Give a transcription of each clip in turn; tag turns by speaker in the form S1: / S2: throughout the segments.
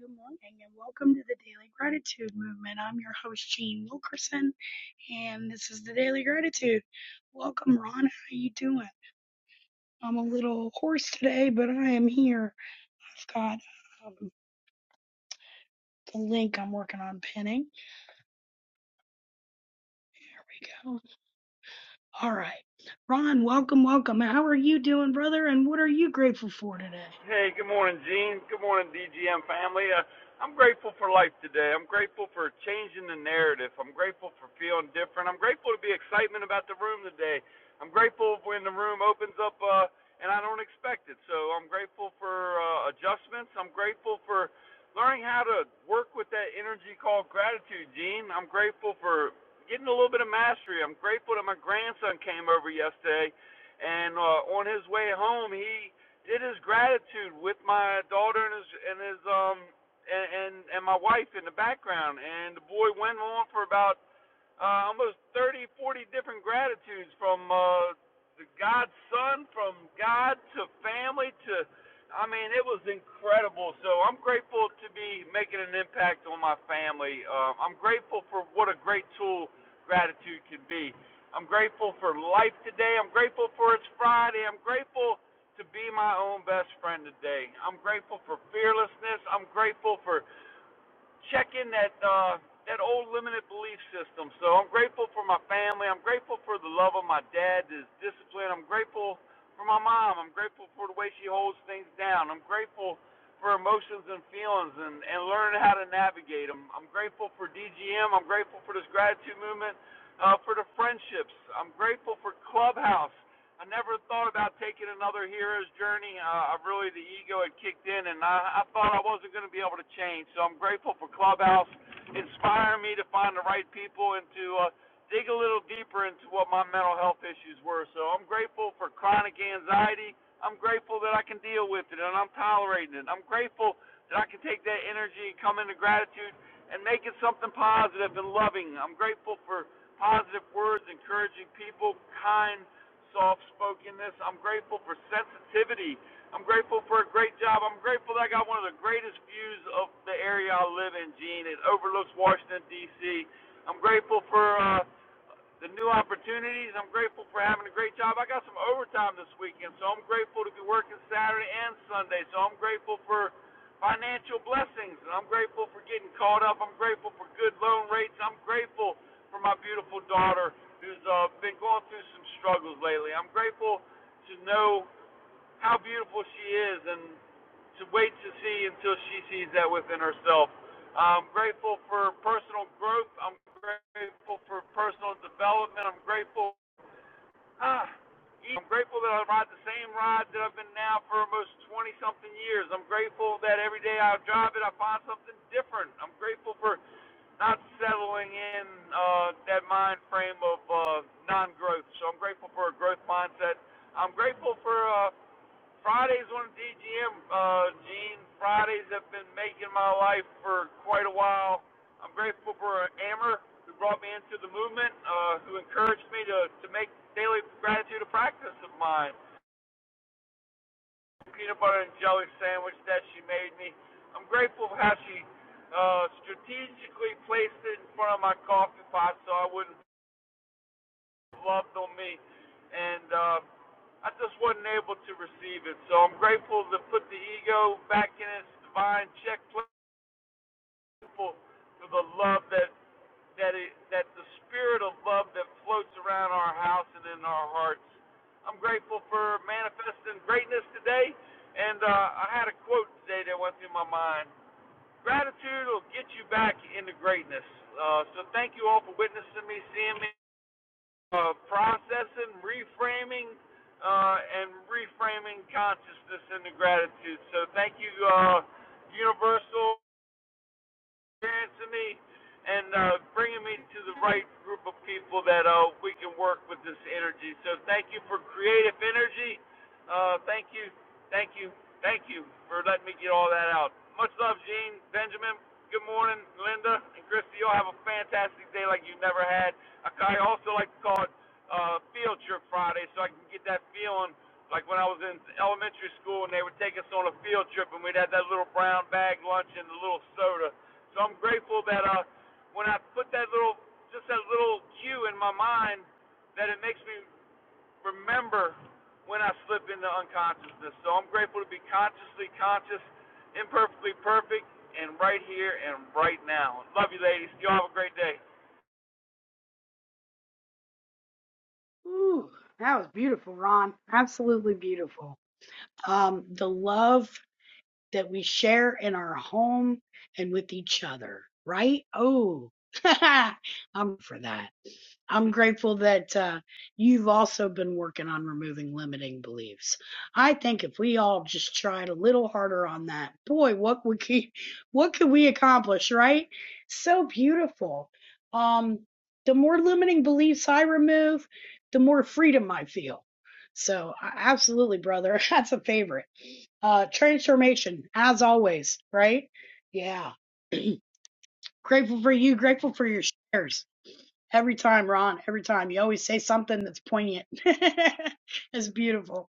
S1: Good morning and welcome to the Daily Gratitude Movement. I'm your host Jean Wilkerson and this is the Daily Gratitude. Welcome Ron, how you doing? I'm a little hoarse today, but I am here. I've got um, the link I'm working on pinning. There we go. All right. Ron, welcome, welcome. How are you doing, brother? And what are you grateful for today?
S2: Hey, good morning, Gene. Good morning, DGM family. Uh, I'm grateful for life today. I'm grateful for changing the narrative. I'm grateful for feeling different. I'm grateful to be excitement about the room today. I'm grateful when the room opens up uh, and I don't expect it. So I'm grateful for uh, adjustments. I'm grateful for learning how to work with that energy called gratitude, Gene. I'm grateful for getting a little bit of mastery. I'm grateful that my grandson came over yesterday and uh, on his way home, he did his gratitude with my daughter and his and his um and and, and my wife in the background and the boy went on for about uh, almost 30, 40 different gratitudes from uh, the God's Son, from God to family to, I mean, it was incredible. So I'm grateful to be making an impact on my family. Uh, I'm grateful for what a great tool gratitude can be. I'm grateful for life today. I'm grateful for it's Friday. I'm grateful to be my own best friend today. I'm grateful for fearlessness. I'm grateful for checking that uh, that old limited belief system. So I'm grateful for my family. I'm grateful for the love of my dad, his discipline. I'm grateful for my mom. I'm grateful for the way she holds things down. I'm grateful for emotions and feelings and, and learning how to navigate them. I'm grateful for DGM. I'm grateful for this gratitude movement, uh, for the friendships. I'm grateful for Clubhouse. I never thought about taking another hero's journey. Uh, I really the ego had kicked in, and I, I thought I wasn't going to be able to change. So I'm grateful for Clubhouse inspiring me to find the right people and to uh, dig a little deeper into what my mental health issues were. So I'm grateful for chronic anxiety. I'm grateful that I can deal with it and I'm tolerating it. I'm grateful that I can take that energy and come into gratitude and make it something positive and loving. I'm grateful for positive words, encouraging people, kind soft spokenness. I'm grateful for sensitivity. I'm grateful for a great job. I'm grateful that I got one of the greatest views of the area I live in, Gene. It overlooks Washington D.C. I'm grateful for uh, the new opportunities. I'm grateful for having a great job. I got some overtime this weekend, so I'm grateful to be working Saturday and Sunday. So I'm grateful for financial blessings, and I'm grateful for getting caught up. I'm grateful for good loan rates. I'm grateful for my beautiful daughter who's uh, been going through some struggles lately. I'm grateful to know how beautiful she is and to wait to see until she sees that within herself. I'm grateful for personal growth. I'm grateful for personal development. I'm grateful. Ah, I'm grateful that I ride the same ride that I've been now for almost 20 something years. I'm grateful that every day I drive it, I find something different. I'm grateful for not settling in uh, that mind frame of uh, non growth. So I'm grateful for a growth mindset. I'm grateful for. Uh, Fridays on DGM, uh, Gene. Fridays have been making my life for quite a while. I'm grateful for Amber, who brought me into the movement, uh, who encouraged me to, to make daily gratitude a practice of mine. Peanut butter and jelly sandwich that she made me. I'm grateful for how she uh, strategically placed it in front of my coffee pot so I wouldn't love on me. And uh, I just wasn't able to receive it. So I'm grateful to put the ego back in its divine check. Grateful for the love that that it, that the spirit of love that floats around our house and in our hearts. I'm grateful for manifesting greatness today. And uh, I had a quote today that went through my mind. Gratitude will get you back into greatness. Uh, so thank you all for witnessing me, seeing me uh, processing, reframing, uh, and reframing consciousness into gratitude. So thank you, uh, Universal experience in me and uh, bringing me to the right group of people that uh, we can work with this energy. So thank you for creative energy. Uh, thank you, thank you, thank you for letting me get all that out. Much love, Gene, Benjamin. Good morning, Linda and Christy. You'll have a fantastic day like you never had. I I also like to call it uh, Field Trip Friday, so I can get that feeling like when I was in elementary school and they would take us on a field trip and we'd have that little brown bag lunch and the little soda so I'm grateful that uh, when I put that little, just that little cue in my mind, that it makes me remember when I slip into unconsciousness. So I'm grateful to be consciously conscious, imperfectly perfect, and right here and right now. Love you, ladies. Y'all have a great day.
S1: Ooh, that was beautiful, Ron. Absolutely beautiful. Um, the love that we share in our home and with each other, right? Oh, I'm for that. I'm grateful that uh, you've also been working on removing limiting beliefs. I think if we all just tried a little harder on that, boy, what we could, what could we accomplish, right? So beautiful. Um, the more limiting beliefs I remove, the more freedom I feel. So, I- absolutely, brother, that's a favorite. Uh, transformation, as always, right? Yeah. Grateful for you. Grateful for your shares. Every time, Ron, every time. You always say something that's poignant. it's beautiful.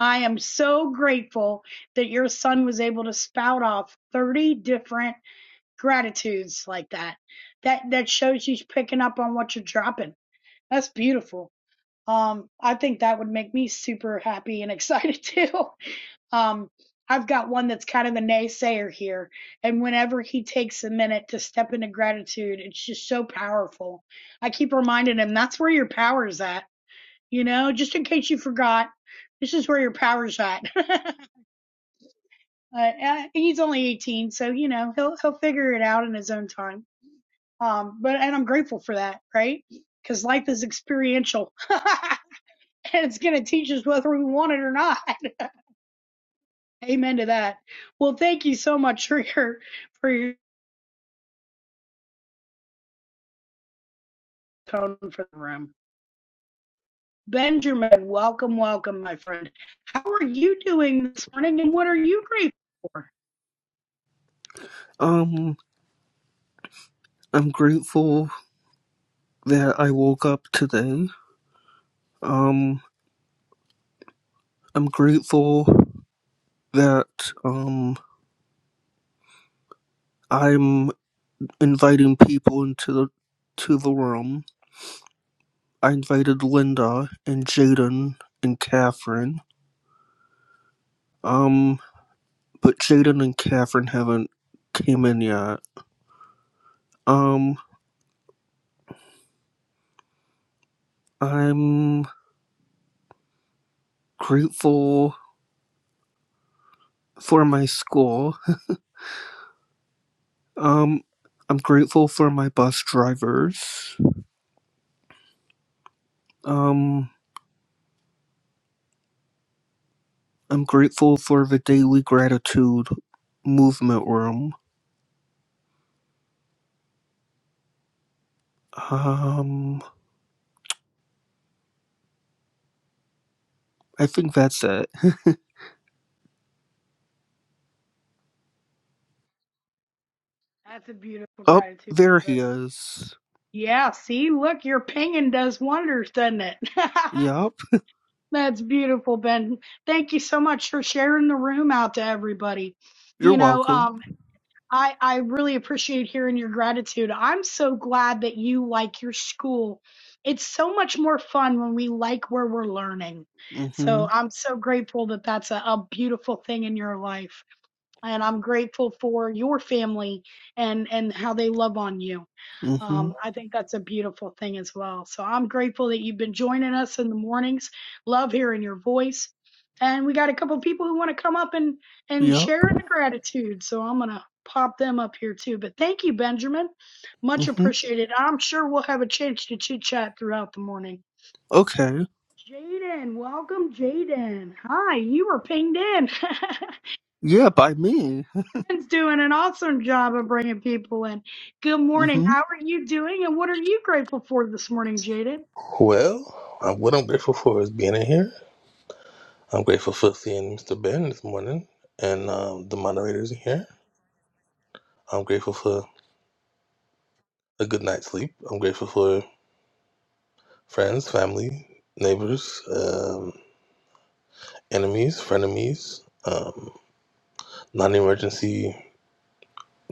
S1: I am so grateful that your son was able to spout off 30 different gratitudes like that. That that shows he's picking up on what you're dropping. That's beautiful. Um, I think that would make me super happy and excited too. Um, I've got one that's kind of a naysayer here, and whenever he takes a minute to step into gratitude, it's just so powerful. I keep reminding him that's where your power is at. You know, just in case you forgot, this is where your power's at. uh, he's only 18, so you know he'll he'll figure it out in his own time. Um, but and I'm grateful for that, right? Because life is experiential, and it's gonna teach us whether we want it or not. Amen to that. Well, thank you so much for your for your tone for the room. Benjamin, welcome, welcome, my friend. How are you doing this morning and what are you grateful for?
S3: Um, I'm grateful that I woke up today. Um, I'm grateful that um I'm inviting people into the to the room. I invited Linda and Jaden and Catherine. Um, but Jaden and Catherine haven't came in yet. Um, I'm grateful for my school. Um, I'm grateful for my bus drivers. Um, I'm grateful for the daily gratitude movement room. Um, I think that's it.
S1: That's a beautiful
S3: Oh,
S1: gratitude,
S3: there
S1: brother.
S3: he is.
S1: Yeah, see, look, your pinging does wonders, doesn't it?
S3: Yup.
S1: That's beautiful, Ben. Thank you so much for sharing the room out to everybody. You
S3: You're
S1: know,
S3: welcome.
S1: um, I, I really appreciate hearing your gratitude. I'm so glad that you like your school. It's so much more fun when we like where we're learning.
S3: Mm-hmm.
S1: So I'm so grateful that that's a, a beautiful thing in your life and I'm grateful for your family and and how they love on you.
S3: Mm-hmm.
S1: Um, I think that's a beautiful thing as well. So I'm grateful that you've been joining us in the mornings. Love hearing your voice, and we got a couple of people who want to come up and and
S3: Yup.
S1: share in the gratitude. So I'm gonna pop them up here too. But thank you, Benjamin, much
S3: Mm-hmm.
S1: appreciated. I'm sure we'll have a chance to chit chat throughout the morning.
S3: Okay.
S1: Jaden, welcome, Jaden. Hi, you were pinged in.
S3: Yeah, by me.
S1: Ben's doing an awesome job of bringing people in. Good morning.
S3: Mm-hmm.
S1: How are you doing? And what are you grateful for this morning, Jaden?
S4: Well, uh, what I'm grateful for is being in here. I'm grateful for seeing Mr. Ben this morning and um, the moderators in here. I'm grateful for a good night's sleep. I'm grateful for friends, family, neighbors, um, enemies, frenemies, um, non emergency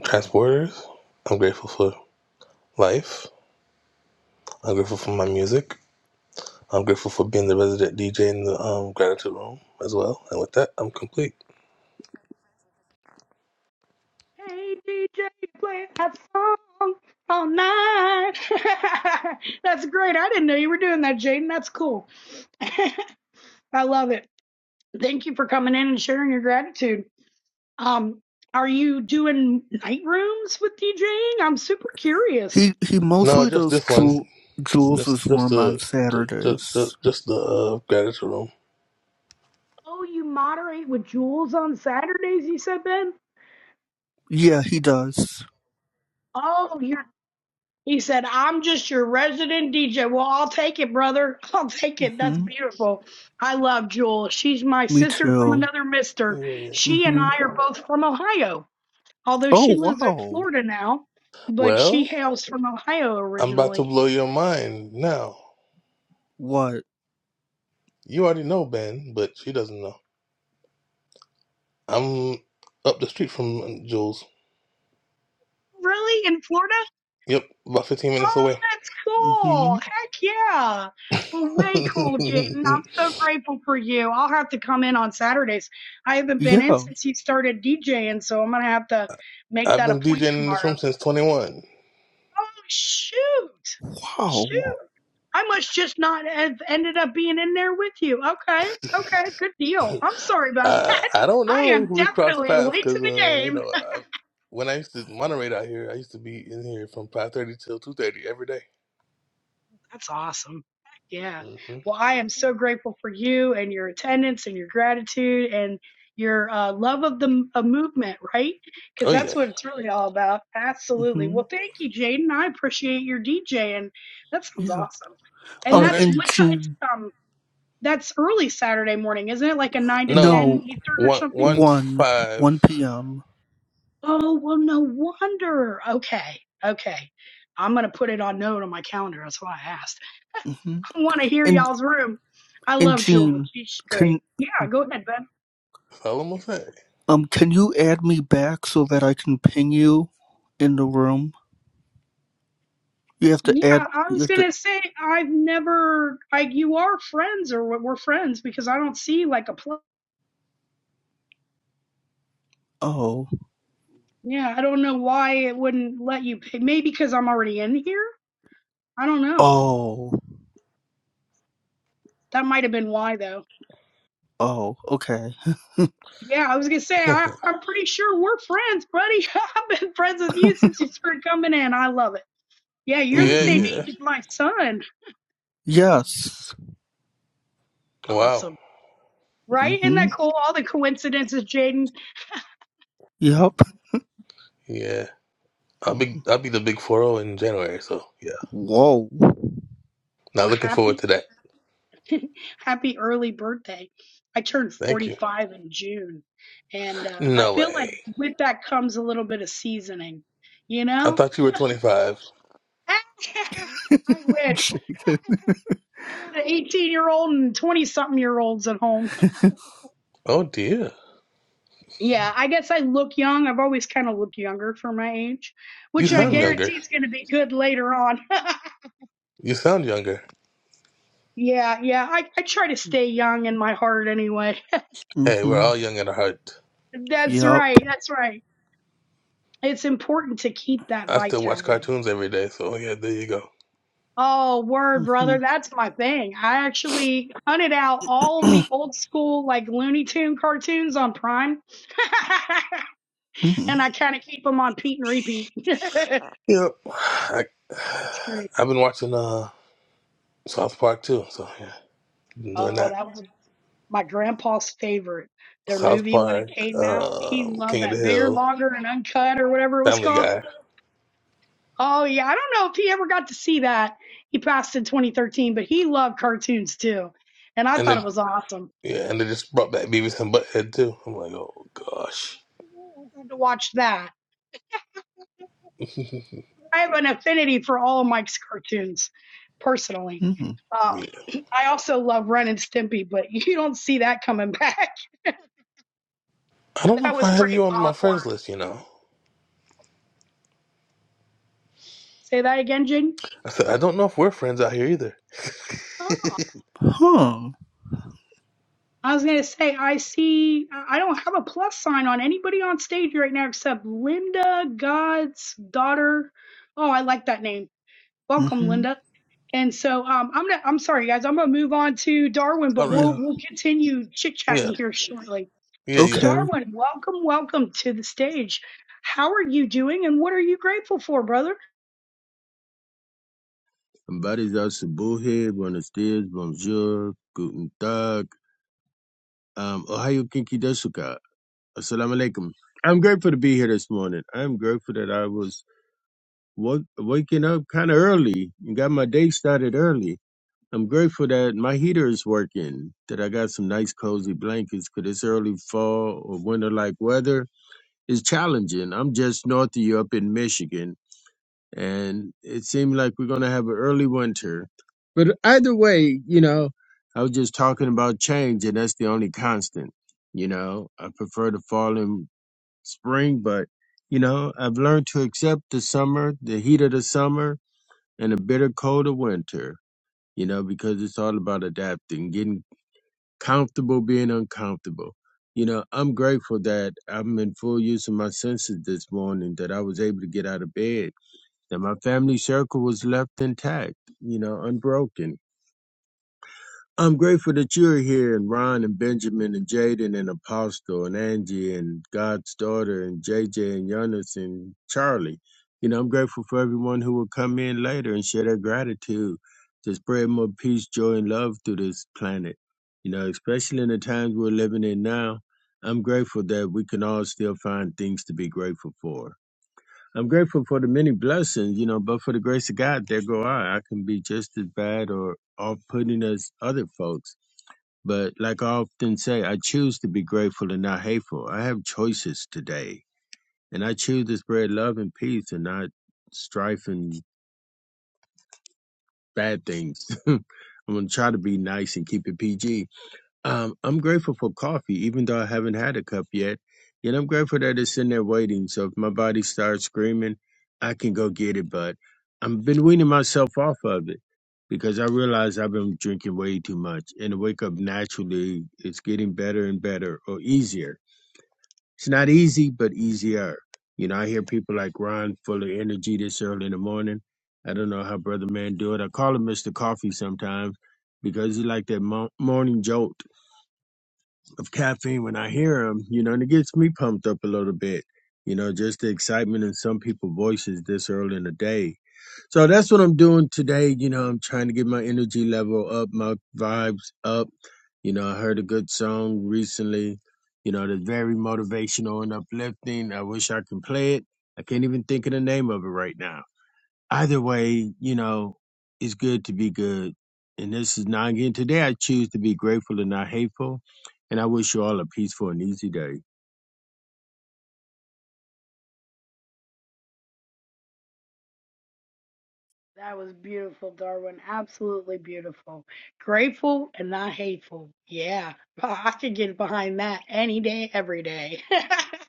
S4: transporters. I'm grateful for life. I'm grateful for my music. I'm grateful for being the resident DJ in the um, gratitude room as well. And with that, I'm complete.
S1: Hey, DJ, play that song all night. That's great. I didn't know you were doing that, Jaden. That's cool. I love it. Thank you for coming in and sharing your gratitude. Um, are you doing night rooms with DJing? I'm super curious.
S3: He he
S4: No,
S3: mostly
S4: just
S3: does
S4: this one.
S3: Jul- Jules's
S4: Just, just
S3: room on
S4: the, just, just,
S3: Saturdays.
S4: just the uh, gratitude room.
S1: Oh, you moderate with Jules on Saturdays, you said, Ben?
S3: Yeah, he does.
S1: Oh, He said, I'm just your resident DJ. Well, I'll take it, brother. I'll take it. That's
S3: Mm-hmm.
S1: beautiful. I love Jewel. She's my
S3: Me
S1: sister from
S3: too.
S1: another mister.
S4: Yeah.
S1: She and
S3: Mm-hmm.
S1: I are both from Ohio, although she
S3: Oh
S1: lives in
S3: wow.
S1: Florida now, but she
S4: Well,
S1: hails from Ohio
S4: I'm about to
S1: originally.
S4: blow your mind now.
S3: What?
S4: You already know Ben, but she doesn't know. I'm up the street from Jules.
S1: Really? In Florida?
S4: Yep, about 15 minutes
S1: Oh,
S4: away.
S1: that's cool.
S3: Mm-hmm.
S1: Heck yeah. Well, way cool, Jayden. I'm so grateful for you. I'll have to come in on Saturdays. I haven't been in
S3: Yeah.
S1: since you started DJing, so I'm going to have to make
S4: I've
S1: that a
S4: been DJing
S1: point
S4: in this
S1: tomorrow.
S4: room since 21.
S1: Oh, shoot.
S3: Wow.
S1: Shoot. I must just not have ended up being in there with you. Okay. Okay. Good deal. I'm sorry about
S4: Uh,
S1: that.
S4: I don't
S1: I
S4: know
S1: am
S4: who we crossed
S1: definitely
S4: paths
S1: late to
S4: because,
S1: the
S4: uh, you
S1: game.
S4: know, I, when I used to moderate out here, I used to be in here from 5.30 till 2.30 every day.
S1: That's awesome. Yeah.
S4: Mm-hmm.
S1: Well, I am so grateful for you and your attendance and your gratitude and your uh, love of the m- of movement, right? Because
S4: Oh, yeah.
S1: that's what it's really all about. Absolutely.
S3: hmm
S1: Well, thank you, Jaden. I appreciate your DJ, and that sounds
S3: Yeah.
S1: awesome. And
S4: All
S3: Um,
S4: right.
S1: that's
S3: in
S1: what time? It's,
S3: June,
S1: um, that's early Saturday morning, isn't it? Like a nine to
S4: No,
S1: ten
S3: no,
S1: Eastern or
S4: one
S1: something.
S4: one
S3: 1,
S4: five.
S3: 1 p.m.
S1: Oh well, no wonder. Okay, okay. I'm gonna put it on note on my calendar. That's why I asked.
S3: Mm-hmm.
S1: want to hear
S3: And,
S1: y'all's room. I
S3: and
S1: love Jewel.
S3: Jean,
S1: She's straight.
S3: can,
S1: Yeah, go ahead, bud.
S4: How long was that?
S3: um, can you add me back so that I can ping you in the room? You have
S1: Yeah,
S3: to add,
S1: I
S3: you
S1: was
S3: have to,
S1: gonna say I've never like you are friends or we're friends because I don't see like a play.
S3: oh,
S1: Yeah, I don't know why it wouldn't let you. pick. Maybe because I'm already in here. I don't know.
S3: oh,
S1: That might have been why though.
S3: oh, okay.
S1: Yeah, I was gonna say I, I'm pretty sure we're friends, buddy. I've been friends with you since you started coming in. I love it. Yeah, you're the
S4: Yeah,
S1: same
S3: Mm-hmm.
S1: age
S4: yeah.
S1: as my son.
S3: Yes.
S4: Wow.
S1: Awesome, right? Isn't
S3: Mm-hmm.
S1: that cool? All the coincidences, Jaden.
S3: Yep.
S4: Yeah. I'll be
S3: Mhm.
S4: I'll be the big four zero in January. So yeah,
S3: Whoa.
S4: not
S1: Well,
S4: looking forward
S1: happy,
S4: to that.
S1: happy early birthday. I turned
S4: Thank you.
S1: 45 in June, and uh, I
S4: No
S1: feel like
S4: way.
S1: with that comes a little bit of seasoning, you
S4: I
S1: know?
S4: thought you were twenty five.
S1: I wish.
S3: Jaden.
S1: I got an 18 year old and 20 something year olds at home.
S4: Oh dear.
S1: Yeah, I guess I look young. I've always kind of looked younger for my age,
S4: You
S1: which I
S4: sound
S3: Mm.
S4: younger.
S1: guarantee is going to be good later on.
S4: You sound younger.
S1: yeah, yeah. I, I try to stay young in my heart anyway.
S4: Hey, we're
S3: Mm-hmm.
S4: all young at heart.
S1: That's
S3: Yep.
S1: right. That's right. It's important to keep that
S4: I still watch
S1: vitality.
S4: cartoons every day. So yeah, there you go.
S1: Oh, word,
S3: Mm-hmm.
S1: brother. That's my thing. I actually hunted out all of the old school, like Looney Tune cartoons on Prime. and I kind of keep them on Pete and repeat. it's
S4: Yep. I,
S1: great.
S4: I've been watching uh South Park too. So yeah, been doing
S1: Oh,
S4: that.
S1: that was my grandpa's favorite. Their
S4: South
S1: movie when
S4: Park,
S1: it came out, he
S4: um,
S1: loved
S4: King of the
S1: that bigger,
S4: Hill.
S1: longer, and uncut or whatever it was
S4: Family
S1: called.
S4: Guy,
S1: Oh, yeah. I don't know if he ever got to see that. He passed in 2013, but he loved cartoons too. And I
S4: and
S1: thought it
S4: then
S1: was awesome.
S4: yeah, and they just brought back Beavis and Butthead too. I'm like, oh gosh,
S1: to watch that.
S4: yeah.
S1: I have an affinity for all of Mike's cartoons, personally.
S3: mm-hmm.
S1: Um, I also love Ren and Stimpy, but you don't see that coming back.
S4: I don't know
S1: That
S4: if
S1: was
S4: I have
S1: pretty
S4: you on my friends
S1: awkward.
S4: list. You know,
S1: Say that again, Jing.
S4: I said I don't know if we're friends out here either.
S1: Oh,
S3: Huh.
S1: I was gonna say I see. I I don't have a plus sign on anybody on stage right now except Linda God's daughter. Oh, I like that name. Welcome,
S3: Mm-hmm.
S1: Linda. And so um, I'm gonna, I'm sorry guys, I'm gonna move on to Darwin,
S4: All
S1: but
S4: right,
S1: we'll
S3: Yeah.
S1: we'll continue chit chatting
S4: yeah,
S1: here shortly.
S4: yeah, yeah.
S3: Okay.
S1: Darwin, welcome, welcome to the stage. How are you doing and what are you grateful for, brother?
S5: Habari za asubuhi, buenos dias, bonjour, guten tag, um, ohayo kinki desuka, assalamu alaikum. I'm grateful to be here this morning. I'm grateful that I was wa- waking up kind of early and got my day started early. I'm grateful that my heater is working, that I got some nice cozy blankets because this early fall or winter like weather is challenging. I'm just north of you up in Michigan and it seemed like we're going to have an early winter. But either way, you know, I was just talking about change, and that's the only constant. You know, I prefer the fall and spring, but you know, I've learned to accept the summer, the heat of the summer, and the bitter cold of winter. You know, because it's all about adapting, getting comfortable, being uncomfortable. You know, I'm grateful that I'm in full use of my senses this morning, that I was able to get out of bed that my family circle was left intact, you know, unbroken. I'm grateful that you're here and Ron and Benjamin and Jaden and Apostle and Angie and God's daughter and JJ and Jonas and Charlie. You know, I'm grateful for everyone who will come in later and share their gratitude to spread more peace, joy, and love through this planet. You know, especially in the times we're living in now, I'm grateful that we can all still find things to be grateful for I'm grateful for the many blessings, you know, but for the grace of God, there go I. I can be just as bad or off putting as other folks. But like I often say, I choose to be grateful and not hateful. I have choices today, and I choose to spread love and peace and not strife and bad things. I'm going to try to be nice and keep it PG Um, I'm grateful for coffee, even though I haven't had a cup yet. Yet I'm grateful that it's in there waiting. So if my body starts screaming, I can go get it. But I've been weaning myself off of it because I realize I've been drinking way too much. And to wake up naturally, it's getting better and better or easier. It's not easy, but easier. You know, I hear people like Ron full of energy this early in the morning. I don't know how Brother Man do it. I call him Mr. Coffee sometimes because he like that mo- morning jolt of caffeine when I hear them, you know, and it gets me pumped up a little bit. You know, just the excitement in some people's voices this early in the day. So that's what I'm doing today. You know, I'm trying to get my energy level up, my vibes up. You know, I heard a good song recently, you know, that's very motivational and uplifting. I wish I can play it. I can't even think of the name of it right now Either way, you know, it's good to be good. And this is not again today. I choose to be grateful and not hateful. And I wish you all a peaceful and easy day.
S1: That was beautiful, Darwin. Absolutely beautiful. Grateful and not hateful. Yeah, I could get behind that any day, every day.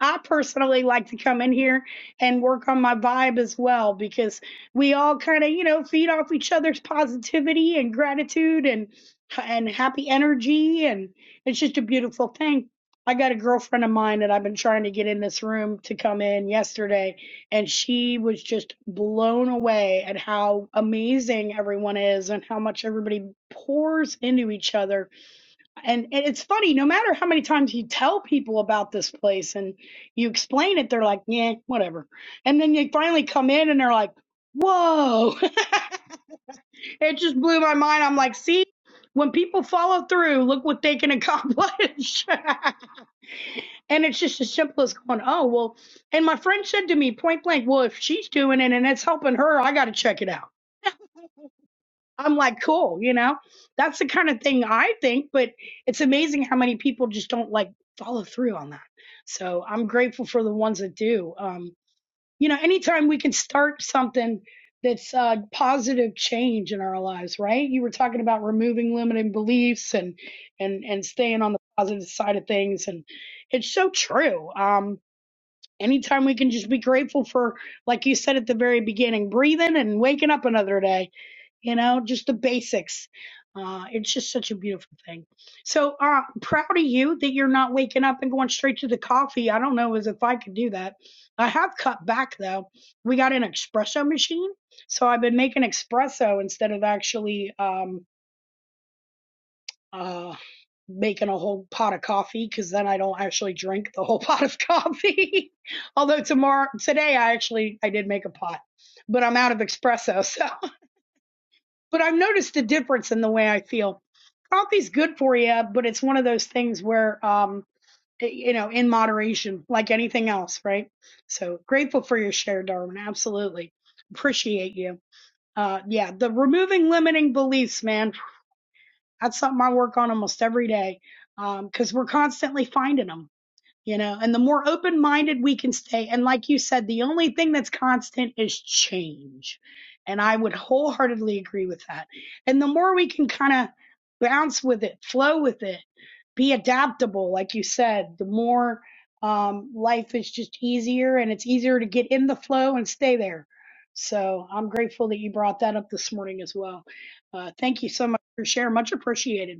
S1: I personally like to come in here and work on my vibe as well because we all kind of, you know, feed off each other's positivity and gratitude and and happy energy and it's just a beautiful thing. I got a girlfriend of mine that I've been trying to get in this room to come in yesterday and she was just blown away at how amazing everyone is and how much everybody pours into each other and, and it's funny, no matter how many times you tell people about this place and you explain it, they're like, yeah, whatever. And then they finally come in and they're like, whoa. it just blew my mind. I'm like, see, when people follow through, look what they can accomplish. and it's just as simple as going, oh, well. And my friend said to me point blank, well, if she's doing it and it's helping her, I got to check it out. I'm like, cool, you know? That's the kind of thing I think, but it's amazing how many people just don't like follow through on that. So I'm grateful for the ones that do. Um, you know, anytime we can start something that's uh, positive change in our lives, right? You were talking about removing limiting beliefs and and and staying on the positive side of things, and it's so true. Um, anytime we can just be grateful for, like you said at the very beginning, breathing and waking up another day you know, just the basics. Uh, it's just such a beautiful thing. So uh, proud of you that you're not waking up and going straight to the coffee. I don't know as if I could do that. I have cut back though. We got an espresso machine, so I've been making espresso instead of actually um, uh, making a whole pot of coffee because then I don't actually drink the whole pot of coffee. Although tomorrow, today I actually I did make a pot, but I'm out of espresso, so but I've noticed a difference in the way I feel. Coffee's good for you, but it's one of those things where, um, y- you know, in moderation, like anything else, right? So grateful for your share, Darwin. Absolutely appreciate you. Uh, yeah, the removing limiting beliefs, man. That's something I work on almost every day because we're constantly finding them you know and the more open minded we can stay and like you said the only thing that's constant is change and i would wholeheartedly agree with that and the more we can kind of bounce with it flow with it be adaptable like you said the more um, life is just easier and it's easier to get in the flow and stay there so i'm grateful that you brought that up this morning as well uh, thank you so much for sharing much appreciated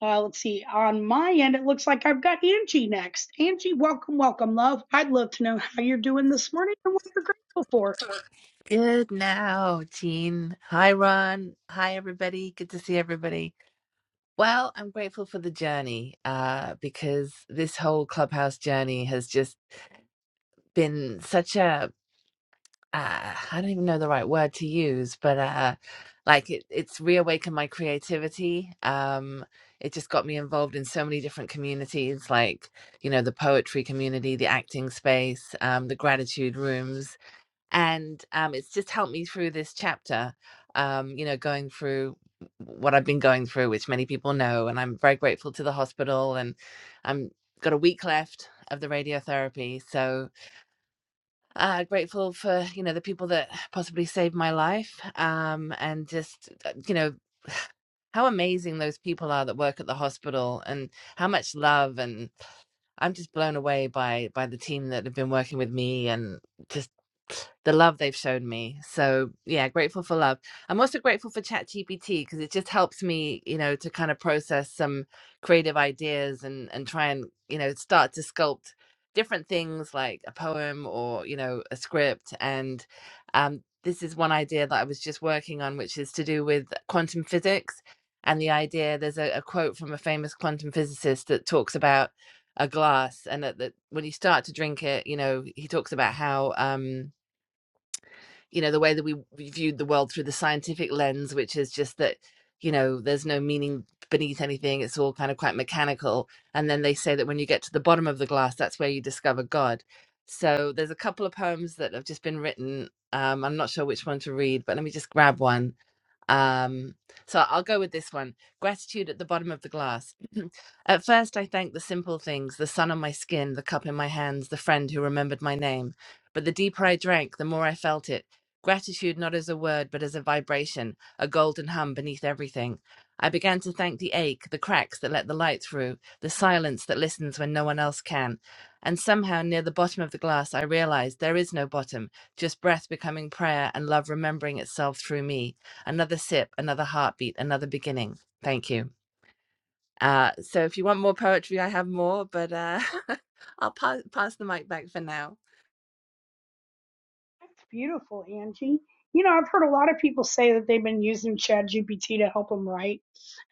S1: uh, let's see. On my end, it looks like I've got Angie next. Angie, welcome, welcome, love. I'd love to know how you're doing this morning and what you're grateful for.
S6: Good now, Jean. Hi, Ron. Hi, everybody. Good to see everybody. Well, I'm grateful for the journey uh, because this whole clubhouse journey has just been such a uh, I don't even know the right word to use, but uh, like it, it's reawakened my creativity. Um, it just got me involved in so many different communities, like you know the poetry community, the acting space, um, the gratitude rooms, and um, it's just helped me through this chapter um, you know going through what i've been going through which many people know and i'm very grateful to the hospital and i'm got a week left of the radiotherapy so uh, grateful for you know the people that possibly saved my life um, and just uh, you know how amazing those people are that work at the hospital and how much love and I'm just blown away by by the team that have been working with me and just the love they've shown me. So yeah, grateful for love. I'm also grateful for ChatGPT because it just helps me, you know, to kind of process some creative ideas and and try and you know start to sculpt different things like a poem or you know a script. And um, this is one idea that I was just working on, which is to do with quantum physics. And the idea, there's a, a quote from a famous quantum physicist that talks about a glass and that, that when you start to drink it you know he talks about how um you know the way that we we viewed the world through the scientific lens which is just that you know there's no meaning beneath anything it's all kind of quite mechanical and then they say that when you get to the bottom of the glass that's where you discover god so there's a couple of poems that have just been written um i'm not sure which one to read but let me just grab one um, so I'll go with this one. Gratitude at the bottom of the glass. at first, I thanked the simple things the sun on my skin, the cup in my hands, the friend who remembered my name. But the deeper I drank, the more I felt it. Gratitude not as a word, but as a vibration, a golden hum beneath everything. I began to thank the ache, the cracks that let the light through, the silence that listens when no one else can. And somehow, near the bottom of the glass, I realized there is no bottom, just breath becoming prayer and love remembering itself through me another sip, another heartbeat, another beginning. Thank you. Uh, so if you want more poetry, I have more, but uh, I'll pass, pass the mic back for now.
S1: That's beautiful, Angie. You know, I've heard a lot of people say that they've been using ChatGPT to help them write,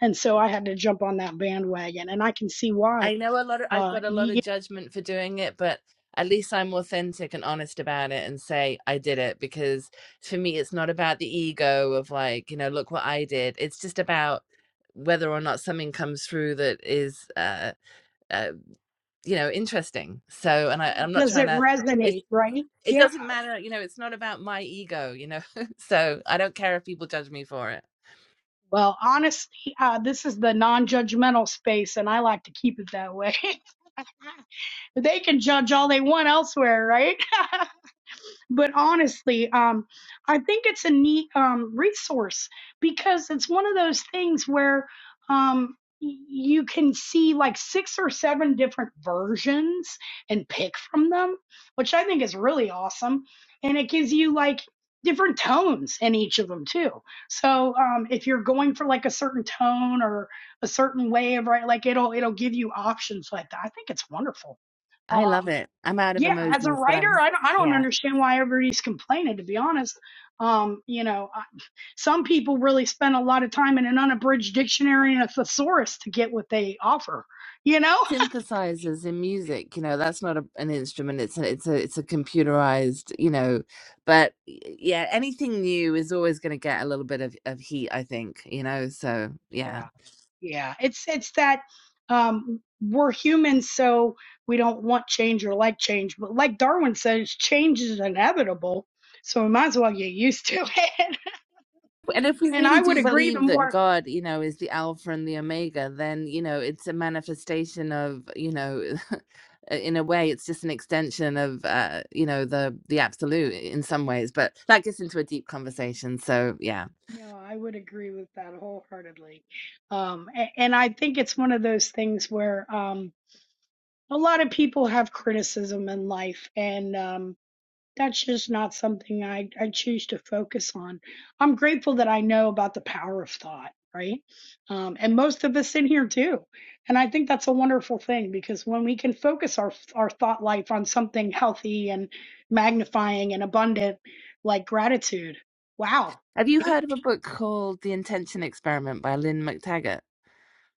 S1: and so I had to jump on that bandwagon, and I can see why.
S6: I know a lot of, I've
S1: Uh,
S6: got a lot
S1: yeah,
S6: of judgment for doing it, but at least I'm authentic and honest about it and say I did it because for me, it's not about the ego of like, you know, look what I did. It's just about whether or not something comes through that is, uh, uh, you know, interesting. So, and I, I'm not
S1: does
S6: trying
S1: it
S6: to, it's
S1: resonate, right?
S6: it
S1: Yeah.
S6: doesn't matter you know it's not about my ego you know so i don't care if people judge me for it
S1: Well, honestly, uh, this is the non-judgmental space, and I like to keep it that way. they can judge all they want elsewhere, right? but honestly, um, I think it's a neat um, resource because it's one of those things where um, y- you can see like six or seven different versions and pick from them, which I think is really awesome. And it gives you like different tones in each of them too. So um, if you're going for like a certain tone or a certain way of right, like it'll it'll give you options like that. I think it's wonderful.
S6: I
S1: Um,
S6: love it. I'm out of
S1: yeah, as a
S6: emojis, but
S1: writer,
S6: I'm
S1: I don't, I don't
S6: yeah.
S1: understand why everybody's complaining, to be honest. Um, you know, I, some people really spend a lot of time in an unabridged dictionary and a thesaurus to get what they offer, you know?
S6: Synthesizers in music, you know, that's not a, an instrument. It's a, it's a it's a computerized, you know, but y- yeah, anything new is always going to get a little bit of of heat, I think, you know. So yeah.
S1: Yeah. Yeah, it's it's that um, we're humans, so we don't want change or like change. But like Darwin says, change is inevitable, so we might as well get used to it.
S6: And if we
S1: And I
S6: really
S1: would
S6: do
S1: agree. The
S6: believe that
S1: more
S6: God, you know, is the Alpha and the Omega, then, you know, it's a manifestation of, you know, in a way, it's just an extension of, uh, you know, the the absolute in some ways. But that gets into a deep conversation. So, yeah.
S1: No, I would agree with that wholeheartedly. Um, a- and I think it's one of those things where um, a lot of people have criticism in life, and um, that's just not something I, I choose to focus on. I'm grateful that I know about the power of thought, right? Um, and most of us in here do. And I think that's a wonderful thing because when we can focus our our thought life on something healthy and magnifying and abundant, like gratitude, wow
S6: Have you heard of a book called The Intention Experiment by Lynn McTaggart?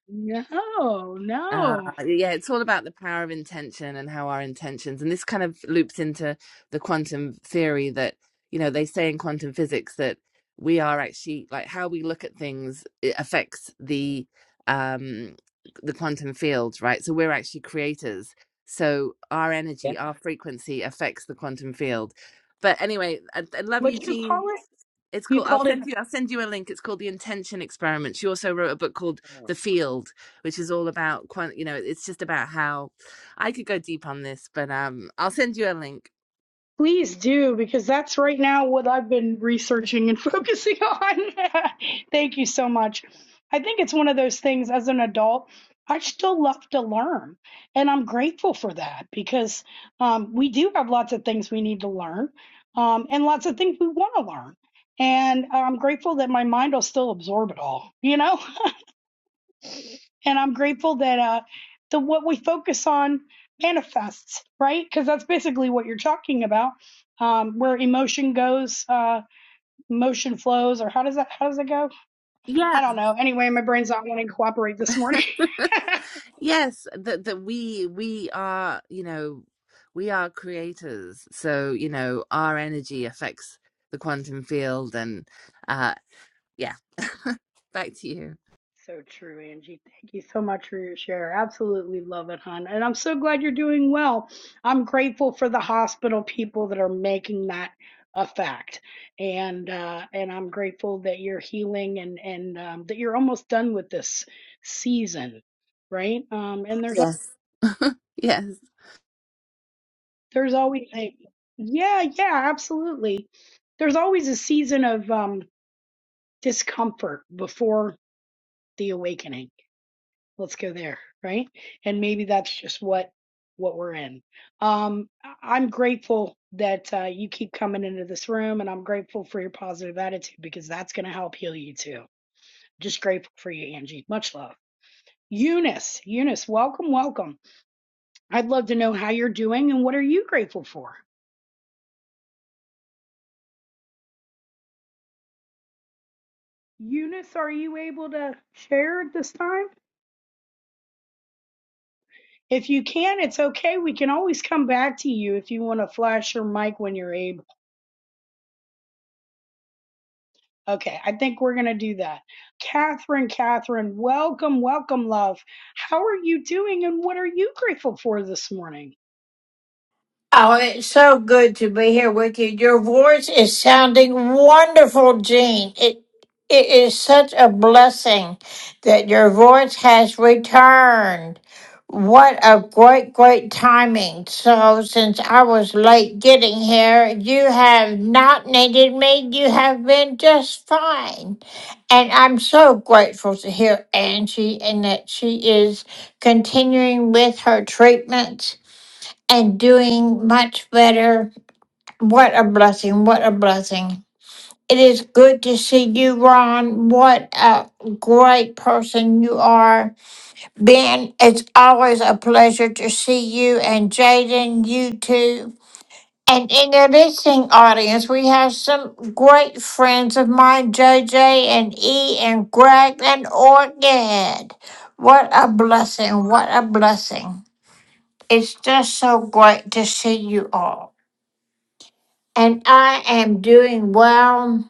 S1: No,
S6: Uh,
S1: no.
S6: yeah, it's all about the power of intention and how our intentions, and this kind of loops into the quantum theory that, you know, they say in quantum physics that we are actually like how we look at things it affects the um the quantum field, right? So we're actually creators. So our
S1: Yeah.
S6: energy, our frequency affects the quantum field. But anyway, I, I love you,
S1: What'd you
S6: Jean.
S1: call it?
S6: It's
S1: You
S6: cool. I'll
S1: called it.
S6: send you. I'll send you a link. It's called the Intention Experiment. She also wrote a book called The Field which is all about you know it's just about how i could go deep on this but um i'll send you a link
S1: Please do, because that's right now what I've been researching and focusing on. Thank you so much. I think it's one of those things as an adult, I still love to learn. And I'm grateful for that because um, we do have lots of things we need to learn um, and lots of things we want to learn. And uh, I'm grateful that my mind will still absorb it all, you know? and I'm grateful that uh, the what we focus on manifests, right? Because that's basically what you're talking about, um, where emotion goes, uh, emotion flows, or how does that how does it go? I
S6: Yeah.
S1: don't know. Anyway, my brain's not wanting to cooperate this morning.
S6: yes that that we we are you know we are creators so you know our energy affects the quantum field and uh yeah back to you
S1: So true, Angie. Thank you so much for your share. Absolutely love it, hon. And I'm so glad you're doing well. I'm grateful for the hospital people that are making that a fact, and uh, and I'm grateful that you're healing and and um, that you're almost done with this season, right? Um, and there's al-
S6: Yes. yes
S1: there's always a, yeah, yeah, absolutely. There's always a season of um, discomfort before the awakening let's go there right and maybe that's just what what we're in um I- am grateful that uh, you keep coming into this room and i'm grateful for your positive attitude because that's going to help heal you too just grateful for you angie much love eunice eunice welcome welcome i'd love to know how you're doing and what are you grateful for eunice are you able to share at this time if you can it's okay we can always come back to you if you want to flash your mic when you're able Okay, I think we're going to do that. Catherine, Catherine, welcome, welcome, love. How are you doing and what are you grateful for this morning?
S7: Oh, it's so good to be here with you. Your voice is sounding wonderful, Jean. It it is such a blessing that your voice has returned. What a great, great timing. So since I was late getting here, you have not needed me. You have been just fine. And I'm so grateful to hear Angie and that she is continuing with her treatments and doing much better. What a blessing. What a blessing. It is good to see you, Ron. What a great person you are. Ben, it's always a pleasure to see you, and Jaden, you too. And in the listening audience, we have some great friends of mine, JJ and E and Greg and Orchid. What a blessing. What a blessing. It's just so great to see you all. And I am doing well.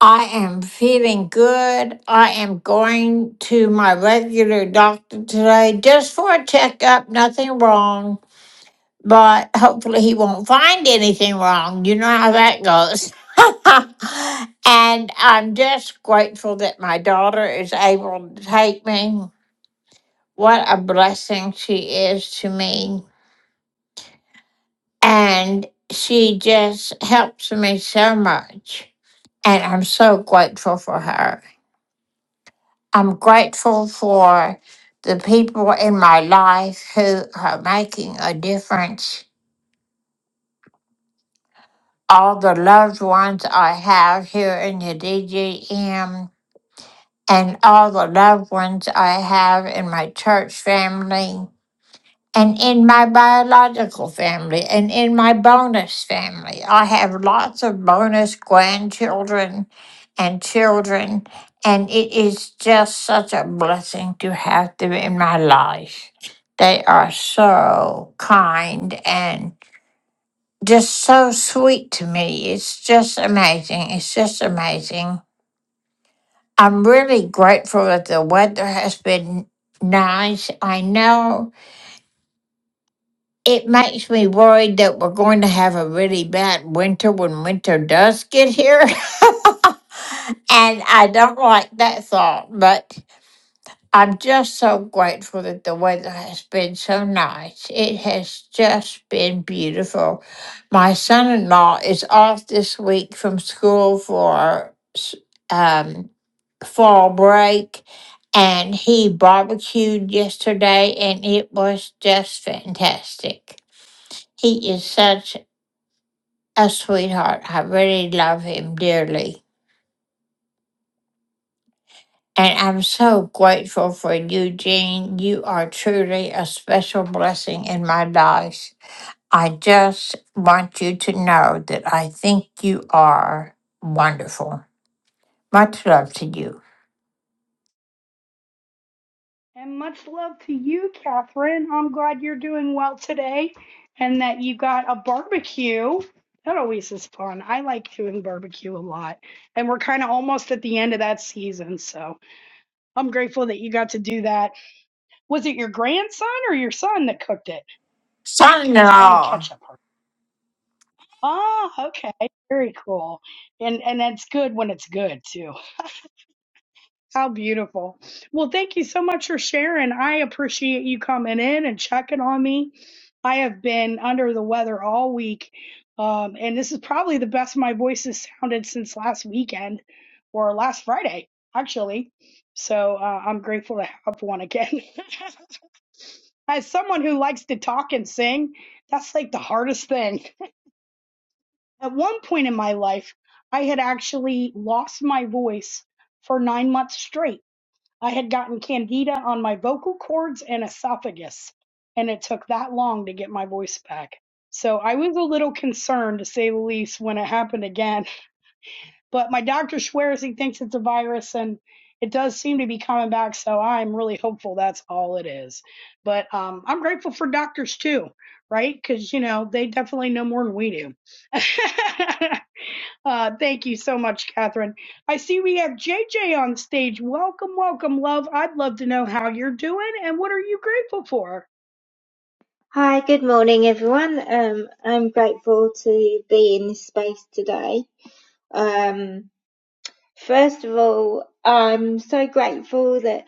S7: I am feeling good. I am going to my regular doctor today just for a checkup. Nothing wrong, but hopefully he won't find anything wrong. You know how that goes. and I'm just grateful that my daughter is able to take me. What a blessing she is to me. And she just helps me so much. And I'm so grateful for her. I'm grateful for the people in my life who are making a difference. All the loved ones I have here in the DGM, and all the loved ones I have in my church family. And in my biological family and in my bonus family, I have lots of bonus grandchildren and children. And it is just such a blessing to have them in my life. They are so kind and just so sweet to me. It's just amazing. It's just amazing. I'm really grateful that the weather has been nice. I know It makes me worried that we're going to have a really bad winter when winter does get here. and I don't like that thought, but I'm just so grateful that the weather has been so nice. It has just been beautiful. My son in law is off this week from school for s- um, fall break. And he barbecued yesterday, and it was just fantastic. He is such a sweetheart. I really love him dearly. And I'm so grateful for you, Jean. You are truly a special blessing in my life. I just want you to know that I think you are wonderful. Much love to you.
S1: And much love to you, Catherine. I'm glad you're doing well today and that you got a barbecue. That always is fun. I like doing barbecue a lot. And we're kind of almost at the end of that season. So I'm grateful that you got to do that. Was it your grandson or your son that cooked it?
S7: Son in
S1: I didn't
S7: law.
S1: catch that part. Oh, okay. Very cool. And and that's good when it's good too. How beautiful. Well, thank you so much for sharing. I appreciate you coming in and checking on me. I have been under the weather all week. Um, and this is probably the best my voice has sounded since last weekend or last Friday, actually. So uh, I'm grateful to have one again. As someone who likes to talk and sing, that's like the hardest thing. At one point in my life, I had actually lost my voice for nine months straight. I had gotten candida on my vocal cords and esophagus, and it took that long to get my voice back. So I was a little concerned, to say the least, when it happened again. But my doctor swears he thinks it's a virus, and it does seem to be coming back. So I'm really hopeful that's all it is. But um, I'm grateful for doctors too, right? Because, you know, they definitely know more than we do. Uh, thank you so much, Catherine. I see we have JJ on stage. Welcome, welcome, love. I'd love to know how you're doing and what are you grateful for?
S8: Hi, good morning, everyone. Um, I'm grateful to be in this space today. Um, first of all, I'm so grateful that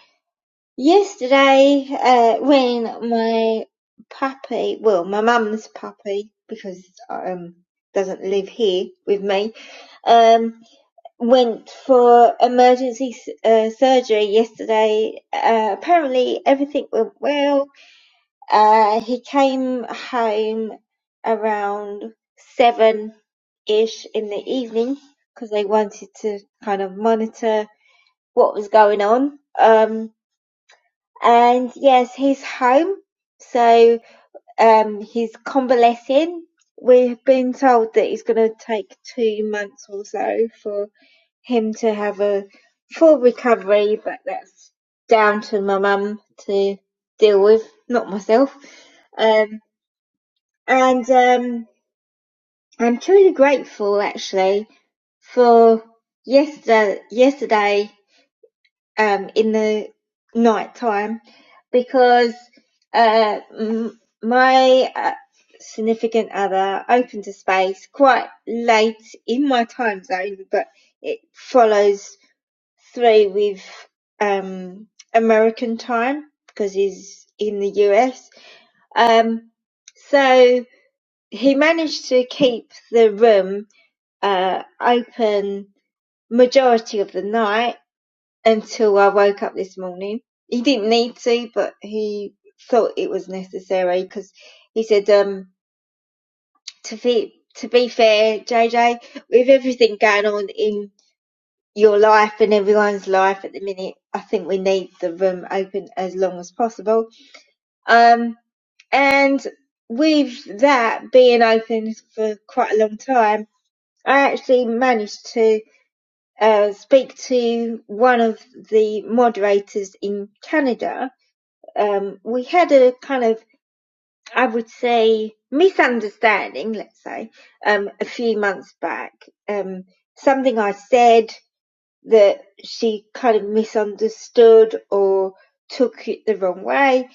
S8: yesterday, uh, when my puppy, well, my mum's puppy, because um doesn't live here with me, um, went for emergency s- uh, surgery yesterday. Uh, apparently, everything went well uh, he came home around seven ish in the evening because they wanted to kind of monitor what was going on. Um, and yes, he's home, so um, he's convalescing. We've been told that it's going to take two months or so for him to have a full recovery, but that's down to my mum to deal with, not myself. Um, and um, I'm truly grateful actually for yesterday, yesterday um, in the night time because uh, m- my uh, significant other opened a space quite late in my time zone, but it follows through with um, American time because he's in the US. Um, so He managed to keep the room uh, open majority of the night until I woke up this morning. He didn't need to, but he thought it was necessary because he said, um, to be, to be fair, JJ, with everything going on in your life and everyone's life at the minute, I think we need the room open as long as possible. Um, and with that being open for quite a long time, I actually managed to uh, speak to one of the moderators in Canada. Um, we had a kind of, I would say, misunderstanding, let's say, um, a few months back. Um, something I said that she kind of misunderstood or took it the wrong way.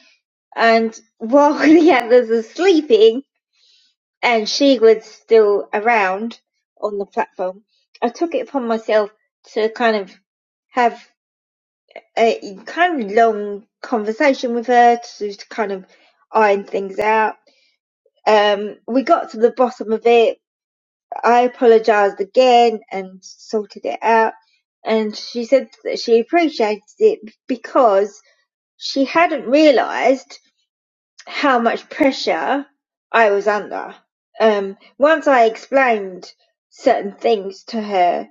S8: And while the others are sleeping, and she was still around on the platform, I took it upon myself to kind of have a kind of long conversation with her to, to kind of iron things out. Um, we got to the bottom of it. I apologized again and sorted it out. And she said that she appreciated it because she hadn't realized how much pressure I was under. Um, once I explained certain things to her,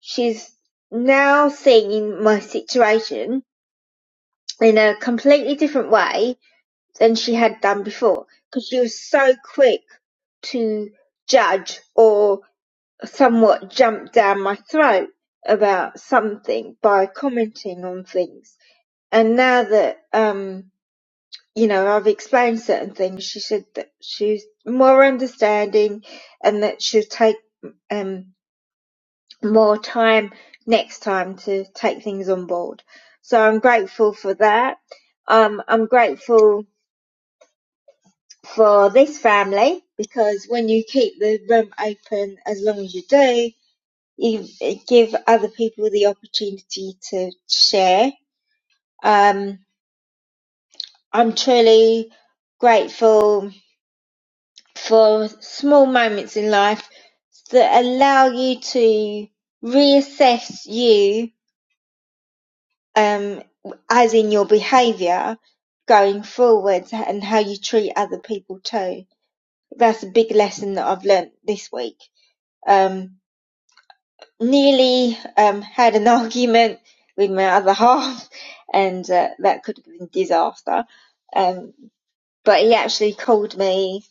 S8: she's now seeing my situation in a completely different way than she had done before because she was so quick to judge or somewhat jump down my throat about something by commenting on things. And now that um, you know, I've explained certain things. She said that she's more understanding and that she'll take um, more time next time to take things on board. So I'm grateful for that. Um, I'm grateful for this family because when you keep the room open as long as you do, you give other people the opportunity to share. Um, I'm truly grateful for small moments in life that allow you to reassess you um as in your behavior going forward and how you treat other people too that's a big lesson that i've learnt this week um nearly um had an argument with my other half and uh, that could have been disaster um but he actually called me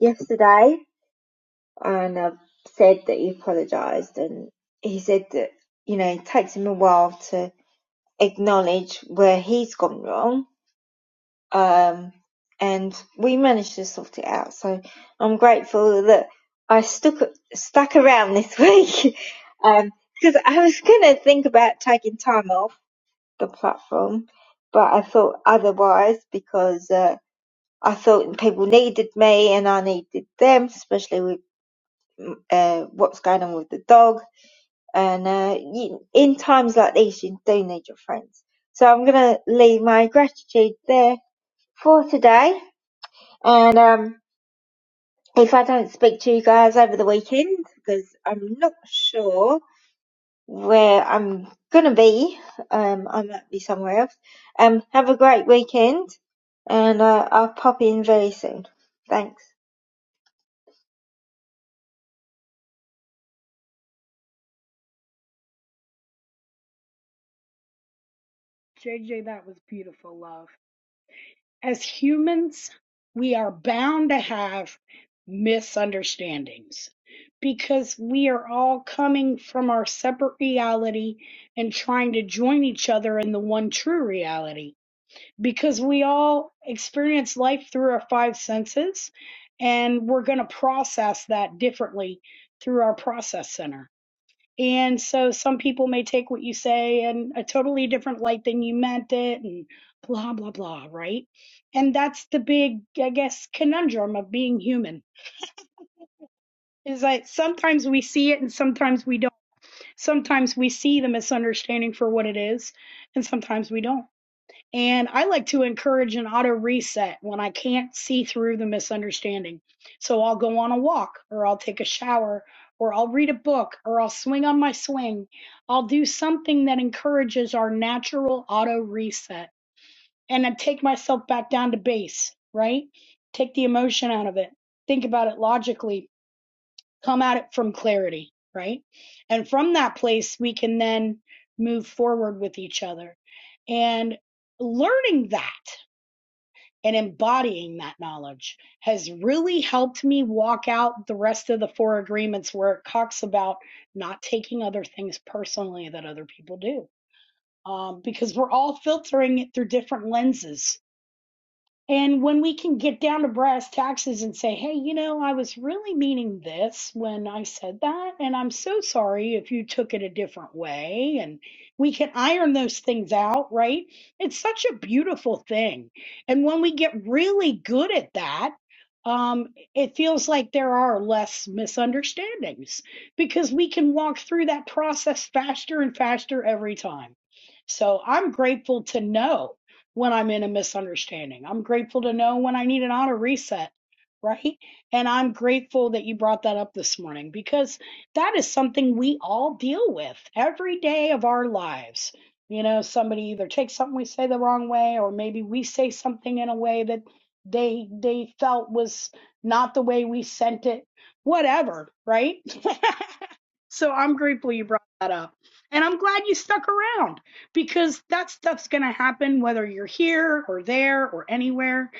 S8: yesterday and uh, said that he apologized and he said that you know it takes him a while to acknowledge where he's gone wrong um and we managed to sort it out so i'm grateful that i stuck stuck around this week um because i was gonna think about taking time off the platform but i thought otherwise because uh I thought people needed me and I needed them, especially with uh, what's going on with the dog and uh, you, in times like these, you do need your friends. So I'm gonna leave my gratitude there for today, and um, if I don't speak to you guys over the weekend, because I'm not sure where I'm gonna be, um, I might be somewhere else. Um, have a great weekend, and uh, I'll pop in very soon. Thanks.
S1: JJ, that was beautiful, love. As humans, we are bound to have misunderstandings because we are all coming from our separate reality and trying to join each other in the one true reality because we all experience life through our five senses and we're going to process that differently through our process center. And so some people may take what you say in a totally different light than you meant it and blah blah blah, right? And that's the big I guess conundrum of being human is that sometimes we see it and sometimes we don't. Sometimes we see the misunderstanding for what it is and sometimes we don't. And I like to encourage an auto reset when I can't see through the misunderstanding. So I'll go on a walk, or I'll take a shower, or I'll read a book, or I'll swing on my swing. I'll do something that encourages our natural auto reset. And I take myself back down to base, right? Take the emotion out of it, think about it logically, come at it from clarity, right? And from that place, we can then move forward with each other. And learning that and embodying that knowledge has really helped me walk out the rest of the four agreements where it talks about not taking other things personally that other people do. Um, because we're all filtering it through different lenses and when we can get down to brass taxes and say, hey, you know, I was really meaning this when I said that, and I'm so sorry if you took it a different way, and we can iron those things out, right? It's such a beautiful thing. And when we get really good at that, um, it feels like there are less misunderstandings because we can walk through that process faster and faster every time. So I'm grateful to know when I'm in a misunderstanding. I'm grateful to know when I need an auto reset, right? And I'm grateful that you brought that up this morning because that is something we all deal with every day of our lives. You know, somebody either takes something we say the wrong way, or maybe we say something in a way that they they felt was not the way we sent it. Whatever, right? So I'm grateful you brought that up. And I'm glad you stuck around because that stuff's going to happen whether you're here or there or anywhere.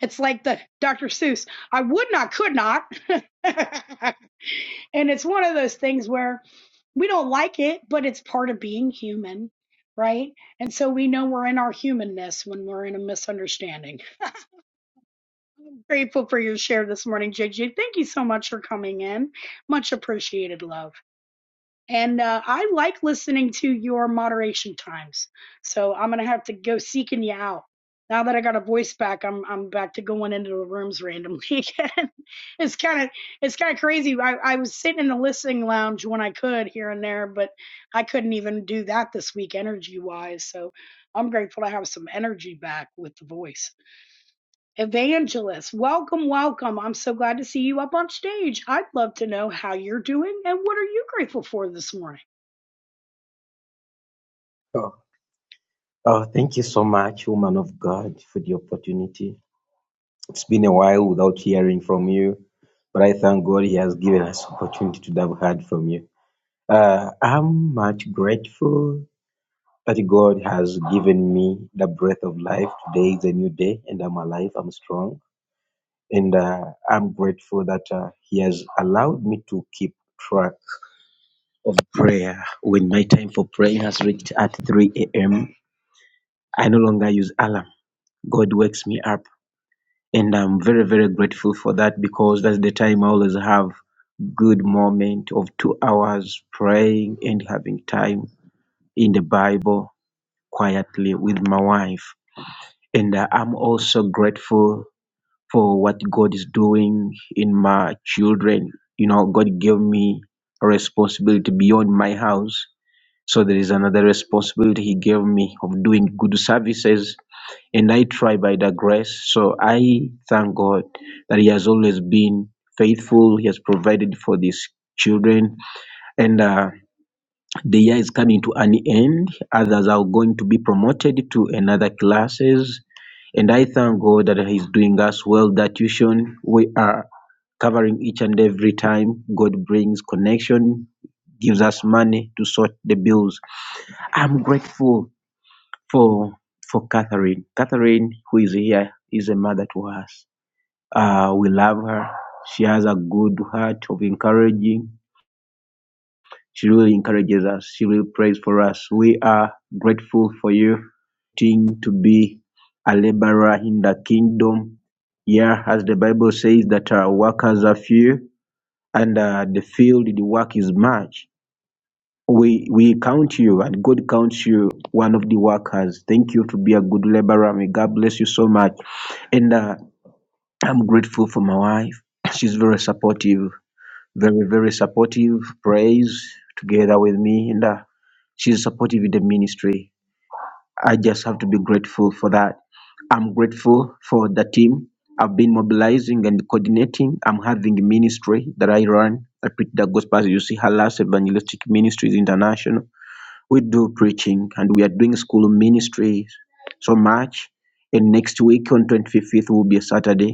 S1: It's like the Dr. Seuss, I would not, could not. and it's one of those things where we don't like it, but it's part of being human, right? And so we know we're in our humanness when we're in a misunderstanding. Grateful for your share this morning, JJ. Thank you so much for coming in. Much appreciated, love. And uh, I like listening to your moderation times. So I'm gonna have to go seeking you out. Now that I got a voice back, I'm I'm back to going into the rooms randomly again. it's kind of it's kind of crazy. I, I was sitting in the listening lounge when I could here and there, but I couldn't even do that this week energy wise. So I'm grateful to have some energy back with the voice. Evangelist, welcome, welcome. I'm so glad to see you up on stage. I'd love to know how you're doing and what are you grateful for this morning.
S9: Oh, oh, thank you so much, woman of God, for the opportunity. It's been a while without hearing from you, but I thank God He has given us opportunity to have heard from you. Uh, I'm much grateful that God has given me the breath of life. Today is a new day, and I'm alive. I'm strong, and uh, I'm grateful that uh, He has allowed me to keep track of prayer. When my time for praying has reached at 3 a.m., I no longer use alarm. God wakes me up and I'm very very grateful for that because that's the time I always have good moment of two hours praying and having time in the Bible quietly with my wife. And uh, I'm also grateful for what God is doing in my children. You know, God gave me a responsibility beyond my house. So there is another responsibility He gave me of doing good services and I try by the grace. So I thank God that He has always been faithful. He has provided for these children. And uh, the year is coming to an end. Others are going to be promoted to another classes. And I thank God that He's doing us well that tuition. We are covering each and every time. God brings connection, gives us money to sort the bills. I'm grateful for for Catherine. Catherine, who is here, is a mother to us. Uh, we love her. She has a good heart of encouraging. She really encourages us. She really prays for us. We are grateful for you thing to be a laborer in the kingdom. Yeah, as the Bible says that our workers are few and uh, the field, the work is much. We we count you and God counts you one of the workers. Thank you to be a good laborer. May God bless you so much. And uh, I'm grateful for my wife. She's very supportive. very very supportive prays together with me and uh, she's supportive in the ministry i just have to be grateful for that i'm grateful for the team i've been mobilizing and coordinating i'm having a ministry that i run i preach the gospel as you see halas evangelistic ministries international we do preaching and we are doing school ministries so much and next week on 25th will be a saturday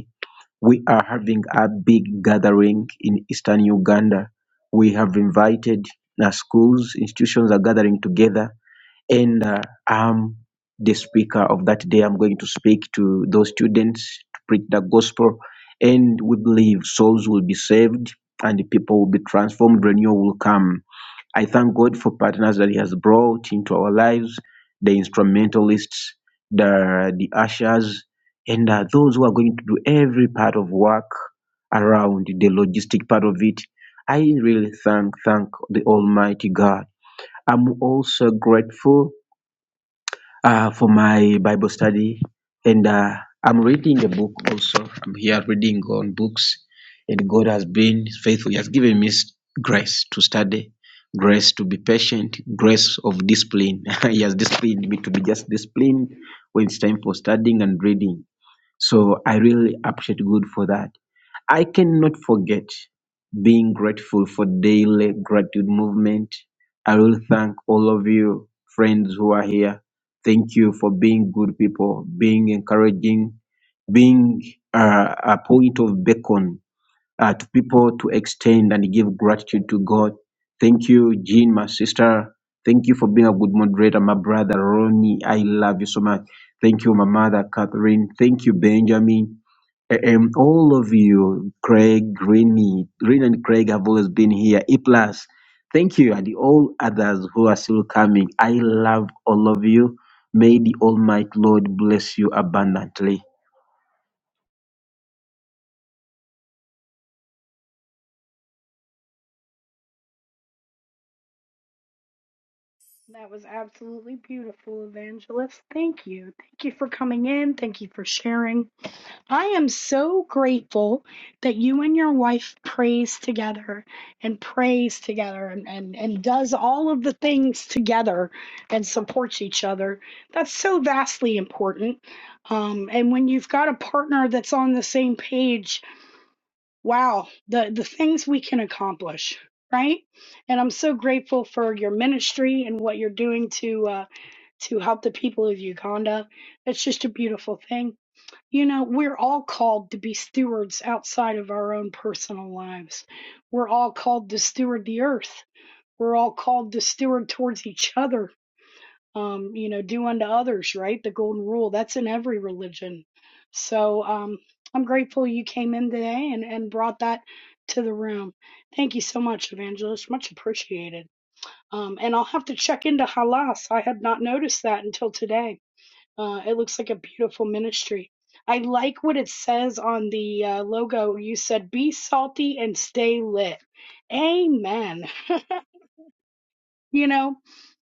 S9: we are having a big gathering in eastern Uganda. We have invited uh, schools, institutions are gathering together, and uh, I'm the speaker of that day. I'm going to speak to those students to preach the gospel, and we believe souls will be saved and people will be transformed, renewal will come. I thank God for partners that He has brought into our lives, the instrumentalists, the, the ushers, and uh, those who are going to do every part of work around the logistic part of it. I really thank thank the Almighty God. I'm also grateful uh, for my Bible study, and uh, I'm reading a book also. I'm here reading on books, and God has been faithful. He has given me s- grace to study, grace to be patient, grace of discipline. he has disciplined me to be just disciplined when it's time for studying and reading. So I really appreciate God for that. I cannot forget being grateful for daily gratitude movement. I will thank all of you friends who are here. Thank you for being good people, being encouraging, being uh, a point of beacon uh, to people to extend and give gratitude to God. Thank you, Jean, my sister. Thank you for being a good moderator, my brother Ronnie. I love you so much. Thank you, my mother Catherine. Thank you, Benjamin. A- And all of you, Craig, Greeny, Green and Craig have always been here. E plus, thank you, and the all others who are still coming. I love all of you. May the Almighty Lord bless you abundantly.
S1: That was absolutely beautiful, Evangelist. Thank you. Thank you for coming in. Thank you for sharing. I am so grateful that you and your wife prays together and prays together and, and, and does all of the things together and supports each other. That's so vastly important. Um, and when you've got a partner that's on the same page, wow, the, the things we can accomplish, right? And I'm so grateful for your ministry and what you're doing to uh, to help the people of Uganda. It's just a beautiful thing. You know, we're all called to be stewards outside of our own personal lives. We're all called to steward the earth. We're all called to steward towards each other um, you know, do unto others, right? The golden rule that's in every religion. So um, I'm grateful you came in today and, and brought that to the room. Thank you so much, Evangelist. Much appreciated. Um, and I'll have to check into Halas. I had not noticed that until today. Uh, it looks like a beautiful ministry. I like what it says on the uh, logo. You said, be salty and stay lit. Amen. you know,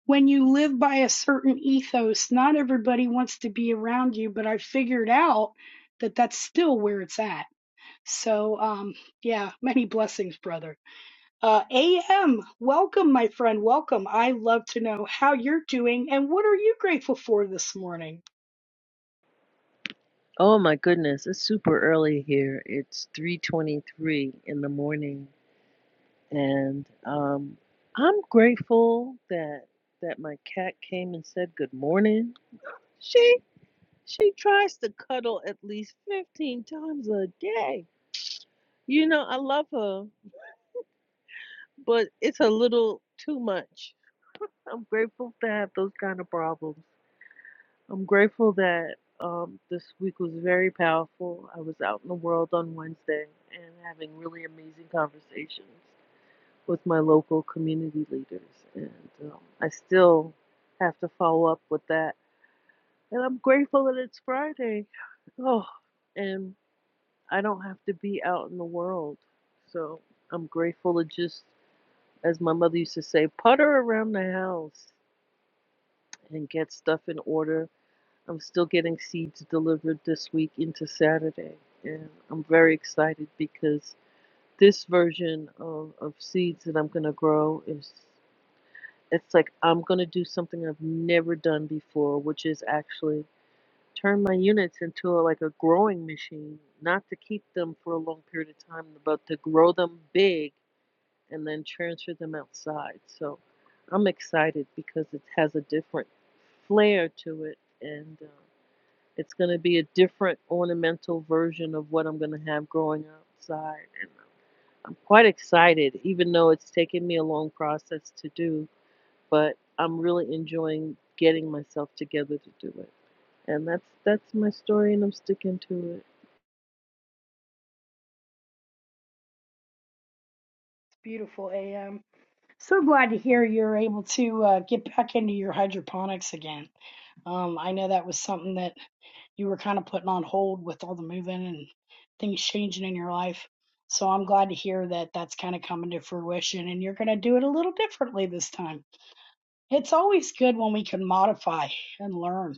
S1: when you live by a certain ethos, not everybody wants to be around you, but I figured out that that's still where it's at. So, um, yeah, many blessings, brother. Uh, AM, welcome, my friend. Welcome. I love to know how you're doing and what are you grateful for this morning?
S10: Oh my goodness, it's super early here. It's 3:23 in the morning and um I'm grateful that that my cat came and said good morning. She she tries to cuddle at least 15 times a day. You know, I love her, but it's a little too much. I'm grateful to have those kind of problems. I'm grateful that um, this week was very powerful. I was out in the world on Wednesday and having really amazing conversations with my local community leaders. And um, I still have to follow up with that. And I'm grateful that it's Friday. Oh, and I don't have to be out in the world. So I'm grateful to just, as my mother used to say, putter around the house and get stuff in order I'm still getting seeds delivered this week into Saturday, and I'm very excited because this version of, of seeds that I'm gonna grow is it's like I'm gonna do something I've never done before, which is actually turn my units into a, like a growing machine, not to keep them for a long period of time, but to grow them big and then transfer them outside. So I'm excited because it has a different flair to it, and. Um, it's going to be a different ornamental version of what I'm going to have growing outside. And I'm quite excited, even though it's taken me a long process to do, but I'm really enjoying getting myself together to do it. And that's that's my story and I'm sticking to it.
S1: Beautiful, AM. So glad to hear you're able to uh, get back into your hydroponics again. Um, I know that was something that you were kind of putting on hold with all the moving and things changing in your life. So I'm glad to hear that that's kind of coming to fruition and you're going to do it a little differently this time. It's always good when we can modify and learn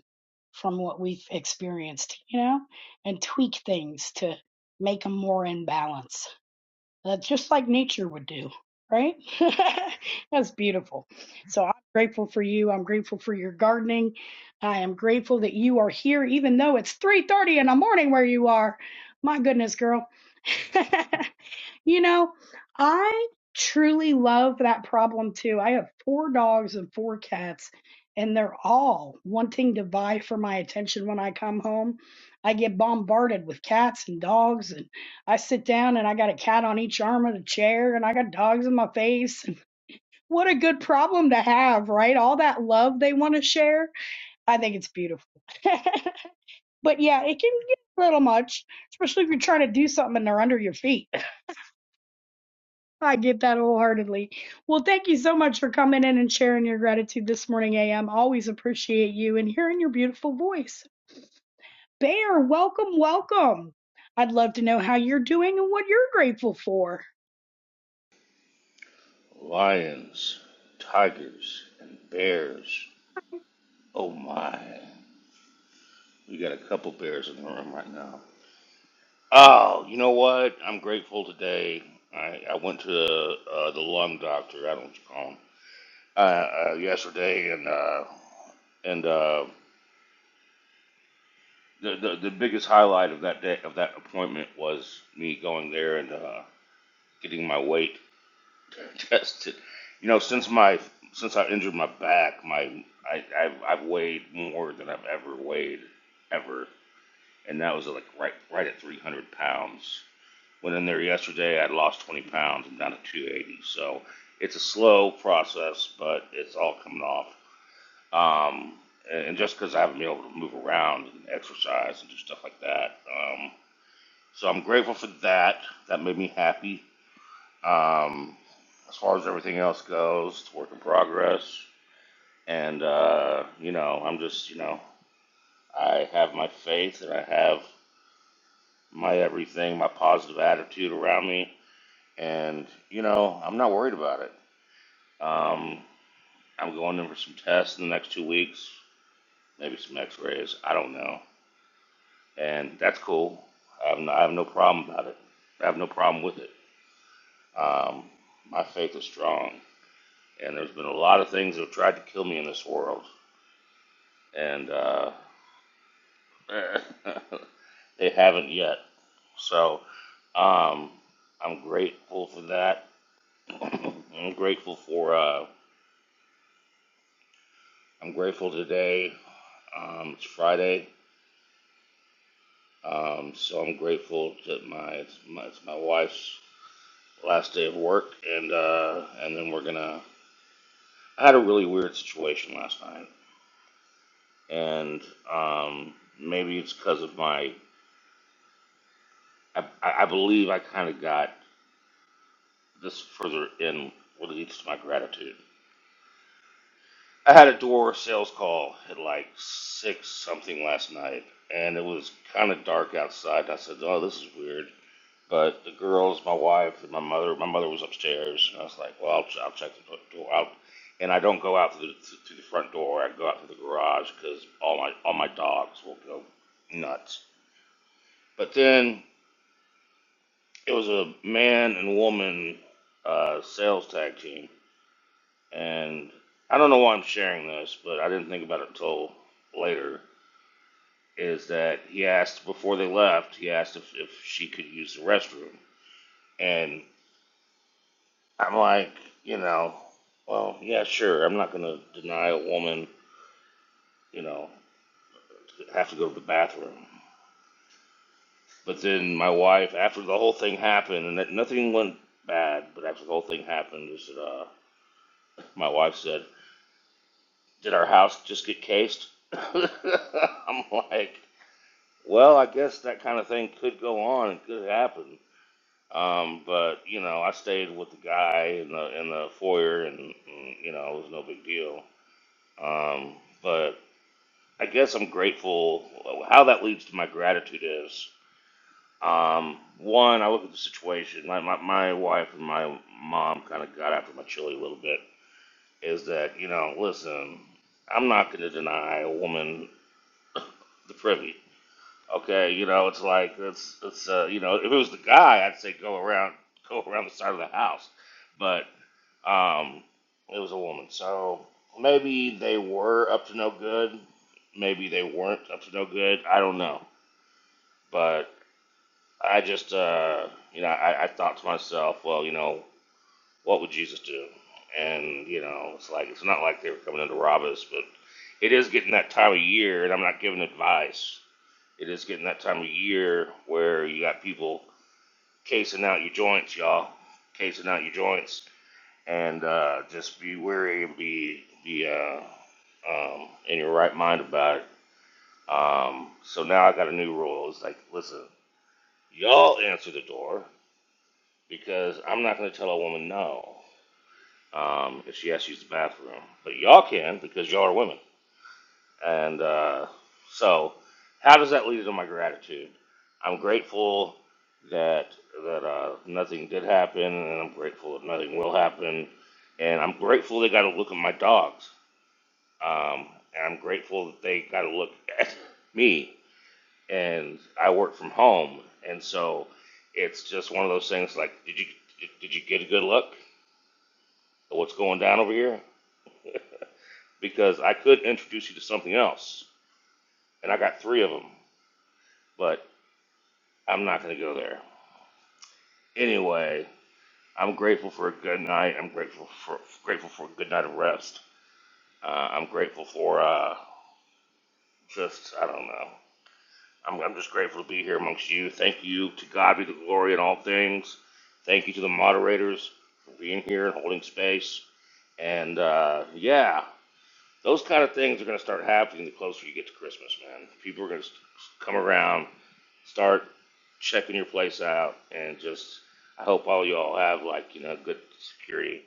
S1: from what we've experienced, you know, and tweak things to make them more in balance uh, just like nature would do, right? That's beautiful. So I'm grateful for you. I'm grateful for your gardening. I am grateful that you are here, even though it's 3:30 in the morning where you are. My goodness, girl. You know, I truly love that problem too. I have four dogs and four cats, and they're all wanting to vie for my attention when I come home. I get bombarded with cats and dogs, and I sit down and I got a cat on each arm of the chair, and I got dogs in my face. What a good problem to have, right? All that love they want to share. I think it's beautiful. But yeah, it can get a little much, especially if you're trying to do something and they're under your feet. I get that wholeheartedly. Well, thank you so much for coming in and sharing your gratitude this morning, AM. Always appreciate you and hearing your beautiful voice. Bear, welcome, welcome. I'd love to know how you're doing and what you're grateful for.
S11: lions, tigers, and bears. Oh my. We got a couple bears in the room right now. Oh, you know what? I'm grateful today. I, I went to uh, the lung doctor. I don't know what you call him. Uh, uh, yesterday, and uh, and uh, the, the the biggest highlight of that day of that appointment was me going there and uh, getting my weight tested. You know, since my since I injured my back, my I, I I've weighed more than I've ever weighed ever, and that was like right right at 300 pounds. Went in there yesterday, I lost 20 pounds. I'm down to 280. So it's a slow process, but it's all coming off. Um, and just because I haven't been able to move around and exercise and do stuff like that, um, so I'm grateful for that. That made me happy. Um, as far as everything else goes, it's a work in progress. And, uh, you know, I'm just, you know, I have my faith and I have my everything, my positive attitude around me. And, you know, I'm not worried about it. Um, I'm going in for some tests in the next two weeks, maybe some x rays. I don't know. And that's cool. I have no, I have no problem about it. I have no problem with it. Um, my faith is strong. And there's been a lot of things that have tried to kill me in this world and uh, they haven't yet. So um, I'm grateful for that. I'm grateful for. Uh, I'm grateful today. Um, it's Friday, um, so I'm grateful that my it's, my it's my wife's last day of work, and uh, and then we're gonna. I had a really weird situation last night, and um, maybe it's because of my. I, I believe I kind of got this further in relates to my gratitude I had a door sales call at like six something last night, and it was kind of dark outside. I said, "Oh, this is weird." But the girls, my wife, and my mother, my mother was upstairs, and I was like, "Well, I'll, ch- I'll check the do- door out." And I don't go out through the, through the front door. I go out through the garage because all my all my dogs will go nuts. But then it was a man and woman uh, sales tag team, and I don't know why I'm sharing this, but I didn't think about it until later is that he asked before they left, he asked if, if she could use the restroom. And I'm like, you know, well, yeah, sure. I'm not going to deny a woman, you know, have to go to the bathroom. But then my wife, after the whole thing happened, and that nothing went bad, but after the whole thing happened, is that, uh, my wife said, Did our house just get cased? I'm like, well, I guess that kind of thing could go on. It could happen. Um, but you know, I stayed with the guy in the in the foyer, and, and, you know, it was no big deal. Um, but I guess I'm grateful. How that leads to my gratitude is um, one, I look at the situation. My my, my wife and my mom kind of got after my chili a little bit. Is that you know, listen, I'm not going to deny a woman the privy. Okay, you know, it's like it's it's uh, you know, if it was the guy, I'd say go around go around the side of the house. But Um, it was a woman. So maybe they were up to no good. Maybe they weren't up to no good. I don't know. But I just, uh, you know, I, I thought to myself, well, you know, what would Jesus do? And, you know, it's like, it's not like they were coming in to rob us, but it is getting that time of year, and I'm not giving advice. It is getting that time of year where you got people casing out your joints, y'all. Casing out your joints and uh, just be wary and be be uh, um, in your right mind about it. Um, so now I got a new rule. It's like, listen, y'all answer the door because I'm not going to tell a woman no um, if she has to use the bathroom, but y'all can because y'all are women. And uh, so, how does that lead into my gratitude? I'm grateful that that uh, nothing did happen, and I'm grateful that nothing will happen, and I'm grateful they got to look at my dogs Um, and I'm grateful that they got to look at me. And I work from home, and so it's just one of those things. Like, did you did you get a good look at what's going down over here? Because I could introduce you to something else, and I got three of them, but I'm not going to go there anyway. I'm grateful for a good night. I'm grateful for grateful for a good night of rest. Uh, I'm grateful for uh, just I don't know. I'm, I'm just grateful to be here amongst you. Thank you to God be the glory in all things. Thank you to the moderators for being here and holding space. And uh, yeah, those kind of things are going to start happening the closer you get to Christmas, man. People are going to come around, start checking your place out, and just I hope all you all have like you know good security.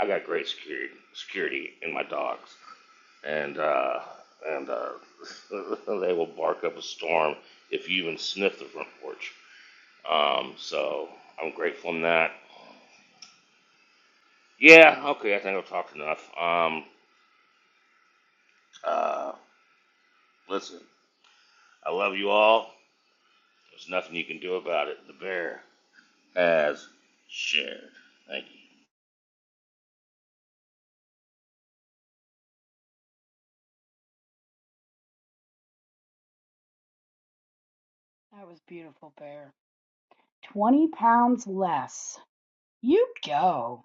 S11: I got great security security in my dogs and uh, and uh, they will bark up a storm if you even sniff the front porch. Um, so I'm grateful in that. Yeah, okay, I think I've talked enough. Um, uh, listen, I love you all. There's nothing you can do about it. The bear has shared. Thank you.
S1: That was beautiful, Bear. 20 pounds less. You go.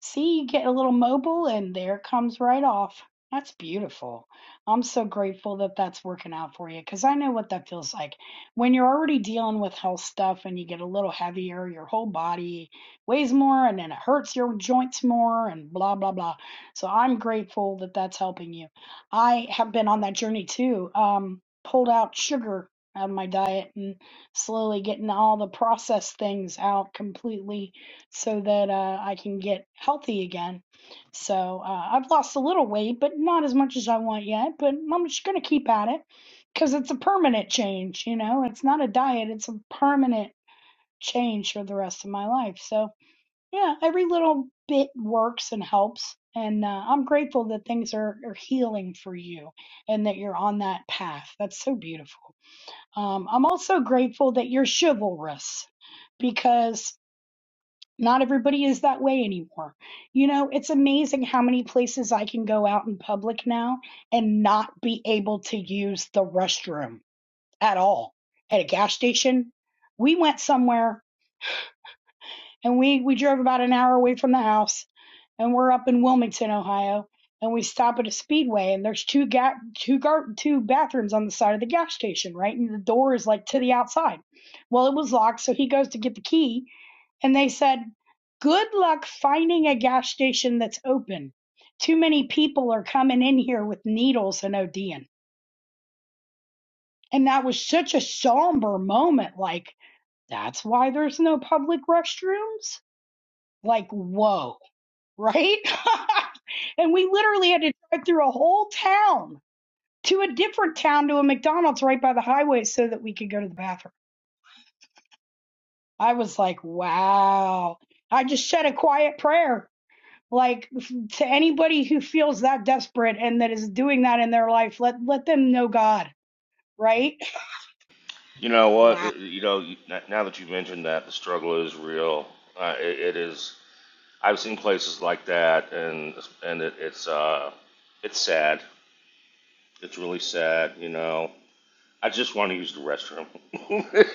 S1: See, you get a little mobile and there it comes right off. That's beautiful. I'm so grateful that that's working out for you because I know what that feels like. When you're already dealing with health stuff and you get a little heavier, your whole body weighs more and then it hurts your joints more and blah, blah, blah. So I'm grateful that that's helping you. I have been on that journey too. Um, pulled out sugar out of my diet and slowly getting all the processed things out completely so that uh, I can get healthy again. So uh, I've lost a little weight, but not as much as I want yet. But I'm just going to keep at it because it's a permanent change. You know, it's not a diet, it's a permanent change for the rest of my life. So, yeah, every little bit works and helps. And uh, I'm grateful that things are, are healing for you and that you're on that path. That's so beautiful. Um, I'm also grateful that you're chivalrous because not everybody is that way anymore. You know, it's amazing how many places I can go out in public now and not be able to use the restroom at all. At a gas station, we went somewhere and we we drove about an hour away from the house and we're up in Wilmington, Ohio, and we stop at a speedway and there's two ga- two gar- two bathrooms on the side of the gas station, right? And the door is like to the outside. Well, it was locked, so he goes to get the key and they said, Good luck finding a gas station that's open. Too many people are coming in here with needles and ODing. And that was such a somber moment. Like, that's why there's no public restrooms? Like, whoa, right? and we literally had to drive through a whole town to a different town to a McDonald's right by the highway so that we could go to the bathroom. I was like, wow. I just said a quiet prayer like to anybody who feels that desperate and that is doing that in their life let let them know god right
S11: You know what?
S1: Wow.
S11: You know, now that you mentioned that, the struggle is real. Uh, it, it is. I've seen places like that, and and it, it's uh, it's sad It's really sad, you know. I just want to use the restroom,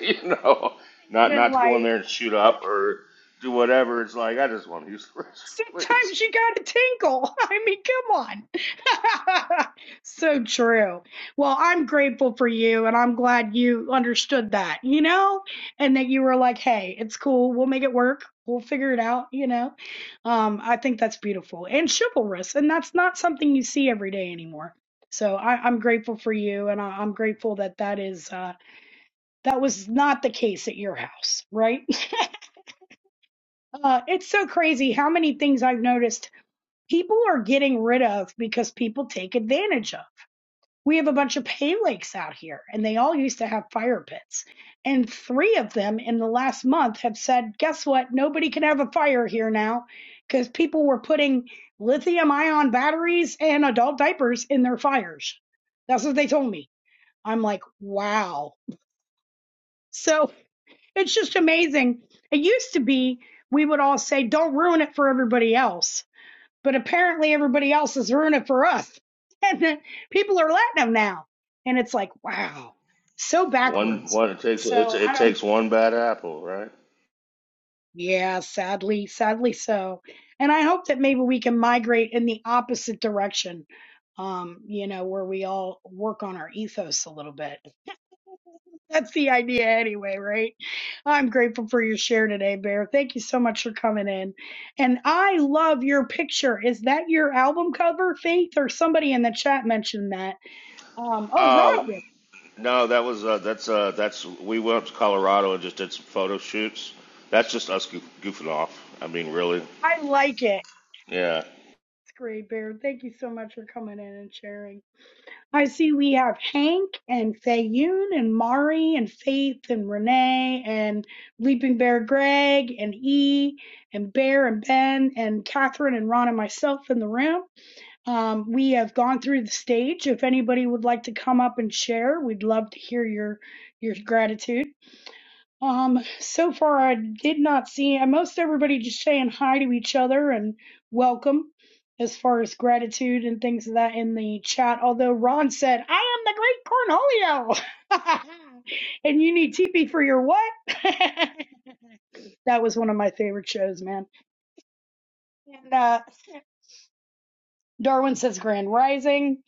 S11: you know, not
S1: Isn't
S11: not to go in there and shoot up or do whatever. It's like I just want to use the restroom, please.
S1: Sometimes you got to tinkle. I mean, come on. so true. Well, I'm grateful for you and I'm glad you understood that, you know, and that you were like, hey, it's cool. We'll make it work. We'll figure it out, you know. Um, I think that's beautiful and chivalrous. And that's not something you see every day anymore. So I, I'm grateful for you and I, I'm grateful that that is, uh, that was not the case at your house, right? Uh, it's so crazy how many things I've noticed people are getting rid of because people take advantage of. We have a bunch of pay lakes out here, and they all used to have fire pits. And three of them in the last month have said, guess what? Nobody can have a fire here now because people were putting lithium ion batteries and adult diapers in their fires. That's what they told me. I'm like, wow. So it's just amazing. It used to be we would all say, don't ruin it for everybody else but apparently everybody else is ruining it for us. And then people are letting them now. And it's like, wow, so
S11: One
S1: backwards.
S11: one it takes it,
S1: So
S11: it
S1: I don't,
S11: takes one bad apple, right?
S1: yeah, sadly, sadly so. And I hope that maybe we can migrate in the opposite direction, um, you know, where we all work on our ethos a little bit That's the idea anyway, right? I'm grateful for your share today, Bear. Thank you so much for coming in. And I love your picture. Is that your album cover, Faith, or somebody in the chat mentioned that? Um, oh,
S11: Oh
S1: Roger.
S11: no, that was uh, that's uh, that's we went up to Colorado and just did some photo shoots. That's just us goof, goofing off. I mean, really,
S1: I like it.
S11: yeah.
S1: It's great, Bear. Thank you so much for coming in and sharing. I see we have Hank and Fayun and Mari and Faith and Renee and Leaping Bear Greg and E and Bear and Ben and Catherine and Ron and myself in the room. Um, we have gone through the stage. If anybody would like to come up and share, we'd love to hear your your gratitude. Um, so far, I did not see uh, most everybody just saying hi to each other and welcome as far as gratitude and things of that in the chat. Although Ron said, I am the great Cornholio, and you need TP for your what? that was one of my favorite shows, man. And uh, Darwin says Grand Rising.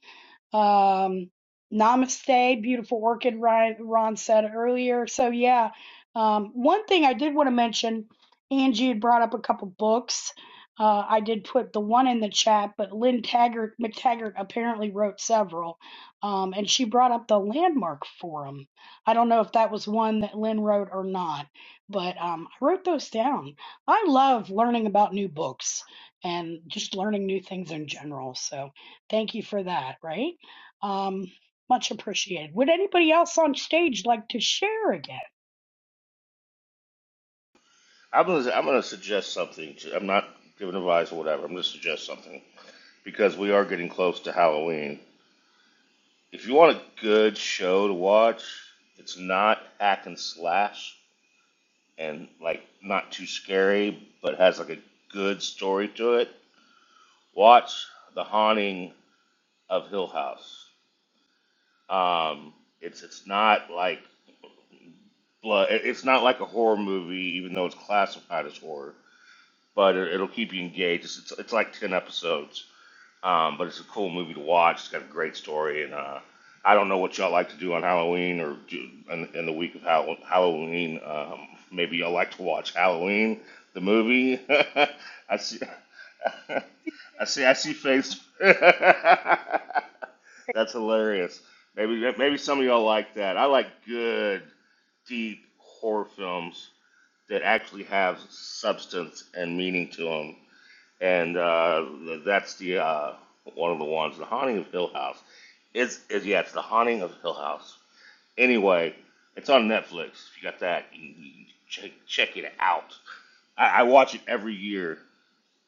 S1: Um, namaste, beautiful orchid, Ryan, Ron said earlier. So, yeah, um, one thing I did want to mention Angie had brought up a couple books. Uh, I did put the one in the chat, but Lynn Taggart McTaggart apparently wrote several, um, and she brought up the Landmark Forum. I don't know if that was one that Lynn wrote or not, but um, I wrote those down. I love learning about new books and just learning new things in general. So thank you for that. Right? Um, much appreciated. Would anybody else on stage like to share again?
S11: I'm gonna I'm gonna suggest something. I'm not giving advice or whatever. I'm gonna suggest something because we are getting close to Halloween If you want a good show to watch, it's not hack and slash and like not too scary, but has like a good story to it. Watch The Haunting of Hill House. Um, it's it's not like blood. It's not like a horror movie, even though it's classified as horror. But it, will keep you engaged. it's it's like ten episodes Um, but it's a cool movie to watch. It's got a great story, and uh, I don't know what y'all like to do on Halloween or do in, in the week of Hall- Halloween. Um, maybe y'all like to watch Halloween the movie. I see, I see, I see face. That's hilarious. Maybe maybe some of y'all like that. I like good, deep horror films that actually have substance and meaning to them and uh, that's the uh, one of the ones, the Haunting of Hill House. It's, it's yeah, it's the Haunting of Hill House. Anyway, it's on Netflix. If you got that, you, you check check it out. I, I watch it every year,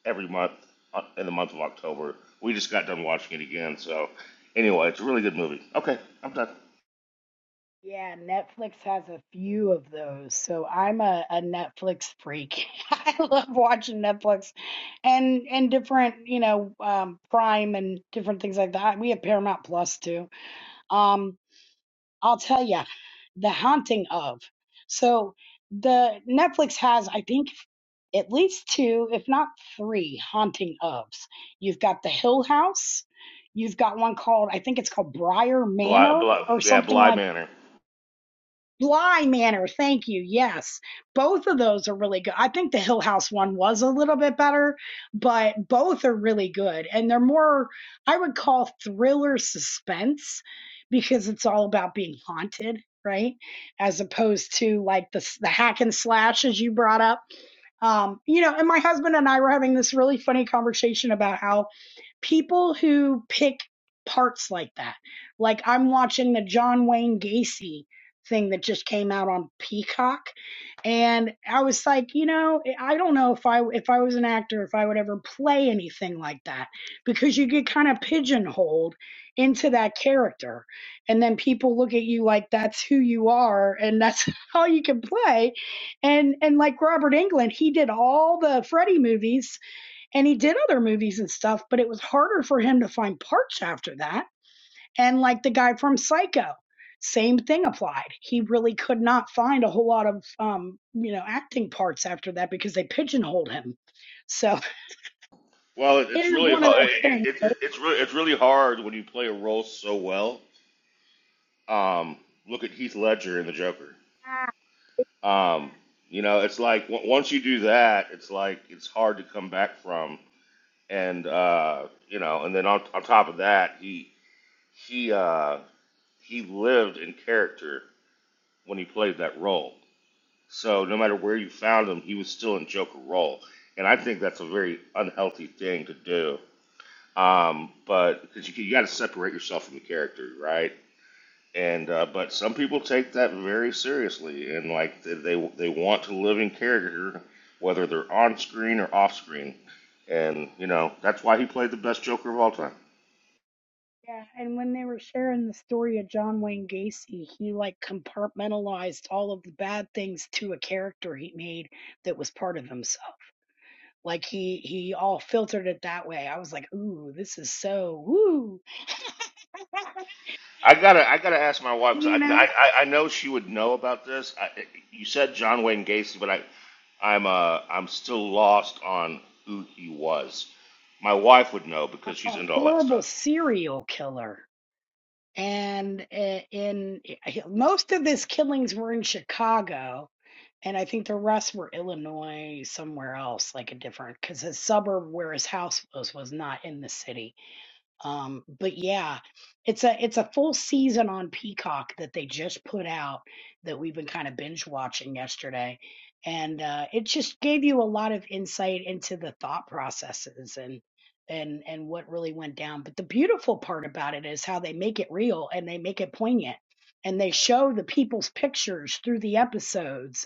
S11: every month uh, in the month of October. We just got done watching it again, so anyway, it's a really good movie. Okay, I'm done.
S1: Yeah, Netflix has a few of those. So I'm a, a Netflix freak. I love watching Netflix and and different, you know, um, Prime and different things like that. We have Paramount Plus too. Um, I'll tell you, The Haunting of. So the Netflix has, I think, at least two, if not three, haunting ofs. You've got the Hill House. You've got one called, I think it's called Briar
S11: Bly,
S1: Manor
S11: Bly,
S1: or
S11: yeah,
S1: something
S11: Bly
S1: like
S11: Manor.
S1: Bly Manor, thank you. Yes, both of those are really good. I think the Hill House one was a little bit better, but both are really good. And they're more, I would call thriller suspense because it's all about being haunted, right? As opposed to like the, the hack and slash, as you brought up. Um, you know, and my husband and I were having this really funny conversation about how people who pick parts like that. Like I'm watching the John Wayne Gacy thing that just came out on Peacock and I was like, you know, I don't know if I if I was an actor if I would ever play anything like that because you get kind of pigeonholed into that character and then people look at you like that's who you are and that's all you can play and and like Robert Englund he did all the Freddy movies and he did other movies and stuff, but it was harder for him to find parts after that. And like the guy from Psycho, same thing applied. He really could not find a whole lot of um, you know, acting parts after that because they pigeonholed him. So
S11: Well, it,
S1: it
S11: it's
S1: is
S11: really
S1: one of
S11: hard.
S1: those
S11: It,
S1: things.
S11: it,
S1: But
S11: it, it's really it's really hard when you play a role so well Um, look at Heath Ledger in The Joker.
S1: ah,
S11: Um, you know, it's like w- once you do that, it's like it's hard to come back from. And uh, you know, and then on, on top of that, he he uh, he lived in character when he played that role. So no matter where you found him, he was still in Joker role. And I think that's a very unhealthy thing to do. Um, but because you, you got to separate yourself from the character, right? And uh, but some people take that very seriously, and like they they they want to live in character, whether they're on screen or off screen. And you know that's why he played the best Joker of all time.
S1: yeah, and when they were sharing the story of John Wayne Gacy, he like compartmentalized all of the bad things to a character he made that was part of himself. Like he he all filtered it that way. I was like, ooh, this is so woo. But
S11: I
S1: it gives
S11: gotta
S1: you
S11: I gotta ask my
S1: the
S11: wife 'cause
S1: insight, you
S11: I,
S1: know,
S11: I I know she would know about this. I, you said John Wayne Gacy, but I I'm uh I'm still lost on who he was. My wife would know because she's
S1: a
S11: into all that
S1: horrible
S11: stuff.
S1: serial killer. And uh, in eh, most of his killings were in Chicago, and I think the rest were Illinois, somewhere else, like a different, because his suburb where his house was was not in the city Um, but yeah, it's a it's a full season on Peacock that they just put out that we've been kind of binge watching yesterday, and uh, it just gave you a lot of insight into the thought processes and and and what really went down. But the beautiful part about it is how they make it real and they make it poignant, and they show the people's pictures through the episodes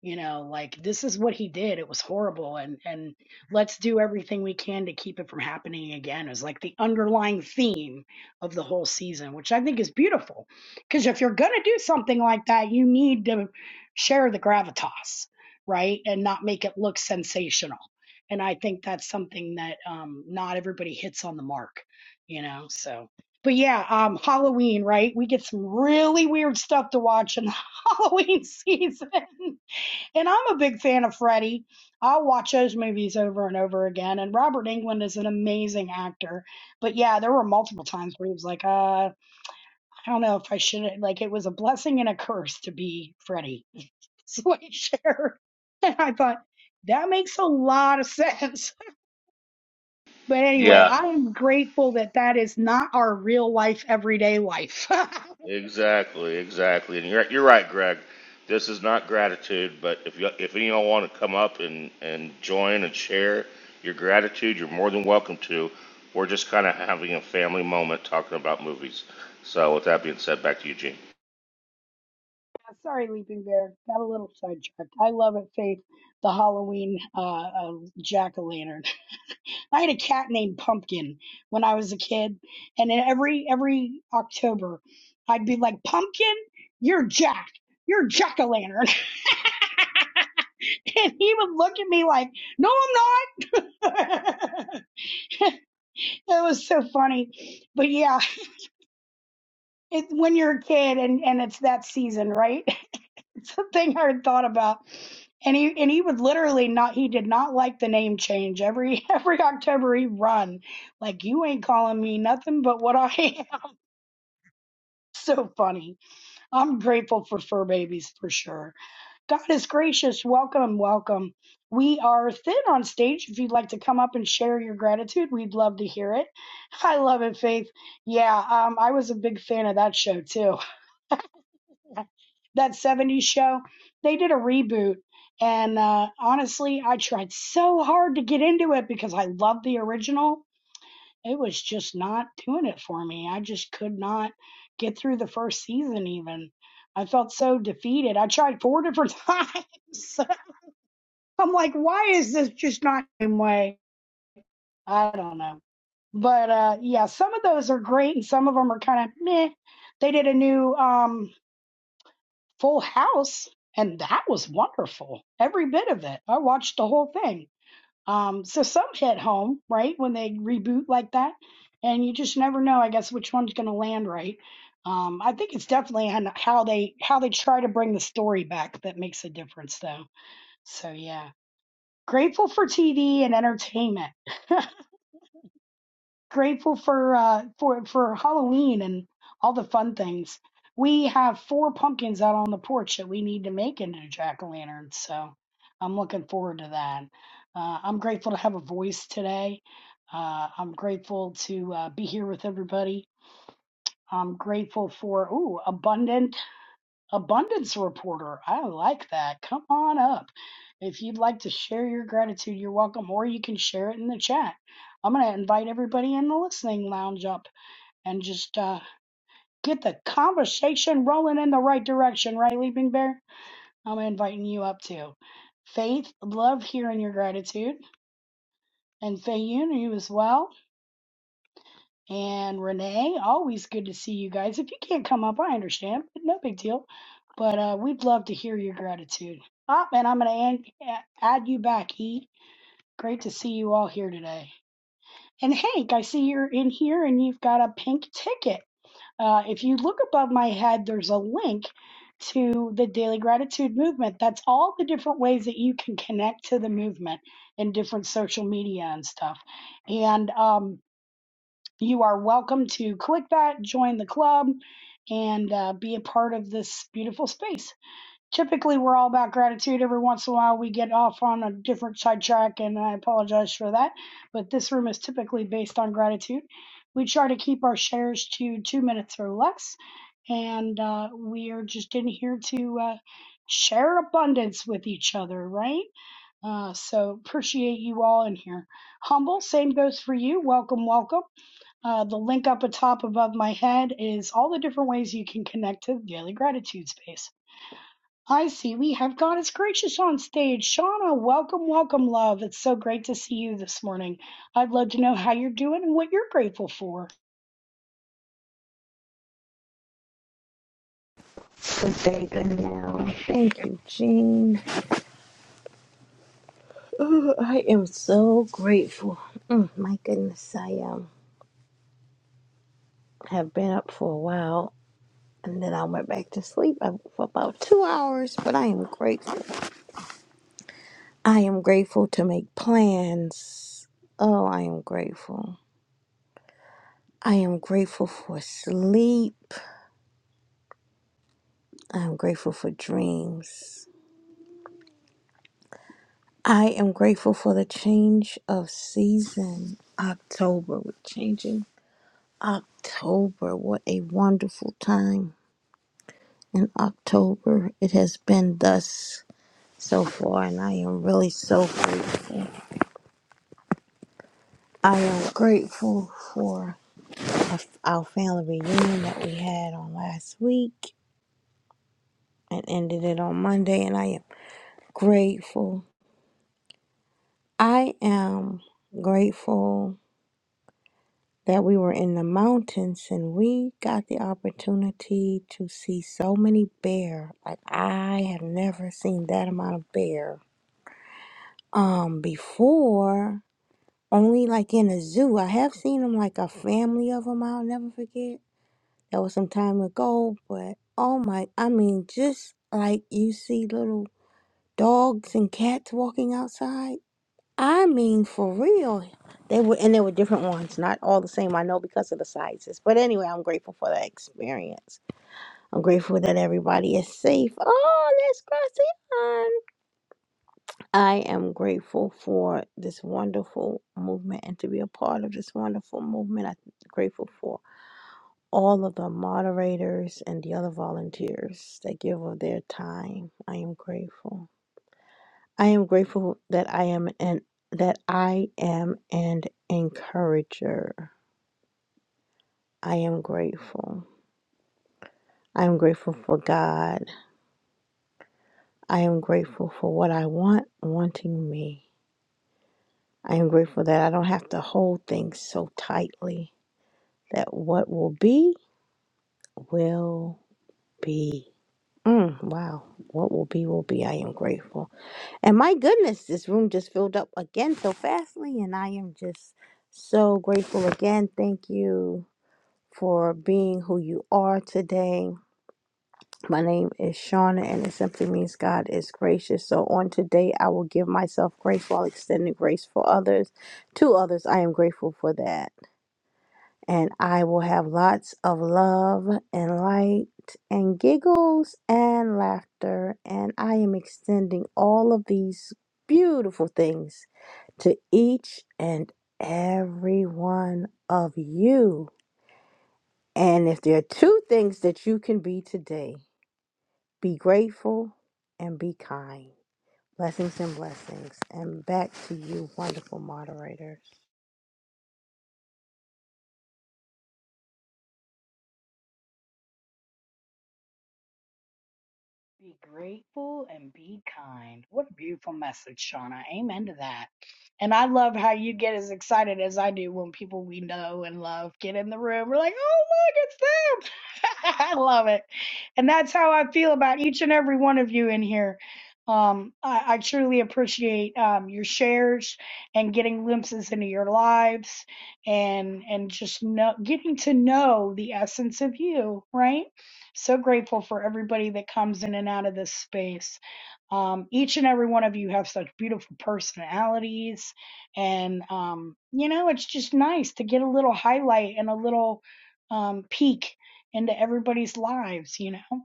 S1: you know like this is what he did it was horrible and and let's do everything we can to keep it from happening again is like the underlying theme of the whole season which i think is beautiful because if you're going to do something like that you need to share the gravitas right and not make it look sensational and i think that's something that um not everybody hits on the mark you know so but yeah, um, Halloween, right? We get some really weird stuff to watch in the Halloween season. And I'm a big fan of Freddie. I'll watch those movies over and over again. And Robert Englund is an amazing actor. But yeah, there were multiple times where he was like, uh, I don't know if I should. Like, it was a blessing and a curse to be Freddie. That's what he shared. And I thought, that makes a lot of sense. But anyway,
S11: Yeah.
S1: I'm grateful that that is not our real life, everyday life. Yeah,
S11: Exactly, exactly. And you're you're right, Greg. This is not gratitude, but if you, if anyone want to come up and and join and share your gratitude, you're more than welcome to. We're just kind of having a family moment talking about movies. So with that being said, back to you, Gene.
S1: Sorry, Leaping Bear. Got a little sidetracked. I love it, Faith, the Halloween uh, uh, jack o' lantern. I had a cat named Pumpkin when I was a kid, and then every every October, I'd be like, "Pumpkin, you're Jack, you're Jack o' Lantern," and he would look at me like, "No, I'm not." it was so funny, but yeah, it, when you're a kid and and it's that season, right? something I had thought about. And he and he would literally not he did not like the name change. Every every October he'd run. Like you ain't calling me nothing but what I am. So funny. I'm grateful for fur babies for sure. God is gracious. Welcome, welcome. We are thin on stage. If you'd like to come up and share your gratitude, we'd love to hear it. I love it, Faith. Yeah, um, I was a big fan of that show too. that 70s show. They did a reboot. And uh, honestly, I tried so hard to get into it because I love the original. It was just not doing it for me. I just could not get through the first season, even. I felt so defeated. I tried four different times. I'm like, why is this just not the same way? I don't know. But uh, yeah, some of those are great and some of them are kind of meh. They did a new. um, Full House, and that was wonderful. Every bit of it. I watched the whole thing. Um, so some hit home, right, when they reboot like that, and you just never know, I guess, which one's going to land right. Um, I think it's definitely on how they how they try to bring the story back that makes a difference, though. So yeah, grateful for TV and entertainment. grateful for uh for for Halloween and all the fun things. We have four pumpkins out on the porch that we need to make into jack o' lanterns, so I'm looking forward to that. Uh, I'm grateful to have a voice today. Uh, I'm grateful to uh, be here with everybody. I'm grateful for ooh abundant abundance reporter. I like that. Come on up. If you'd like to share your gratitude, you're welcome, or you can share it in the chat. I'm going to invite everybody in the listening lounge up and just uh, get the conversation rolling in the right direction, right, Leaping Bear? I'm inviting you up too. Faith, love hearing your gratitude. And Faye, you as well. And Renee, always good to see you guys. If you can't come up, I understand, but no big deal. But uh, we'd love to hear your gratitude. Oh, and I'm going to add you back, E. Great to see you all here today. And Hank, I see you're in here and you've got a pink ticket. Uh, if you look above my head, there's a link to the Daily Gratitude Movement. That's all the different ways that you can connect to the movement in different social media and stuff. And um, you are welcome to click that, join the club, and uh, be a part of this beautiful space. Typically, we're all about gratitude. Every once in a while, we get off on a different sidetrack, and I apologize for that. But this room is typically based on gratitude. We try to keep our shares to two minutes or less, and uh, we are just in here to uh, share abundance with each other, right? Uh, so appreciate you all in here. Humble, same goes for you. Welcome, welcome. Uh, the link up atop above my head is all the different ways you can connect to the Daily Gratitude Space. I see we have Goddess Gracious on stage. Shauna, welcome, welcome, love. It's so great to see you this morning. I'd love to know how you're doing and what you're grateful for.
S12: Good day, good now. Thank you, Jean. Ooh, I am so grateful. Mm, my goodness, I um have been up for a while, and then I went back to sleep uh, for about two hours. But I am grateful. I am grateful to make plans. Oh, I am grateful. I am grateful for sleep. I am grateful for dreams. I am grateful for the change of season. October, we're changing October. What a wonderful time in October it has been thus so far, and I am really so grateful. I am grateful for a- our family reunion that we had on last week and ended it on Monday, and I am grateful. I am grateful that we were in the mountains and we got the opportunity to see so many bear. Like I have never seen that amount of bear um before. Only like in a zoo. I have seen them like a family of them. I'll never forget. That was some time ago, but oh my! I mean, just like you see little dogs and cats walking outside. I mean, for real. They were, and they were different ones, not all the same. I know because of the sizes. But anyway, I'm grateful for that experience. I'm grateful that everybody is safe. Oh, there's Gracian. I am grateful for this wonderful movement and to be a part of this wonderful movement. I'm grateful for all of the moderators and the other volunteers that give of their time. I am grateful. I am grateful that I am an that I am an encourager. I am grateful. I am grateful for God. I am grateful for what I want wanting me. I am grateful that I don't have to hold things so tightly. That what will be will be. Mm, wow. What will be, will be. I am grateful. And my goodness, this room just filled up again so fastly, and I am just so grateful again. Thank you. for being who you are today. My name is Shauna, and it simply means God is gracious. So, on today, I will give myself grace while extending grace for others. To others, I am grateful for that. And I will have lots of love and light and giggles and laughter. And I am extending all of these beautiful things to each and every one of you. And if there are two things that you can be today, be grateful and be kind. Blessings and blessings. And back to you, wonderful moderator.
S1: Be grateful and be kind. What a beautiful message, Shauna. Amen to that. And I love how you get as excited as I do when people we know and love get in the room. We're like, oh, look, it's them. I love it. And that's how I feel about each and every one of you in here. Um, I, I truly appreciate um, your shares and getting glimpses into your lives and and just know, getting to know the essence of you, right? So grateful for everybody that comes in and out of this space. Um, each and every one of you have such beautiful personalities, and um, you know it's just nice to get a little highlight and a little um, peek into everybody's lives. You know,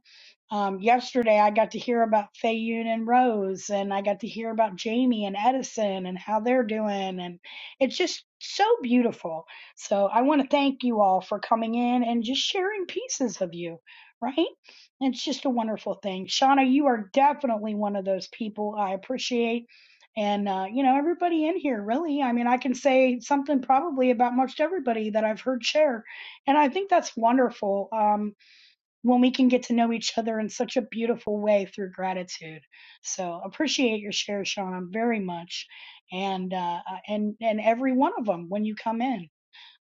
S1: um, yesterday I got to hear about Fayun and Rose, and I got to hear about Jamie and Edison and how they're doing, and it's just so beautiful. So I want to thank you all for coming in and just sharing pieces of you right? It's just a wonderful thing. Shauna, you are definitely one of those people I appreciate. And, uh, you know, everybody in here, really. I mean, I can say something probably about most everybody that I've heard share. And I think that's wonderful um, when we can get to know each other in such a beautiful way through gratitude. So appreciate your share, Shauna, very much. And, uh, uh, and, and every one of them when you come in.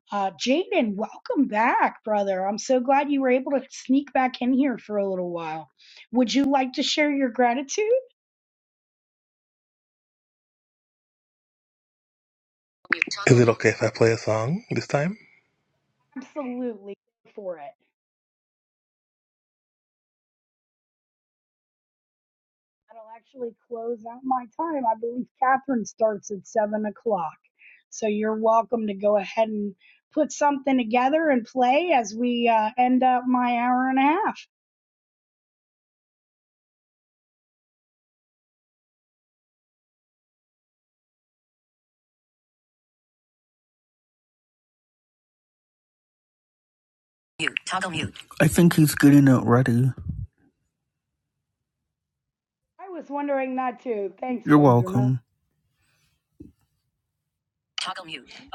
S1: Uh, Jaden, welcome back, brother. I'm so glad you were able to sneak back in here for a little while. Would you like to share your gratitude?
S4: Is it okay if I play a song this time?
S1: Absolutely, go for it. That'll actually close out my time. I believe Catherine starts at seven o'clock. So you're welcome to go ahead and put something together and play as we uh, end up my hour and a half.
S3: I think he's getting it ready.
S1: I was wondering that too. Thanks,
S3: You're
S1: Benjamin.
S3: welcome.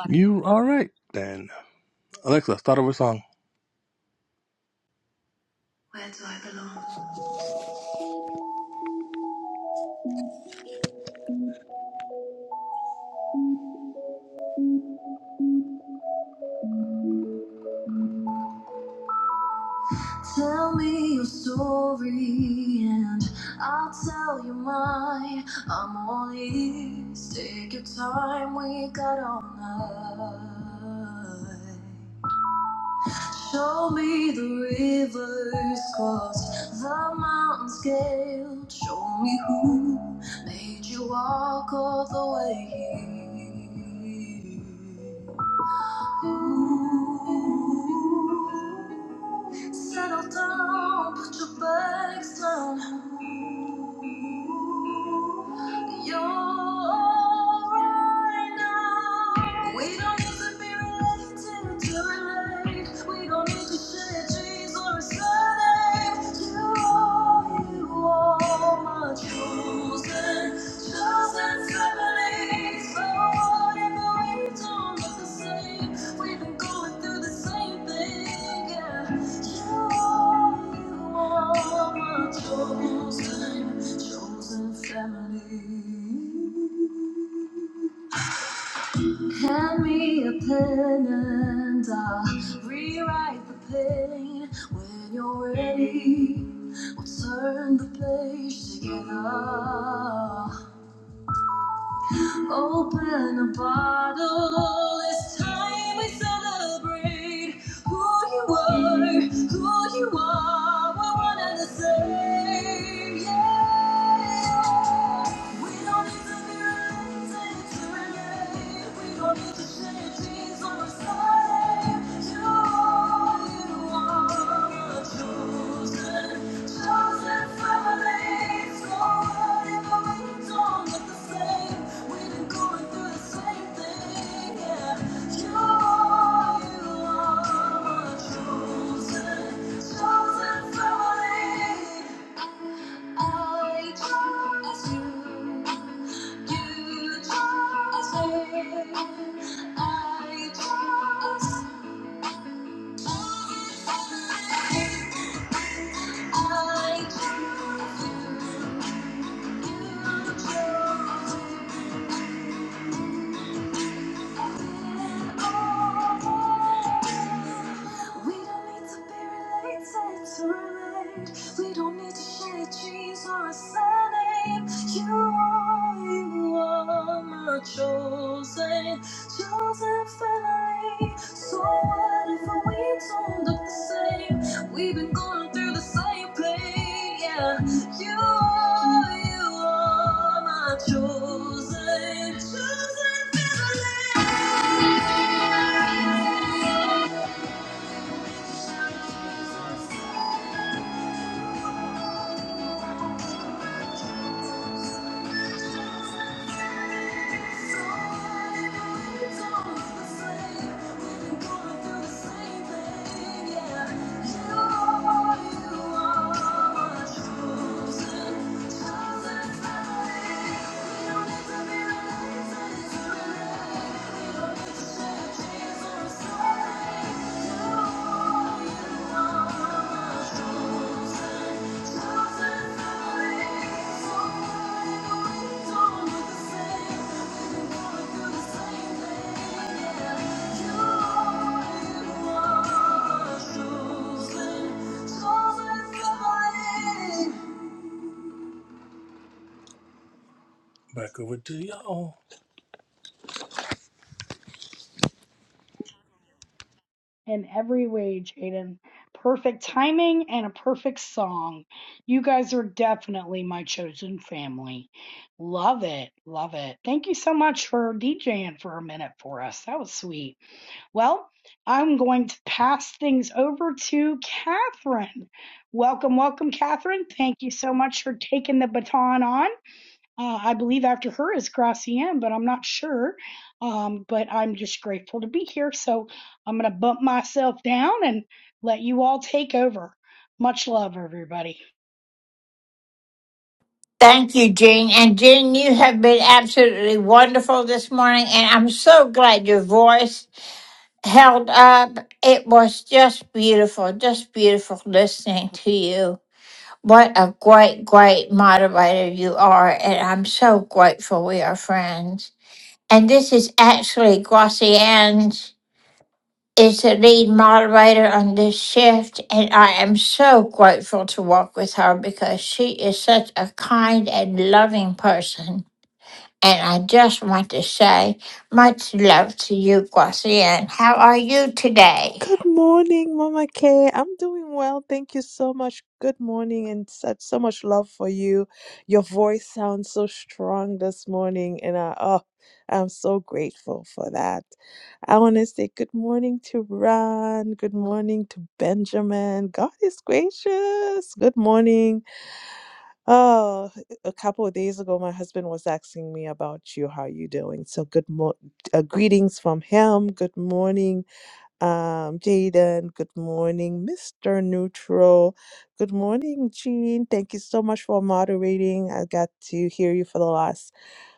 S4: You all right then, Alexa? Start over a song. Where do I belong? Tell me your story and I'll tell you mine. I'm all ears. Take your time, we got all night. Show me the rivers crossed, the mountains scaled. Show me who made you walk all the way here. Ooh. Settle down, put your bags down. You're alright now. We don't need to be related to relate. We don't need to share dreams or a surname. You are, you are my chosen. Hand me a pen and I'll rewrite the pain. When you're ready, we'll turn the page together. Open a bottle. It's time we celebrate who you are, who you are. We're one and the same. Yeah. We don't need to be related to relate. We don't need to share genes or a sign. You are, you I trust you. I choose you, choose We don't need to be related to relate. We don't need to share genes or a surname. You are, you are my chosen, chosen family. So what if we don't look the same? We've been going through the same pain, yeah. You are, you are my chosen, chosen family. Thank you. Back over to y'all.
S1: in every way, Jaden. Perfect timing and a perfect song. You guys are definitely my chosen family. Love it. Love it. Thank you so much for DJing for a minute for us. That was sweet. Well, I'm going to pass things over to Catherine. Welcome, welcome, Catherine. Thank you so much for taking the baton on. Uh, I believe after her is Gracian, but I'm not sure. Um, but I'm just grateful to be here. So I'm going to bump myself down and let you all take over. Much love, everybody.
S7: Thank you, Jean. And Jean, you have been absolutely wonderful this morning. And I'm so glad your voice held up. It was just beautiful, just beautiful listening to you. What a great, great moderator you are. And I'm so grateful we are friends. And this is actually Glossian's is the lead moderator on this shift and I am so grateful to work with her because she is such a kind and loving person. And I just want to say much love to you, Glossian. How are you today?
S13: Good morning, Mama Kay. I'm doing well. Thank you so much. Good morning and such so much love for you. Your voice sounds so strong this morning and I oh I'm so grateful for that. I want to say good morning to Ron. Good morning to Benjamin. God is gracious. Good morning. Oh, a couple of days ago my husband was asking me about you, how you doing? So good mo- uh, greetings from him. Good morning um, Jaden, good morning. Mr. Neutral, good morning, Jean. Thank you so much for moderating. I got to hear you for the last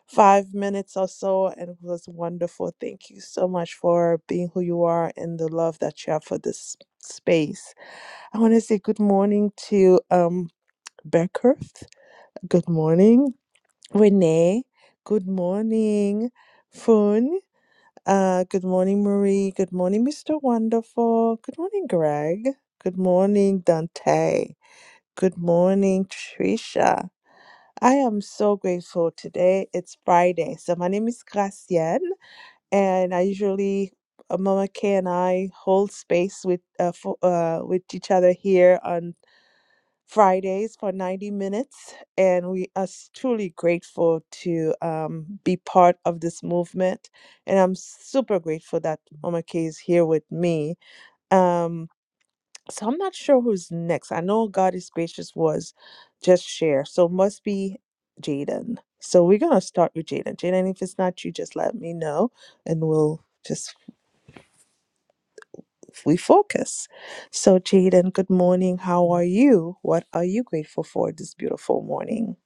S13: five minutes or so, and it was wonderful. Thank you so much for being who you are and the love that you have for this space. I want to say good morning to um, Beckerth. Good morning, Renee. Good morning, Fun. Uh, good morning, Marie. Good morning, Mr. Wonderful. Good morning, Greg. Good morning, Dante. Good morning, Trisha. I am so grateful today. It's Friday. So my name is Gracienne, and I usually uh, Mama K and I hold space with uh, for, uh with each other here on. Fridays for 90 minutes, and we are s- truly grateful to um, be part of this movement. And I'm super grateful that Mama K is here with me. Um, so I'm not sure who's next. I know God is gracious was just share, so must be Jaden. So we're gonna start with Jaden. Jaden, if it's not you, just let me know, and we'll just refocus. So Jaden, good morning. How are you? What are you grateful for this beautiful morning?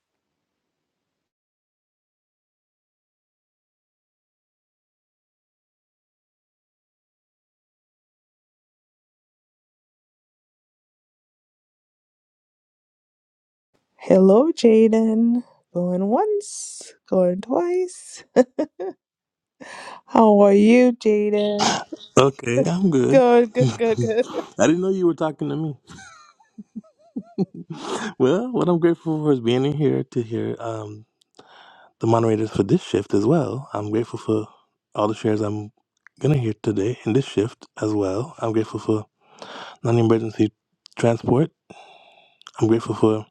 S13: Hello, Jaden. Going once, going twice. How are you, Jaden?
S4: Okay, I'm good.
S13: Good, good, good, good.
S4: I didn't know you were talking to me. Well, what I'm grateful for is being in here to hear um, the moderators for this shift as well. I'm grateful for all the shares I'm gonna hear today in this shift as well. I'm grateful for non-emergency transport. I'm grateful for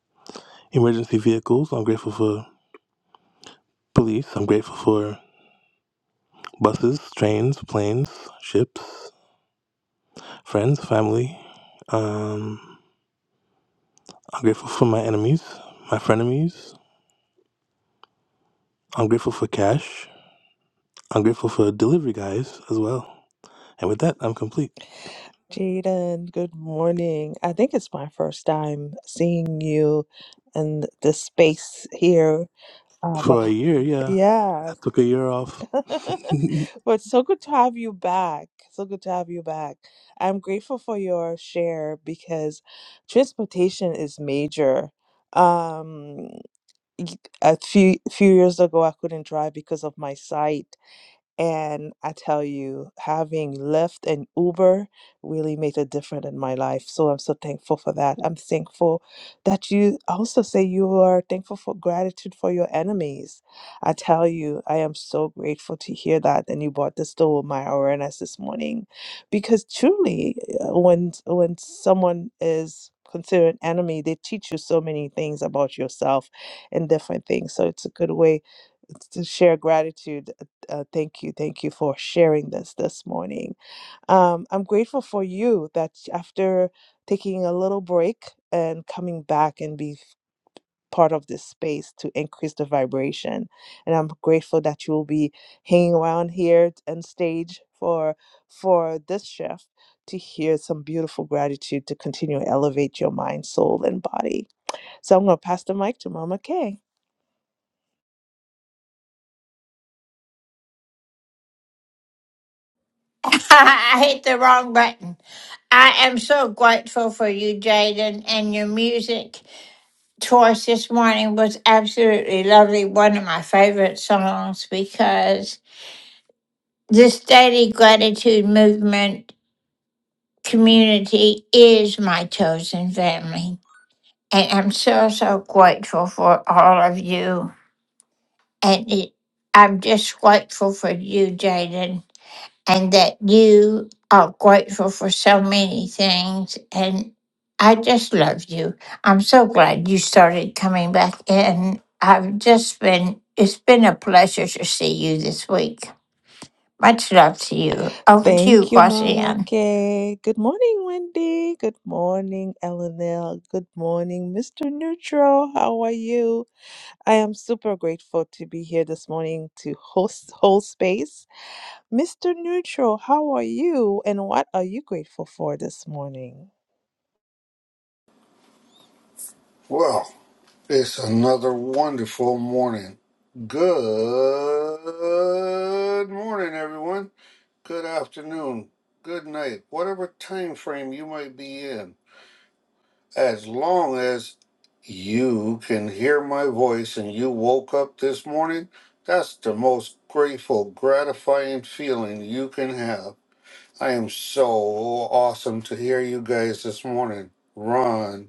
S4: emergency vehicles. I'm grateful for police. I'm grateful for buses, trains, planes, ships, friends, family. Um, I'm grateful for my enemies, my frenemies. I'm grateful for cash. I'm grateful for delivery guys as well. And with that, I'm complete.
S13: Jaden, good morning. I think it's my first time seeing you in the space here. Uh, but
S4: For a year, yeah.
S13: yeah,
S4: I took a year off. Good
S13: but so good to have you back. So good to have you back. I'm grateful for your share because transportation is major. Um, y- a few few years ago I couldn't drive because of my sight and I tell you, having Lyft and Uber really made a difference in my life. So I'm so thankful for that. I'm thankful that you also say you are thankful for gratitude for your enemies. I tell you, I am so grateful to hear that. And you brought this to my awareness this morning. Because truly, uh, when when someone is considered an enemy, they teach you so many things about yourself and different things. So it's a good way uh, to share gratitude uh, thank you. Thank you for sharing this this morning. Um, I'm grateful for you that after taking a little break and coming back and be part of this space to increase the vibration. And I'm grateful that you will be hanging around here and stage for for this shift to hear some beautiful gratitude to continue to elevate your mind, soul, and body. So I'm going to pass the mic to Mama Kay.
S7: I hit the wrong button. I am so grateful for you, Jaden, and your music choice this morning was absolutely lovely. One of my favorite songs because this daily gratitude movement community is my chosen family. And I'm so, so grateful for all of you. And it, I'm just grateful for you, Jaden. and that you are grateful for so many things. And I just love you. I'm so glad you started coming back in. I've just been, it's been a pleasure to see you this week. Much love to you. Over to you,
S13: Thank you, Mama
S7: Glossian.
S13: Kay. Good morning, Wendy. Good morning, Eleanor. Good morning, Mr. Neutral. How are you? I am super grateful to be here this morning to host whole space. Mr. Neutral, how are you and what are you grateful for this morning?
S14: Well, it's another wonderful morning. Good morning, everyone. Good afternoon. Good night. Whatever time frame you might be in, as long as you can hear my voice and you woke up this morning, that's the most grateful, gratifying feeling you can have. I am so awesome to hear you guys this morning. Ron,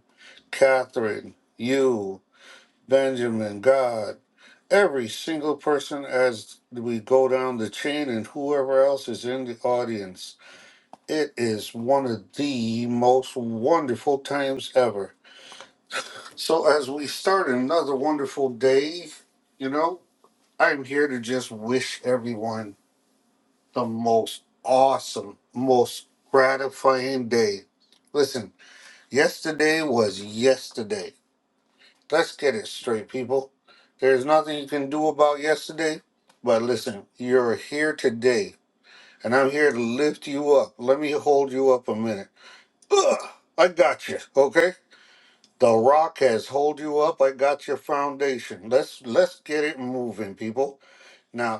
S14: Catherine, you. Benjamin, God, every single person as we go down the chain and whoever else is in the audience. It is one of the most wonderful times ever. So, as we start another wonderful day, you know, I'm here to just wish everyone the most awesome, most gratifying day. Listen, yesterday was yesterday Let's get it straight, people. There's nothing you can do about yesterday, but listen, you're here today, and I'm here to lift you up. Let me hold you up a minute. Ugh, I got you, okay? The rock has hold you up. I got your foundation. Let's let's get it moving, people. Now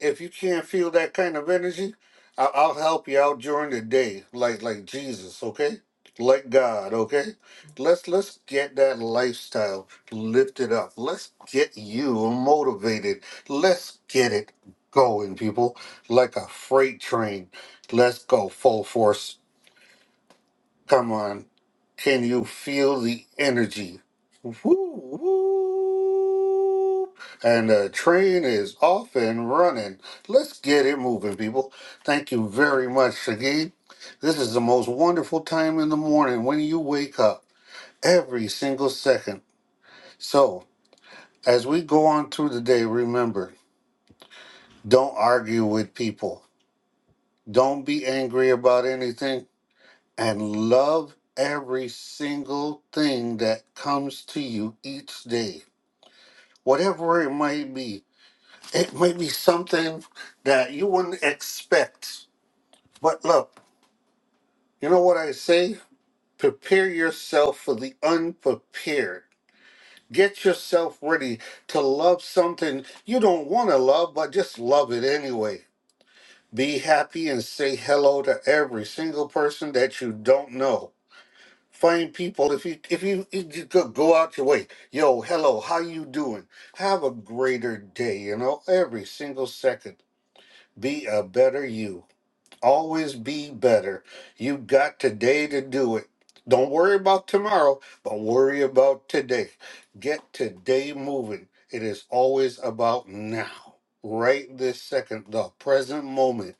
S14: if you can't feel that kind of energy, I'll, I'll help you out during the day, like like Jesus, okay? Like God, okay? Let's let's get that lifestyle lifted up. Let's get you motivated. Let's get it going, people, like a freight train. Let's go full force. Come on. Can you feel the energy? Woo, woo. And the train is off and running. Let's get it moving, people. Thank you very much, Shaggy. This is the most wonderful time in the morning when you wake up every single second. So, as we go on through the day, remember don't argue with people, don't be angry about anything and love every single thing that comes to you each day, whatever it might be. It might be something that you wouldn't expect. But look, you know what I say? Prepare yourself for the unprepared. Get yourself ready to love something you don't want to love, but just love it anyway. Be happy and say hello to every single person that you don't know find people if you if you, if you go go out your way yo hello how you doing have a greater day you know every single second be a better you always be better you got today to do it don't worry about tomorrow but worry about today get today moving it is always about now right this second the present moment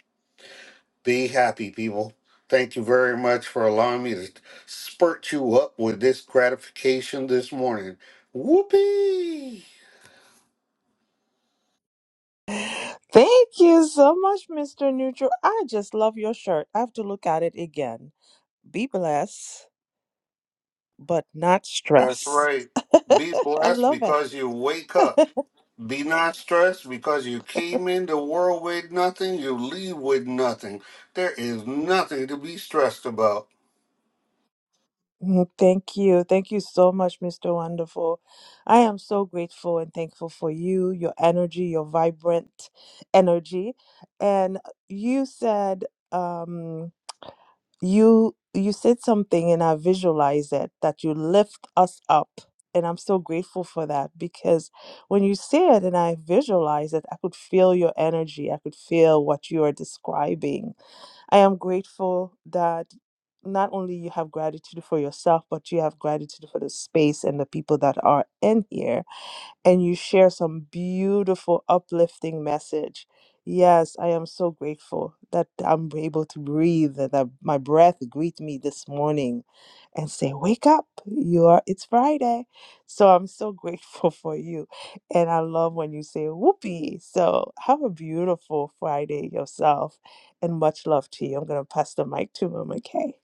S14: be happy, people. Thank you very much for allowing me to spurt you up with this gratification this morning. Whoopee!
S13: Thank you so much, Mr. Neutral. I just love your shirt. I have to look at it again. Be blessed, but not
S14: That's
S13: stressed.
S14: right. Be
S13: I
S14: blessed
S13: love it.
S14: because you wake up. Be not stressed because you came in the world with nothing, you leave with nothing. There is nothing to be stressed about.
S13: Mm, Thank you. Thank you so much, Mr. Wonderful. I am so grateful and thankful for you, your energy, your vibrant energy. And you said um you you said something and I visualize it that you lift us up. And I'm so grateful for that because when you say it and I visualize it, I could feel your energy. I could feel what you are describing I am grateful that not only you have gratitude for yourself, but you have gratitude for the space and the people that are in here and you share some beautiful uplifting message. Yes, I am so grateful that I'm able to breathe, that that my breath greet me this morning and say, "Wake up. You are it's Friday." So I'm so grateful for you. And I love when you say, "Whoopee." So have a beautiful Friday yourself and much love to you. I'm going to pass the mic to Mama Kay.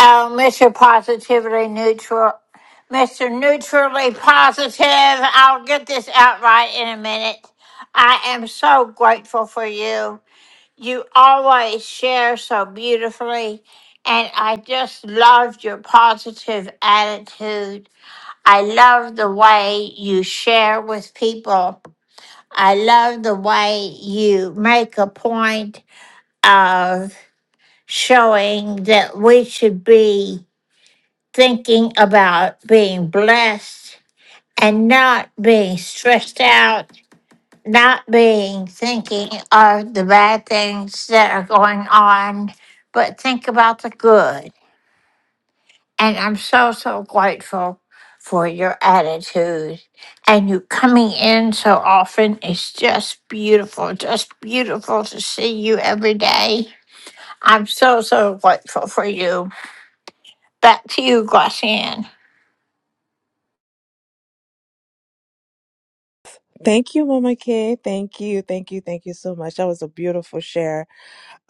S7: Oh, Mr. Positively Neutral. Mr. Neutrally Positive, I'll get this out right in a minute. I am so grateful for you. You always share so beautifully, and I just loved your positive attitude. I love the way you share with people. I love the way you make a point of showing that we should be thinking about being blessed and not being stressed out not being thinking of the bad things that are going on, but think about the good. And I'm so, so grateful for your attitude and you coming in so often. is just beautiful, just beautiful to see you every day. I'm so, so grateful for you. Back to you, Glossian.
S13: Thank you, Mama Kay. Thank you. Thank you. Thank you so much. That was a beautiful share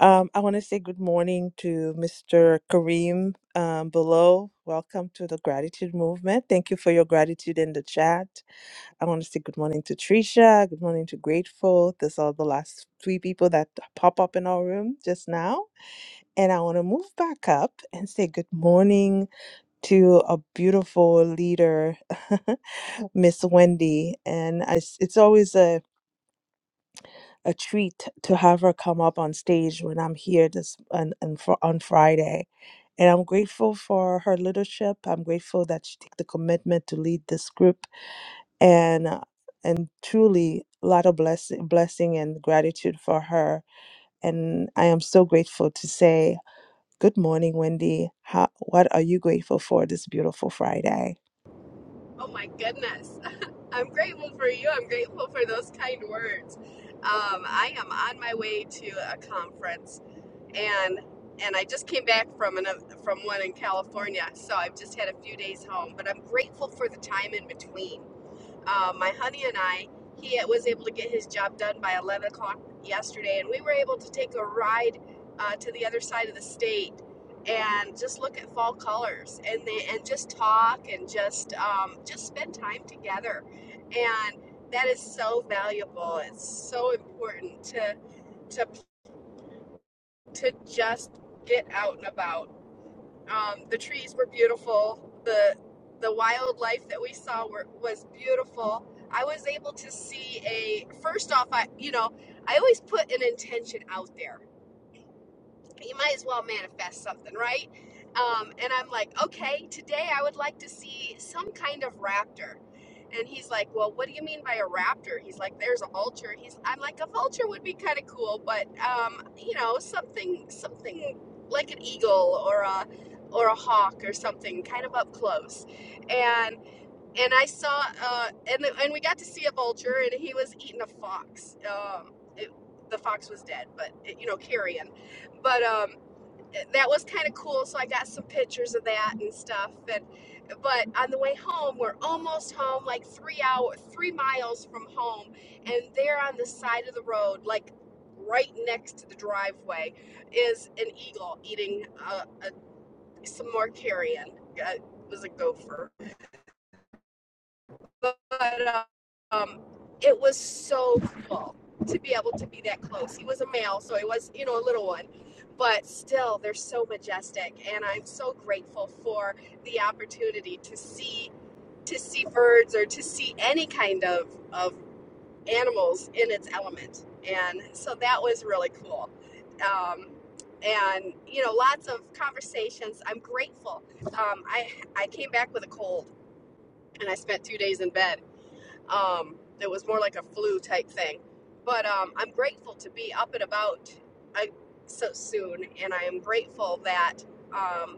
S13: Um, I want to say good morning to Mr. Kareem um, below. Welcome to the gratitude movement. Thank you for your gratitude in the chat. I want to say good morning to Trisha. Good morning to Grateful. These are the last three people that pop up in our room just now. And I want to move back up and say good morning to a beautiful leader, Miss Wendy. And I s it's always a a treat to have her come up on stage when I'm here this on on, Fri- on Friday. And I'm grateful for her leadership. I'm grateful that she took the commitment to lead this group and uh, and truly a lot of blessing blessing and gratitude for her. And I am so grateful to say Good morning, Wendy. How, what are you grateful for this beautiful Friday?
S15: Oh my goodness. I'm grateful for you. I'm grateful for those kind words. Um, I am on my way to a conference and and I just came back from another, from one in California. So I've just had a few days home, but I'm grateful for the time in between uh, my honey and I, he was able to get his job done by 11 o'clock yesterday, and we were able to take a ride uh, to the other side of the state and just look at fall colors and they, and just talk and just um, just spend time together, and that is so valuable. It's so important to to to just get out and about um, the trees were beautiful. The the wildlife that we saw were, was beautiful. I was able to see a first off, I you know I always put an intention out there you might as well manifest something, right? Um, and I'm like, okay, today I would like to see some kind of raptor. And he's like, well, what do you mean by a raptor? He's like, there's a vulture. He's, I'm like, a vulture would be kind of cool, but um, you know, something, something like an eagle or a, or a hawk or something, kind of up close. And and I saw, uh, and and we got to see a vulture, and he was eating a fox. Um, it, the fox was dead, but it, you know, carrion. But um, that was kind of cool. So I got some pictures of that and stuff. And but on the way home, we're almost home, like three hour, three miles from home, and there on the side of the road, like right next to the driveway, is an eagle eating uh, a, some more carrion. Uh, It was a gopher but um, it was so cool to be able to be that close. He was a male, so he was, you know, a little one, but still, they're so majestic, and I'm so grateful for the opportunity to see to see birds or to see any kind of of animals in its element, and so that was really cool. Um, and you know, lots of conversations. I'm grateful. Um, I I came back with a cold, and I spent two days in bed um, that was more like a flu type thing. But um, I'm grateful to be up and about I, so soon, and I am grateful that um,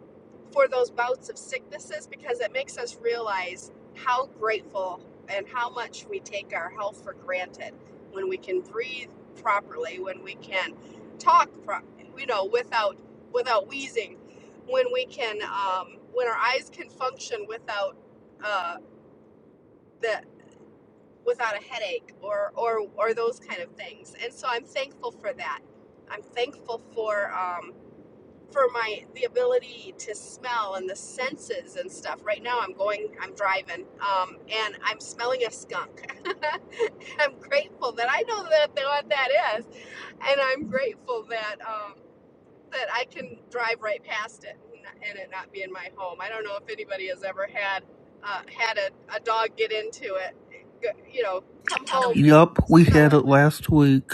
S15: for those bouts of sicknesses because it makes us realize how grateful and how much we take our health for granted when we can breathe properly, when we can talk, pro- you know, without without wheezing, when we can, um, when our eyes can function without. Uh, the without a headache or or or those kind of things. And so I'm thankful for that. I'm thankful for um, for my the ability to smell and the senses and stuff. Right now I'm going I'm driving um, and I'm smelling a skunk. I'm grateful that I know that that what that is, and I'm grateful that. Um, that I can drive right past it and it not be in my home. I don't know if anybody has ever had uh, had a, a dog get into it, go- you know, come home
S3: Yup, we had it
S15: smelling.
S3: last week.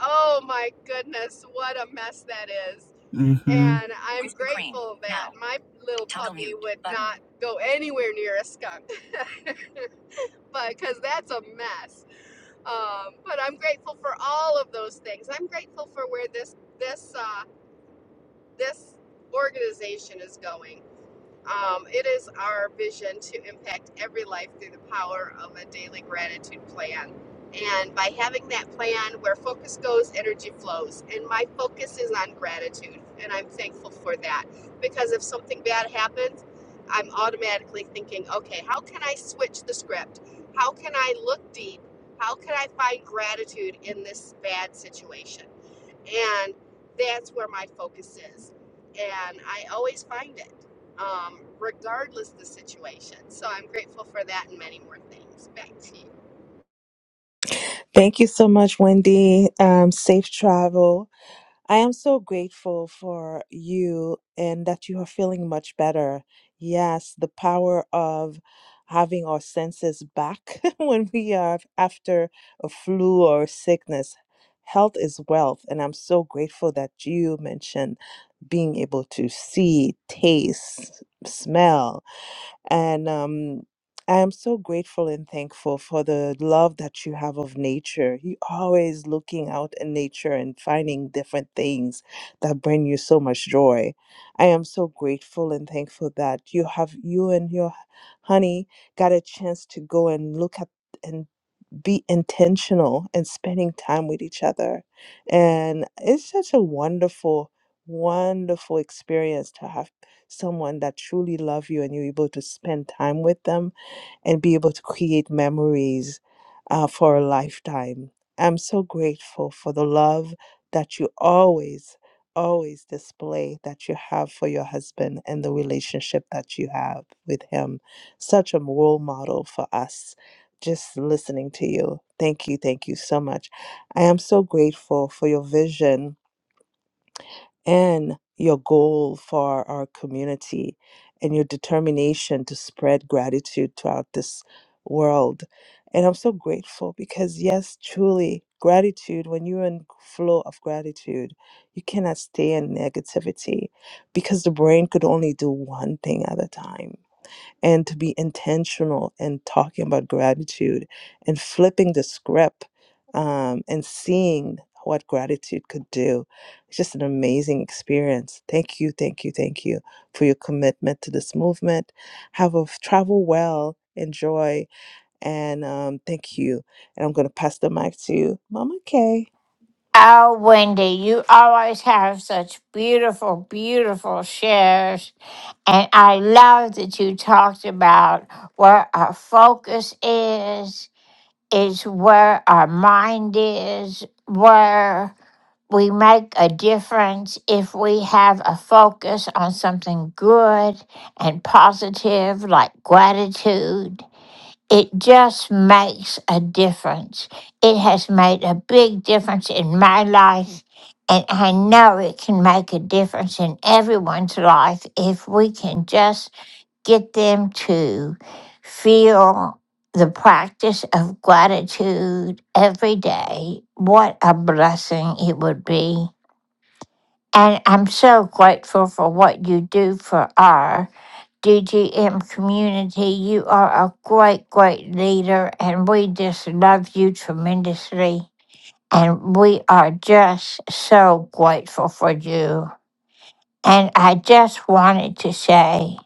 S15: Oh my goodness, what a mess that is.
S3: Mm-hmm.
S15: And I'm grateful that my little puppy would not go anywhere near a skunk but because that's a mess. Um, but I'm grateful for all of those things. I'm grateful for where this this uh, this organization is going. Um, it is our vision to impact every life through the power of a daily gratitude plan. And by having that plan where focus goes, energy flows. And my focus is on gratitude. And I'm thankful for that because if something bad happens, I'm automatically thinking, okay, how can I switch the script? How can I look deep? How can I find gratitude in this bad situation? And that's where my focus is. And I always find it, um, regardless of the situation. So I'm grateful for that and many more things. Back to you.
S13: Thank you so much, Wendy. Um, safe travel. I am so grateful for you and that you are feeling much better. Yes, the power of having our senses back when we are after a flu or a sickness. Health is wealth, and I'm so grateful that you mentioned being able to see, taste, smell. And um, I am so grateful and thankful for the love that you have of nature. You always looking out in nature and finding different things that bring you so much joy. I am so grateful and thankful that you have you and your honey got a chance to go and look at. and be intentional and spending time with each other. And it's such a wonderful, wonderful experience to have someone that truly love you and you're able to spend time with them and be able to create memories uh, for a lifetime. I'm so grateful for the love that you always, always display that you have for your husband and the relationship that you have with him. Such a role model for us just listening to you. Thank you. Thank you so much. I am so grateful for your vision and your goal for our community and your determination to spread gratitude throughout this world. And I'm so grateful because, yes, truly, gratitude, when you're in flow of gratitude, you cannot stay in negativity because the brain could only do one thing at a time and to be intentional and talking about gratitude and flipping the script um, and seeing what gratitude could do. It's just an amazing experience. Thank you, thank you, thank you for your commitment to this movement. Have a travel well, enjoy, and um, thank you. And I'm going to pass the mic to Mama Kay.
S7: Oh, Wendy, you always have such beautiful, beautiful shares. And I love that you talked about where our focus is, is where our mind is, where we make a difference if we have a focus on something good and positive, like gratitude. It just makes a difference. It has made a big difference in my life, and I know it can make a difference in everyone's life if we can just get them to feel the practice of gratitude every day. What a blessing it would be. And I'm so grateful for what you do for R. DGM community. You are a great, great leader, and we just love you tremendously. And we are just so grateful for you. And I just wanted to say,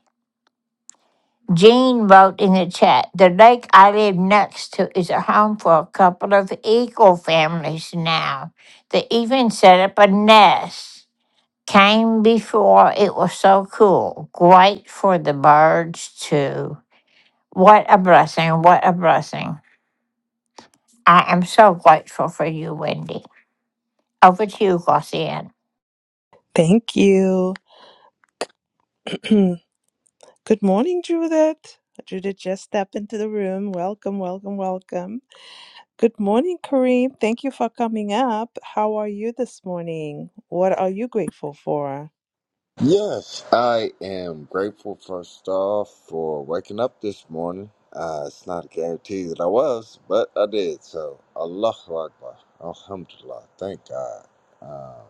S7: Jean wrote in the chat, the lake I live next to is a home for a couple of eagle families now. They even set up a nest. Came before, it was so cool. Great for the birds, too. What a blessing. What a blessing. I am so grateful for you, Wendy. Over to you, Glossian.
S13: Thank you. Good morning, Judith. Judith just stepped into the room. Welcome, welcome, welcome. Good morning, Kareem. Thank you for coming up. How are you this morning? What are you grateful for?
S16: Yes, I am grateful first off for waking up this morning. Uh, it's not a guarantee that I was, but I did. So, Allahu Akbar. Alhamdulillah. Thank God. Um,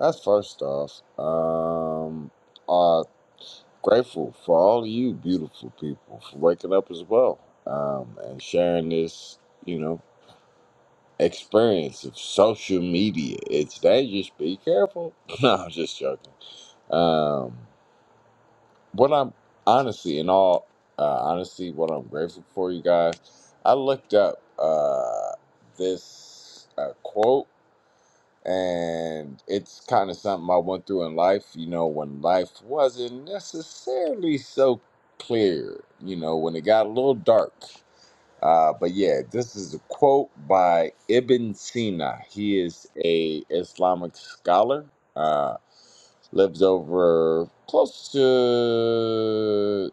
S16: that's first off. Um, uh, grateful for all you beautiful people for waking up as well um, and sharing this, you know, experience of social media. It's dangerous. Be careful. no, I'm just joking. Um, what I'm honestly, in all uh, honesty, what I'm grateful for, you guys. I looked up uh, this uh, quote, and it's kind of something I went through in life. You know, when life wasn't necessarily so clear. You know, when it got a little dark. Uh, but yeah, this is a quote by Ibn Sina. He is a Islamic scholar. uh, lived over close to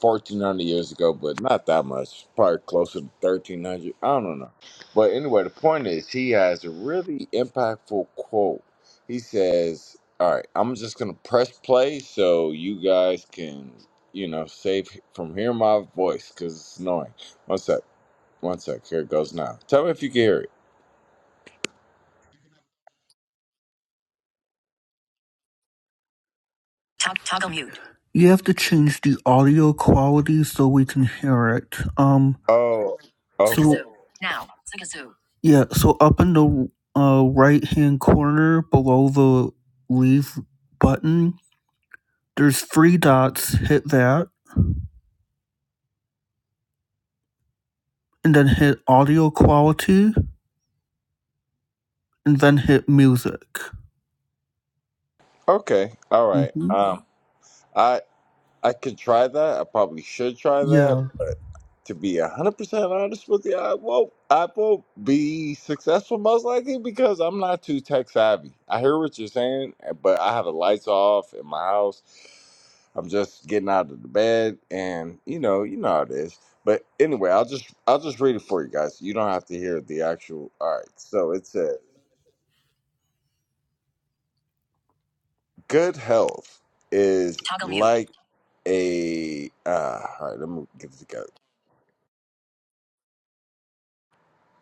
S16: 1400 years ago but not that much probably closer to 1300 i don't know but anyway the point is he has a really impactful quote he says all right i'm just gonna press play so you guys can you know save from hearing my voice because it's annoying one sec one sec here it goes now tell me if you can hear it
S3: You have to change the audio quality so we can hear it. Um,
S16: oh
S3: so
S16: okay
S3: yeah, so up in the uh right-hand corner below the leave button, there's three dots. Hit that, and then hit audio quality, and then hit music.
S16: okay all right
S3: Mm-hmm.
S16: um I. I could try that. I probably should try
S3: Yeah.
S16: that. But to be 100% honest with you, I won't, I won't be successful most likely because I'm not too tech savvy. I hear what you're saying, eh, but I have the lights off in my house. I'm just getting out of the bed and you know, you know how it is. But anyway, I'll just I'll just read it for you guys. You don't have to hear the actual all right. So it says good health is like a uh all right, let me get it together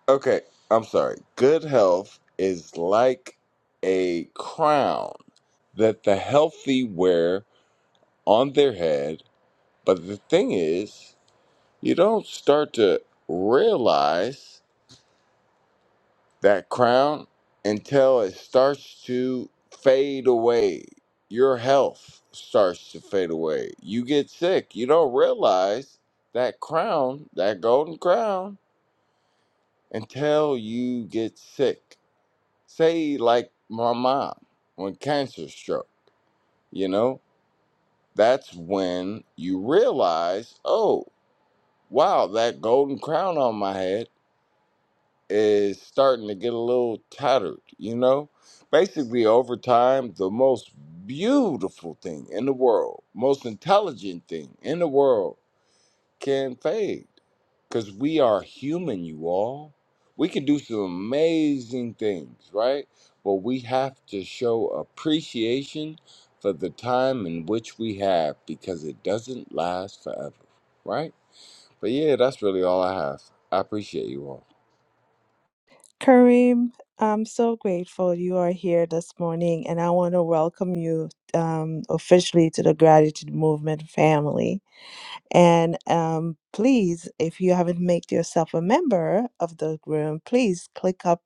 S16: Okay, I'm sorry. Good health is like a crown that the healthy wear on their head. But the thing is, you don't start to realize that crown until it starts to fade away. Your health starts to fade away. You get sick. You don't realize that crown, that golden crown, until you get sick say like my mom when cancer struck you know that's when you realize oh wow that golden crown on my head is starting to get a little tattered you know basically over time the most beautiful thing in the world most intelligent thing in the world can fade because we are human, you all. We can do some amazing things, right? But we have to show appreciation for the time in which we have because it doesn't last forever, right? But yeah, that's really all I have. I appreciate you all.
S13: Kareem, I'm so grateful you are here this morning, and I want to welcome you um, officially to the Gratitude Movement family. And um, please, if you haven't made yourself a member of the room, please click up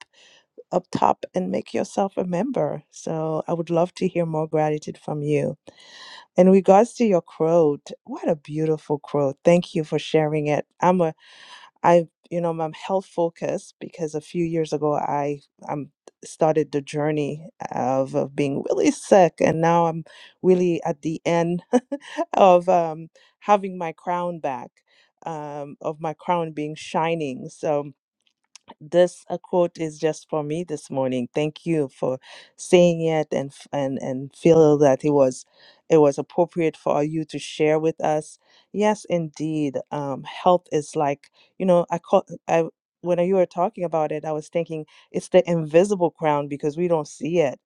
S13: up top and make yourself a member. So I would love to hear more gratitude from you. In regards to your quote, what a beautiful quote. Thank you for sharing it. I'm a I you know I'm health focused because a few years ago I um started the journey of, of being really sick and now I'm really at the end of um having my crown back um of my crown being shining so this a quote is just for me this morning. Thank you for saying it and f- and and feel that it was it was appropriate for you to share with us. Yes, indeed. Um, health is like you know I call I when you were talking about it, I was thinking it's the invisible crown because we don't see it.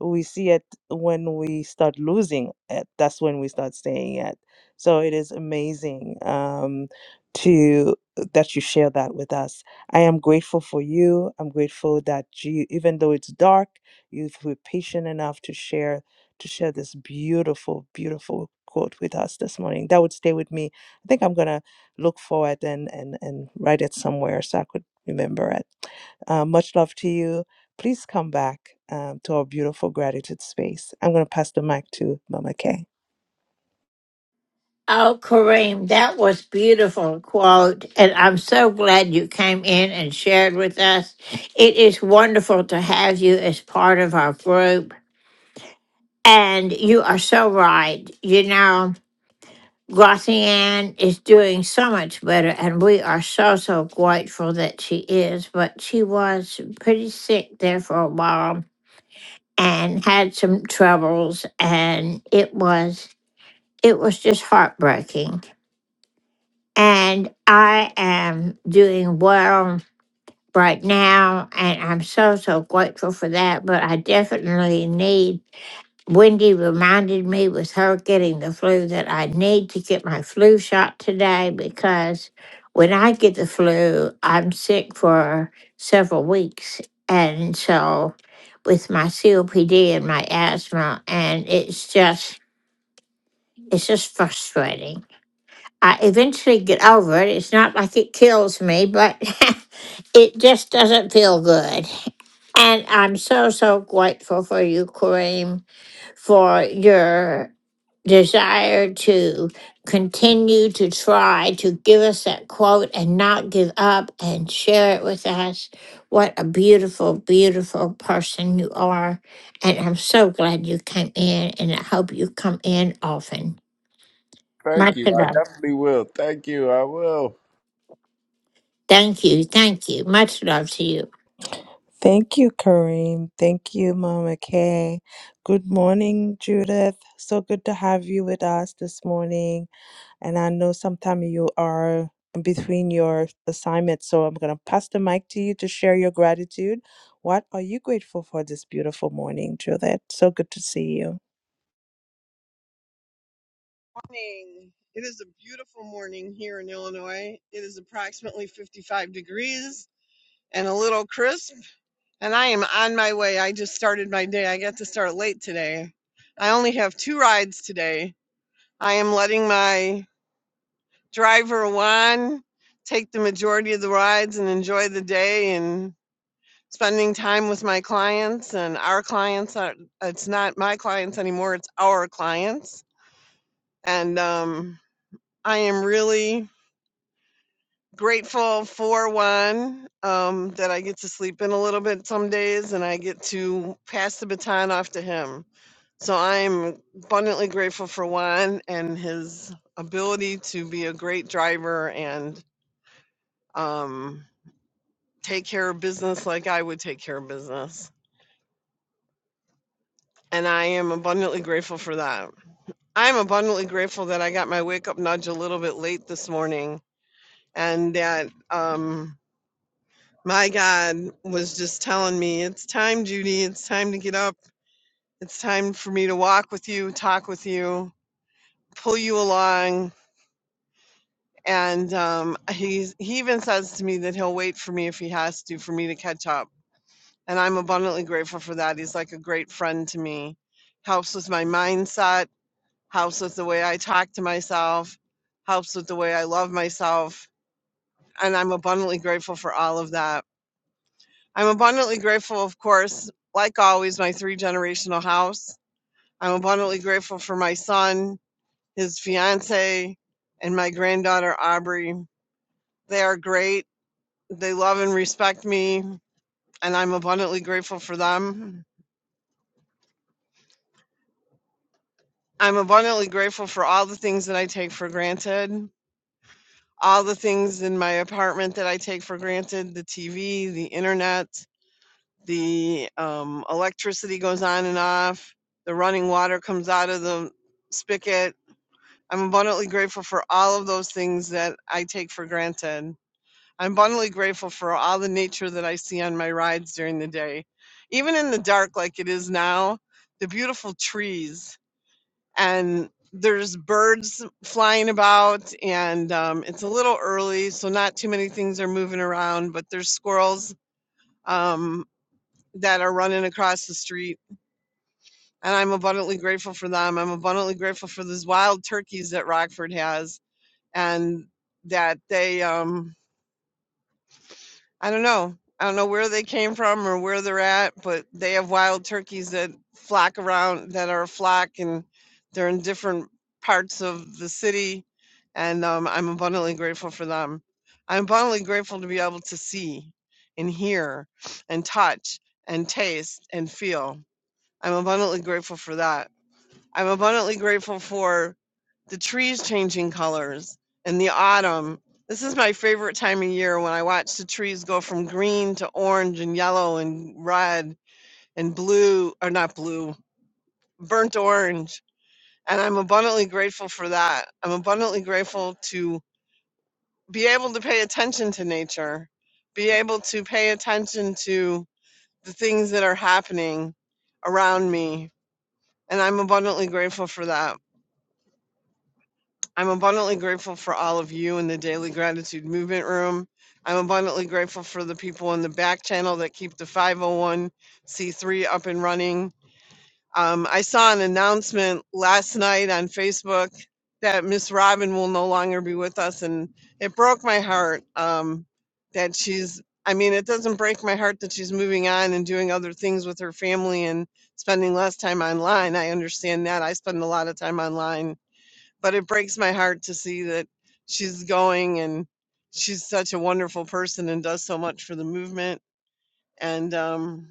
S13: We see it when we start losing it. That's when we start seeing it. So it is amazing um, to that you share that with us. I am grateful for you. I'm grateful that you, even though it's dark, you were patient enough to share to share this beautiful, beautiful quote with us this morning. That would stay with me. I think I'm gonna look forward and and and write it somewhere so I could remember it. Uh, much love to you. Please come back um, to our beautiful gratitude space. I'm gonna pass the mic to Mama Kay.
S7: Oh, Kareem, that was beautiful quote, and I'm so glad you came in and shared with us. It is wonderful to have you as part of our group, and you are so right. You know, Glossian is doing so much better, and we are so so grateful that she is. But she was pretty sick there for a while, and had some troubles and it was it was just heartbreaking and i am doing well right now and i'm so so grateful for that but i definitely need Wendy reminded me with her getting the flu that I need to get my flu shot today because when I get the flu, I'm sick for several weeks. And so with my COPD and my asthma, and it's just, it's just frustrating. I eventually get over it. It's not like it kills me, but it just doesn't feel good. And I'm so, so grateful for you, Kareem for your desire to continue to try to give us that quote and not give up and share it with us. What a beautiful, beautiful person you are. And I'm so glad you came in, and I hope you come in often. Much
S16: Thank you. I
S7: love.
S16: definitely will. Thank you. I will.
S7: Thank you. Thank you. Much love to you.
S13: Thank you, Kareem. Thank you, Mama Kay. Good morning, Judith. So good to have you with us this morning. And I know sometime you are in between your assignments, so I'm going to pass the mic to you to share your gratitude. What are you grateful for this beautiful morning, Judith? So good to see you.
S17: morning. It is a beautiful morning here in Illinois. It is approximately 55 degrees and a little crisp, and I am on my way. I just started my day. I got to start late today. I only have two rides today. I am letting my driver Juan take the majority of the rides and enjoy the day and spending time with my clients and our clients. Uh, It's not my clients anymore, it's our clients. And um, I am really grateful for one um, that I get to sleep in a little bit some days, and I get to pass the baton off to him. So I'm abundantly grateful for Juan and his ability to be a great driver and um, take care of business like I would take care of business. And I am abundantly grateful for that. I'm abundantly grateful that I got my wake up nudge a little bit late this morning and that um, my God was just telling me, it's time, Judy. It's time to get up. It's time for me to walk with you, talk with you, pull you along. And um, he's, he even says to me that he'll wait for me if he has to for me to catch up. And I'm abundantly grateful for that. He's like a great friend to me, helps with my mindset, helps with the way I talk to myself, helps with the way I love myself. And I'm abundantly grateful for all of that. I'm abundantly grateful, of course, like always, my three generational house. I'm abundantly grateful for my son, his fiance, and my granddaughter, Aubrey. They are great. They love and respect me, and I'm abundantly grateful for them. I'm abundantly grateful for all the things that I take for granted, all the things in my apartment that I take for granted the TV, the internet, the um, electricity goes on and off, the running water comes out of the spigot. I'm abundantly grateful for all of those things that I take for granted. I'm abundantly grateful for all the nature that I see on my rides during the day. Even in the dark, like it is now, the beautiful trees and there's birds flying about, and um, it's a little early, so not too many things are moving around, but there's squirrels um, that are running across the street and I'm abundantly grateful for them. I'm abundantly grateful for these wild turkeys that Rockford has, and that they, um, I don't know, I don't know where they came from or where they're at, but they have wild turkeys that flock around, that are a flock, and they're in different parts of the city, and um, I'm abundantly grateful for them. I'm abundantly grateful to be able to see, and hear, and touch, and taste, and feel. I'm abundantly grateful for that. I'm abundantly grateful for the trees changing colors in the autumn. This is my favorite time of year when I watch the trees go from green to orange and yellow and red and blue, or not blue, burnt orange. And I'm abundantly grateful for that. I'm abundantly grateful to be able to pay attention to nature, be able to pay attention to the things that are happening around me. And I'm abundantly grateful for that. I'm abundantly grateful for all of you in the Daily Gratitude Movement Room. I'm abundantly grateful for the people in the back channel that keep the 501c3 up and running. Um, I saw an announcement last night on Facebook that Miss Robin will no longer be with us, and it broke my heart um, that she's. I mean, it doesn't break my heart that she's moving on and doing other things with her family and spending less time online. I understand that. I spend a lot of time online but it breaks my heart to see that she's going and she's such a wonderful person and does so much for the movement and um,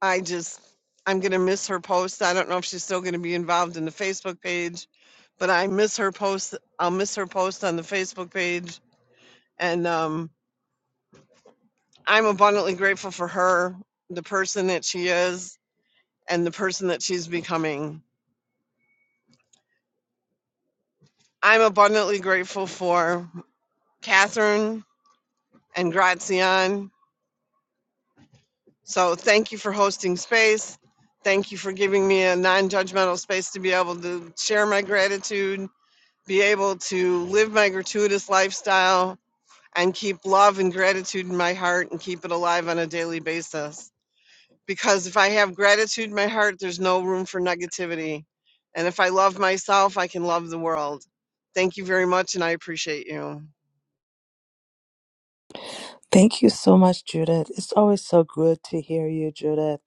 S17: i just i'm going to miss her posts i don't know if she's still going to be involved in the facebook page but i miss her post i'll miss her post on the facebook page and um, i'm abundantly grateful for her the person that she is and the person that she's becoming i'm abundantly grateful for catherine and grazian So thank you for hosting space. Thank you for giving me a non judgmental space to be able to share my gratitude, be able to live my gratuitous lifestyle, and keep love and gratitude in my heart and keep it alive on a daily basis. Because if I have gratitude in my heart, there's no room for negativity. And if I love myself, I can love the world. Thank you very much, and I appreciate you.
S13: Thank you so much, Judith. It's always so good to hear you, Judith.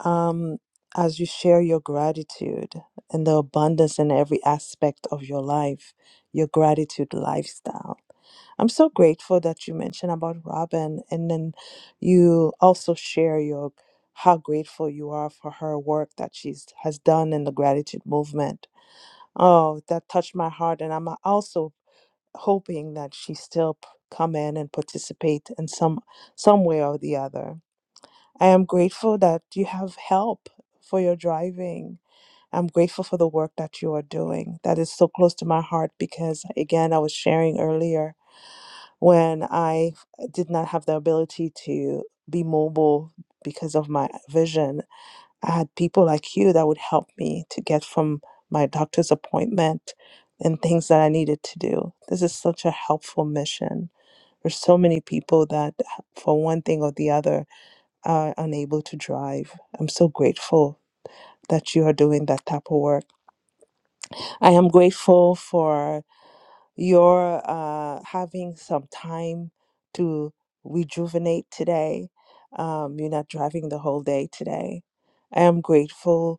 S13: Um, as you share your gratitude and the abundance in every aspect of your life, your gratitude lifestyle. I'm so grateful that you mentioned about Robin and then you also share your how grateful you are for her work that she's has done in the gratitude movement. Oh, that touched my heart and I'm also hoping that she still p- come in and participate in some some way or the other. I am grateful that you have help for your driving. I'm grateful for the work that you are doing. That is so close to my heart because again, I was sharing earlier when I did not have the ability to be mobile because of my vision. I had people like you that would help me to get from my doctor's appointment and things that I needed to do. This is such a helpful mission. There's so many people that, for one thing or the other, are unable to drive. I'm so grateful that you are doing that type of work. I am grateful for your uh, having some time to rejuvenate today. Um, you're not driving the whole day today. I am grateful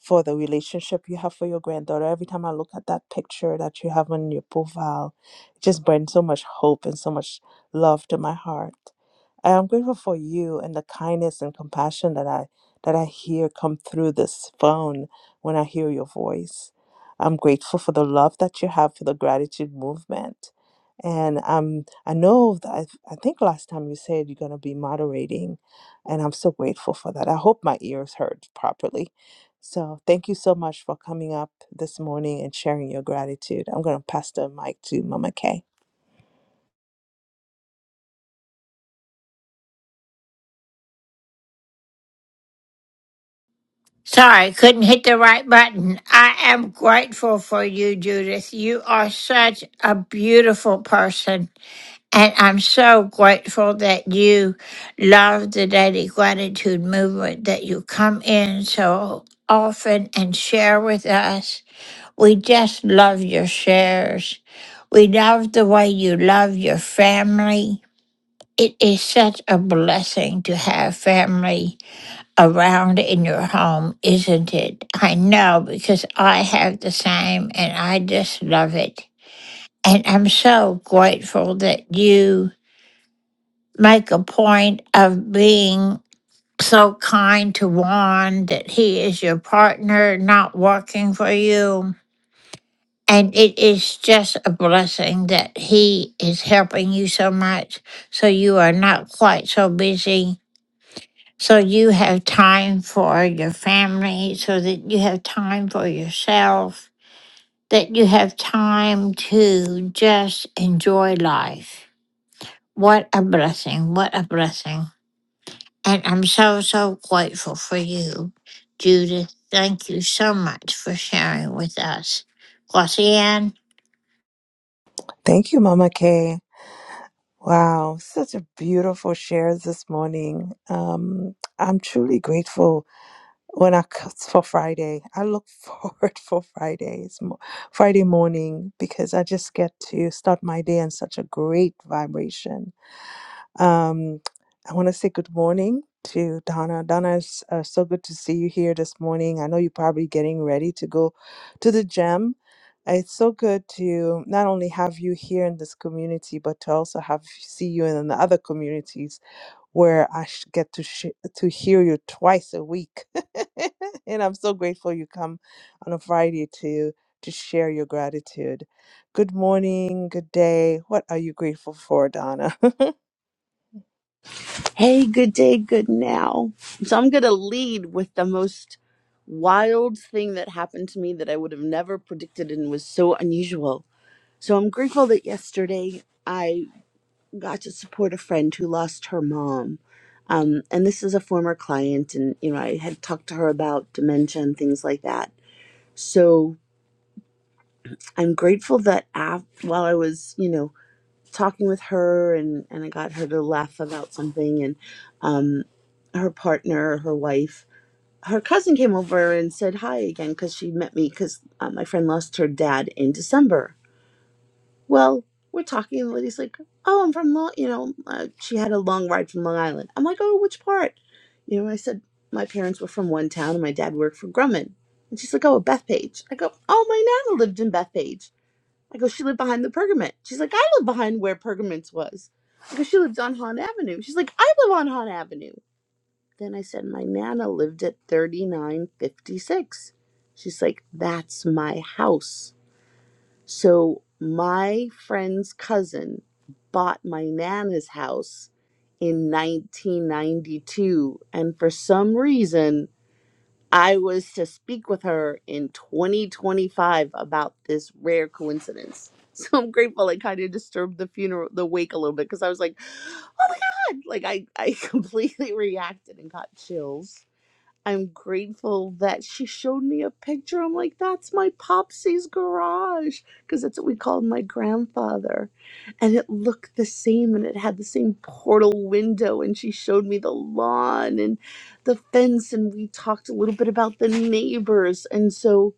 S13: for the relationship you have for your granddaughter. Every time I look at that picture that you have on your profile, it just brings so much hope and so much love to my heart. I am grateful for you and the kindness and compassion that I that I hear come through this phone when I hear your voice. I'm grateful for the love that you have for the gratitude movement. And um, I know that I, I think last time you said you're going to be moderating, and I'm so grateful for that. I hope my ears heard properly so thank you so much for coming up this morning and sharing your gratitude. I'm going to pass the mic to Mama Kay.
S7: Sorry, couldn't hit the right button. I am grateful for you, Judith. You are such a beautiful person. And I'm so grateful that you love the Daily Gratitude Movement, that you come in so often and share with us. We just love your shares. We love the way you love your family. It is such a blessing to have family around in your home, isn't it? I know because I have the same and I just love it. And I'm so grateful that you make a point of being so kind to Juan that he is your partner, not working for you. And it is just a blessing that he is helping you so much. So you are not quite so busy. So you have time for your family, so that you have time for yourself, that you have time to just enjoy life. What a blessing. What a blessing. And I'm so, so grateful for you, Judith. Thank you so much for sharing with us. Glossian?
S13: Thank you, Mama Kay. Wow, such a beautiful share this morning. Um, I'm truly grateful when I c- for Friday. I look forward for Fridays, mo- Friday morning, because I just get to start my day in such a great vibration. Um, I want to say good morning to Donna. Donna, it's uh, so good to see you here this morning. I know you're probably getting ready to go to the gym. It's so good to not only have you here in this community, but to also have see you in the other communities where I sh- get to sh- to hear you twice a week. and I'm so grateful you come on a Friday to to share your gratitude. Good morning, good day. What are you grateful for, Donna? Mm.
S18: Hey, good day, good now. So I'm going to lead with the most wild thing that happened to me that I would have never predicted and was so unusual. So I'm grateful that yesterday I got to support a friend who lost her mom. Um, and this is a former client, and you know I had talked to her about dementia and things like that. So I'm grateful that af- while I was, you know, talking with her and and I got her to laugh about something, and um, her partner, her wife her cousin came over and said hi again because she met me because uh, my friend lost her dad in December. Well, we're talking, and the lady's like, "Oh, I'm from Long," you know, uh, she had a long ride from Long Island. I'm like, "Oh, which part?" You know, I said my parents were from one town, and my dad worked for Grumman. And she's like, "Oh, Bethpage." I go, "Oh, my nana lived in Bethpage." I go, "She lived behind the Pergament." She's like, "I live behind where Pergament's was." I go, "She lived on Hahn Avenue." She's like, "I live on Hahn Avenue." Then I said, My Nana lived at 3956. She's like, That's my house. So my friend's cousin bought my Nana's house in 1992. And for some reason, I was to speak with her in 2025 about this rare coincidence. So I'm grateful I kind of disturbed the funeral, the wake a little bit because I was like, oh my God. Like I, I completely reacted and got chills I'm grateful that she showed me a picture. I'm like, that's my Popsy's garage because that's what we called my grandfather. And it looked the same and it had the same portal window. And she showed me the lawn and the fence. And we talked a little bit about the neighbors. And so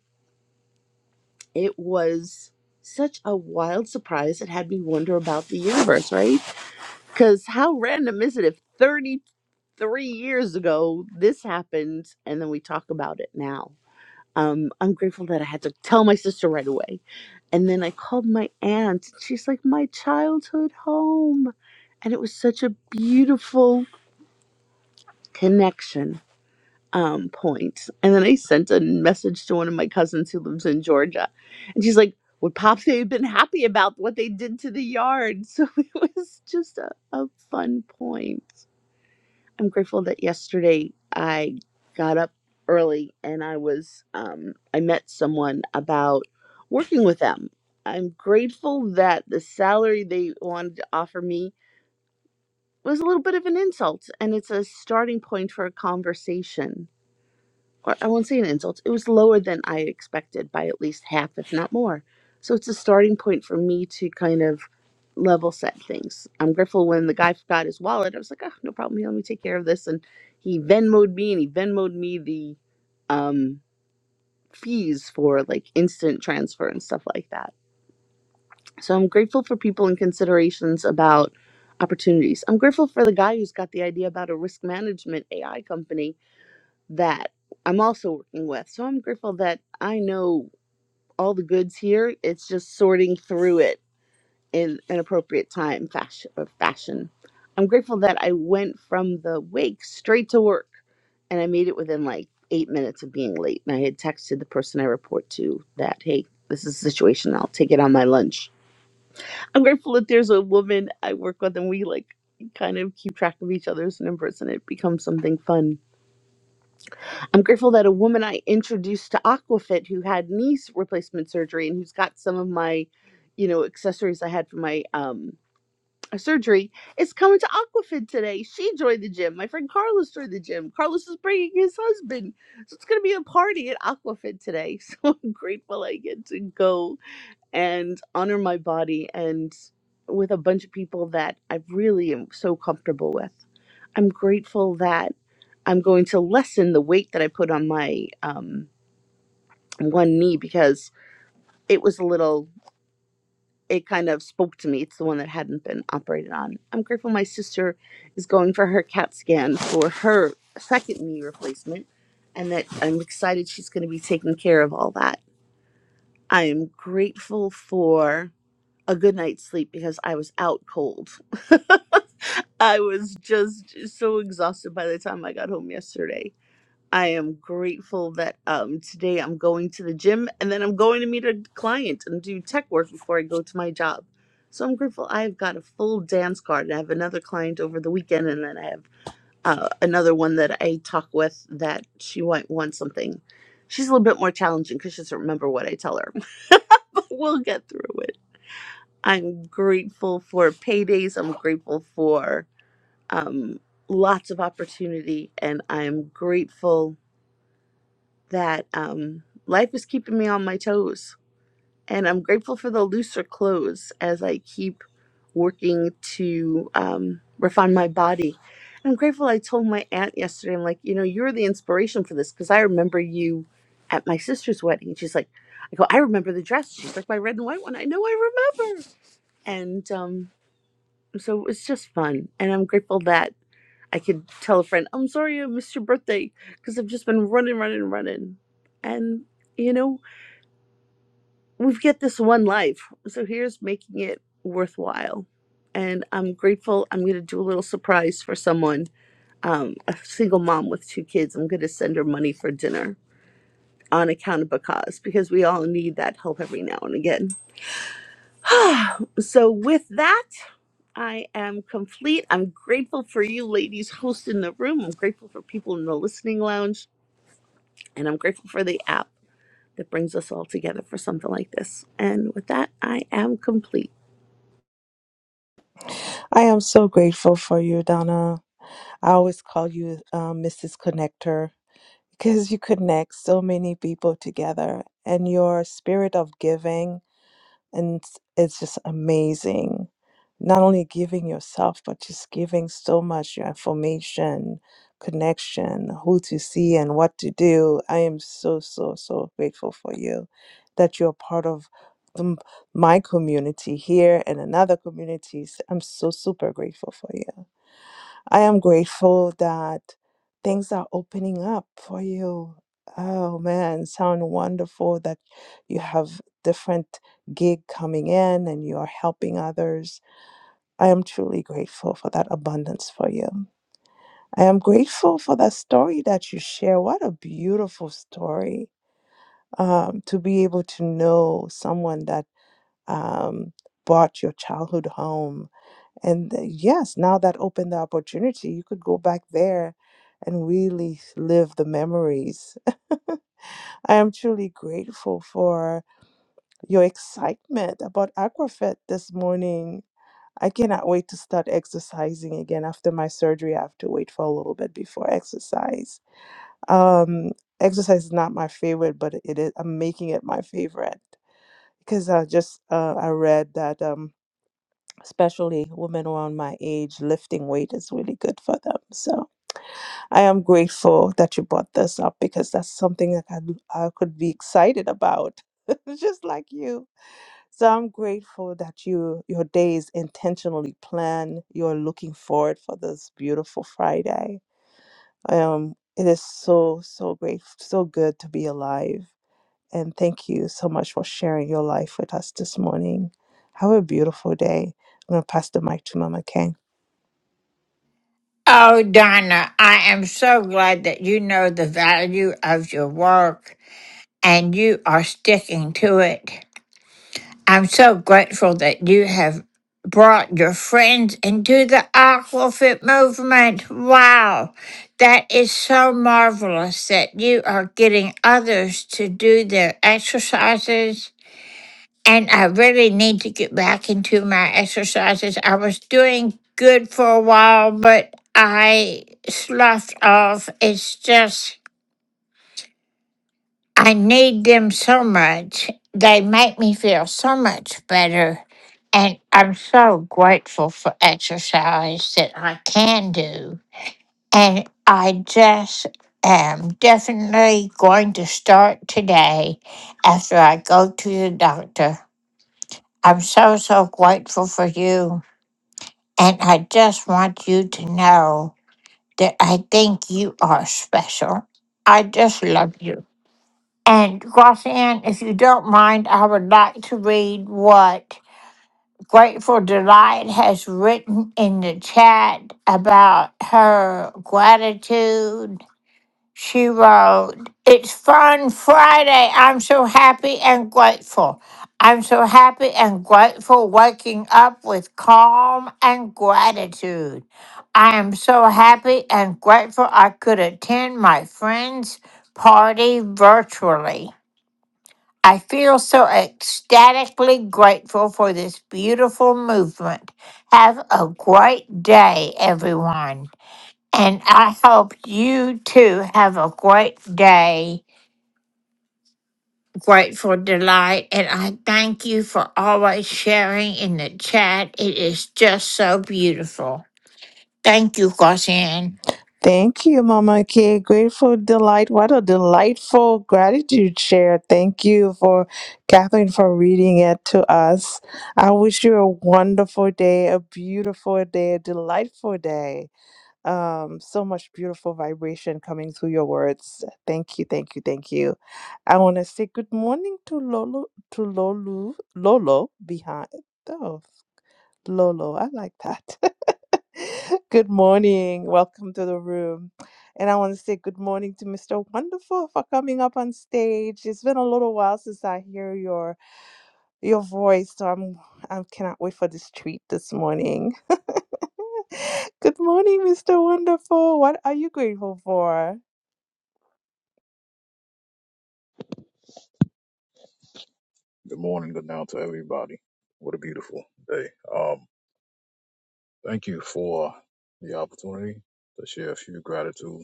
S18: it was such a wild surprise. It had me wonder about the universe, right? Because how random is it if 33 years ago this happened and then we talk about it now? um, I'm grateful that I had to tell my sister right away. And then I called my aunt. She's like, my childhood home. And it was such a beautiful connection um, point. And then I sent a message to one of my cousins who lives in Georgia. And she's like, would Pops have been happy about what they did to the yard? So it was just a, a fun point. I'm grateful that yesterday I got up early and I was um, I met someone about working with them. I'm grateful that the salary they wanted to offer me was a little bit of an insult and it's a starting point for a conversation or I won't say an insult, it was lower than I expected by at least half, if not more. So it's a starting point for me to kind of level set things. I'm grateful when the guy forgot his wallet. I was like, oh, no problem. Here, let me take care of this. And he Venmoed me and he Venmoed me the um, fees for like instant transfer and stuff like that. So I'm grateful for people and considerations about opportunities. I'm grateful for the guy who's got the idea about a risk management AI company that I'm also working with. So I'm grateful that I know all the goods here. It's just sorting through it in an appropriate time fashion fashion. I'm grateful that I went from the wake straight to work and I made it within like eight minutes of being late. And I had texted the person I report to that, hey, this is the situation. I'll take it on my lunch. I'm grateful that there's a woman I work with and we like kind of keep track of each other's numbers and it becomes something fun. I'm grateful that a woman I introduced to Aquafit who had knee replacement surgery and who's got some of my, you know, accessories I had for my um surgery is coming to Aquafit today. She joined the gym. My friend Carlos joined the gym. Carlos is bringing his husband. So it's going to be a party at Aquafit today. So I'm grateful I get to go and honor my body and with a bunch of people that I really am so comfortable with. I'm grateful that I'm going to lessen the weight that I put on my um, one knee because it was a little, it kind of spoke to me. It's the one that hadn't been operated on. I'm grateful my sister is going for her CAT scan for her second knee replacement and that I'm excited she's going to be taking care of all that. I am grateful for a good night's sleep because I was out cold. I was just so exhausted by the time I got home yesterday I am grateful that um, today I'm going to the gym and then I'm going to meet a client and do tech work before I go to my job. So I'm grateful I've got a full dance card and I have another client over the weekend and then I have uh, another one that I talk with that she might want something. She's a little bit more challenging because she doesn't remember what I tell her, but we'll get through it. I'm grateful for paydays. I'm grateful for um, lots of opportunity and I'm grateful that um, life is keeping me on my toes. And I'm grateful for the looser clothes as I keep working to um, refine my body. And I'm grateful I told my aunt yesterday, I'm like, you know, you're the inspiration for this because I remember you at my sister's wedding. And she's like, I go, I remember the dress. She's like, my red and white one. I know I remember. And um, so it was just fun. And I'm grateful that I could tell a friend, I'm sorry I missed your birthday because I've just been running, running, running. And, you know, we've got this one life. So here's making it worthwhile. And I'm grateful. I'm going to do a little surprise for someone, um, a single mom with two kids. I'm going to send her money for dinner on account of cause because we all need that help every now and again. so with that, I am complete. I'm grateful for you ladies hosting the room. I'm grateful for people in the listening lounge. And I'm grateful for the app that brings us all together for something like this. And with that, I am complete.
S13: I am so grateful for you, Donna. I always call you um, Mrs. Connector because you connect so many people together and your spirit of giving. and it's just amazing not only giving yourself but just giving so much your information connection who to see and what to do i am so so so grateful for you that you're part of the, my community here and another communities i'm so super grateful for you I am grateful that things are opening up for you. Oh man, sound wonderful that you have different gig coming in and you are helping others. I am truly grateful for that abundance for you. I am grateful for that story that you share. What a beautiful story um, to be able to know someone that um, brought your childhood home and uh, yes, now that opened the opportunity, you could go back there and really live the memories. I am truly grateful for your excitement about Aquafit this morning. I cannot wait to start exercising again after my surgery. I have to wait for a little bit before exercise. Um, exercise is not my favorite, but it is. I'm making it my favorite because I just uh, I read that um, especially women around my age, lifting weight is really good for them. So I am grateful that you brought this up because that's something that I, I could be excited about, just like you. So I'm grateful that you your day is intentionally planned. You're looking forward for this beautiful Friday. Um, it is so so great, so good to be alive. And thank you so much for sharing your life with us this morning. Have a beautiful day. I'm gonna pass the mic to Mama Kay.
S7: Oh, Donna, I am so glad that you know the value of your work and you are sticking to it. I'm so grateful that you have brought your friends into the Aquafit movement. Wow, that is so marvelous that you are getting others to do their exercises And I really need to get back into my exercises. I was doing good for a while, but I sloughed off. It's just, I need them so much. They make me feel so much better. And I'm so grateful for exercise that I can do. And I just am definitely going to start today after I go to the doctor. I'm so, so grateful for you. And I just want you to know that I think you are special. I just love you. And Roxanne, if you don't mind, I would like to read what Grateful Delight has written in the chat about her gratitude she wrote, It's Fun Friday. I'm so happy and grateful. I'm so happy and grateful waking up with calm and gratitude. I am so happy and grateful I could attend my friend's party virtually. I feel so ecstatically grateful for this beautiful movement. Have a great day, everyone. And I hope you too have a great day, Grateful Delight. And I thank you for always sharing in the chat. It is just so beautiful. Thank you, Gaussian.
S13: Thank you, Mama Kay. Grateful delight. What a delightful gratitude share. Thank you for Catherine for reading it to us. I wish you a wonderful day, a beautiful day, a delightful day. Um, so much beautiful vibration coming through your words. Thank you, thank you, thank you. I want to say good morning to Lolo to Lolo Lolo behind. Oh, Lolo. I like that. good morning. Welcome to the room. And I want to say good morning to Mr. Wonderful for coming up on stage. It's been a little while since I hear your your voice, so I'm I cannot wait for this treat this morning. good morning, Mr. Wonderful. What are you grateful for?
S19: Good morning, good now to everybody. What a beautiful day. Um, thank you for the opportunity to share a few gratitude.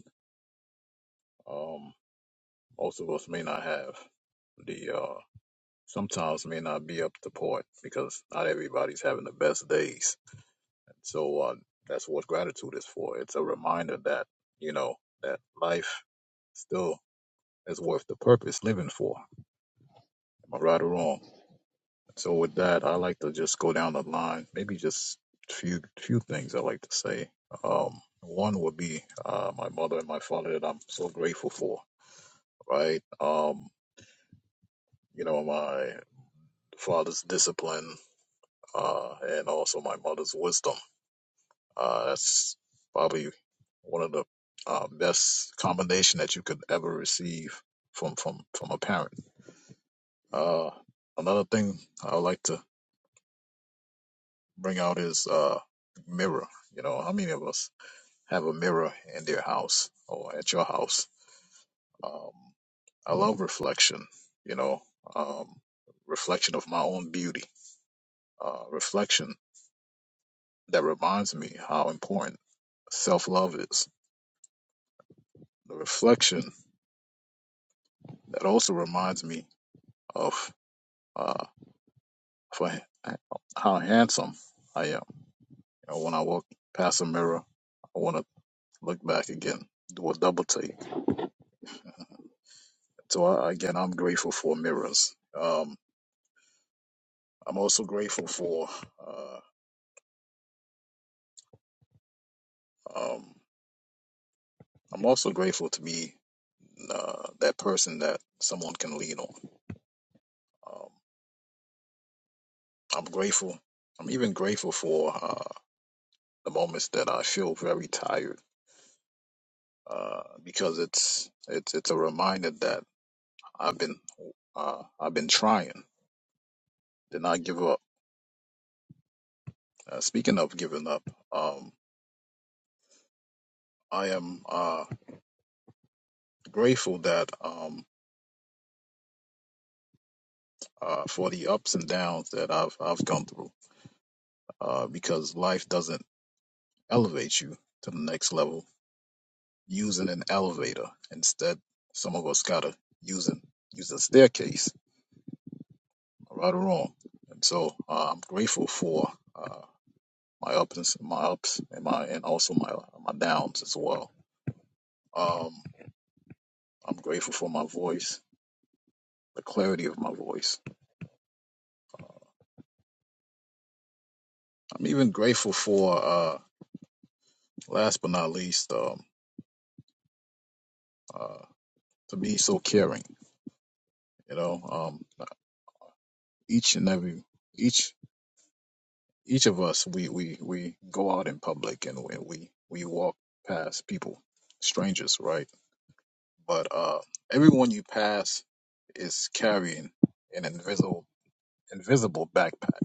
S19: Um, most of us may not have the uh sometimes may not be up to point because not everybody's having the best days. So uh that's what gratitude is for. It's a reminder that, you know, that life still is worth the purpose living for. Am I right or wrong? So with that, I like to just go down the line. Maybe just few few things I like to say. Um, one would be uh, my mother and my father that I'm so grateful for. Right. Um, you know my father's discipline uh, and also my mother's wisdom. Uh, that's probably one of the uh, best combination that you could ever receive from from from a parent. Uh, another thing I like to bring out is uh, mirror. You know, how many of us? have a mirror in their house or at your house. Um, I love reflection, you know, um, reflection of my own beauty, uh, reflection that reminds me how important self love is. The reflection that also reminds me of uh, for how handsome I am. You know, when I walk past a mirror, I want to look back again, do a double take. So I, again, I'm grateful for mirrors. Um, I'm also grateful for. Uh, Um, I'm also grateful to be uh, that person that someone can lean on. Um, I'm grateful. I'm even grateful for uh, the moments that I feel very tired uh, because it's it's it's a reminder that I've been uh, I've been trying to not give up. Uh, speaking of giving up, um, I am uh, grateful that um, uh, for the ups and downs that I've I've gone through uh, because life doesn't elevate you to the next level using an elevator. Instead, some of us gotta using use a staircase, right or wrong. And so uh, I'm grateful for uh, my ups, my ups, and my and also my my downs as well. Um, I'm grateful for my voice, the clarity of my voice. I'm even grateful for uh, last but not least, um, uh, to be so caring. You know, um, each and every each each of us we we we go out in public and we we, we walk past people strangers right but uh everyone you pass is carrying an invisible invisible backpack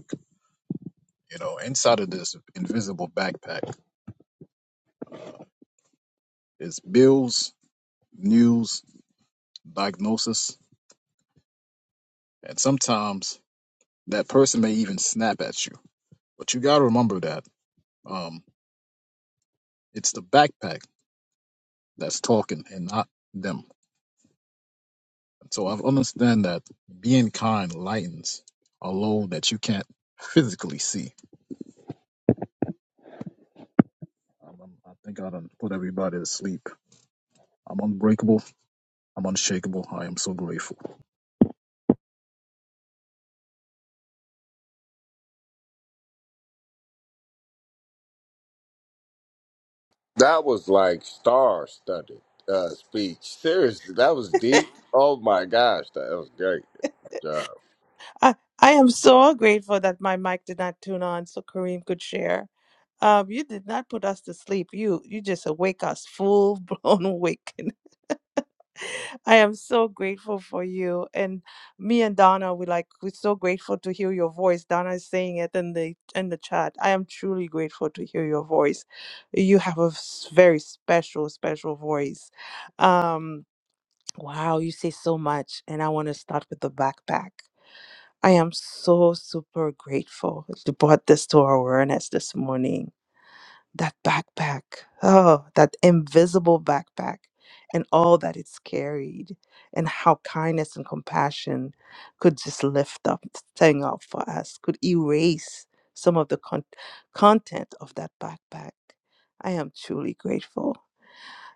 S19: you know inside of this invisible backpack is bills news diagnosis and sometimes that person may even snap at you but you got to remember that um it's the backpack that's talking and not them So I've understand that being kind lightens a load that you can't physically see. Um, i I think I done put everybody to sleep. I'm unbreakable. I'm unshakable. I am so grateful.
S16: That was like star studded uh, speech. Seriously, that was deep. Oh my gosh, that was great. Good job.
S13: I, I am so grateful that my mic did not tune on so Kareem could share. Um, you did not put us to sleep. You you just awake us full blown awakened. I am so grateful for you. And me and Donna, we like we're so grateful to hear your voice. Donna is saying it in the in the chat. I am truly grateful to hear your voice. You have a s- very special, special voice. Um, wow, you say so much. And I want to start with the backpack. I am so super grateful you brought this to our awareness this morning. That backpack, oh, that invisible backpack, and all that it's carried, and how kindness and compassion could just lift up, thing up for us, could erase some of the con- content of that backpack. I am truly grateful.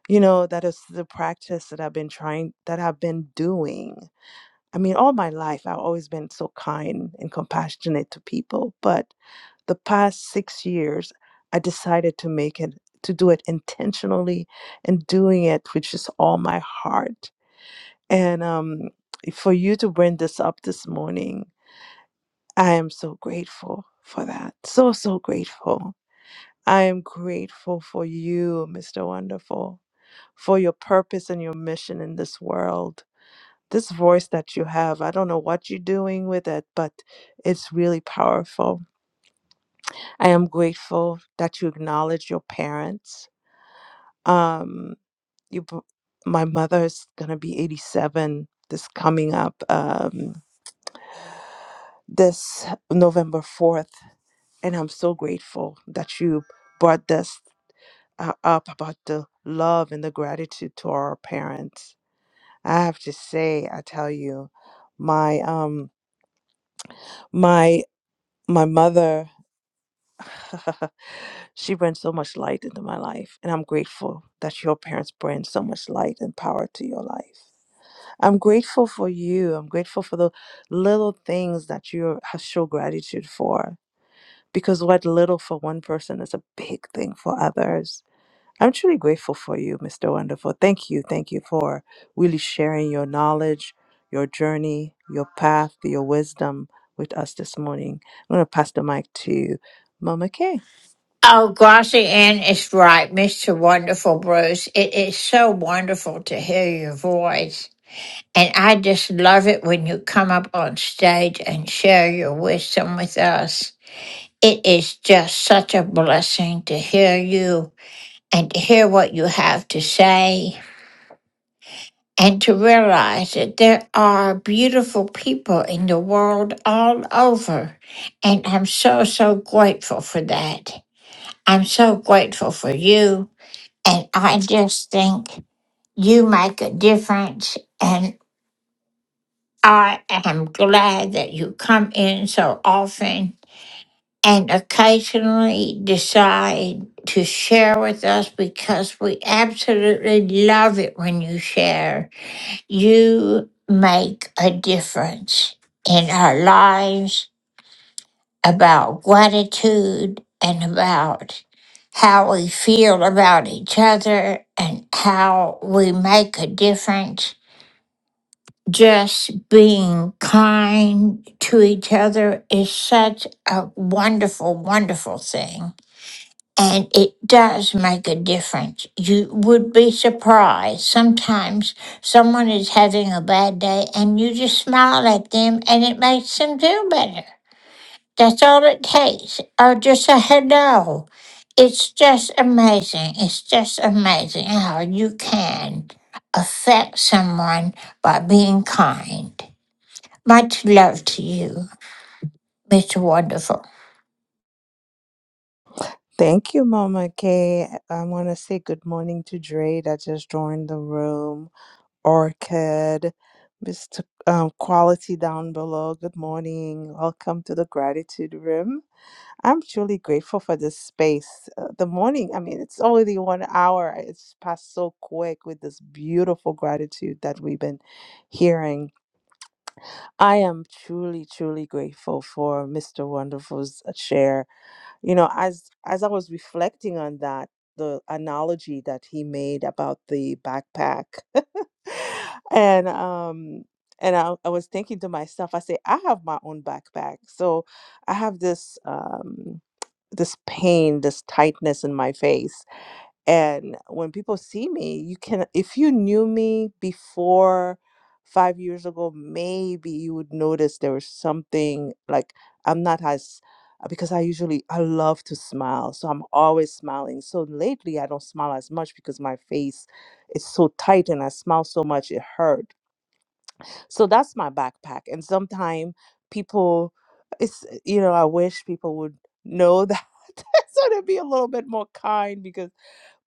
S13: You know, that is the practice that I've been trying, that I've been doing I mean, all my life, I've always been so kind and compassionate to people. But the past six years, I decided to make it, to do it intentionally and doing it with just all my heart. And um, for you to bring this up this morning, I am so grateful for that. So, so grateful. I am grateful for you, Mr. Wonderful, for your purpose and your mission in this world this voice that you have. I don't know what you're doing with it, but it's really powerful. I am grateful that you acknowledge your parents. Um, you, b- my mother is gonna be 87 this coming up um, this November 4th, and I'm so grateful that you brought this uh, up about the love and the gratitude to our parents. I have to say, I tell you, my um my my mother she brings so much light into my life, and I'm grateful that your parents bring so much light and power to your life. I'm grateful for you. I'm grateful for the little things that you have show gratitude for, because what little for one person is a big thing for others. I'm truly grateful for you, Mr. Wonderful. Thank you. Thank you for really sharing your knowledge, your journey, your path, your wisdom with us this morning. I'm going to pass the mic to Mama Kay.
S7: Oh, Glossy Ann is right, Mr. Wonderful Bruce. It is so wonderful to hear your voice. And I just love it when you come up on stage and share your wisdom with us. It is just such a blessing to hear you and to hear what you have to say and to realize that there are beautiful people in the world all over. And I'm so, so grateful for that. I'm so grateful for you. And I just think you make a difference. And I am glad that you come in so often and occasionally decide to share with us because we absolutely love it when you share. You make a difference in our lives about gratitude and about how we feel about each other and how we make a difference just being kind to each other is such a wonderful, wonderful thing. And it does make a difference. You would be surprised. Sometimes someone is having a bad day and you just smile at them and it makes them feel better. That's all it takes, or just a hello. It's just amazing. It's just amazing how you can affect someone by being kind. Much love to you, Mr. Wonderful.
S13: Thank you, Mama Kay. I want to say good morning to Dre that just joined the room. Orchid, Mr. Um, Quality down below. Good morning. Welcome to the Gratitude Room. I'm truly grateful for this space. Uh, the morning, I mean, it's already one hour. It's passed so quick with this beautiful gratitude that we've been hearing. I am truly, truly grateful for Mr. Wonderful's uh, share you know as as i was reflecting on that the analogy that he made about the backpack and um and I, I was thinking to myself i say i have my own backpack so i have this um this pain this tightness in my face and when people see me, you can, if you knew me before five years ago, maybe you would notice there was something like I'm not as, uh, because I usually, I love to smile. So I'm always smiling. So lately, I don't smile as much because my face is so tight and I smile so much, it hurt. So that's my backpack. And sometimes people, it's, you know, I wish people would know that. so they'd be a little bit more kind because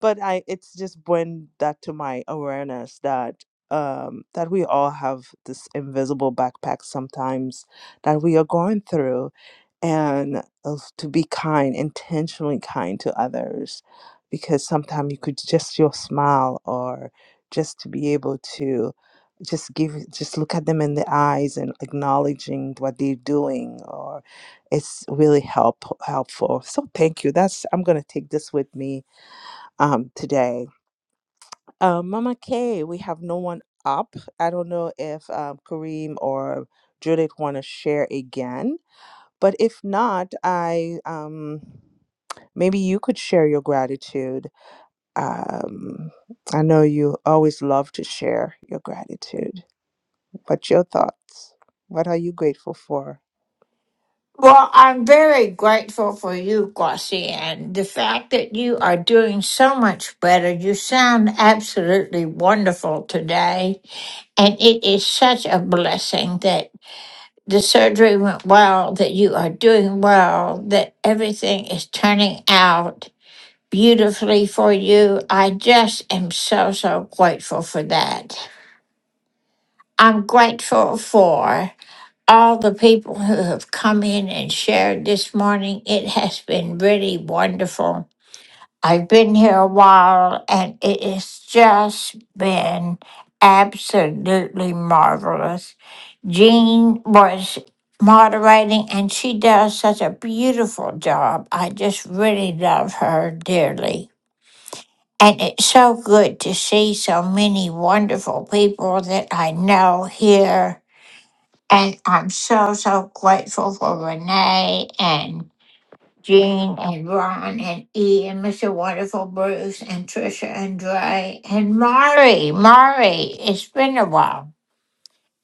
S13: but I it's just bring that to my awareness that um that we all have this invisible backpack sometimes that we are going through and of- to be kind intentionally kind to others because sometimes you could just your smile or just to be able to just give just look at them in the eyes and acknowledging what they're doing or it's really help helpful so thank you that's i'm going to take this with me um, today. Um, Mama K, we have no one up. I don't know if um, Kareem or Judith want to share again, but if not, I um, maybe you could share your gratitude. Um, I know you always love to share your gratitude. What's your thoughts? What are you grateful for?
S7: Well, I'm very grateful for you, Glossy, and the fact that you are doing so much better. You sound absolutely wonderful today, and it is such a blessing that the surgery went well, that you are doing well, that everything is turning out beautifully for you. I just am so, so grateful for that. I'm grateful for. all the people who have come in and shared this morning. It has been really wonderful. I've been here a while and it has just been absolutely marvelous. Jean was moderating and she does such a beautiful job. I just really love her dearly. And it's so good to see so many wonderful people that I know here and I'm so, so grateful for Renee and Jean and Ron and E and Mr. Wonderful Bruce and Trisha and Dre and Mari. Mari, it's been a while.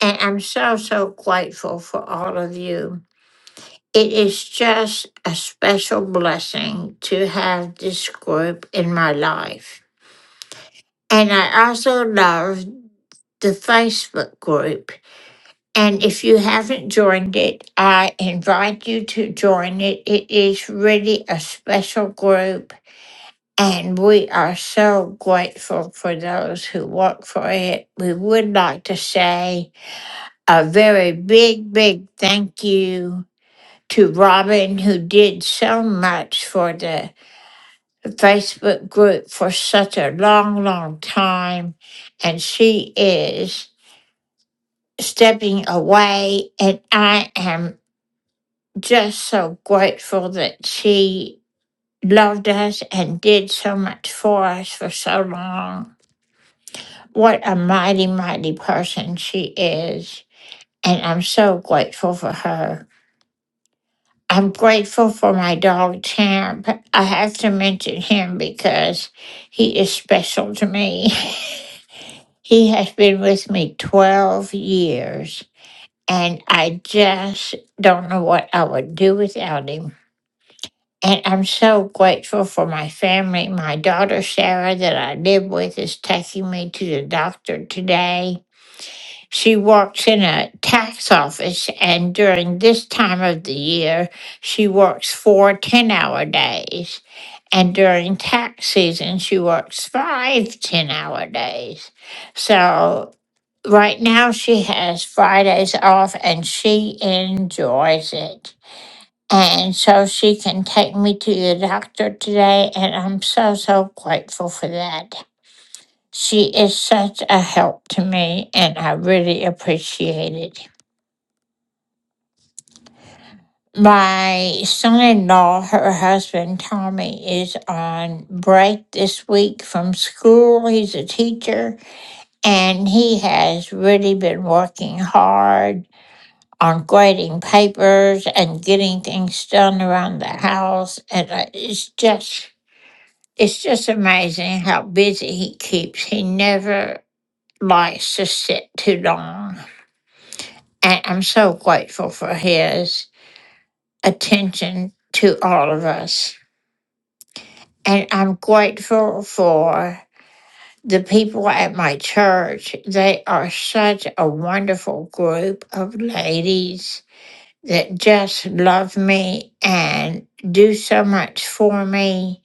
S7: And I'm so, so grateful for all of you. It is just a special blessing to have this group in my life. And I also love the Facebook group And if you haven't joined it, I invite you to join it. It is really a special group, and we are so grateful for those who work for it. We would like to say a very big, big thank you to Robin, who did so much for the Facebook group for such a long, long time. And she is stepping away, and I am just so grateful that she loved us and did so much for us for so long. What a mighty, mighty person she is. And I'm so grateful for her. I'm grateful for my dog, Champ. I have to mention him because he is special to me. he has been with me 12 years, and I just don't know what I would do without him. And I'm so grateful for my family. My daughter Sarah, that I live with, is taking me to the doctor today. She works in a tax office, and during this time of the year, she works four ten hour days. And during tax season, she works five ten hour days. So right now, she has Fridays off and she enjoys it. And so she can take me to the doctor today, and I'm so, so grateful for that. She is such a help to me, and I really appreciate it. My son in law, her husband Tommy, is on break this week from school. He's a teacher, and he has really been working hard on grading papers and getting things done around the house. And I- it's just It's just amazing how busy he keeps. He never likes to sit too long. And I'm so grateful for his attention to all of us. And I'm grateful for the people at my church. They are such a wonderful group of ladies that just love me and do so much for me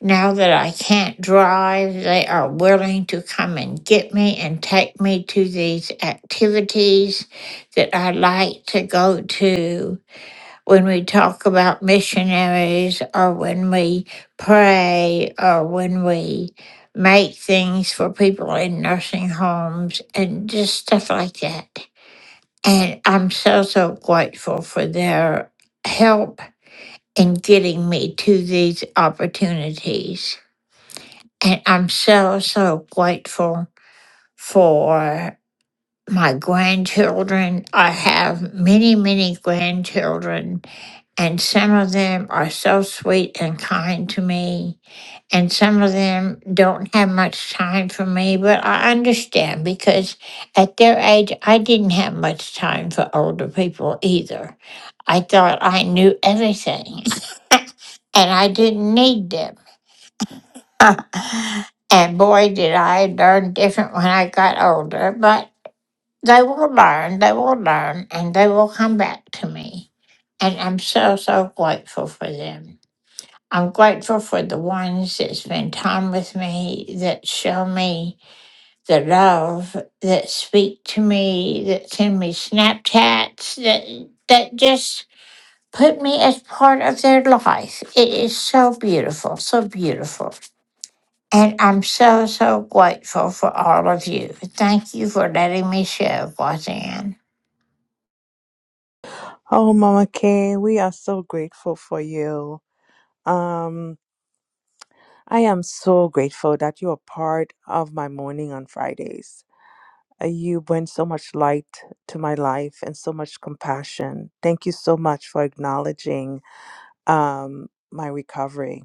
S7: Now that I can't drive, they are willing to come and get me and take me to these activities that I like to go to when we talk about missionaries or when we pray or when we make things for people in nursing homes and just stuff like that. And I'm so, so grateful for their help in getting me to these opportunities. And I'm so, so grateful for my grandchildren. I have many, many grandchildren, and some of them are so sweet and kind to me. And some of them don't have much time for me, but I understand because at their age, I didn't have much time for older people either. I thought I knew everything and I didn't need them. and boy, did I learn different when I got older. But they will learn, they will learn, and they will come back to me. And I'm so, so grateful for them. I'm grateful for the ones that spend time with me, that show me the love, that speak to me, that send me Snapchats, that, that just put me as part of their life. It is so beautiful, so beautiful. And I'm so, so grateful for all of you. Thank you for letting me share, Roseanne.
S13: Oh, Mama Kay, we are so grateful for you. Um, I am so grateful that you are part of my morning on Fridays. Uh, You bring so much light to my life and so much compassion. Thank you so much for acknowledging um, my recovery.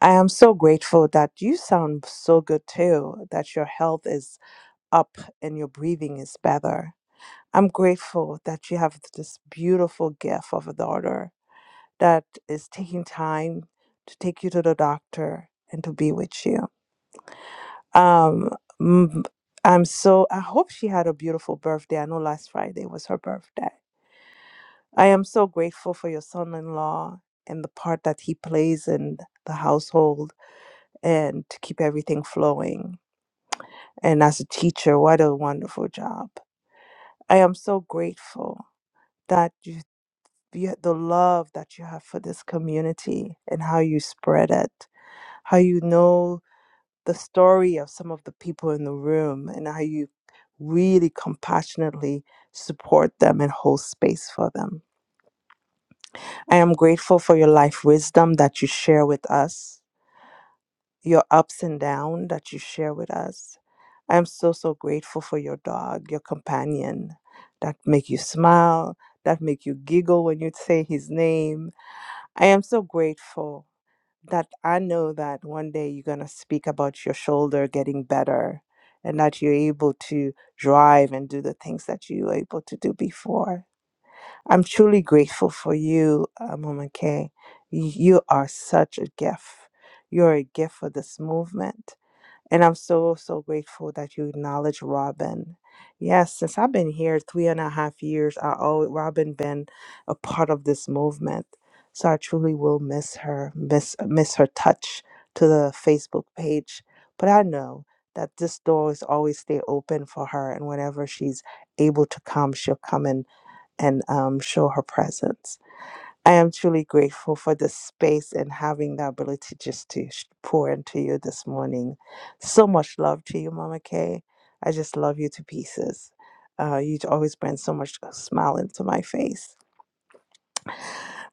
S13: I am so grateful that you sound so good too, that your health is up and your breathing is better. I'm grateful that you have this beautiful gift of a daughter that is taking time to take you to the doctor and to be with you. Um, mm, I'm so, I hope she had a beautiful birthday. I know last Friday was her birthday. I am so grateful for your son in law and the part that he plays in the household and to keep everything flowing. And as a teacher, what a wonderful job. I am so grateful that you, you the love that you have for this community and how you spread it, how you know the story of some of the people in the room and how you really compassionately support them and hold space for them. I am grateful for your life wisdom that you share with us your ups and down that you share with us. I'm so so grateful for your dog, your companion that make you smile, that make you giggle when you say his name. I am so grateful that I know that one day you're going to speak about your shoulder getting better and that you're able to drive and do the things that you were able to do before. I'm truly grateful for you, uh, Mama K. You are such a gift. You're a gift for this movement and I'm so, so grateful that you acknowledge Robin. Yes, since I've been here three and a half years, I always Robin been a part of this movement. So I truly will miss her, miss miss her touch to the Facebook page. But I know that this door is always stay open for her and whenever she's able to come, she'll come in and um, show her presence. I am truly grateful for the space and having the ability just to sh- pour into you this morning. So much love to you, Mama Kay. I just love you to pieces. Uh, you always bring so much uh, smile into my face.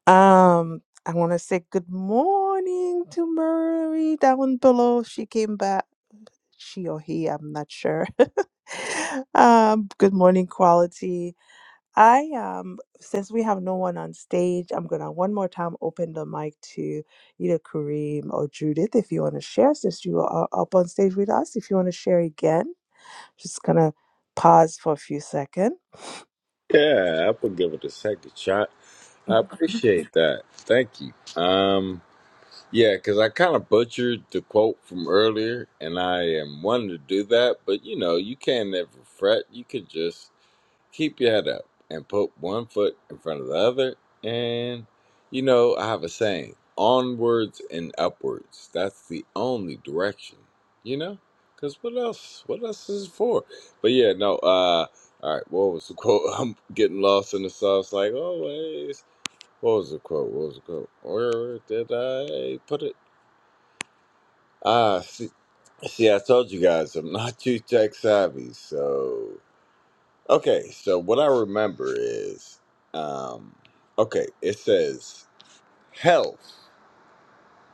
S13: Um, I want to say good morning to Murray down below. She came back. She or he, I'm not sure. um, good morning, quality. I um since we have no one on stage, I'm gonna one more time open the mic to either Kareem or Judith if you want to share. Since you are up on stage with us, if you want to share again, just gonna pause for a few seconds.
S16: Yeah, I would give it a second shot. I appreciate that. Thank you. Um, yeah, because I kind of butchered the quote from earlier, and I am wanting to do that, but you know, you can't ever fret. You could just keep your head up and put one foot in front of the other. And, you know, I have a saying onwards and upwards. That's the only direction, you know? Because what else? What else is it for? But yeah, no, uh, all right, what was the quote? I'm getting lost in the sauce like always. What was the quote? What was the quote? Where did I put it? Ah, see, see, I told you guys I'm not too tech savvy, so Okay, so what I remember is, um, okay, it says health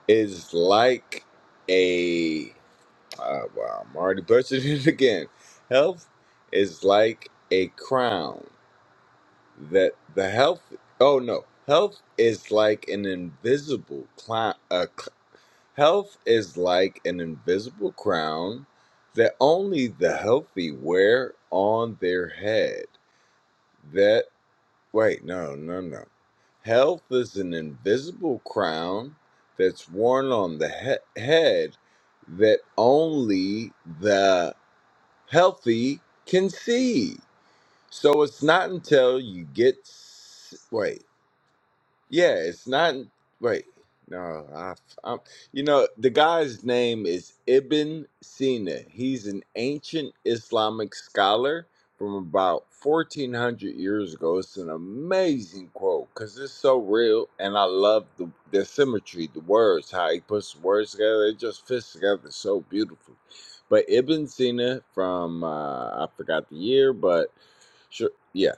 S16: is like a. Uh, wow, I'm already bursting it again. Health is like a crown that the health. Oh no, health is like an invisible clown. Uh, cl- health is like an invisible crown that only the healthy wear on their head Wait, no, no, no. Health is an invisible crown that's worn on the he- head that only the healthy can see. So it's not until you get s- wait. Yeah, it's not. Wait, no, I, I'm. You know, the guy's name is Ibn Sina. He's an ancient Islamic scholar from about 1400 years ago. It's an amazing quote because it's so real, and I love the the symmetry, the words, how he puts the words together. It just fits together so beautifully. But Ibn Sina from uh, I forgot the year, but sure, yeah,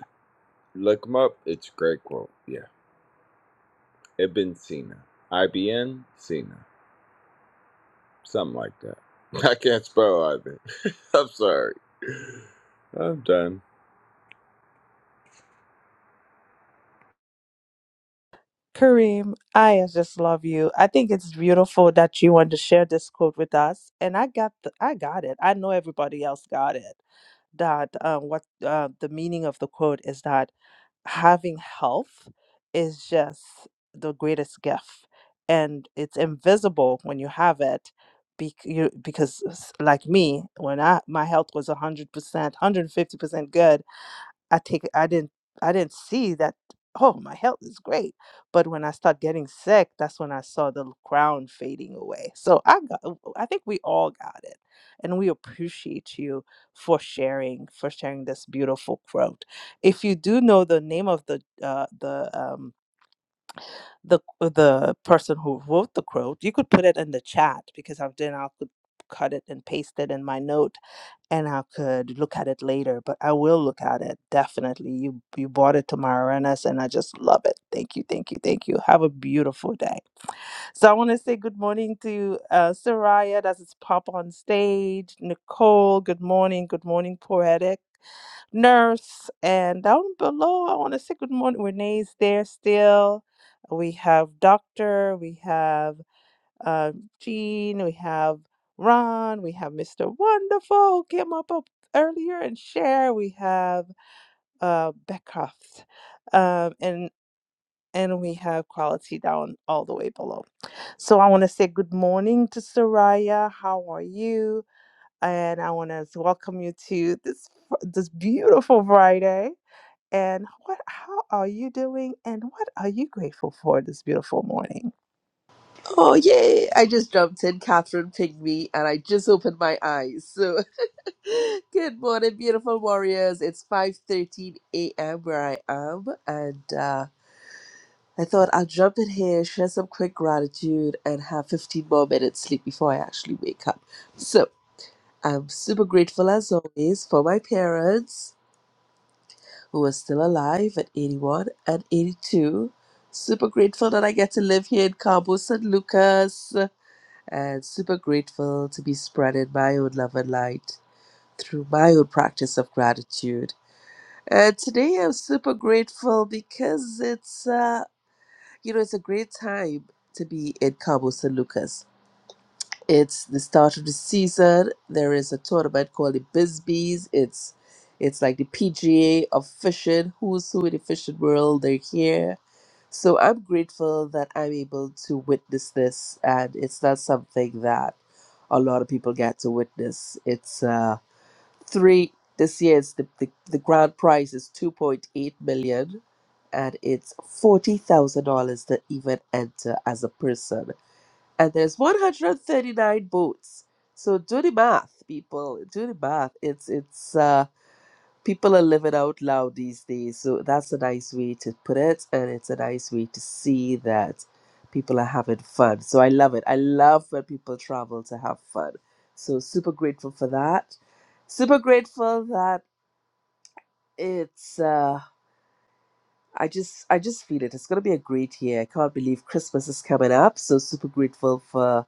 S16: look him up. It's a great quote. Yeah. Ibn Sina. IBN Sina. Something like that. I can't spell either. I'm sorry. I'm done.
S13: Kareem, I just love you. I think it's beautiful that you want to share this quote with us, and I got the, I got it. I know everybody else got it. That uh, what uh, the meaning of the quote is that having health is just the greatest gift, and it's invisible when you have it. Bec- you, because s- like me, when I my health was one hundred percent, one hundred fifty percent good, I take I didn't I didn't see that oh my health is great. But when I start getting sick, that's when I saw the crown fading away. So I got I think we all got it. And we appreciate you for sharing, for sharing this beautiful quote. If you do know the name of the uh, the um the uh, the person who wrote the quote, you could put it in the chat because I've then I could cut it and paste it in my note and I could look at it later, but I will look at it definitely. You you brought it to my awareness, and I just love it. Thank you, thank you, thank you. Have a beautiful day. So I want to say good morning to uh, Soraya. That's its pop on stage. Nicole, good morning, good morning, poetic nurse, and down below I want to say good morning. Renee's there still. We have doctor. We have uh, Gene, we have Ron, we have Mr. Wonderful, who came up, up earlier, and Cher, we have uh, Beckcroft, um, and and we have quality down all the way below. So I want to say good morning to Soraya. How are you? And I want to welcome you to this this beautiful Friday. And what? How are you doing? And what are you grateful for this beautiful morning?
S20: Oh, yay! I just jumped in. Catherine pinged me, and I just opened my eyes. So, good morning, beautiful warriors. It's 5.13 a.m. where I am, and uh, I thought I'll jump in here, share some quick gratitude, and have 15 more minutes sleep before I actually wake up. So, I'm super grateful, as always, for my parents, who are still alive at 81 and 82. Super grateful that I get to live here in Cabo San Lucas. and super grateful to be spreading my own love and light through my own practice of gratitude. And today I'm super grateful because it's uh, you know it's a great time to be in Cabo San Lucas it's the start of the season. There is a tournament called the Bisbees. It's it's like the PGA of fishing. Who's who in the fishing world? They're here. So I'm grateful that I'm able to witness this, and it's not something that a lot of people get to witness. It's uh, three this year. It's the, the the grand prize is two point eight million, and it's forty thousand dollars to even enter as a person and there's 139 boats. So do the math, people. Do the math. It's it's uh, people are living out loud these days. So that's a nice way to put it, and it's a nice way to see that people are having fun. So I love it. I love when people travel to have fun. So super grateful for that. Super grateful that it's. Uh, I just I just feel it. It's gonna be a great year. I can't believe Christmas is coming up. So super grateful for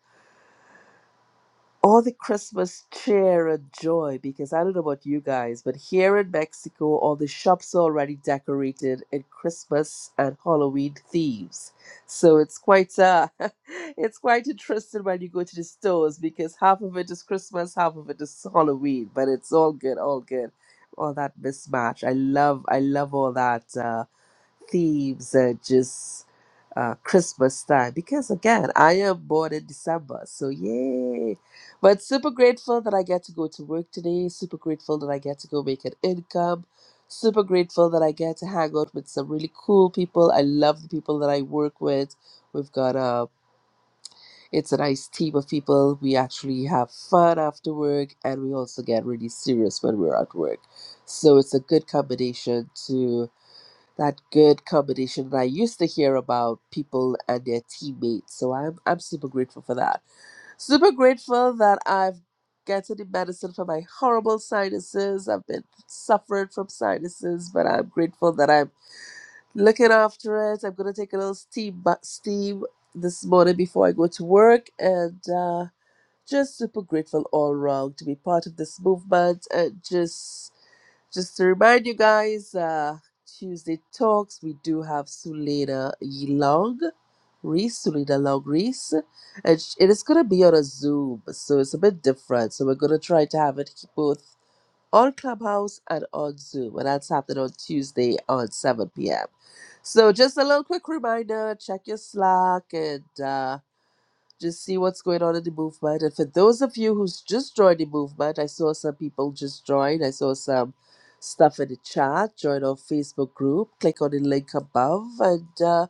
S20: all the Christmas cheer and joy because I don't know about you guys, but here in Mexico, all the shops are already decorated in Christmas and Halloween themes. So it's quite uh, it's quite interesting when you go to the stores because half of it is Christmas, half of it is Halloween, but it's all good, all good, all that mismatch. I love, I love all that. Uh, thieves and just uh, Christmas time because again I am born in December, so yay! But super grateful that I get to go to work today. Super grateful that I get to go make an income. Super grateful that I get to hang out with some really cool people. I love the people that I work with. We've got a it's a nice team of people. We actually have fun after work, and we also get really serious when we're at work. So it's a good combination to that good combination that I used to hear about people and their teammates. So I'm I'm super grateful for that. Super grateful that I've gotten the medicine for my horrible sinuses. I've been suffering from sinuses, but I'm grateful that I'm looking after it. I'm gonna take a little steam bu- steam this morning before I go to work and. uh just super grateful all round to be part of this movement and just just to remind you guys, uh, Tuesday talks we do have Sulina Long, Reese, Sulina Long Reese, and sh- it is gonna be on a Zoom, so it's a bit different. So we're gonna try to have it both on Clubhouse and on Zoom, and that's happening on Tuesday on 7 p.m. So just a little quick reminder: check your Slack and. Uh, just see what's going on in the movement. And for those of you who's just joined the movement, I saw some people just join. I saw some stuff in the chat. Join our Facebook group. Click on the link above. And uh,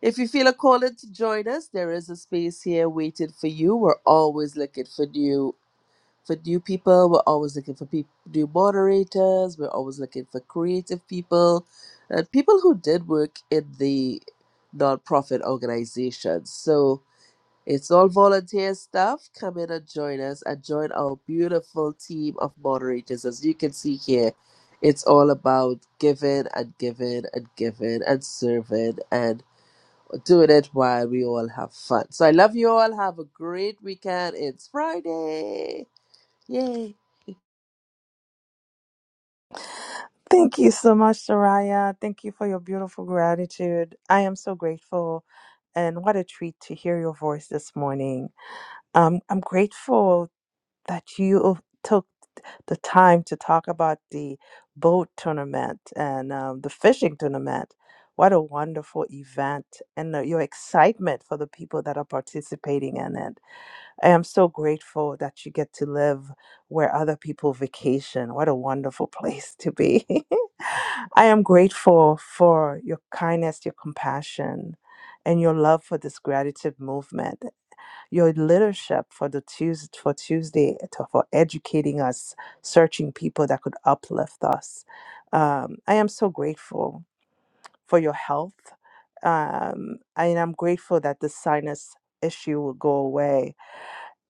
S20: if you feel a calling to join us, there is a space here waiting for you. We're always looking for new for new people. We're always looking for peop new moderators. We're always looking for creative people and people who did work in the nonprofit organizations. So it's all volunteer stuff. Come in and join us and join our beautiful team of moderators. As you can see here, it's all about giving and giving and giving and serving and doing it while we all have fun. So I love you all. Have a great weekend. It's Friday. Yay.
S13: Thank you so much, Soraya. Thank you for your beautiful gratitude. I am so grateful, and what a treat to hear your voice this morning. Um, I'm grateful that you took the time to talk about the boat tournament and um, the fishing tournament. What a wonderful event, and uh, your excitement for the people that are participating in it. I am so grateful that you get to live where other people vacation. What a wonderful place to be. I am grateful for your kindness, your compassion, and your love for this gratitude movement. Your leadership for the Tuesday, for Tuesday, to- for educating us, searching people that could uplift us. Um, I am so grateful for your health. Um, and I'm grateful that the sinus issue will go away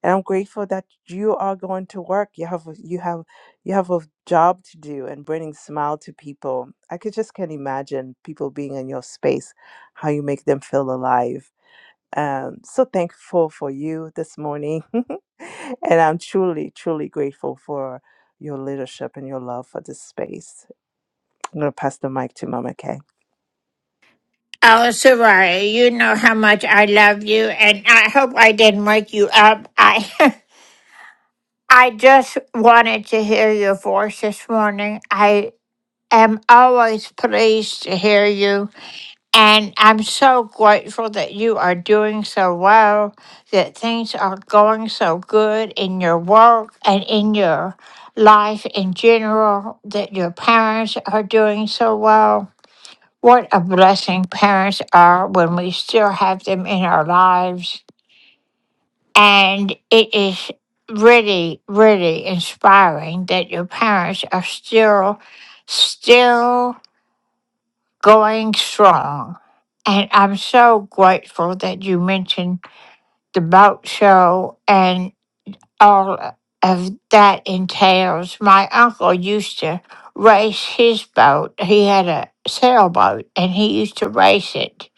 S13: and I'm grateful that you are going to work. You have a- you have you have a job to do and bringing smile to people. I could just can't imagine people being in your space, how you make them feel alive. Um, so thankful for you this morning, and I'm truly truly grateful for your leadership and your love for this space. I'm going to pass the mic to Mama Kay.
S7: Oh, Soraya, you know how much I love you, and I hope I didn't wake you up. I, I just wanted to hear your voice this morning. I am always pleased to hear you. And I'm so grateful that you are doing so well, that things are going so good in your work and in your life in general, that your parents are doing so well. What a blessing parents are when we still have them in our lives. And it is really, really inspiring that your parents are still, still going strong. And I'm so grateful that you mentioned the boat show and all of that entails. My uncle used to race his boat. He had a sailboat and he used to race it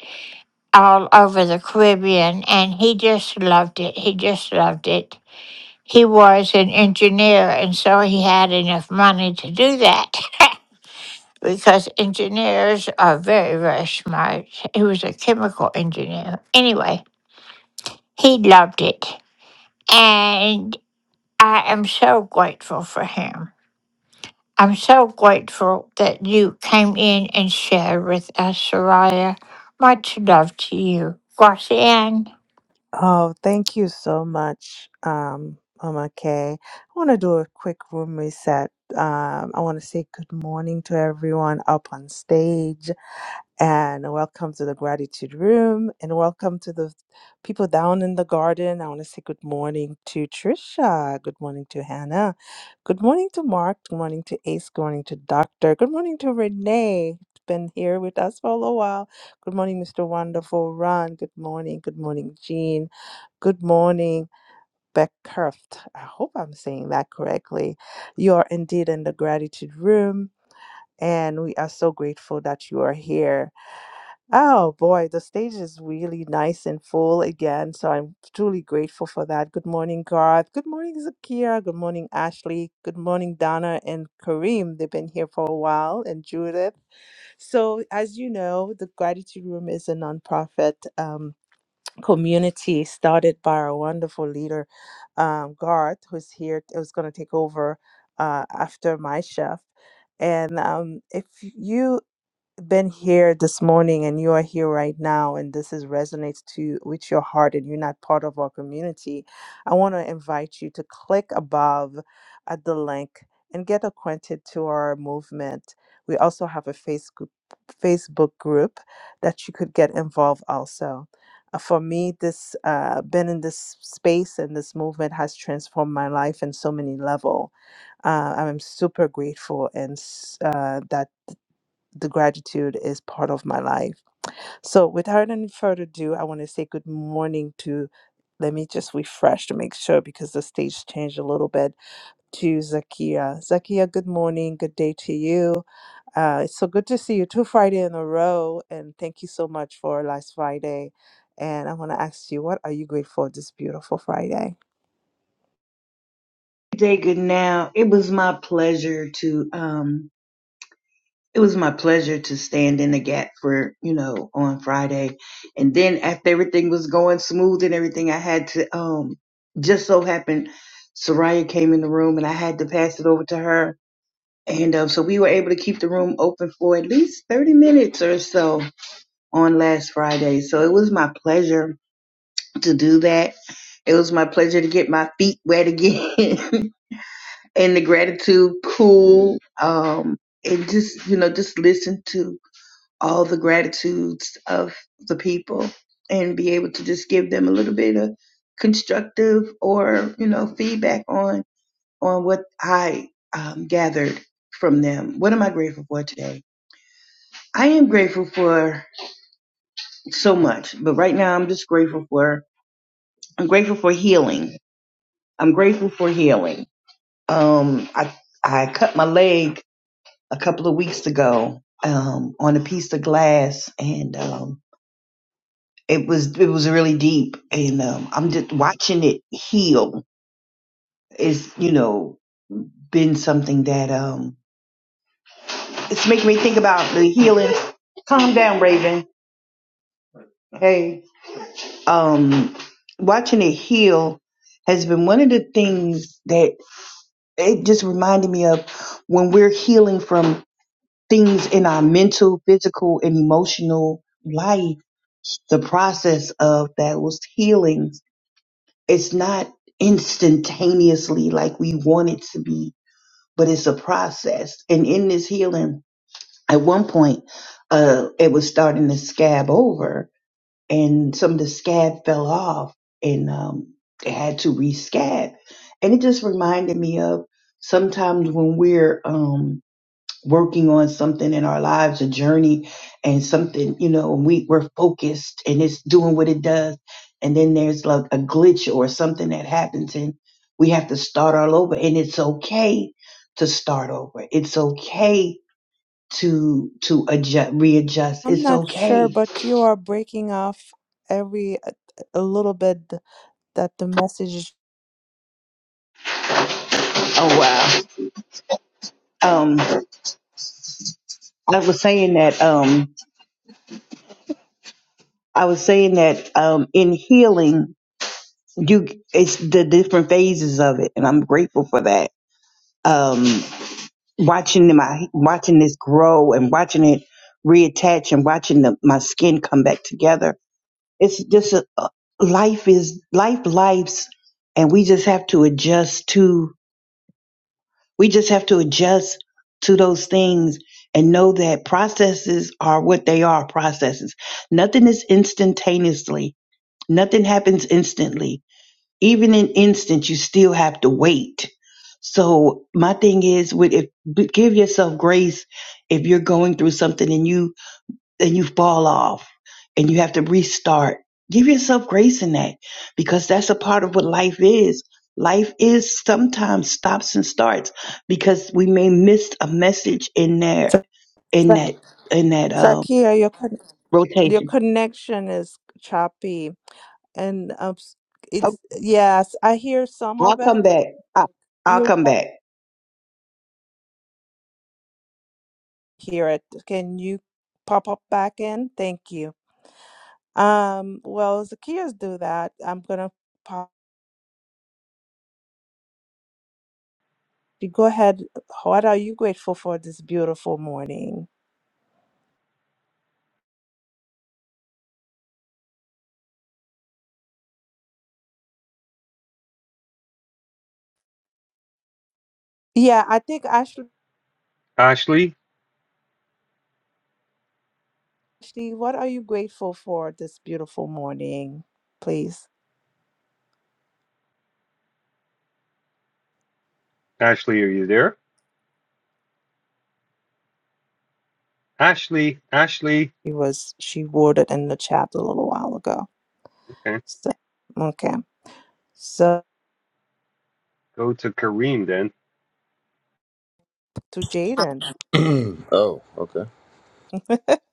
S7: all over the Caribbean and he just loved it. He just loved it. He was an engineer and so he had enough money to do that. because engineers are very, very smart. He was a chemical engineer. Anyway, he loved it. And I am so grateful for him. I'm so grateful that you came in and shared with us, Soraya. Much love to you, Gracian.
S13: Oh, thank you so much, um, Mama Kay. I want to do a quick room reset. Um, I want to say good morning to everyone up on stage. and welcome to the gratitude room and welcome to the people down in the garden. I want to say good morning to Trisha. Good morning to Hannah. Good morning to Mark. Good morning to Ace. Good morning to Doctor. Good morning to Renee. who's Been here with us for a little while. Good morning, Mr. Wonderful Ron. Good morning. Good morning, Jean. Good morning, Beckcurft. I hope I'm saying that correctly. You are indeed in the gratitude room, and we are so grateful that you are here. Oh boy, the stage is really nice and full again, so I'm truly grateful for that. Good morning, Garth. Good morning, Zakia. Good morning, Ashley. Good morning, Donna and Kareem. They've been here for a while, and Judith. So, as you know, the Gratitude Room is a nonprofit um, community started by our wonderful leader, um, Garth, who's here, who's going to take over uh, after my chef. And um, if you been here this morning and you are here right now and this is resonates to with your heart and you're not part of our community i want to invite you to click above at the link and get acquainted to our movement we also have a facebook facebook group that you could get involved also Uh, for me this uh, been in this space and this movement has transformed my life in so many level uh, i'm super grateful and s- uh, that the gratitude is part of my life. So, without any further ado, I want to say good morning to. Let me just refresh to make sure because the stage changed a little bit to Zakia. Zakia, good morning, good day to you. Uh, it's so good to see you two Friday in a row, and thank you so much for last Friday. And I want to ask you, what are you grateful this beautiful Friday?
S21: Good day, good now. It was my pleasure to um it was my pleasure to stand in the gap for, you know, on Friday. And then after everything was going smooth and everything, I had to um just so happened Soraya came in the room and I had to pass it over to her. And um, so we were able to keep the room open for at least 30 minutes or so on last Friday. So it was my pleasure to do that. It was my pleasure to get my feet wet again and the gratitude cool. Um, and just, you know, just listen to all the gratitudes of the people and be able to just give them a little bit of constructive or, you know, feedback on, on what I um, gathered from them. What am I grateful for today? I am grateful for so much, but right now I'm just grateful for, I'm grateful for healing. I'm grateful for healing. Um, I, I cut my leg a couple of weeks ago um, on a piece of glass, and um, it was it was really deep. And um, I'm just watching it heal. It's you know been something that um, it's making me think about the healing. Calm down, Raven. Hey, um, watching it heal has been one of the things that it just reminded me of when we're healing from things in our mental, physical, and emotional life, the process of that was healing. it's not instantaneously like we want it to be, but it's a process. And in this healing, at one point, uh, it was starting to scab over, and some of the scab fell off, and um, it had to rescab. And it just reminded me of sometimes when we're um, working on something in our lives, a journey and something, you know, and we, we're focused and it's doing what it does. And then there's like a glitch or something that happens and we have to start all over. And it's okay to start over. It's okay to to adjust readjust.
S13: I'm
S21: It's
S13: not sure,
S21: okay.
S13: but you are breaking off every a, a little bit that the message is.
S21: Oh wow. Um I was saying that um I was saying that um in healing you it's the different phases of it and I'm grateful for that. Um watching my watching this grow and watching it reattach and watching the, my skin come back together. It's just a, a- life is life lives, and we just have to adjust to we just have to adjust to those things and know that processes are what they are processes. Nothing is instantaneously. Nothing happens instantly even in instance you still have to wait so my thing is with if b- give yourself grace if you're going through something and you and you fall off and you have to restart give yourself grace in that because that's a part of what life is life is sometimes stops and starts because we may miss a message in there
S13: Za-
S21: in
S13: Za-
S21: that in that um
S13: Zakia, your con- your
S21: rotation
S13: connection is choppy, and um, s-
S21: Oh,
S13: it's yes, I hear some of
S21: i'll
S13: it.
S21: come back I, i'll
S13: You
S21: come back
S13: hear it. Can you pop up back in? Thank you. Um, well, Zakia's do that. I'm gonna pop. Go ahead. What are you grateful for this beautiful morning? Yeah, I think Ashley,
S22: Ashley,
S13: Ashley, what are you grateful for this beautiful morning, please?
S22: Ashley, are you there? Ashley, Ashley.
S13: She was she worded in the chat a little while ago.
S22: Okay,
S13: So okay. So
S22: go to Kareem then.
S13: to Jaden.
S16: oh, okay.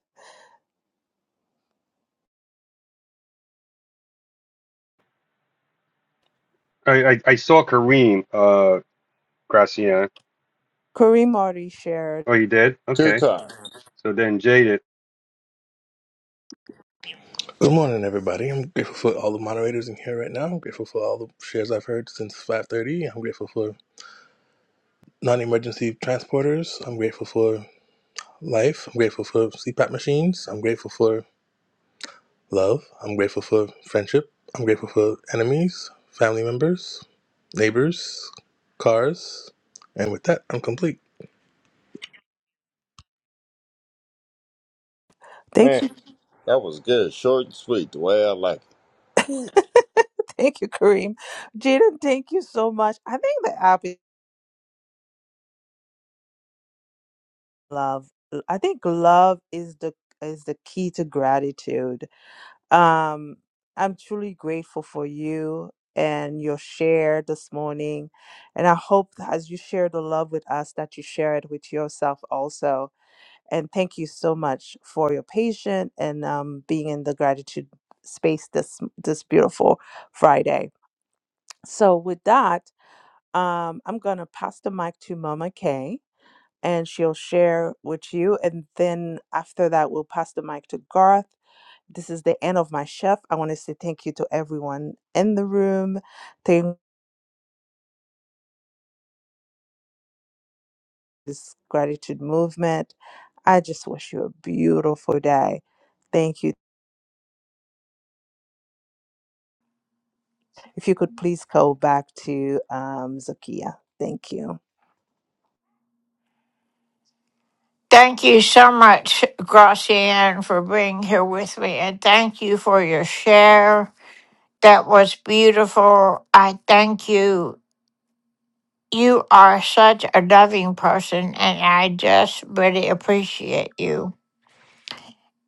S22: I I, I saw Kareem, uh, Gracian.
S13: Kareem already shared.
S22: Oh, you did?
S16: Two
S22: Okay.
S16: times.
S22: So then Jaded.
S4: morning, everybody. I'm grateful for all the moderators in here right now. I'm grateful for all the shares I've heard since 5.30. I'm grateful for non-emergency transporters. I'm grateful for life. I'm grateful for CPAP machines. I'm grateful for love. I'm grateful for friendship. I'm grateful for enemies, family members, neighbors, cars. And with that, I'm complete.
S13: Thank
S16: Man,
S13: you.
S16: that was good. Short and sweet, the way I like it.
S13: thank you, Kareem. Jaden, thank you so much. I think the app is love. I think love is the is the key to gratitude Um, I'm truly grateful for you and your share this morning. And I hope that as you share the love with us, that you share it with yourself also. And thank you so much for your patience and um, being in the gratitude space this this beautiful Friday. So with that, um, I'm gonna pass the mic to Mama Kay, and she'll share with you. And then after that, we'll pass the mic to Garth this is the end of my chef. I want to say thank you to everyone in the room. Thank this gratitude movement. I just wish you a beautiful day. Thank you. If you could please go back to um, Zakia. Thank you.
S7: Thank you so much, Gracian, for being here with me. And thank you for your share. That was beautiful. I thank you You are such a loving person, and I just really appreciate you.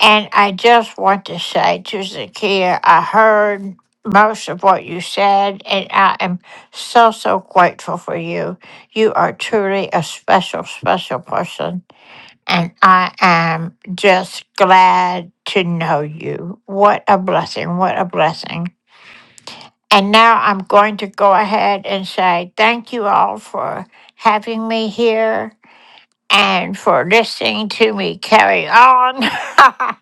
S7: And I just want to say to Zakia, I heard most of what you said, and I am so, so grateful for you. You are truly a special, special person, and I am just glad to know you. What a blessing! What a blessing. And now I'm going to go ahead and say thank you all for having me here. and for listening to me carry on.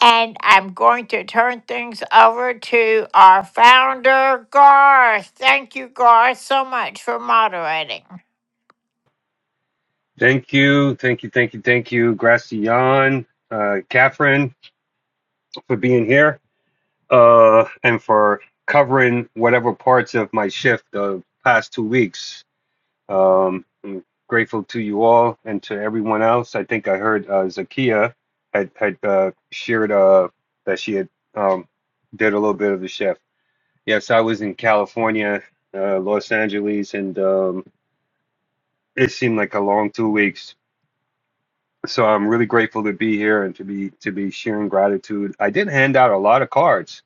S7: and I'm going to turn things over to our founder, Garth. Thank you, Garth, so much for moderating.
S22: Thank you, thank you, thank you, thank you, Gracian, uh, Catherine, for being here, uh, and for covering whatever parts of my shift the past two weeks. Um, I'm grateful to you all and to everyone else. I think I heard uh, Zakia had had uh, shared uh, that she had um, did a little bit of the chef. Yes, I was in California, uh, Los Angeles, and um, it seemed like a long two weeks. So I'm really grateful to be here and to be to be sharing gratitude. I did hand out a lot of cards.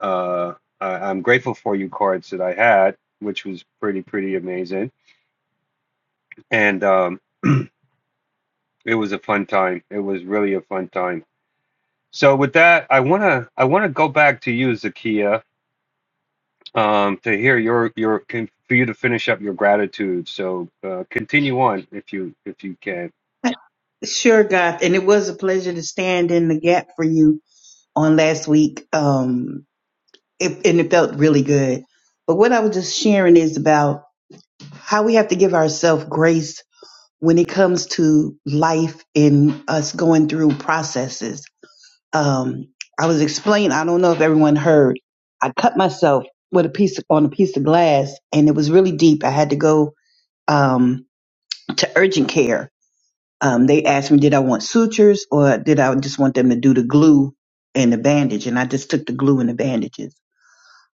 S22: Uh, I, I'm grateful for you cards that I had, which was pretty pretty amazing. And um, It was a fun time. It was really a fun time. So with that, I wanna I wanna go back to you, Zakia, um, to hear your your con- for you to finish up your gratitude. So uh, continue on if you if you can.
S21: Sure, Garth, and it was a pleasure to stand in the gap for you on last week. Um, it, and it felt really good. But what I was just sharing is about how we have to give ourselves grace when it comes to life and us going through processes. Um, I was explaining. I don't know if everyone heard. I cut myself with a piece of, on a piece of glass, and it was really deep. I had to go um, to urgent care um, they asked me, did I want sutures or did I just want them to do the glue and the bandage? And I just took the glue and the bandages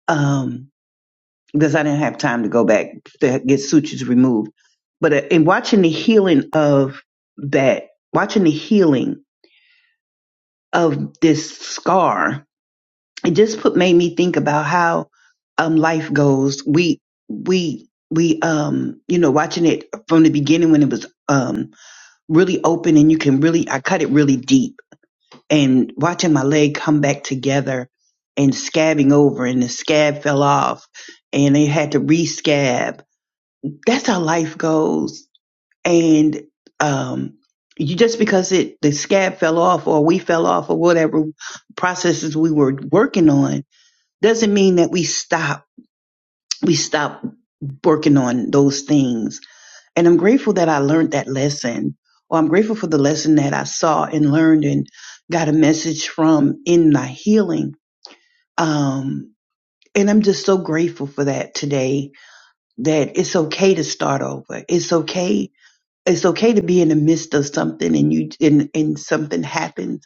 S21: um, because I didn't have time to go back to get sutures removed. But uh, in watching the healing of that, watching the healing of this scar, it just put made me think about how um, life goes. We we we um you know watching it from the beginning when it was um really open and you can really I cut it really deep and watching my leg come back together and scabbing over and the scab fell off and they had to re-scab. That's how life goes. And um you just because it the scab fell off or we fell off or whatever processes we were working on doesn't mean that we stop we stop working on those things and I'm grateful that I learned that lesson, or I'm grateful for the lesson that I saw and learned and got a message from in my healing. Um, and I'm just so grateful for that today that it's okay to start over. It's okay. It's okay to be in the midst of something and you, and, and something happens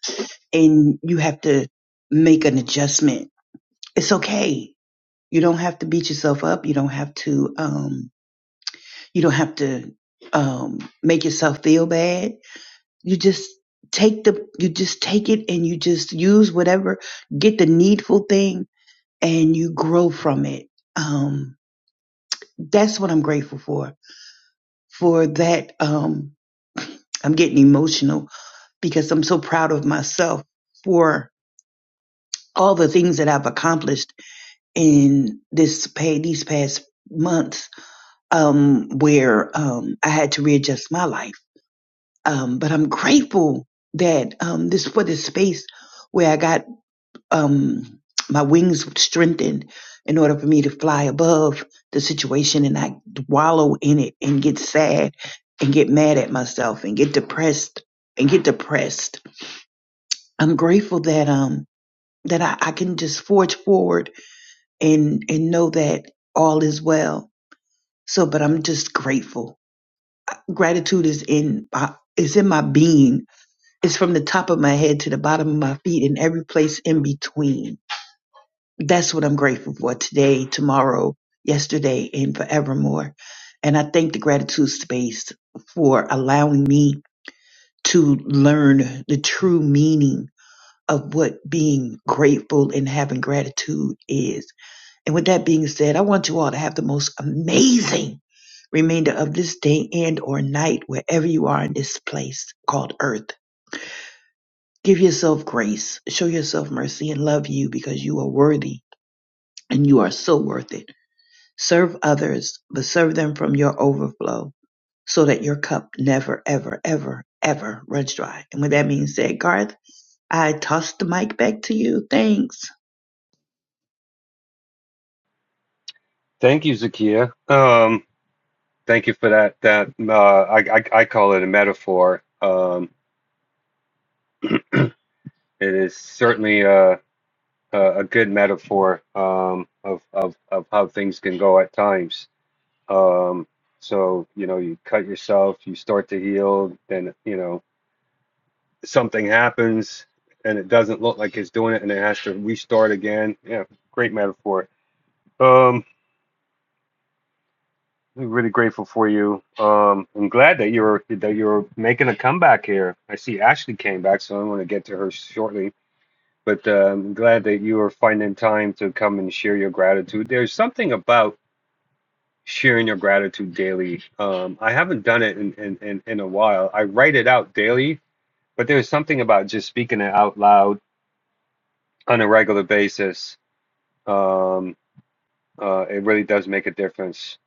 S21: and you have to make an adjustment. It's okay. You don't have to beat yourself up. You don't have to, um, you don't have to, um, make yourself feel bad you just take the you just take it and you just use whatever get the needful thing and you grow from it um that's what i'm grateful for for that um i'm getting emotional because i'm so proud of myself for all the things that i've accomplished in this pay these past months um where um i had to readjust my life um but i'm grateful that um this for this space where i got um, my wings would strengthen in order for me to fly above the situation and not wallow in it and get sad and get mad at myself and get depressed and get depressed. I'm grateful that um that I, I can just forge forward and and know that all is well. So, but I'm just grateful. Gratitude is in my is in my being. It's from the top of my head to the bottom of my feet and every place in between. that's what I'm grateful for today, tomorrow, yesterday, and forevermore. And I thank the gratitude space for allowing me to learn the true meaning of what being grateful and having gratitude is. And with that being said, I want you all to have the most amazing remainder of this day and or night wherever you are in this place called earth. Give yourself grace, show yourself mercy and love you because you are worthy and you are so worth it. Serve others, but serve them from your overflow so that your cup never, ever, ever, ever runs dry. And with that being said, Garth, I toss the mic back to you. Thanks.
S22: Thank you, Zakia. Um, thank you for that. That uh, I, I I call it a metaphor. Um, it is certainly a a a good metaphor um, of of of how things can go at times. Um, so, you know, you cut yourself, you start to heal, then, you know, something happens and it doesn't look like it's doing it and it has to restart again. Yeah, great metaphor. Um, I'm really grateful for you. Um, I'm glad that you're that you're making a comeback here. I see Ashley came back, so I want to get to her shortly. But uh, I'm glad that you are finding time to come and share your gratitude. There's something about sharing your gratitude daily. Um, I haven't done it in, in, in, in a while. I write it out daily, but there's something about just speaking it out loud on a regular basis. Um, uh, it really does make a difference.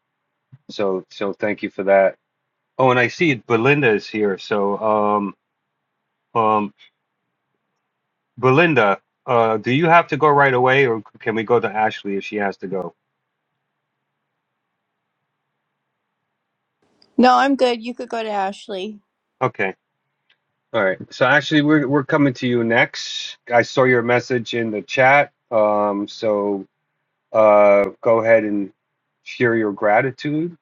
S22: So, so thank you for that. Oh, and I see Belinda is here. So, um, um, Belinda, uh, do you have to go right away or can we go to Ashley if she has to go?
S23: No, I'm good. You could go to Ashley.
S22: Okay. All right. So Ashley, we're we're coming to you next. I saw your message in the chat. Um, so Uh, go ahead and share your gratitude.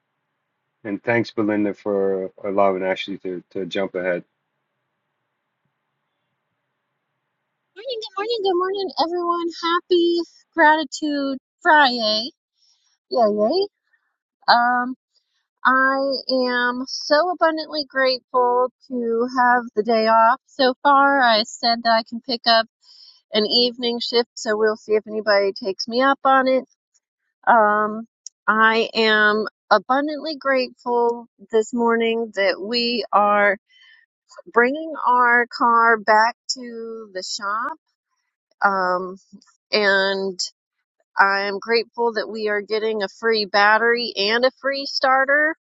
S22: And thanks, Belinda, for allowing Ashley to, to jump ahead.
S24: Morning, good morning, good morning, everyone. Happy Gratitude Friday. Yay, yay. Um, I am so abundantly grateful to have the day off so far. I said that I can pick up an evening shift, so we'll see if anybody takes me up on it. Um, I am abundantly grateful this morning that we are bringing our car back to the shop. Um, and I'm grateful that we are getting a free battery and a free starter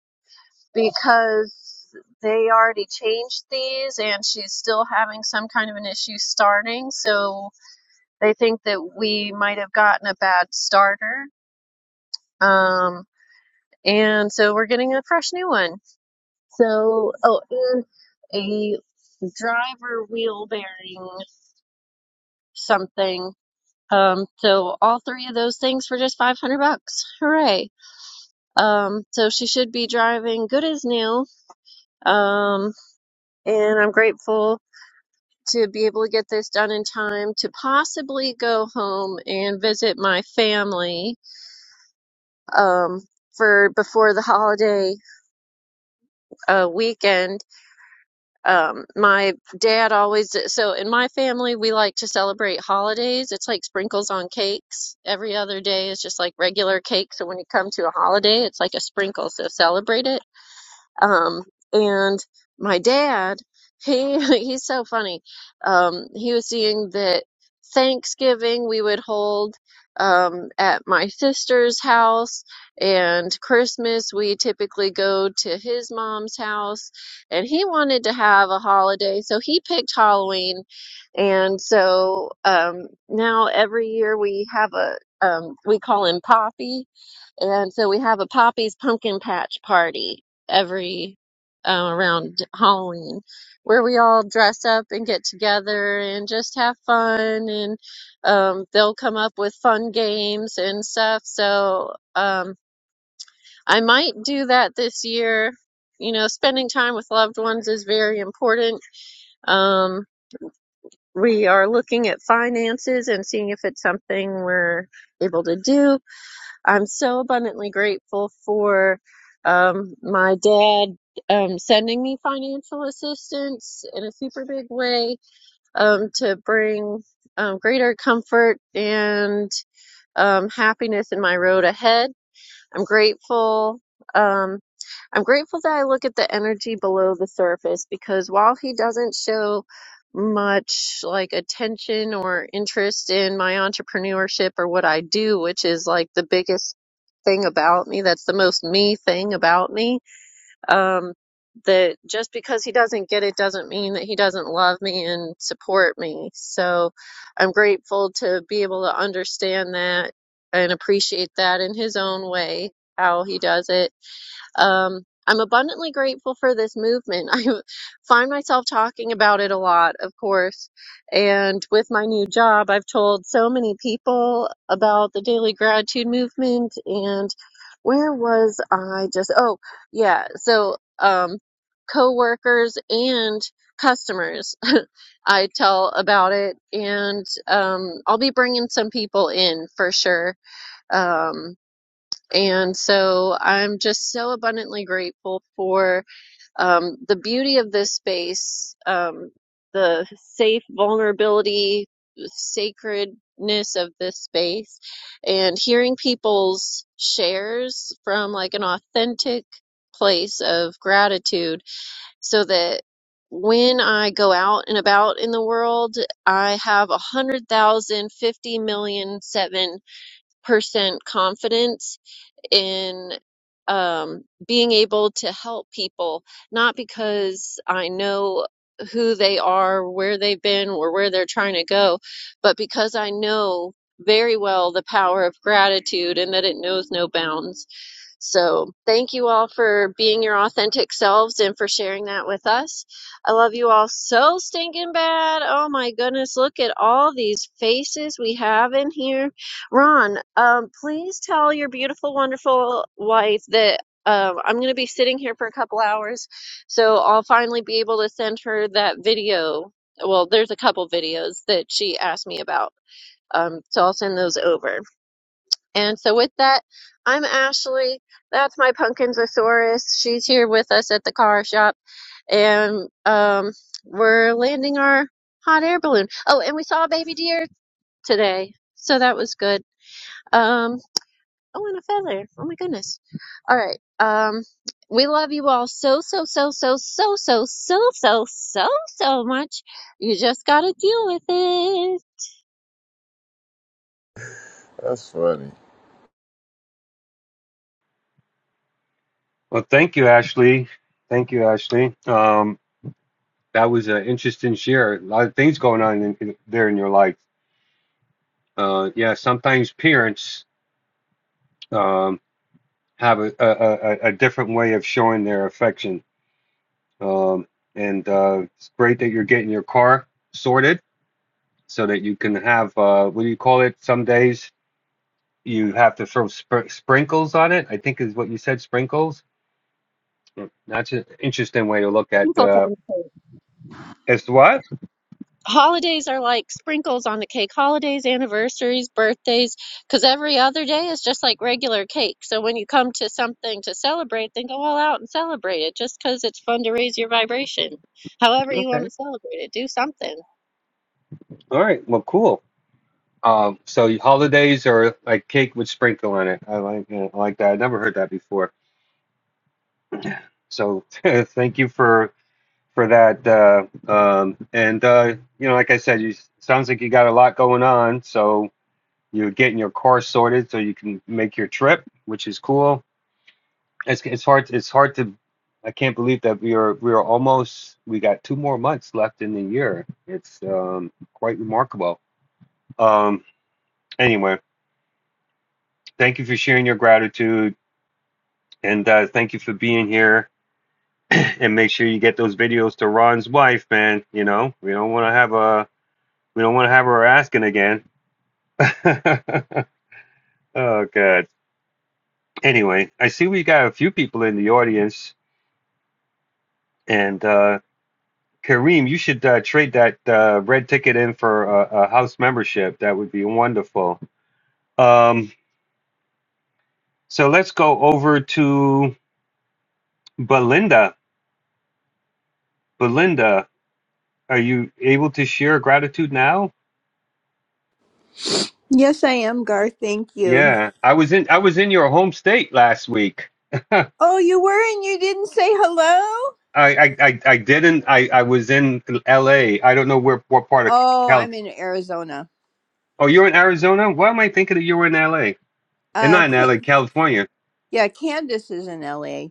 S24: because they already changed these and she's still having some kind of an issue starting. So they think that we might have gotten a bad starter. Um, and so we're getting a fresh new one. So, oh, and a driver wheel bearing something. Um, so all three of those things for just 500 bucks. Hooray. Um, so she should be driving good as new. Um, and I'm grateful to be able to get this done in time to possibly go home and visit my family um, for before the holiday uh, weekend. Um, my dad always, so in my family, we like to celebrate holidays. It's like sprinkles on cakes. Every other day is just like regular cake. So when you come to a holiday, it's like a sprinkle. So celebrate it Um, and my dad, he he's so funny. Um, he was seeing that Thanksgiving we would hold um, at my sister's house, and Christmas we typically go to his mom's house. And he wanted to have a holiday, so he picked Halloween. And so um, now every year we have a um, we call him Poppy and so we have a Poppy's pumpkin patch party every uh, around Halloween where we all dress up and get together and just have fun and um, they'll come up with fun games and stuff. So um, I might do that this year. You know, spending time with loved ones is very important. Um, we are looking at finances and seeing if it's something we're able to do I'm so abundantly grateful for um, my dad um, sending me financial assistance in a super big way um, to bring um, greater comfort and um, happiness in my road ahead. I'm grateful. Um, I'm grateful that I look at the energy below the surface because while he doesn't show much like attention or interest in my entrepreneurship or what I do, which is like the biggest thing about me, that's the most me thing about me um, that just because he doesn't get it doesn't mean that he doesn't love me and support me. So I'm grateful to be able to understand that and appreciate that in his own way, how he does it um, I'm abundantly grateful for this movement. I find myself talking about it a lot, of course. And with my new job, I've told so many people about the daily gratitude movement. And where was I just? Oh, yeah. So, um, coworkers and customers, I tell about it. And um, I'll be bringing some people in for sure. Um, and so I'm just so abundantly grateful for um, the beauty of this space, um, the safe vulnerability, sacredness of this space, and hearing people's shares from like an authentic place of gratitude so that when I go out and about in the world, I have a hundred thousand, fifty million, seven percent confidence in um, being able to help people, not because I know who they are, where they've been, or where they're trying to go, but because I know very well the power of gratitude and that it knows no bounds. So, thank you all for being your authentic selves and for sharing that with us. I love you all so stinking bad. Oh my goodness, look at all these faces we have in here. Ron, um, please tell your beautiful, wonderful wife that. Uh, I'm going to be sitting here for a couple hours, so I'll finally be able to send her that video. Well, there's a couple videos that she asked me about, um, so I'll send those over. And so, with that, I'm Ashley. That's my Pumpkinzosaurus. She's here with us at the car shop, and um, we're landing our hot air balloon. Oh, and we saw a baby deer today, so that was good. Um, oh, and a feather. Oh my goodness. All right. Um, we love you all so so so so so so so so so so much. You just gotta deal with it.
S16: That's funny.
S22: Well, thank you, Ashley. Thank you, Ashley. Um, that was an interesting share. A lot of things going on in, in- there in your life. Uh, yeah, sometimes parents um, have a, a, a, a a different way of showing their affection. Um, and uh, it's great that you're getting your car sorted so that you can have, uh, what do you call it, some days? you have to throw spr sprinkles on it. I think is what you said, sprinkles. That's an interesting way to look at
S24: Until
S22: the.
S24: time.
S22: It's what?
S24: holidays are like sprinkles on the cake holidays anniversaries birthdays because every other day is just like regular cake so when you come to something to celebrate then go all out and celebrate it just because it's fun to raise your vibration however you want
S22: Okay.
S24: to celebrate it do something
S22: All right. Well, cool. Um, so holidays are like cake with sprinkle on it. I like I like that. I never heard that before. So thank you for for that. Uh, um, and uh, you know, like I said, you sounds like you got a lot going on. So you're getting your car sorted so you can make your trip, which is cool It's it's hard it's hard to I can't believe that we are we are almost we got two more months left in the year. It's um quite remarkable. Um anyway, thank you for sharing your gratitude and uh thank you for being here and make sure you get those videos to Ron's wife, man. You know, we don't want to have a we don't want to have her asking again. oh god. Anyway, I see we got a few people in the audience and uh, Kareem, you should uh, trade that uh, red ticket in for a, a house membership. That would be wonderful. Um, so let's go over to Belinda. Belinda, are you able to share gratitude now?
S23: Yes, I am, Garth. Thank you.
S22: Yeah, I was in I was in your home state last week.
S23: Oh, you were and you didn't say hello?
S22: I I, I, I didn't. I, I was in L.A. I don't know where what part of
S23: Oh,
S22: California.
S23: I'm in Arizona.
S22: Oh, you're in Arizona. Why am I thinking that you were in L.A. and
S23: Uh,
S22: not in
S23: Cra-
S22: L.A. California?
S23: yeah, Candace is in LA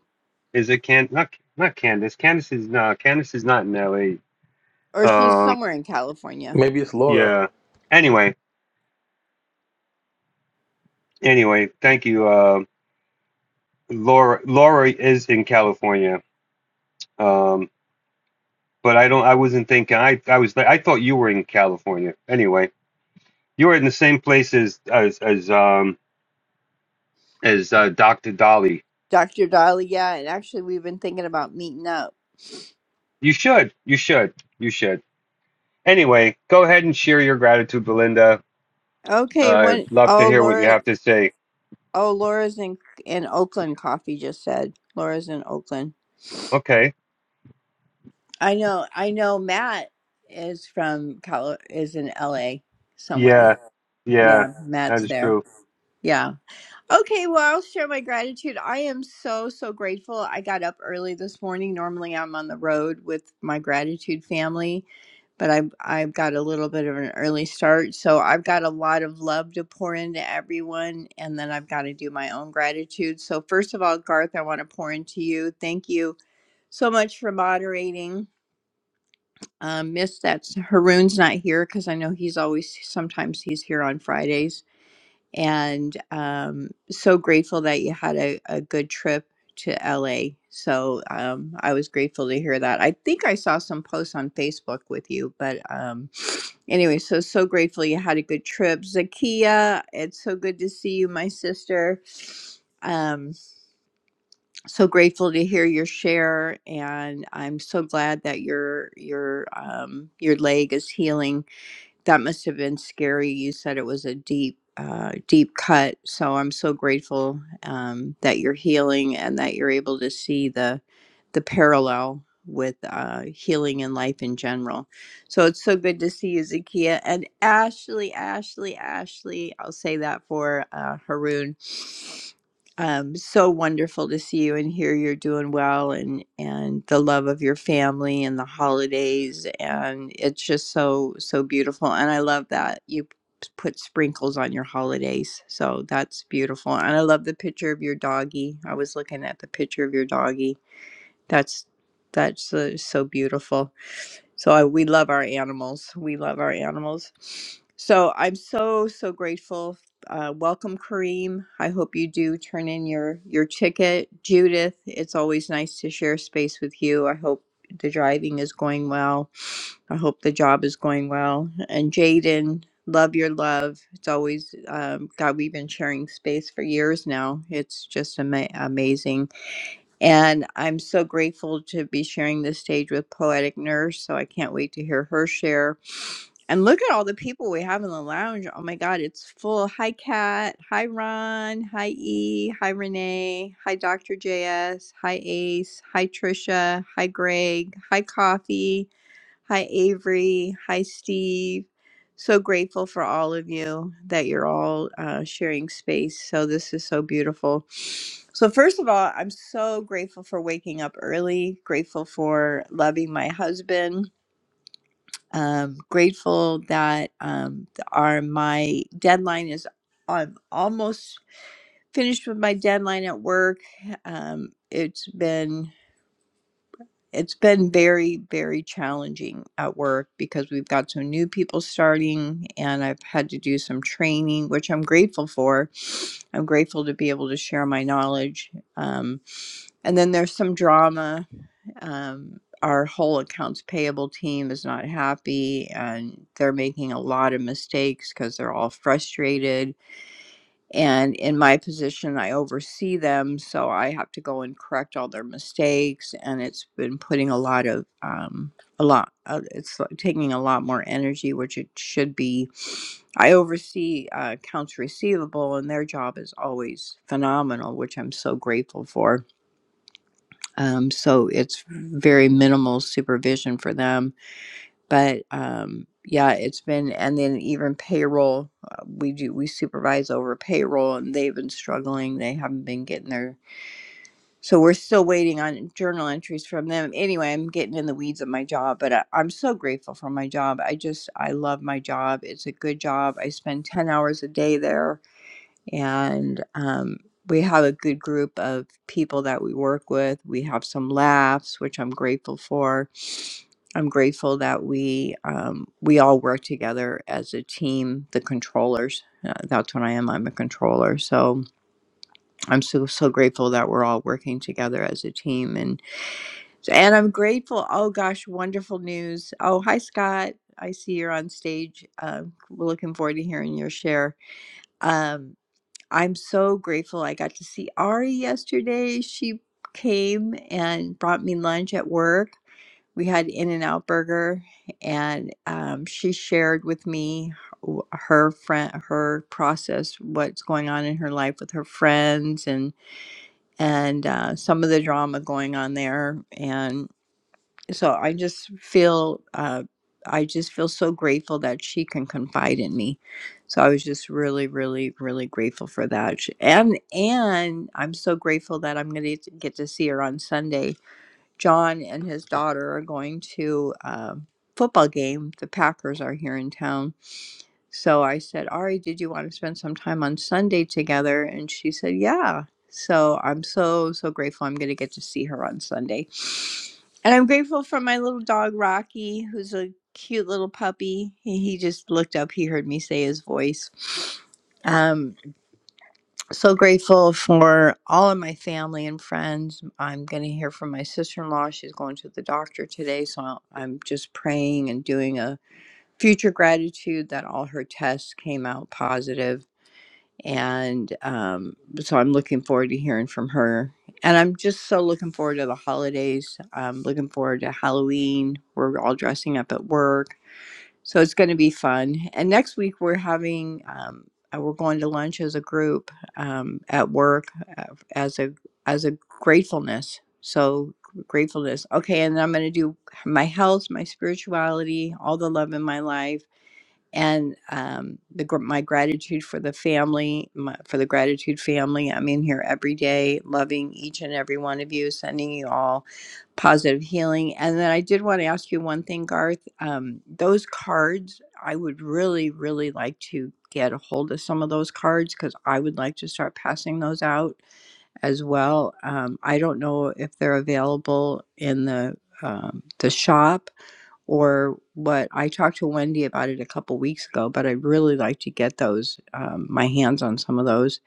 S22: Is it can not not Candace? Candace is not. Candace is not in L.A.
S23: or she's
S22: Um,
S23: somewhere in California.
S4: Maybe it's Laura.
S22: yeah. Anyway, anyway, thank you. Uh, Laura, Laura is in California. Um, but I don't. I wasn't thinking. I I was. I thought you were in California. Anyway, you were in the same place as as as um as uh, Dr. Dolly.
S23: Dr. Dolly, yeah, and actually we've been thinking about meeting up.
S22: You should. You should. You should. Anyway, go ahead and share your gratitude, Belinda. Uh,
S23: Okay, When?
S22: I'd love to
S23: Oh,
S22: hear what you
S23: Laura
S22: have to say.
S23: oh Laura's in in Oakland coffee just said. Laura's in Oakland.
S22: Okay.
S23: I know I know Matt is from Cal is in LA
S22: Yeah.
S23: somewhere.
S22: Yeah.
S23: Yeah,
S22: That
S23: Matt's
S22: is true.
S23: there. Yeah. Okay, well, I'll share my gratitude. I am so, so grateful. I got up early this morning. Normally, I'm on the road with my gratitude family, but I've, I've got a little bit of an early start. So I've got a lot of love to pour into everyone, and then I've got to do my own gratitude. So, first of all, Garth, I want to pour into you. Thank you so much for moderating. Um, miss that Haroon's not here because I know he's always sometimes he's here on Fridays and um, so grateful that you had a, a good trip to LA. So um, I was grateful to hear that. I think I saw some posts on Facebook with you, but um, anyway, so so grateful you had a good trip, Zakia. It's so good to see you, my sister. Um, so grateful to hear your share, and I'm so glad that your your um, your leg is healing that must have been scary. You said it was a deep, uh, deep cut. So I'm so grateful um, that you're healing and that you're able to see the the parallel with uh, healing and life in general. So it's so good to see you, Zakia and Ashley, Ashley, Ashley. I'll say that for uh, Haroon um, so wonderful to see you and hear you're doing well and and the love of your family and the holidays and it's just so so beautiful and I love that you p- put sprinkles on your holidays so that's beautiful and I love the picture of your doggie I was looking at the picture of your doggie that's that's uh, so beautiful. So I, we love our animals. We love our animals. So I'm so so grateful. Uh, welcome, Kareem. I hope you do turn in your your ticket, Judith. It's always nice to share space with you. I hope the driving is going well. I hope the job is going well. And Jaden, love your love. It's always um, God. We've been sharing space for years now. It's just ama- amazing and I'm so grateful to be sharing this stage with Poetic Nurse. So I can't wait to hear her share. And look at all the people we have in the lounge. Oh my God, it's full. Hi, Kat. Hi, Ron. Hi, E. Hi, Renee. Hi, Dr. JS. Hi, Ace. Hi, Trisha. Hi, Greg. Hi, Coffee. Hi, Avery. Hi, Steve. So grateful for all of you that you're all uh, sharing space. So, this is so beautiful. So, first of all, I'm so grateful for waking up early, grateful for loving my husband, um, grateful that um, th- our, my deadline is, I'm almost finished with my deadline at work. Um, it's been it's been very very challenging at work because we've got some new people starting and i've had to do some training which i'm grateful for i'm grateful to be able to share my knowledge um, and then there's some drama um, our whole accounts payable team is not happy and they're making a lot of mistakes because they're all frustrated and in my position i oversee them so i have to go and correct all their mistakes and it's been putting a lot of um a lot uh, it's like taking a lot more energy which it should be i oversee uh, accounts receivable and their job is always phenomenal which i'm so grateful for um, so it's very minimal supervision for them but um yeah it's been and then even payroll uh, we do we supervise over payroll and they've been struggling they haven't been getting their so we're still waiting on journal entries from them anyway i'm getting in the weeds of my job but I, i'm so grateful for my job i just i love my job it's a good job i spend 10 hours a day there and um, we have a good group of people that we work with. We have some laughs, which I'm grateful for. I'm grateful that we um, we all work together as a team. The controllers, uh, that's what I am. I'm a controller, so I'm so so grateful that we're all working together as a team. And and I'm grateful. Oh gosh, wonderful news. Oh hi Scott, I see you're on stage. Uh, we're looking forward to hearing your share. Um, I'm so grateful I got to see Ari yesterday. She came and brought me lunch at work. We had In N Out Burger, and um, she shared with me w- her friend, her process, what's going on in her life with her friends, and and uh, some of the drama going on there so I just feel uh, I just feel so grateful that she can confide in me. So I was just really, really, really grateful for that, Sh- and and I'm so grateful that I'm going to get to see her on Sunday. John and his daughter are going to a football game. The Packers are here in town, so I said, Ari, did you want to spend some time on Sunday together? And she said, Yeah. So I'm so, so grateful I'm going to get to see her on Sunday. And I'm grateful for my little dog, Rocky, who's a cute little puppy. He he just looked up, he heard me say his voice. Um, so grateful for all of my family and friends. I'm going to hear from my sister in law. She's going to the doctor today. So I'm just praying and doing a future gratitude that all her tests came out positive and um, so i'm looking forward to hearing from her and i'm just so looking forward to the holidays i'm looking forward to halloween we're all dressing up at work so it's going to be fun and next week we're having um, uh, we're going to lunch as a group um, at work uh, as a as a gratefulness so gratefulness okay and i'm going to do my health my spirituality all the love in my life and um, the gr- my gratitude for the family, my, for the gratitude family. I'm in here every day, loving each and every one of you, sending you all positive healing. And then I did want to ask you one thing, Garth. Um, those cards, I would really, really like to get a hold of some of those cards because I would like to start passing those out as well. Um, I don't know if they're available in the um, the shop or what I talked to Wendy about it a couple weeks ago, but I'd really like to get those, um, my hands on some of those.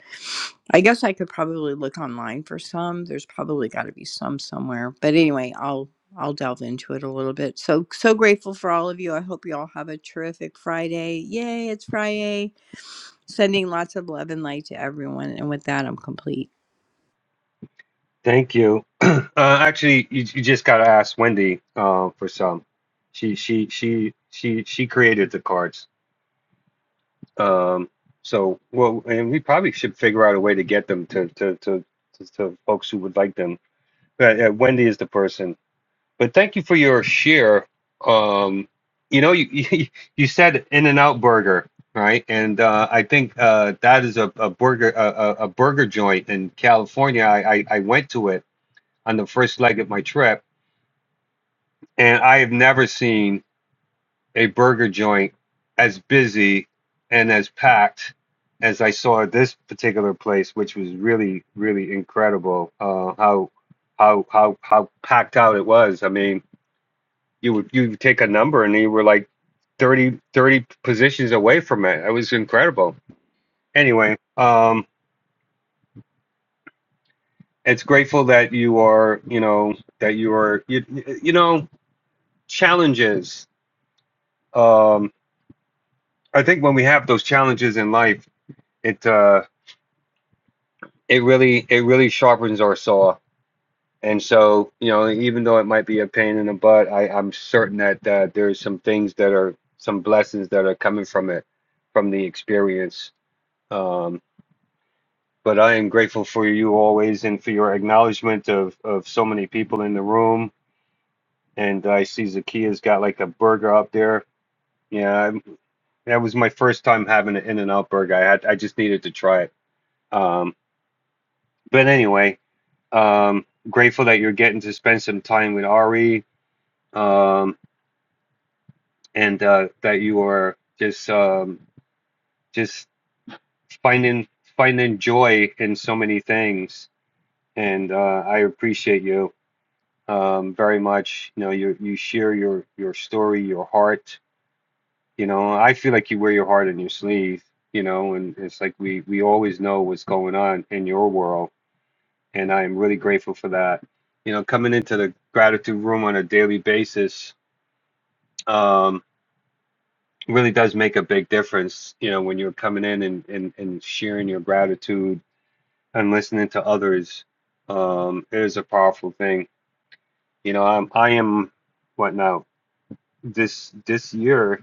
S23: I guess I could probably look online for some. There's probably got to be some somewhere. But anyway, I'll I'll delve into it a little bit. So so grateful for all of you. I hope you all have a terrific Friday. Yay, it's Friday. Sending lots of love and light to everyone. And with that, I'm complete.
S22: Thank you. uh, actually, you, you just got to ask Wendy uh, for some. She she she she she created the cards. Um, so well, and we probably should figure out a way to get them to to to, to, to folks who would like them. But uh, Wendy is the person. But thank you for your share. Um, you know, you, you you said In and Out Burger, right? And uh, I think uh, that is a, a burger a, a a burger joint in California. I, I I went to it on the first leg of my trip, and I have never seen a burger joint as busy and as packed as I saw at this particular place, which was really, really incredible. Uh, how how how how packed out it was. I mean, you would you would take a number and you were like 30 30 positions away from it. It was incredible. Anyway, um, it's grateful that you are, you know, that you are, you, you know, challenges. Um, I think when we have those challenges in life, it uh, it really it really sharpens our saw. And so, you know, even though it might be a pain in the butt, I, I'm certain that uh, there's some things that are some blessings that are coming from it, from the experience. Um, but I am grateful for you always and for your acknowledgement of of so many people in the room. And I see Zakia's got like a burger up there. Yeah, I'm- that was my first time having an In-N-Out burger. I had I just needed to try it. Um, but anyway, Um, grateful that you're getting to spend some time with Ari, um, and uh, that you are just um, just finding finding joy in so many things. And uh, I appreciate you um, very much. You know, you you share your your story, your heart. You know, I feel like you wear your heart on your sleeve. You know, and it's like we we always know what's going on in your world, and I am really grateful for that. You know, coming into the gratitude room on a daily basis um, really does make a big difference, you know, when you're coming in and, and, and sharing your gratitude and listening to others. Um, it is a powerful thing. You know, I'm, I am what now this, this year,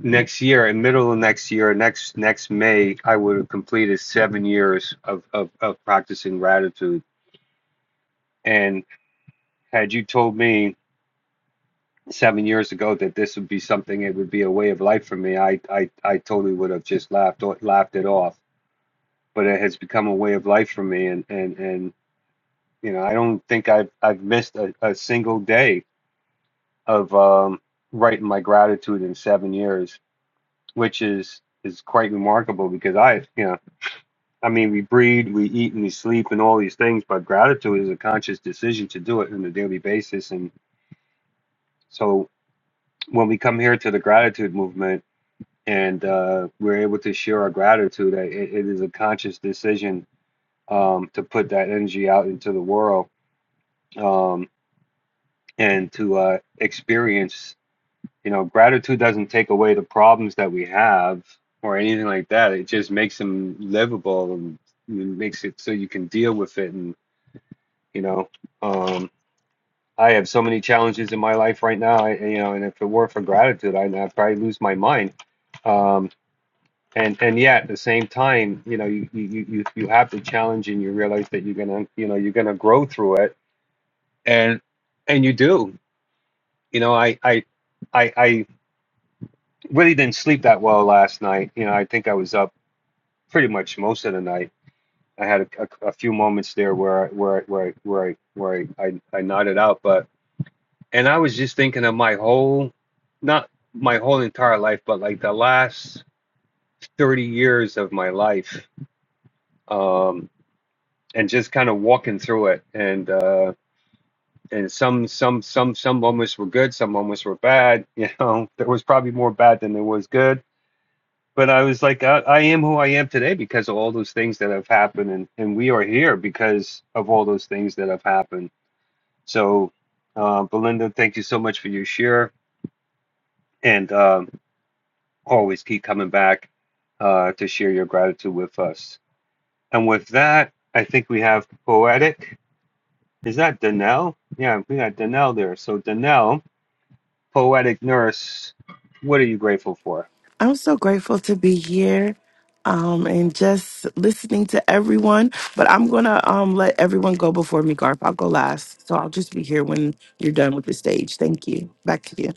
S22: next year, in middle of next year, next, next May, I would have completed seven years of, of, of practicing gratitude. And had you told me seven years ago that this would be something, it would be a way of life for me, I, I, I totally would have just laughed, laughed it off but it has become a way of life for me. And and and you know, I don't think I've I've missed a, a single day of um, writing my gratitude in seven years, which is is quite remarkable because I you know I mean we breathe, we eat, and we sleep, and all these things, but gratitude is a conscious decision to do it on a daily basis. And so when we come here to the gratitude movement. And uh, we're able to share our gratitude. It, it is a conscious decision um, to put that energy out into the world. Um, and to uh, experience you know gratitude doesn't take away the problems that we have or anything like that it just makes them livable and makes it so you can deal with it and you know um i have so many challenges in my life right now I, you know and if it weren't for gratitude i'd, I'd probably lose my mind um and and yet at the same time you know you you you, you have the challenge and you realize that you're gonna you know you're gonna grow through it and and you do you know i i i i really didn't sleep that well last night. You know, I think I was up pretty much most of the night. I had a, a- a few moments there where I, where I, where I, where I, where I, I, I nodded out, but and I was just thinking of my whole, not my whole entire life, but like the last thirty years of my life, um, and just kind of walking through it. And uh, and some some some some moments were good, some moments were bad. You know, there was probably more bad than there was good but I was like, I, I am who I am today because of all those things that have happened, and, and we are here because of all those things that have happened. So, uh, Belinda, thank you so much for your share, and um, always keep coming back uh, to share your gratitude with us. And with that, I think we have poetic. Is that Danelle? Yeah, we got Danelle there. So, Danelle, poetic nurse, what are you grateful for?
S25: I'm so grateful to be here um, and just listening to everyone. But I'm going to um, let everyone go before me, Garth. I'll go last. So I'll just be here when you're done with the stage. Thank you. Back to you.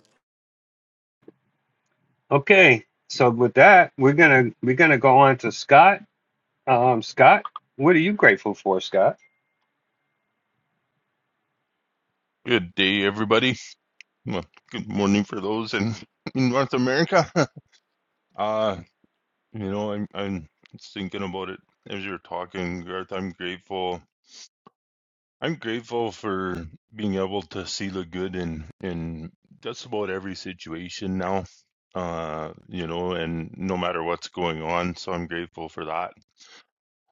S22: Okay, so with that, we're gonna we're gonna go on to Scott. Um, Scott, what are you grateful for, Scott?
S26: Good day, everybody. Well, Good morning for those in, in North America. Uh, you know, I'm I'm thinking about it as you're talking, Garth. I'm grateful. I'm grateful for being able to see the good in in just about every situation now. Uh, you know, and no matter what's going on, so I'm grateful for that.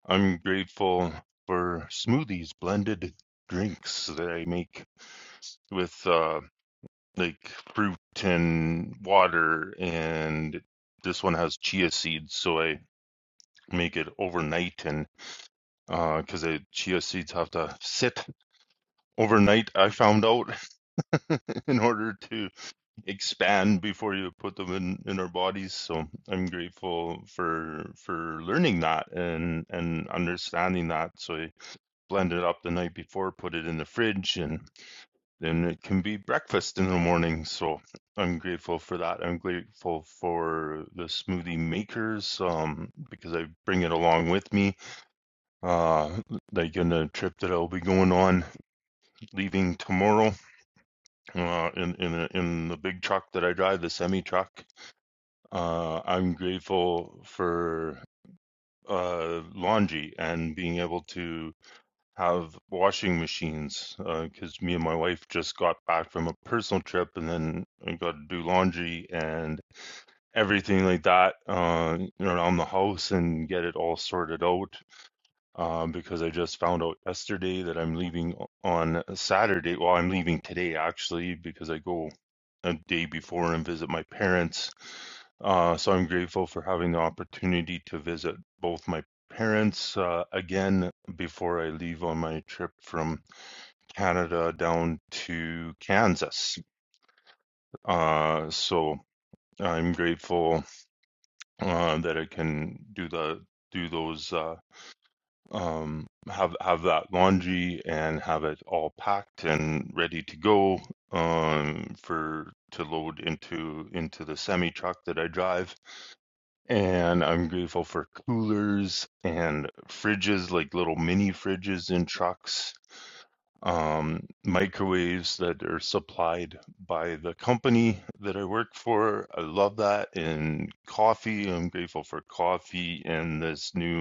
S26: I'm grateful for smoothies, blended drinks that I make with. uh, like fruit and water and this one has chia seeds so i make it overnight and because the chia seeds have to sit overnight i found out in order to expand before you put them in in our bodies so i'm grateful for for learning that and and understanding that so i blend it up the night before put it in the fridge and. and it can be breakfast in the morning. So I'm grateful for that. I'm grateful for the smoothie makers um, because I bring it along with me. Uh, like in the trip that I'll be going on, leaving tomorrow uh, in in in the big truck that I drive, the semi truck. Uh, I'm grateful for uh laundry and being able to have washing machines because uh, me and my wife just got back from a personal trip and then I got to do laundry and everything like that uh, around the house and get it all sorted out um, because I just found out yesterday that I'm leaving o- on Saturday. Well, I'm leaving today actually because I go a day before and visit my parents. Uh, so I'm grateful for having the opportunity to visit both my parents uh, again before I leave on my trip from Canada down to Kansas. Uh, so I'm grateful uh, that I can do the do those. Uh, um, have have that laundry and have it all packed and ready to go um, for to load into into the semi truck that I drive. And I'm grateful for coolers and fridges, like little mini fridges in trucks, um, microwaves that are supplied by the company that I work for. I love that. And coffee, I'm grateful for coffee and this new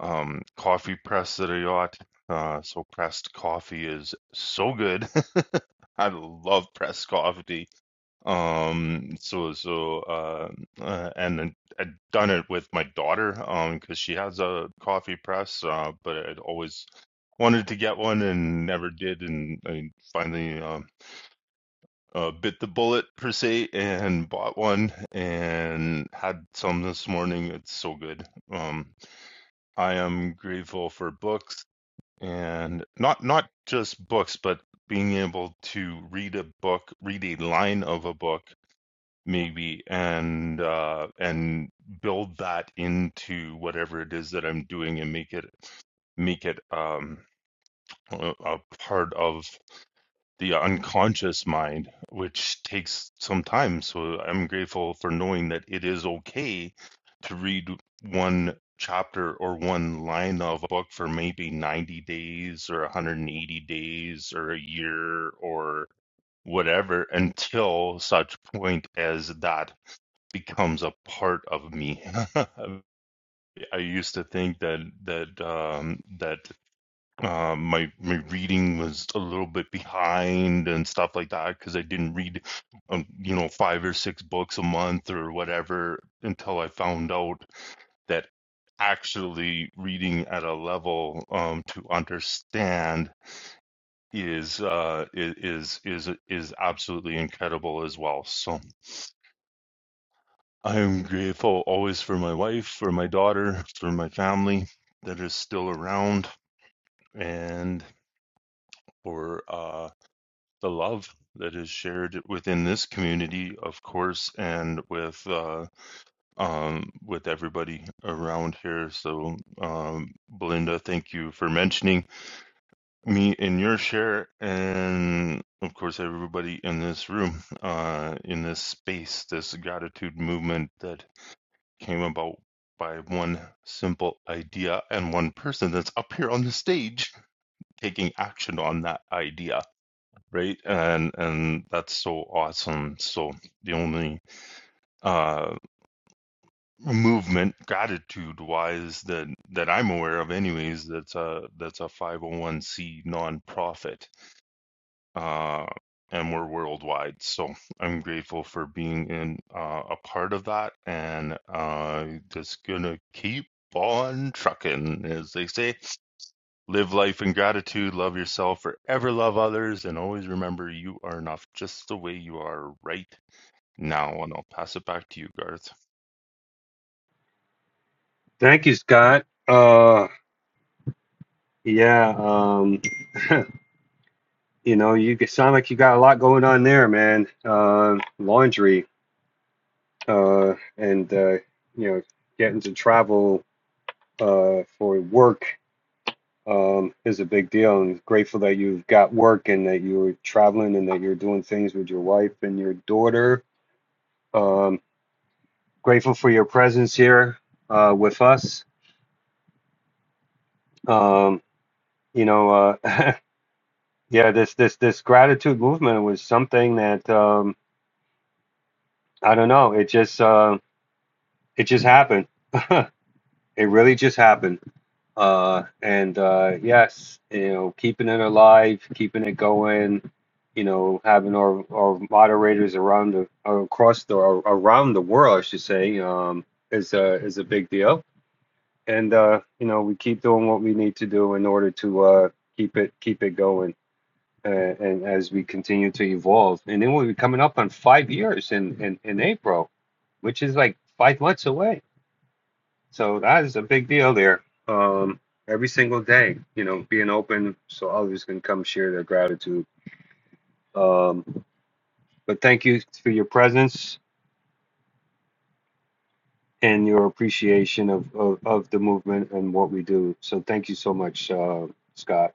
S26: um, coffee press that I got. Uh, so pressed coffee is so good. I love pressed coffee. Um, so so uh, uh, and then I'd done it with my daughter um because she has a coffee press. Uh, but I'd always wanted to get one and never did, and I finally um. Uh, bit the bullet per se and bought one and had some this morning. It's so good. Um, I am grateful for books and not not just books, but being able to read a book, read a line of a book, maybe, and uh, and build that into whatever it is that I'm doing, and make it make it um, a, a part of the unconscious mind, which takes some time. So I'm grateful for knowing that it is okay to read one chapter or one line of a book for maybe 90 days or 180 days or a year or whatever until such point as that becomes a part of me. I used to think that that um, that uh, my my reading was a little bit behind and stuff like that because I didn't read, um, you know, five or six books a month or whatever until I found out that actually reading at a level um, to understand is uh, i- is is is absolutely incredible as well. So I'm grateful always for my wife, for my daughter, for my family that is still around, and for uh, the love that is shared within this community, of course, and with uh, um, with everybody around here. So, um, Belinda, thank you for mentioning me in your share, and of course, everybody in this room, uh, in this space, this gratitude movement that came about by one simple idea and one person that's up here on the stage taking action on that idea right? And and that's so awesome. So the only uh, movement gratitude wise that that I'm aware of, anyways, that's a that's a 501c nonprofit, uh, and we're worldwide. So I'm grateful for being in uh, a part of that, and uh, just gonna keep on trucking, as they say. Live life in gratitude, love yourself, forever love others, and always remember you are enough just the way you are right now. And I'll pass it back to you, Garth.
S22: Thank you, Scott. Uh, yeah. Um, you know, you g- sound like you got a lot going on there, man. Uh, laundry, uh, and uh, you know, getting to travel uh for work um is a big deal. And grateful that you've got work and that you are traveling and that you're doing things with your wife and your daughter. Um, grateful for your presence here uh, with us. Um, you know, uh, Yeah, this this this gratitude movement was something that um, I don't know. It just uh, it just happened. It really just happened. Uh, and uh, yes, you know, keeping it alive, keeping it going. You know, having our, our moderators around the across the around the world, I should say, um, is a is a big deal. And uh, you know, we keep doing what we need to do in order to uh, keep it keep it going. uh, and as we continue to evolve. And then we'll be coming up on five years in, in, in April, which is like five months away. So that is a big deal there. Um, every single day, you know, being open so others can come share their gratitude. Um, but thank you for your presence and your appreciation of, of, of the movement and what we do. So thank you so much, uh, Scott.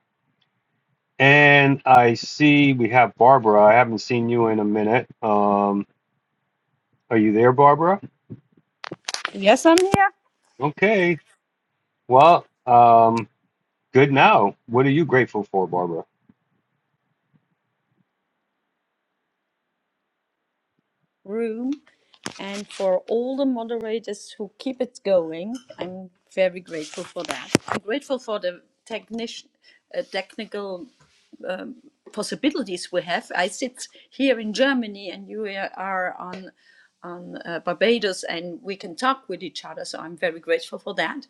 S22: And I see we have Barbara. I haven't seen you in a minute. Um, are you there, Barbara?
S27: Yes, I'm here.
S22: Okay. Well, um, good now. What are you grateful for, Barbara?
S27: Room. And for all the moderators who keep it going, I'm very grateful for that. I'm grateful for the technic- uh, technical um, possibilities we have. I sit here in Germany and you are on uh, Barbados and we can talk with each other. So I'm very grateful for that.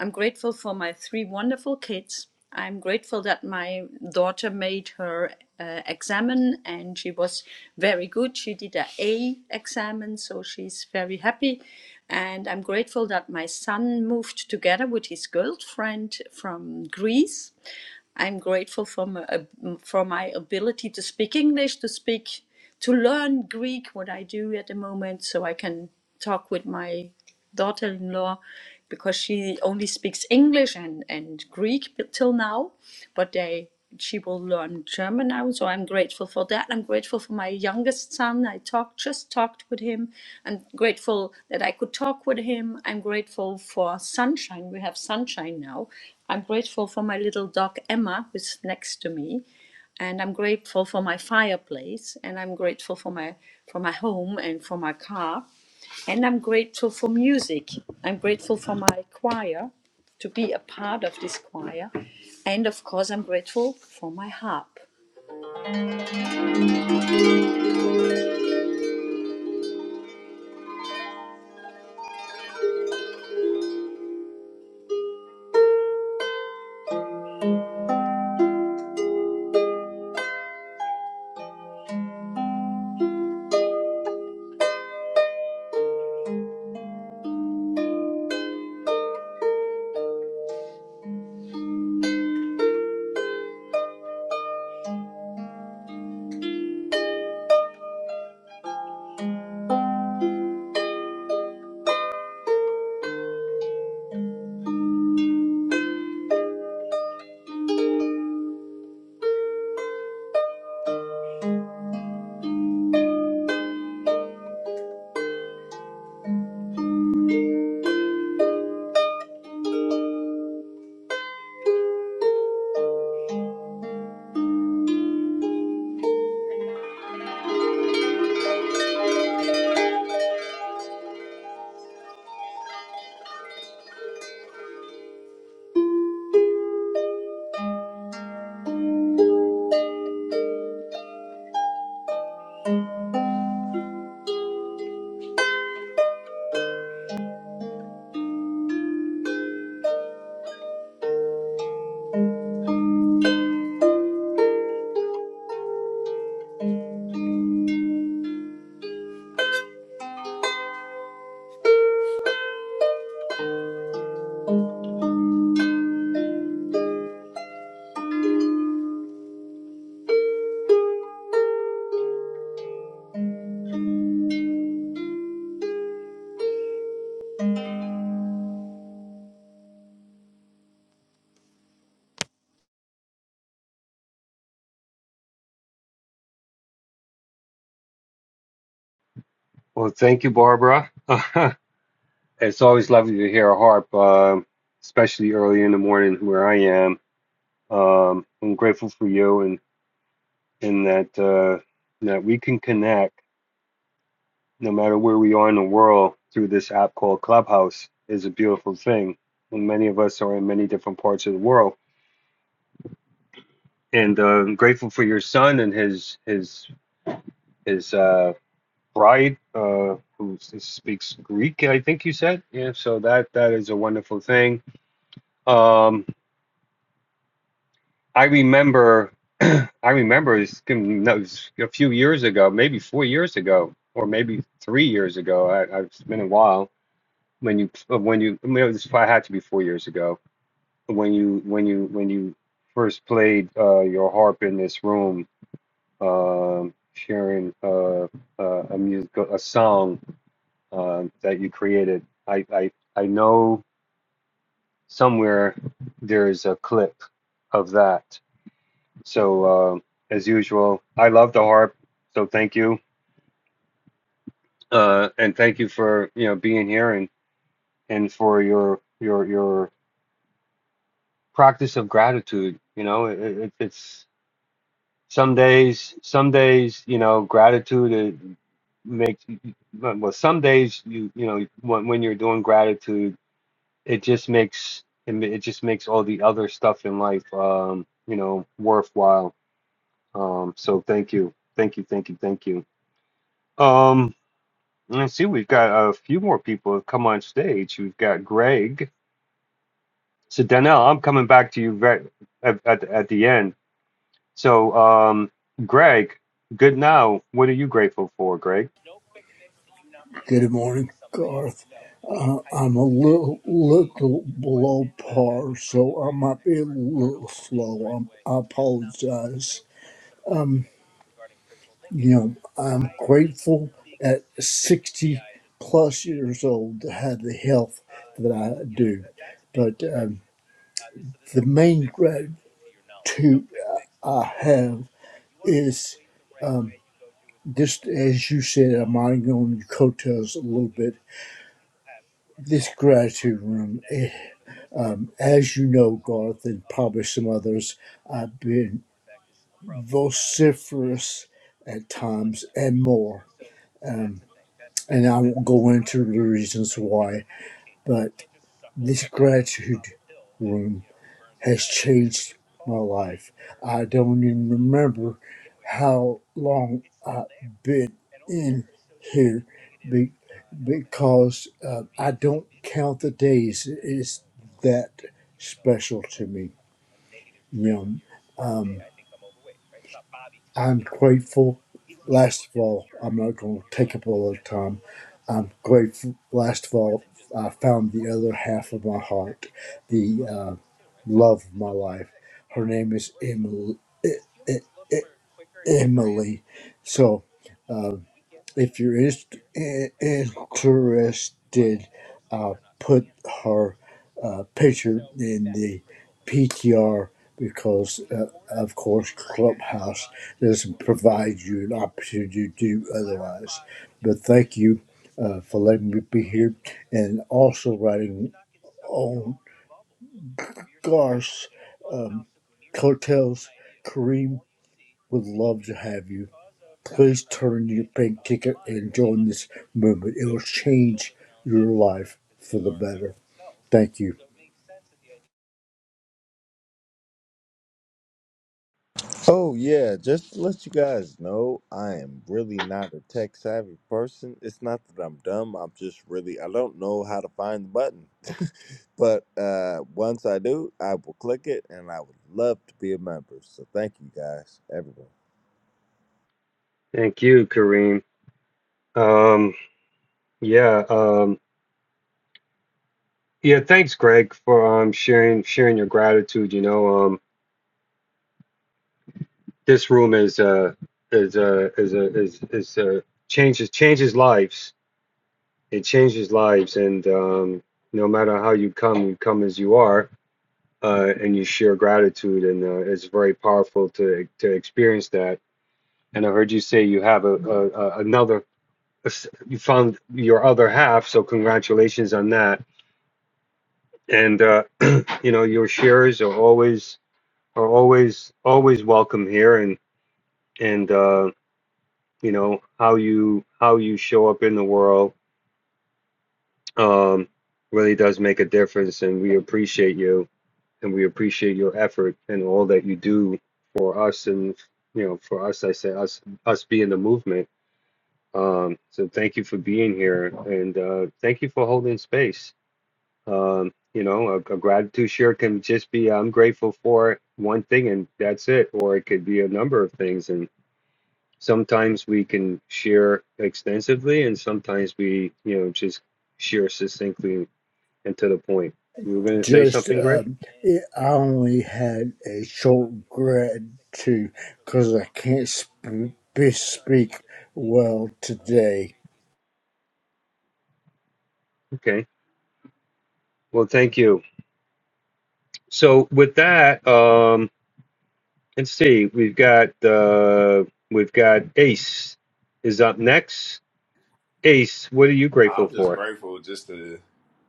S27: I'm grateful for my three wonderful kids. I'm grateful that my daughter made her uh, examen and she was very good. She did an A examen, so she's very happy. And I'm grateful that my son moved together with his girlfriend from Greece I'm grateful for my, for my ability to speak English, to speak, to learn Greek, what I do at the moment, so I can talk with my daughter-in-law because she only speaks English and, and Greek till now, but they she will learn German now, so I'm grateful for that. I'm grateful for my youngest son. I talked just talked with him. I'm grateful that I could talk with him. I'm grateful for sunshine. We have sunshine now. I'm grateful for my little dog Emma, who's next to me and I'm grateful for my fireplace, and I'm grateful for my for my home and for my car, and I'm grateful for music. I'm grateful for my choir, to be a part of this choir. And of course, I'm grateful for my harp.
S22: Well, thank you, Barbara. it's always lovely to hear a harp, um, especially early in the morning where I am. Um, I'm grateful for you and in that uh, that we can connect no matter where we are in the world through this app called Clubhouse is a beautiful thing. And many of us are in many different parts of the world. And uh, I'm grateful for your son and his his his. uh, bride uh, who s- speaks Greek, I think you said. Yeah, so that that is a wonderful thing. Um, I remember, I remember it's gonna- that was a few years ago, maybe four years ago, or maybe three years ago. I, I've it's been a while when you uh, when you I mean, this probably had to be four years ago when you when you when you first played uh, your harp in this room, um, sharing uh, uh, a music a song um, that you created. I, I I know somewhere there is a clip of that. So um as usual, I love the harp. So thank you, uh, and thank you for you know being here and and for your your your practice of gratitude. You know, it, it, it's some days some days you know gratitude it makes well some days you you know when, when you're doing gratitude it just makes it ma- it just makes all the other stuff in life um you know worthwhile um so thank you thank you thank you thank you um let's see we've got a few more people have come on stage we've got greg so Danielle, i'm coming back to you very, at, at at the end so um greg good now what are you grateful for greg
S28: Good morning, Garth. Uh, I'm a little, little below par, so I might be a little slow. I'm, I apologize. You know, I'm grateful at 60 plus years old to have the health that I do. But um, the main gratitude I have is just as you said, I'm riding on your coattails a little bit. This gratitude room. it As you know, Garth, and probably some others, I've been vociferous at times and more. Um, and I won't go into the reasons why, but this gratitude room has changed my life. I don't even remember how long I've been in here be, because uh, I don't count the days. It's that special to me. realm. Um, I'm grateful. Last of all, I'm not going to take up a lot of time. I'm grateful. Last of all, I found the other half of my heart, the uh, love of my life. Her name is Emily. E- E- E- Emily. So. uh, if you're inst- in- interested, I'll put her uh, picture in the PTR because, uh, of course, Clubhouse doesn't provide you an opportunity to do otherwise. But thank you uh, for letting me be here and also writing on Garth's um, coattails. Kareem would love to have you. Please turn your pink ticket and join this movement. It will change your life for the better. Thank you.
S16: Oh yeah, just to let you guys know, I am really not a tech savvy person. It's not that I'm dumb. I'm just really I don't know how to find the button. But uh, once I do, I will click it, and I would love to be a member. So thank you guys, everyone.
S22: thank you kareem um yeah um yeah thanks greg for um sharing sharing your gratitude you know This room is uh is uh is uh, is is uh, changes changes lives. It changes lives, and um, no matter how you come, you come as you are, uh, and you share gratitude, and uh, it's very powerful to to experience that. And I heard you say you have a, a, a another you found your other half, so congratulations on that. And uh, you know your shares are always are always always welcome here, and and. Uh, you know how you how you show up in the world um, really does make a difference and we appreciate you and we appreciate your effort and all that you do for us and you know for us i say us us being the movement um, so thank you for being here and uh, thank you for holding space um, you know a, a gratitude share can just be i'm grateful for one thing and that's it or it could be a number of things and. sometimes we can share extensively and sometimes we you know just share succinctly and to the point you were going to say
S28: Just,
S22: something greg
S28: um, it, I only had a short gratitude because I can't sp- be- speak well today.
S22: okay well thank you so with that um let's see we've got uh we've got ace is up next ace what are you grateful
S29: I'm just
S22: for
S29: grateful just to,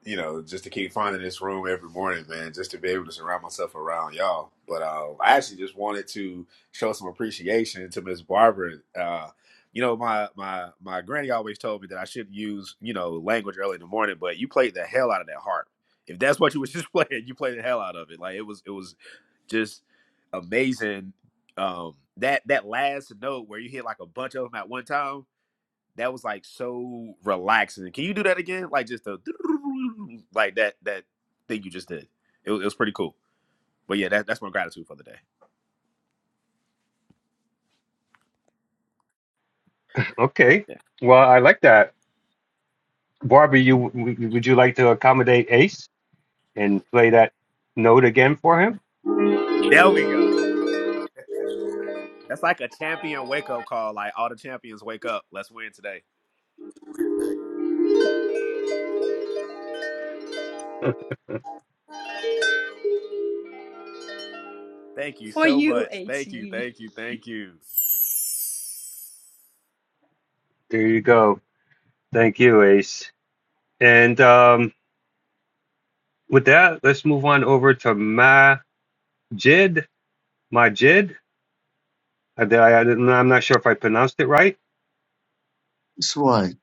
S29: you know, just to keep finding this room every morning, man, just to be able to surround myself around y'all. But uh, I actually just wanted to show some appreciation to Miss Barbara. Uh, you know, my my my granny always told me that I should use, you know, language early in the morning, but you played the hell out of that harp. If that's what you was just playing, you played the hell out of it. Like it was it was just amazing. Um that that last note where you hit like a bunch of them at one time that was like so relaxing. Can you do that again? Like just a like that that thing you just did. It was, it was pretty cool. But yeah, that, that's my gratitude for the day.
S22: okay
S29: Yeah.
S22: well i like that barbie you w- would you like to accommodate ace and play that note again for him
S29: There we go. That's like a champion wake up call. Like all the champions wake up. Let's win today. Thank you
S27: For
S29: so
S27: you,
S29: much. Thank you.
S27: ATE.
S29: Thank you. Thank you.
S22: there you go thank you ace And um, with that, let's move on over to Majid. Majid. I, I, I'm not sure if I pronounced it right.
S30: It's right.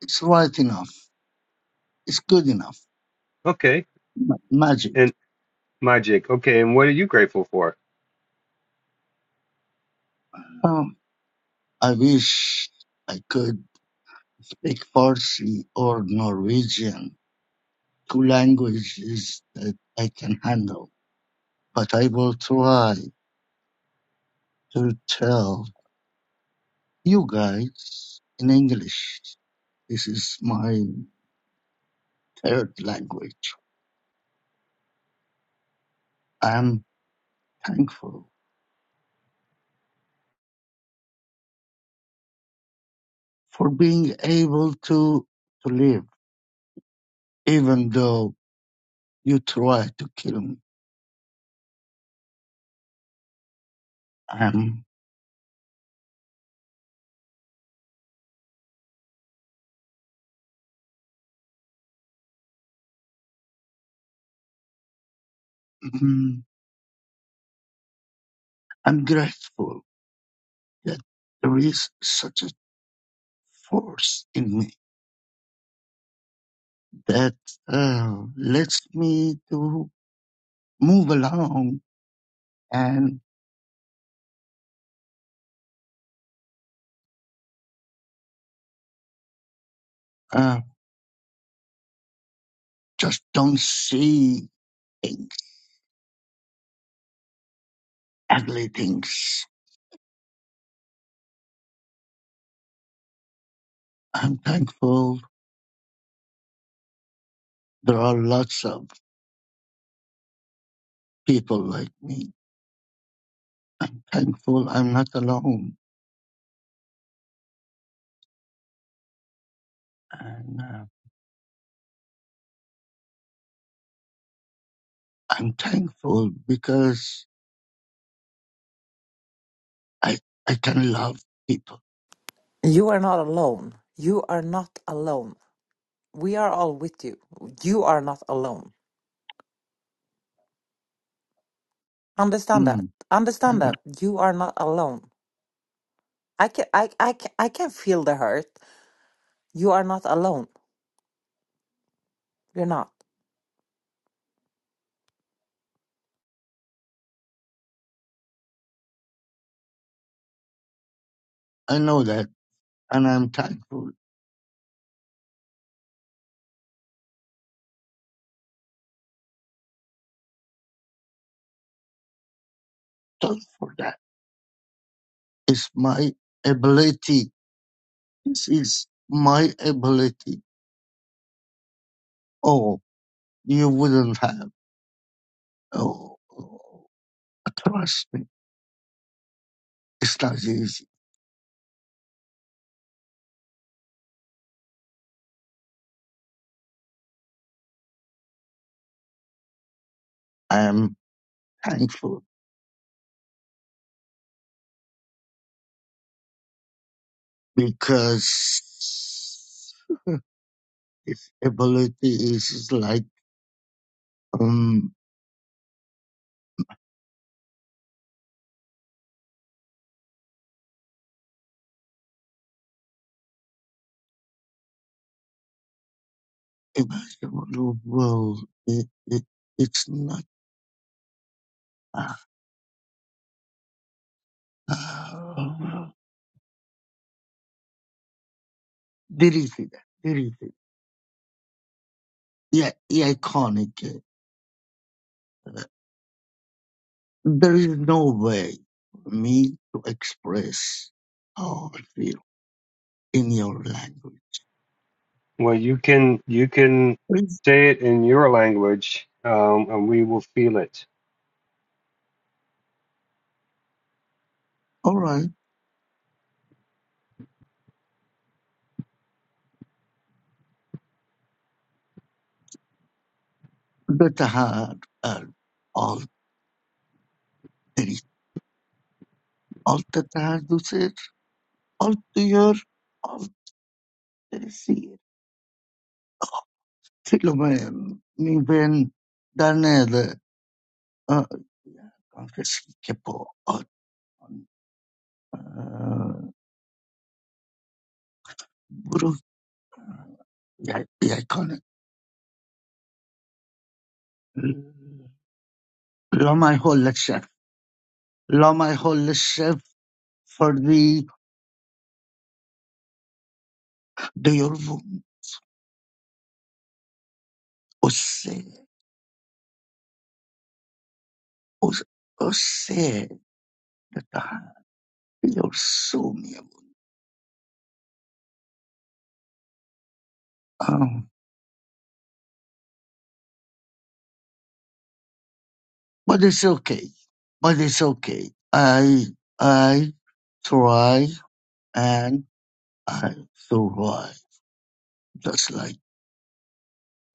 S30: It's right enough. It's good enough.
S22: Okay.
S30: Ma- Magic.
S22: And Majid. Okay. And what are you grateful for?
S30: Oh, I wish I could speak Farsi or Norwegian, two languages that I can handle. But I will try to tell you guys in English. This is my third language. I'm thankful for being able to, to live, even though you try to kill me. I'm I'm grateful that there is such a force in me that uh, lets me to move along and uh, just don't see things, ugly things. I'm thankful there are lots of people like me. Thankful I'm not alone, and uh, I'm thankful because I I can love people.
S31: You are not alone. You are not alone. We are all with you. You are not alone. Understand that.
S30: Mm, I
S31: Understand
S30: know
S31: that. You are not alone. I can I I can, I can feel the hurt. You are not alone. You're not.
S30: I know that, and I'm thankful thankful for that. is my ability. This is my ability. Oh, you wouldn't have. Oh, oh, trust me, it's not easy. I am thankful because this ability is like um imaginable world. It, it, it's not. Uh, uh, did he see that? Did he see? that? Yeah, yeah, iconic. There is no way for me to express how I feel in your language.
S22: Well, you can you can
S30: It's
S22: say it in your language, um, and we will feel it.
S30: all right. The Tahad and all there is. All the Tahad do said, all to your, all there is here. Philomen, mi ben, danede, uh, anche si che può, uh, bro, yeah, yeah, con, لما يهول الشيف لما يهول الشيف for the the your was so sad that I feel so miserable, Um, but it's okay. But it's okay. I I try and I survive just like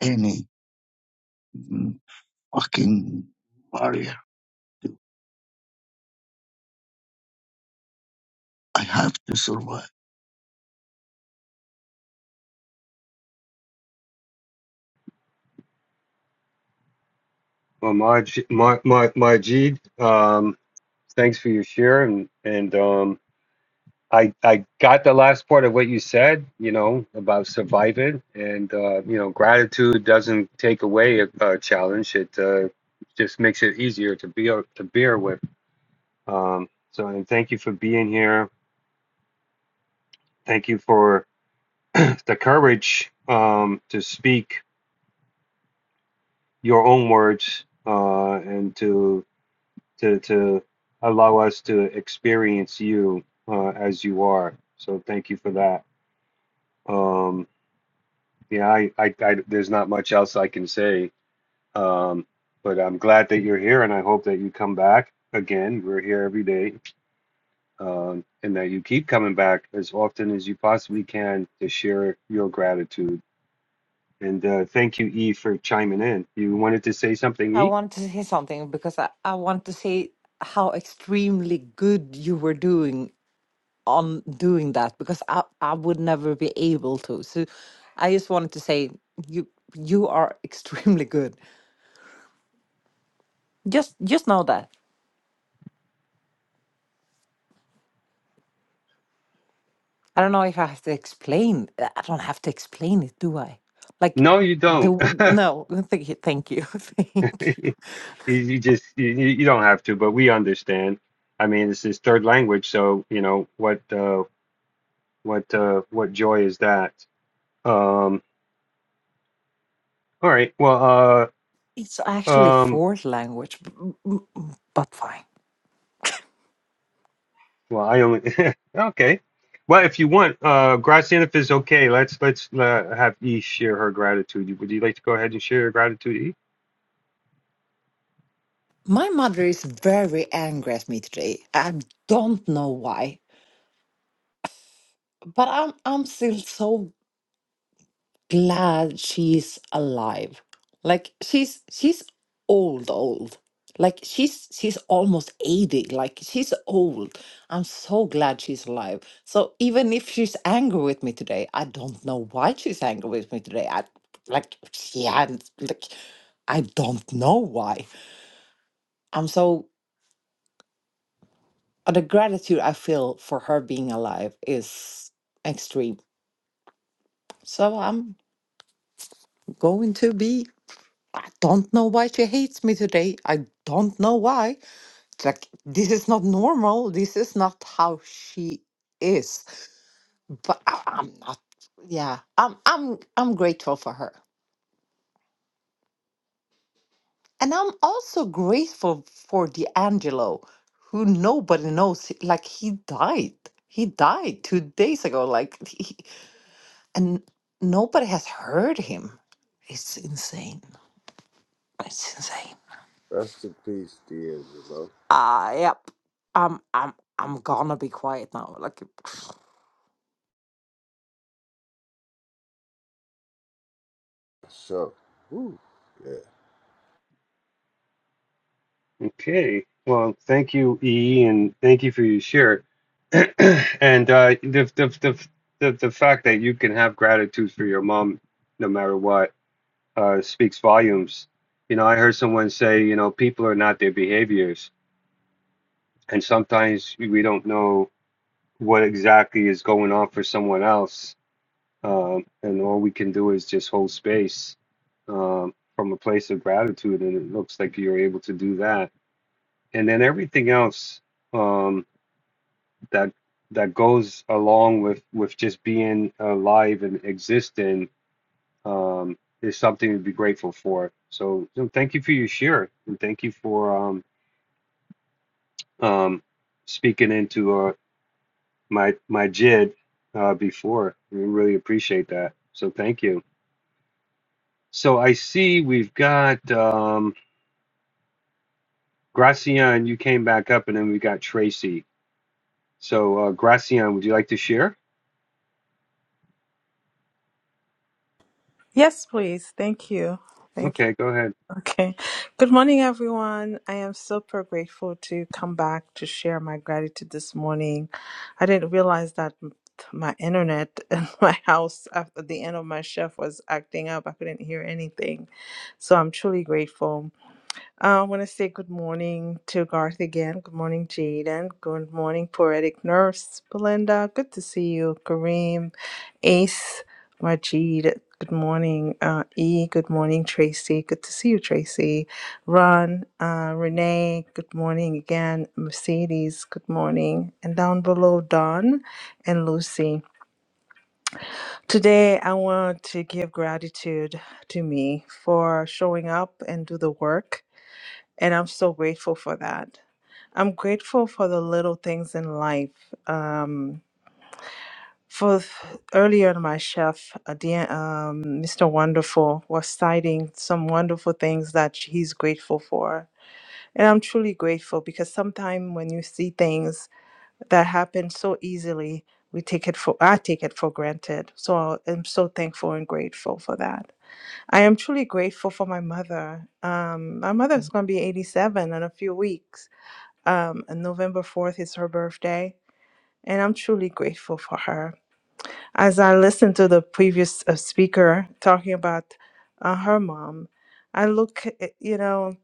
S30: any mm, fucking warrior. do. I have to survive.
S22: Well, Maj, Majid, um, thanks for your share, and and um, I I got the last part of what you said, you know, about surviving, and uh, you know, gratitude doesn't take away a, a challenge. It uh, just makes it easier to be to bear with. Um, so, and thank you for being here. Thank you for the courage um, to speak your own words uh, and to to to allow us to experience you uh, as you are. So, thank you for that. Um, Yeah, I, I, I, there's not much else I can say. Um, but I'm glad that you're here, and I hope that you come back again. We're here every day, um, and that you keep coming back as often as you possibly can to share your gratitude. And uh, thank you, E, for chiming in. You wanted to say something,
S31: I
S22: E?
S31: want to say something because I, I want to say how extremely good you were doing on doing that because I, I would never be able to. So I just wanted to say you you are extremely good. Just just know that. I don't know if I have to explain. uh, I don't have to explain it, do I? Like
S22: No, you
S31: the
S22: don't.
S31: w- no. Thank you, thank you, thank you.
S22: you, you just you, you you don't have to, but we understand. I mean, this is third language, so you know what uh, what uh, what joy is that? Um, All right. Well,
S31: It's
S22: uh,
S31: actually
S22: um,
S31: fourth language, b- b- b- but fine.
S22: well, I only okay. Well, if you want, uh, Graciana, if it's okay, let's let's uh, have E share her gratitude. Would you like to go ahead and share your gratitude, E?
S31: My mother is very angry at me today. I don't know why, but I'm I'm still so glad she's alive. Like she's she's old, old. Like she's she's almost 80. Like she's old. I'm so glad she's alive. So even if she's angry with me today, I don't know why she's angry with me today. I like she hadn't like I don't know why. I'm so uh, the gratitude I feel for her being alive is extreme. So I'm going to be I don't know why she hates me today. I don't know why. It's like this is not normal. This is not how she is. But I, I'm not. Yeah, I'm. I'm. I'm grateful for her, and I'm also grateful for D'Angelo, who nobody knows. Like he died. He died two days ago. Like he, and nobody has heard him. It's insane. It's insane.
S16: Rest in peace, D'Angelo.
S31: Ah yep. I'm I'm I'm gonna be quiet now. Like,
S16: So, woo, yeah.
S22: Okay. Well, thank you, E, and thank you for your share. and uh, the, the the the the fact that you can have gratitude for your mom, no matter what, uh, speaks volumes. You know, I heard someone say, you know, people are not their behaviors, and sometimes we don't know what exactly is going on for someone else. Um, and all we can do is just hold space um, from a place of gratitude. And it looks like you're able to do that. And then everything else um, that that goes along with, with just being alive and existing um, is something to be grateful for. So, so thank you for your share. And thank you for um, um, speaking into uh, my my JID uh, before. We really appreciate that. So thank you. So I see we've got um, Gracian. You came back up, and then we got Tracy. So uh, Gracian, would you like to share?
S13: Yes, please. Thank you. Thank you.
S22: Okay, go ahead.
S13: Okay. Good morning, everyone. I am super grateful to come back to share my gratitude this morning. I didn't realize that m- my internet in my house after the end of my shift was acting up. I couldn't hear anything. So I'm truly grateful. I want to say good morning to Garth again. Good morning, Jaden. Good morning, Poetic Nurse Belinda. Good to see you, Kareem, Ace, Majid. Good morning, uh, E. Good morning, Tracy. Good to see you, Tracy. Ron, uh, Renee. Good morning again, Mercedes. Good morning, and down below, Don and Lucy. Today, I want to give gratitude to me for showing up and do the work and I'm so grateful for that. I'm grateful for the little things in life. Um, for earlier, my chef, uh, dear, um, Mr. Wonderful, was citing some wonderful things that he's grateful for. And I'm truly grateful because sometimes when you see things that happen so easily, we take it for I take it for granted. So I'm so thankful and grateful for that. I am truly grateful for my mother. Um, my mother is going to be 87 in a few weeks, um, and November 4th is her birthday, and I'm truly grateful for her. As I listened to the previous uh, speaker talking about uh, her mom, I look, at- you know,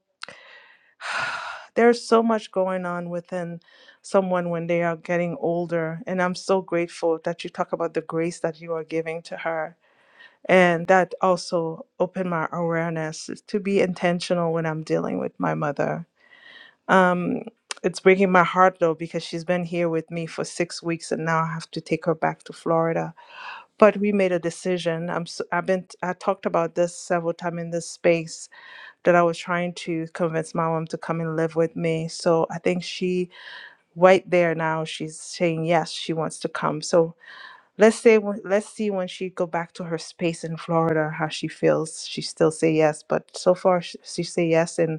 S13: there's so much going on within someone when they are getting older. And I'm so grateful that you talk about the grace that you are giving to her. And that also opened my awareness to be intentional when I'm dealing with my mother um, it's breaking my heart though because she's been here with me for six weeks and now I have to take her back to Florida. But we made a decision. I'm s I've been I talked about this several times in this space that I was trying to convince my mom to come and live with me. So I think she right there now she's saying yes she wants to come. So let's say when- let's see when she go back to her space in Florida how she feels. She still say yes, but so far sh- she say yes and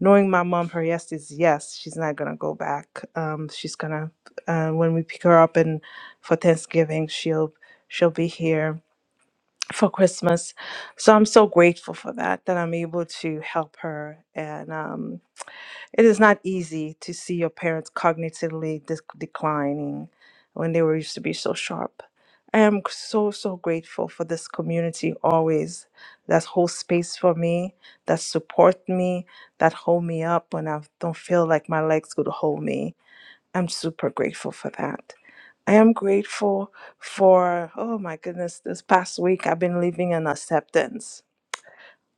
S13: knowing my mom, her yes is yes. She's not gonna go back. Um, she's gonna uh, when we pick her up and for Thanksgiving, she'll she'll be here for Christmas. So I'm so grateful for that that I'm able to help her. And um, it is not easy to see your parents cognitively dec declining when they were used to be so sharp. I am so, so grateful for this community always that holds space for me, that support me, that hold me up when I don't feel like my legs could hold me. I'm super grateful for that. I am grateful for, oh my goodness, this past week I've been living in acceptance.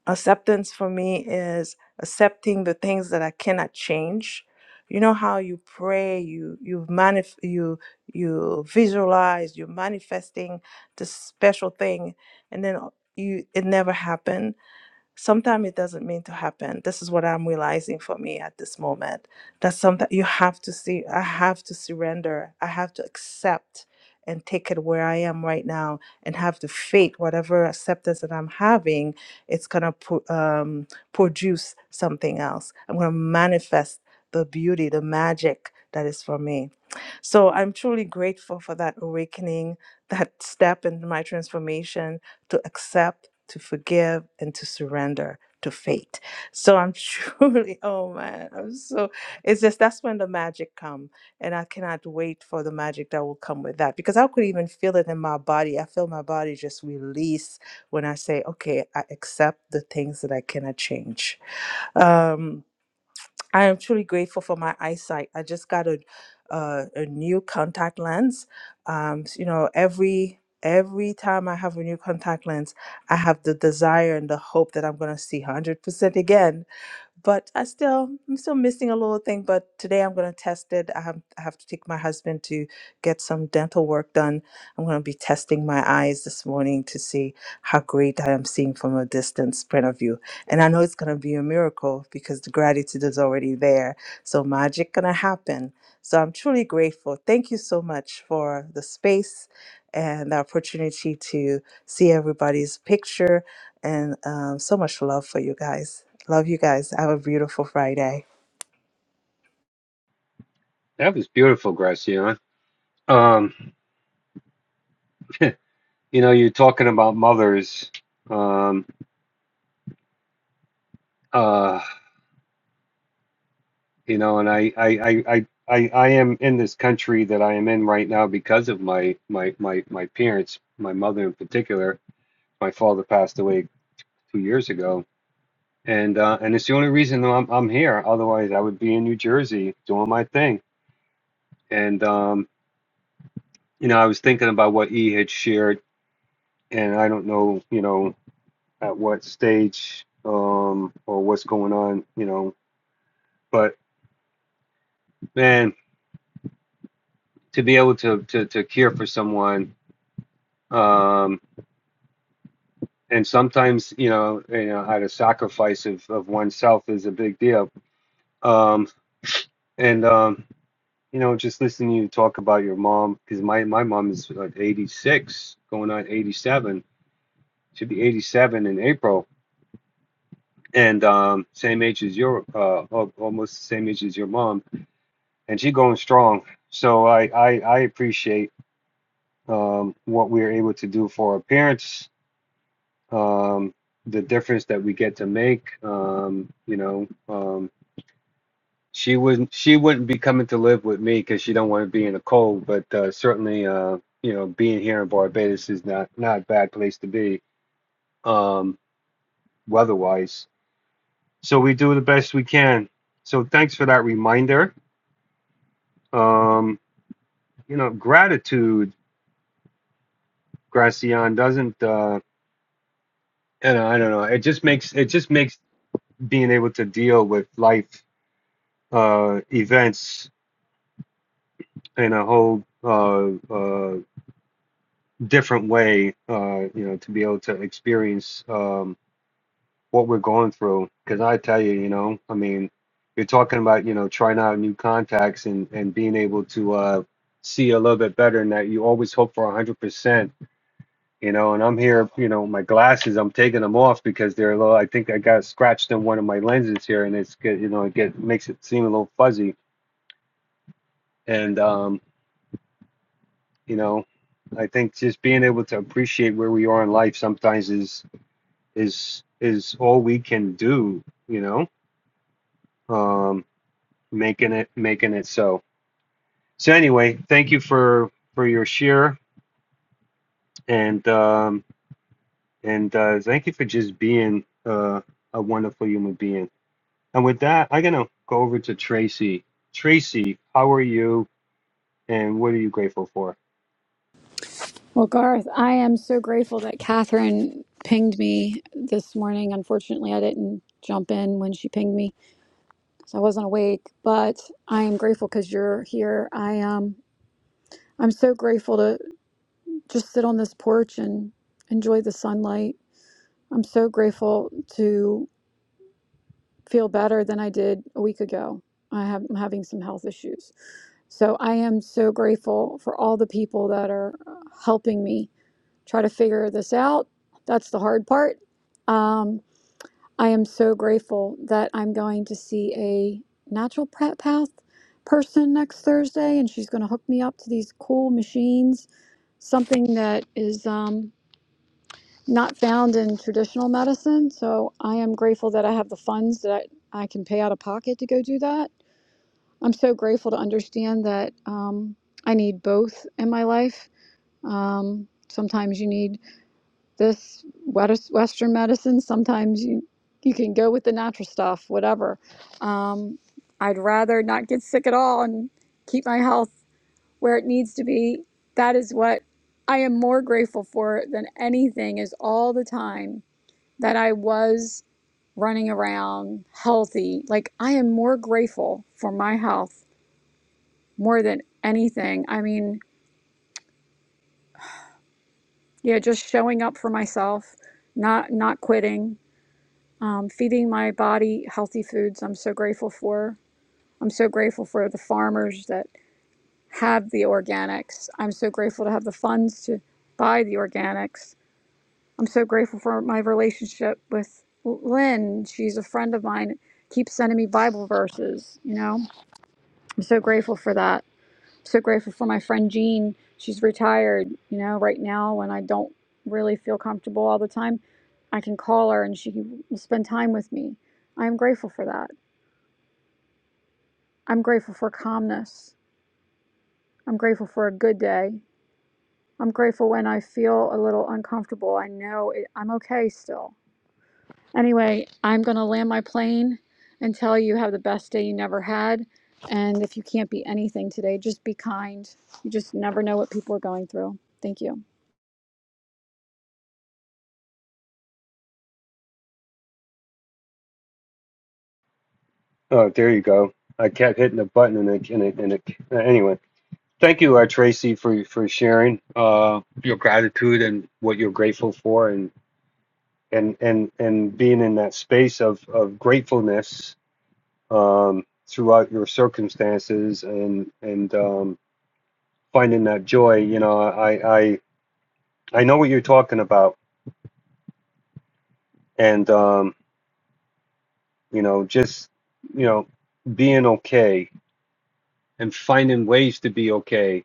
S13: Acceptance for me is accepting the things that I cannot change. You know how you pray, you you manif- you you visualize, you're manifesting this special thing, and then you it never happened sometimes it doesn't mean to happen this is what i'm realizing for me at this moment that sometimes you have to see i have to surrender i have to accept and take it where i am right now and have the faith whatever acceptance that i'm having it's going to pro- um, produce something else i'm going to manifest the beauty the magic that is for me so I'm truly grateful for that awakening, that step in my transformation to accept, to forgive, and to surrender to fate. So I'm truly, oh man, I'm so, it's just that's when the magic come. And I cannot wait for the magic that will come with that because I could even feel it in my body. I feel my body just release when I say, okay, I accept the things that I cannot change. Um, I am truly grateful for my eyesight. I just got a uh, a new contact lens. Um, s- you know, every every time I have a new contact lens, I have the desire and the hope that I'm going to see 100% again but I still I'm still missing a little thing. But today I'm going to test it. I have I have to take my husband to get some dental work done. I'm going to be testing my eyes this morning to see how great I am seeing from a distance point of view. And I know it's going to be a miracle because the gratitude is already there. So magic going to happen. So I'm truly grateful. Thank you so much for the space and the opportunity to see everybody's picture and um, so much love for you guys. Love you guys. Have a beautiful Friday.
S22: That was beautiful, Gracian. Um, you know, you're talking about mothers. Um, uh, you know, and I I I. I I, I am in this country that I am in right now because of my my my, my parents, my mother in particular, my father passed away two years ago, and uh, and it's the only reason that I'm I'm here. Otherwise, I would be in New Jersey doing my thing. And um, you know, I was thinking about what E had shared, and I don't know, you know, at what stage um, or what's going on, you know. But man, to be able to to to care for someone. Um, and sometimes, you know, you know, at a sacrifice of, of oneself is a big deal. Um, and um, You know, just listening to you talk about your mom, because my, my mom is like 86, going on 87. She'll be 87 in April, and um, same age as your, uh, al- almost the same age as your mom, and she going strong. So I, I, I appreciate um, what we are able to do for our parents, um, the difference that we get to make. Um, you know, um, She wouldn't she wouldn't be coming to live with me because she don't want to be in the cold, but uh, certainly uh, you know being here in Barbados is not not a bad place to be um, weather-wise. So we do the best we can. So thanks for that reminder. Um, you know, gratitude, Gracian doesn't uh, you know I don't know. It just makes it just makes being able to deal with life uh, events in a whole uh, uh, different way, uh, you know, to be able to experience um, what we're going through. Because I tell you, you know, I mean, you're talking about, you know, trying out new contacts and and being able to uh, see a little bit better, and that you always hope for 100%, you know. And I'm here, you know, my glasses, I'm taking them off because they're a little. I think I got scratched in one of my lenses here, and it's get, you know, it get makes it seem a little fuzzy, and um, you know. I think just being able to appreciate where we are in life sometimes is is is all we can do you know um making it making it so so anyway thank you for for your share and um and uh thank you for just being uh a wonderful human being and with that i'm gonna go over to tracy tracy how are you and what are you grateful for
S32: Well, Garth, I am so grateful that Catherine pinged me this morning. Unfortunately, I didn't jump in when she pinged me, so I wasn't awake. But I am grateful because you're here. I um, I'm so grateful to just sit on this porch and enjoy the sunlight. I'm so grateful to feel better than I did a week ago. I have, I'm having some health issues. So I am so grateful for all the people that are uh, helping me try to figure this out. That's the hard part. Um, I am so grateful that I'm going to see a natural path person next Thursday, and she's going to hook me up to these cool machines, something that is um, not found in traditional medicine. So I am grateful that I have the funds that I, I can pay out of pocket to go do that. I'm so grateful to understand that um, I need both in my life. Um, sometimes you need this wet- Western medicine. Sometimes you you can go with the natural stuff, whatever. Um, I'd rather not get sick at all and keep my health where it needs to be. That is what I am more grateful for than anything. Is all the time that I was running around healthy. Like I am more grateful for my health more than anything. I mean, yeah, just showing up for myself, not not quitting, um, feeding my body healthy foods. I'm so grateful for. I'm so grateful for the farmers that have the organics. I'm so grateful to have the funds to buy the organics. I'm so grateful for my relationship with Lynn. She's a friend of mine. Keeps sending me Bible verses. You know, I'm so grateful for that. I'm so grateful for my friend Jean. She's retired. You know, right now when I don't really feel comfortable all the time, I can call her and she will spend time with me. I am grateful for that. I'm grateful for calmness. I'm grateful for a good day. I'm grateful when I feel a little uncomfortable. I know it, I'm okay still. Anyway, I'm going to land my plane and tell you have the best day you never had. And if you can't be anything today, just be kind. You just never know what people are going through. Thank you.
S22: oh there you go i kept hitting the button and it and it, and it uh, anyway thank you uh, tracy for for sharing uh your gratitude and what you're grateful for and and and and being in that space of of gratefulness um throughout your circumstances and and um finding that joy you know i i i know what you're talking about and um you know just you know being okay and finding ways to be okay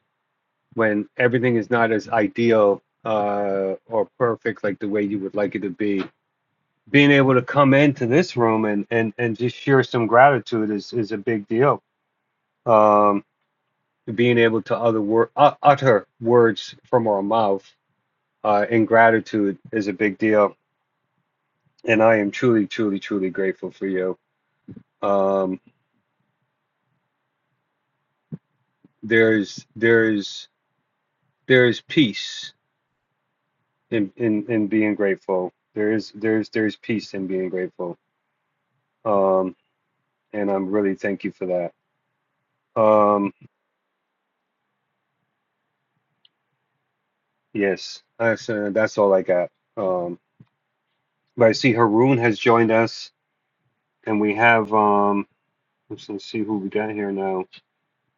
S22: when everything is not as ideal uh or perfect like the way you would like it to be being able to come into this room and and and just share some gratitude is is a big deal um to being able to other wor- uh, utter words from our mouth uh, in gratitude is a big deal, and I am truly, truly, truly grateful for you. Um, there's there's there's peace in, in in being grateful. There is there's there's peace in being grateful, um, and I'm really thank you for that. Um, yes, that's uh, that's all I got. Um, but I see Haroon has joined us, and we have um, let's, let's see who we got here now.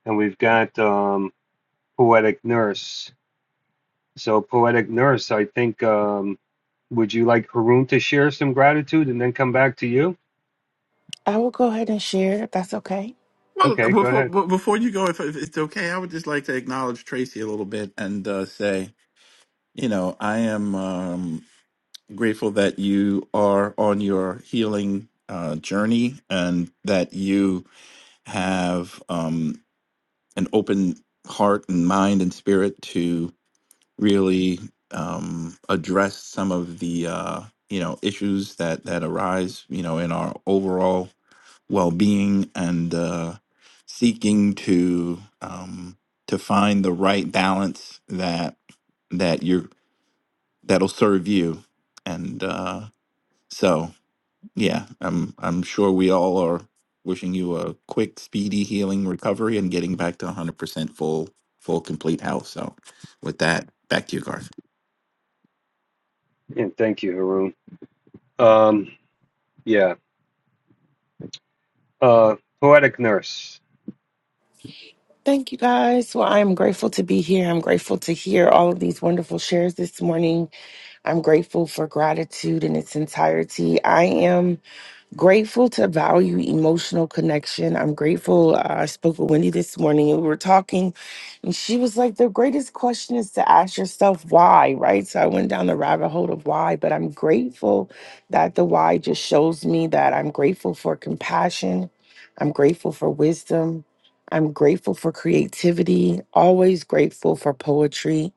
S22: and we've got um, Poetic Nurse. So, Poetic Nurse, I think, um, would you like Haroon to share some gratitude and then come back to you?
S25: I will go ahead and share if that's okay.
S33: Well,
S22: Okay, go
S33: before
S22: ahead.
S33: be- before you go, if, if it's okay, I would just like to acknowledge Tracy a little bit and uh, say, you know, I am um, grateful that you are on your healing uh, journey and that you have um, an open heart and mind and spirit to really um, address some of the uh, you know issues that that arise, you know, in our overall well being and uh, seeking to um, to find the right balance that that you're that'll serve you. And uh, so, yeah, I'm I'm sure we all are wishing you a quick, speedy healing recovery and getting back to 100% full, full, complete health. So, with that, back to you, Garth.
S22: Yeah, thank you, Haroon. Um, yeah, uh, Poetic Nurse.
S25: Thank you guys. Well, I am grateful to be here. I'm grateful to hear all of these wonderful shares this morning. I'm grateful for gratitude in its entirety. I am grateful to value emotional connection. I'm grateful. Uh, I spoke with Wendy this morning and we were talking, and she was like, The greatest question is to ask yourself why, right? So I went down the rabbit hole of why, but I'm grateful that the why just shows me that I'm grateful for compassion. I'm grateful for wisdom. I'm grateful for creativity, always grateful for poetry.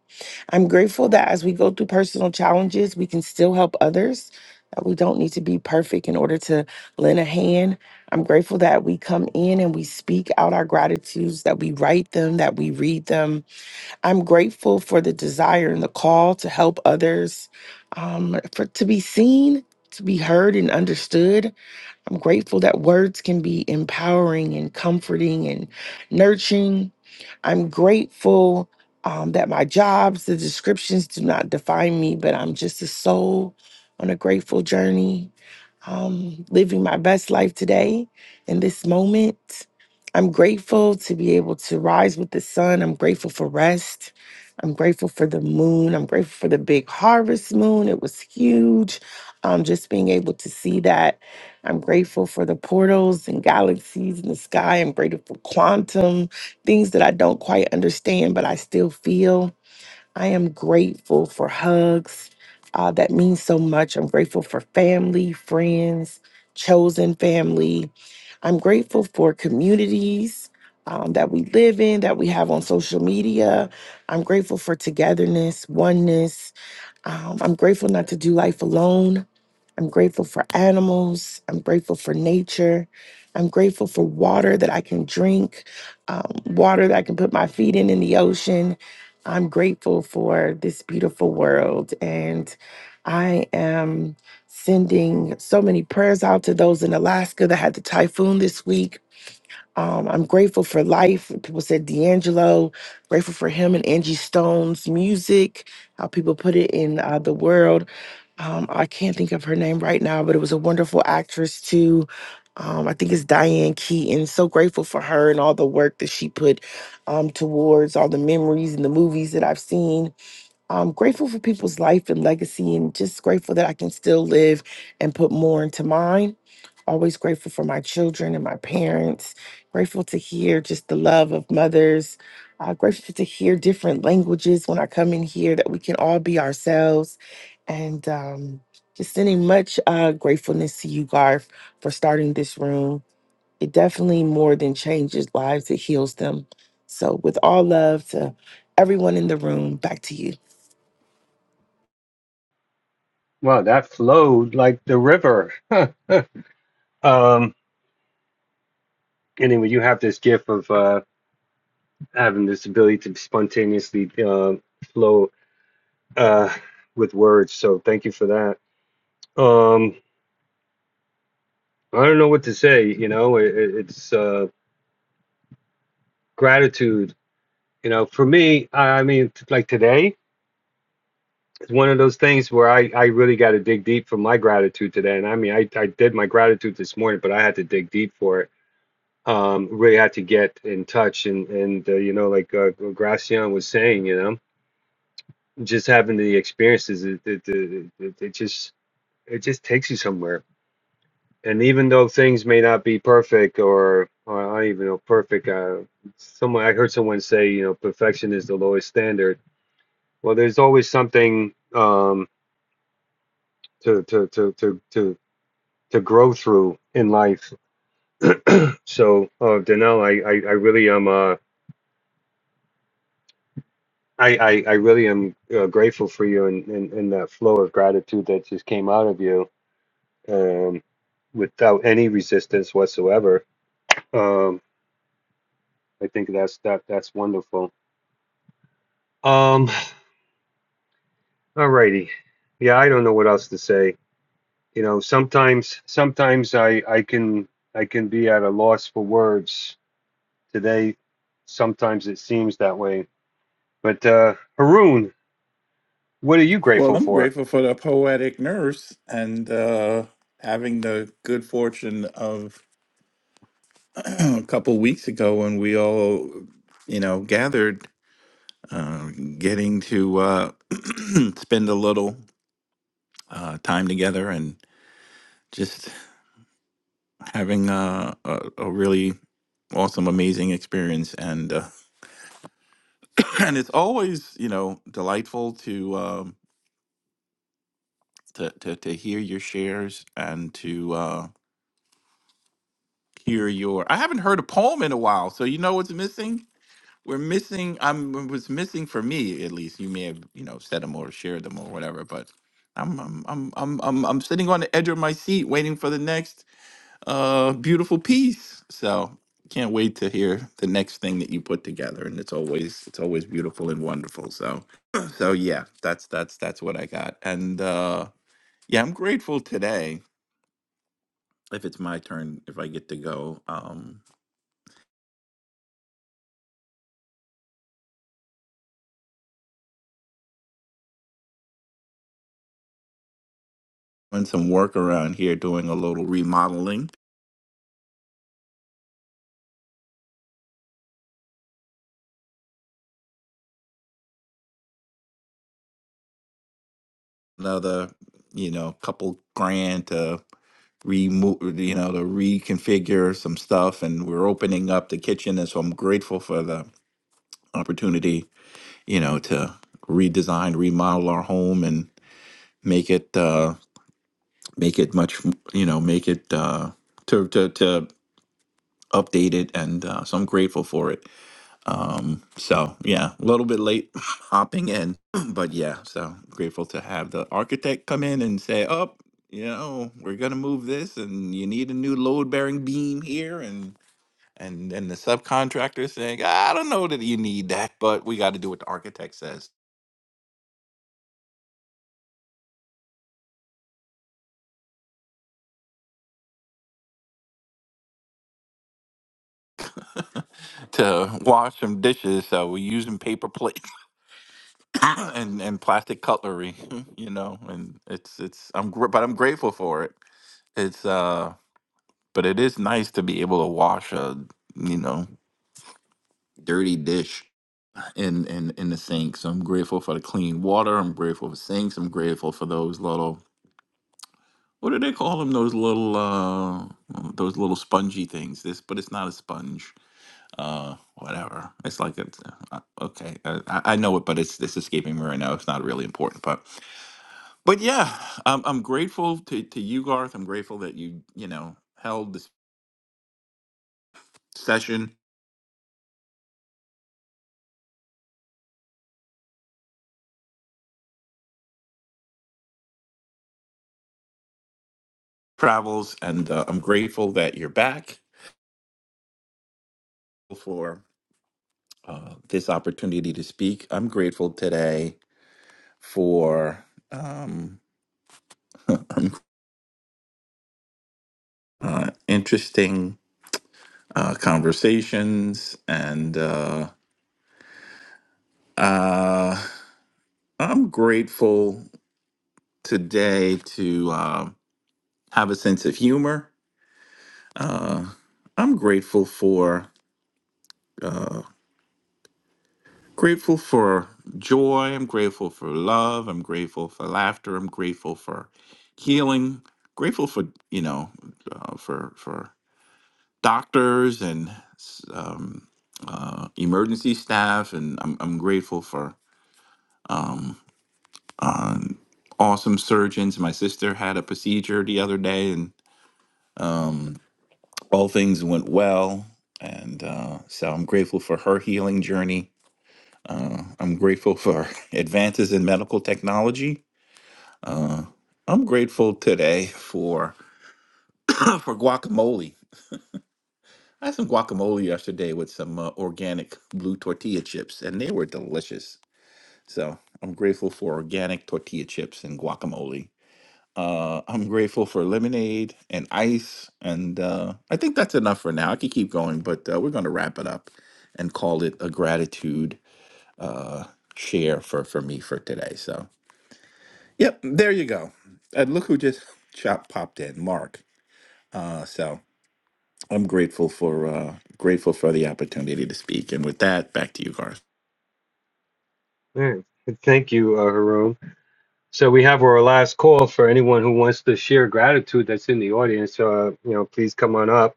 S25: I'm grateful that as we go through personal challenges, we can still help others, that we don't need to be perfect in order to lend a hand. I'm grateful that we come in and we speak out our gratitudes, that we write them, that we read them. I'm grateful for the desire and the call to help others, um, for to be seen, to be heard and understood. I'm grateful that words can be empowering and comforting and nurturing. I'm grateful um, that my jobs, the descriptions do not define me, but I'm just a soul on a grateful journey um, living my best life today in this moment. I'm grateful to be able to rise with the sun. I'm grateful for rest. I'm grateful for the moon. I'm grateful for the big harvest moon. It was huge. Um, just being able to see that. I'm grateful for the portals and galaxies in the sky. I'm grateful for quantum, things that I don't quite understand, but I still feel. I am grateful for hugs. Uh, that means so much. I'm grateful for family, friends, chosen family. I'm grateful for communities um, that we live in, that we have on social media. I'm grateful for togetherness, oneness. Um, I'm grateful not to do life alone. I'm grateful for animals. I'm grateful for nature. I'm grateful for water that I can drink, um, water that I can put my feet in in the ocean. I'm grateful for this beautiful world. And I am sending so many prayers out to those in Alaska that had the typhoon this week. Um, I'm grateful for life. People said D'Angelo, grateful for him and Angie Stone's music, how people put it in uh, the world um, I can't think of her name right now, but it was a wonderful actress too. Um, I think it's Diane Keaton. So grateful for her and all the work that she put um, towards all the memories and the movies that I've seen. I'm grateful for people's life and legacy, and just grateful that I can still live and put more into mine. Always grateful for my children and my parents. Grateful to hear just the love of mothers. Uh, grateful to hear different languages when I come in here that we can all be ourselves. And um, just sending much uh, gratefulness to you, Garth, for starting this room. It definitely more than changes lives, it heals them. So, with all love to everyone in the room, back to you.
S22: Wow, that flowed like the river. um, anyway, you have this gift of uh, having this ability to spontaneously uh, flow uh, with words. So, thank you for that. Um, I don't know what to say. You know, it, it- it's. uh, gratitude you know for me i, mean like today it's one of those things where i i really got to dig deep for my gratitude today and i mean i i did my gratitude this morning but i had to dig deep for it um really had to get in touch and and uh, you know like uh, gracian was saying you know just having the experiences it it, it, it it just it just takes you somewhere and even though things may not be perfect or, or i don't even know perfect uh someone i heard someone say you know perfection is the lowest standard Well, there's always something um, to, to, to, to, to, to grow through in life. So, uh, Danelle, I, I, I really am, uh, I, I, I really am uh, grateful for you and, and, and that flow of gratitude that just came out of you um, without any resistance whatsoever. Um, I think that's that that's wonderful. Um, all righty. Yeah, I don't know what else to say. You know, sometimes sometimes I, I can I can be at a loss for words Today, sometimes it seems that way. But uh, Haroon, what are you
S33: Well,
S22: grateful
S33: I'm
S22: for?
S33: grateful for the poetic nurse and uh, having the good fortune of a couple weeks ago when we all, you know, gathered, uh, getting to uh, spend a little uh, time together and just having uh, a, a really awesome, amazing experience. And uh, and it's always, you know, delightful to um, to, to to hear your shares and to uh, hear your. I haven't heard a poem in a while, so you know what's missing we're missing i'm was missing for me at least you may have you know said them or shared them or whatever but i'm i'm i'm i'm i'm, I'm sitting on the edge of my seat waiting for the next uh beautiful piece so can't wait to hear the next thing that you put together and it's always it's always beautiful and wonderful so so yeah that's that's that's what i got and uh yeah i'm grateful today if it's my turn if i get to go um doing some work around here doing a little remodeling another, you know, couple grand to remove, you know, to reconfigure some stuff. And we're opening up the kitchen. And so I'm grateful for the opportunity, you know, to redesign, remodel our home and make it, uh, make it much, you know, make it, uh, to, to, to update it. And, uh, so I'm grateful for it. Um, so yeah, a little bit late hopping in, but yeah, so grateful to have the architect come in and say, "Up, you know, we're gonna move this, and you need a new load-bearing beam here," and and then the subcontractor saying, "I don't know that you need that, but we got to do what the architect says to wash some dishes, so we're using paper plates and and plastic cutlery, you know, and it's it's I'm gr- but I'm grateful for it. It's uh." but it is nice to be able to wash a you know dirty dish in in in the sink so i'm grateful for the clean water i'm grateful for sinks i'm grateful for those little what do they call them those little uh those little spongy things this but it's not a sponge uh whatever it's like it's uh, uh, okay I, I I know it but it's it's escaping me right now it's not really important but but yeah i'm, I'm grateful to, to you garth i'm grateful that you you know held this session travels, and uh, I'm grateful that you're back for uh, this opportunity to speak. I'm grateful today for um, uh, interesting uh, conversations, and uh, uh, I'm grateful today to uh, have a sense of humor. Uh, I'm grateful for. uh, Grateful for joy. I'm grateful for love. I'm grateful for laughter. I'm grateful for healing. Grateful for you know uh, for for doctors and s- um, uh, emergency staff, and I'm I'm grateful for um, um, awesome surgeons. My sister had a procedure the other day, and all things went well. And uh, so I'm grateful for her healing journey. Uh, I'm grateful for advances in medical technology Uh, I'm grateful today for for guacamole. I had some guacamole yesterday with some uh, organic blue tortilla chips, and they were delicious. So I'm grateful for organic tortilla chips and guacamole. Uh, I'm grateful for lemonade and ice, and uh, I think that's enough for now. I could keep going, but uh, we're going to wrap it up and call it a gratitude uh, share for for me for today. So, yep, there you go. And look who just chop popped in, Mark. Uh, so I'm grateful for uh, grateful for the opportunity to speak. And with that, back to you, Garth.
S22: Man, thank you, uh, Haroon. So we have our last call for anyone who wants to share gratitude that's in the audience. Uh, you know, please come on up.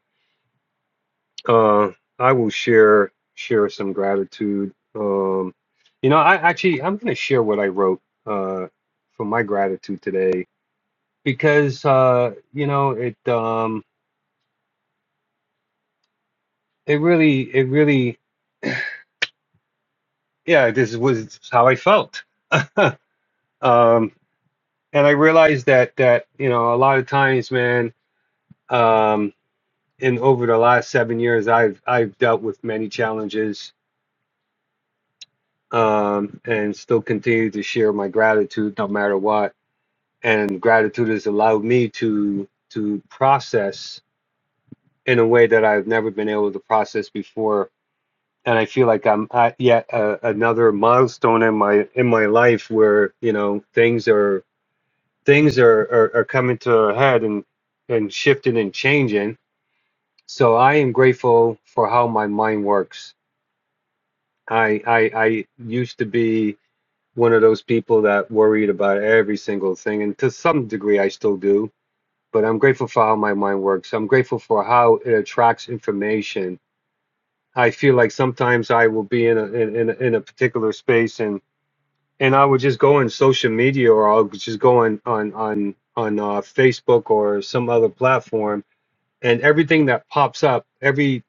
S22: Uh, I will share share some gratitude. Um, you know, I actually I'm going to share what I wrote uh, for my gratitude today because uh, you know it um, it really it really yeah this was how I felt Huh. Um, and I realized that that you know a lot of times, man. Um, and over the last seven years, I've I've dealt with many challenges, um, and still continue to share my gratitude no matter what. And gratitude has allowed me to to process in a way that I've never been able to process before. And I feel like I'm at yet uh, another milestone in my in my life where you know things are. things are, are, are coming to a head and, and shifting and changing. So I am grateful for how my mind works. I, I I used to be one of those people that worried about every single thing, and to some degree I still do. But I'm grateful for how my mind works. I'm grateful for how it attracts information. I feel like sometimes I will be in a in, in a, in a particular space and and I would just go on social media or I'll just go on on on on uh, Facebook or some other platform and everything that pops up, every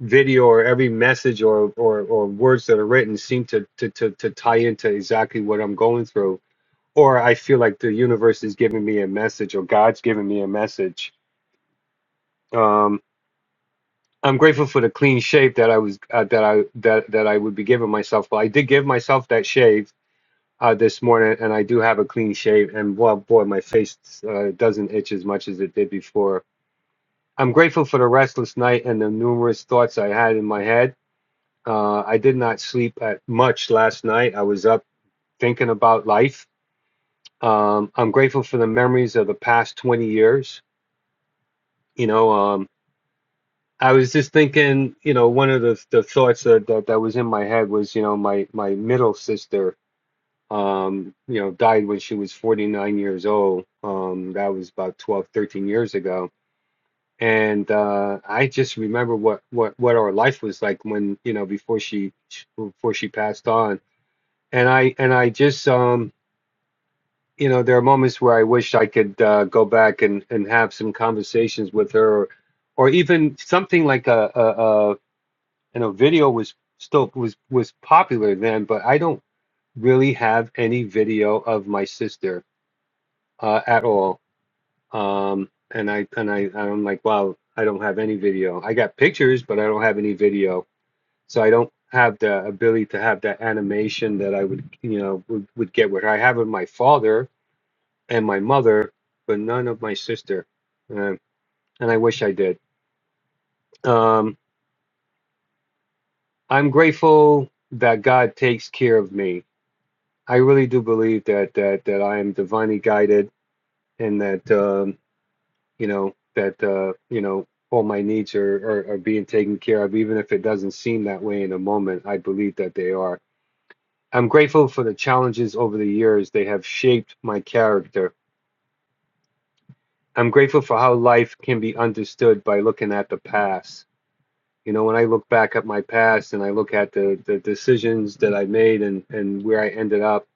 S22: video or every message or or, or words that are written seem to, to to to tie into exactly what I'm going through, or I feel like the universe is giving me a message or God's giving me a message. Um, I'm grateful for the clean shave that I was uh, that I that that I would be giving myself. But I did give myself that shave uh, this morning, and I do have a clean shave. And well, boy, my face uh, doesn't itch as much as it did before. I'm grateful for the restless night and the numerous thoughts I had in my head. Uh, I did not sleep at much last night. I was up thinking about life. Um, I'm grateful for the memories of the past 20 years. You know, um, I was just thinking, you know, one of the, the thoughts that, that, that was in my head was, you know, my, my middle sister, um, you know, died when she was 49 years old. Um, that was about 12, 13 years ago. And uh, I just remember what, what, what our life was like when, you know, before she, before she passed on and I and I just um you know there are moments where I wish I could uh, go back and and have some conversations with her, or, or even something like a, a, a you know video was still was was popular then, but I don't really have any video of my sister uh, at all. Um, and I and I I'm like wow I don't have any video. I got pictures, but I don't have any video, so I don't have the ability to have that animation that I would you know would, would get with her. I have with my father and my mother, but none of my sister. Uh, and I wish I did. Um, I'm grateful that God takes care of me. I really do believe that that that I am divinely guided, and that um, you know that uh, you know all my needs are, are are being taken care of, even if it doesn't seem that way in a moment. I believe that they are. I'm grateful for the challenges over the years. They have shaped my character. I'm grateful for how life can be understood by looking at the past. You know, when I look back at my past and I look at the, the decisions that I made and, and where I ended up,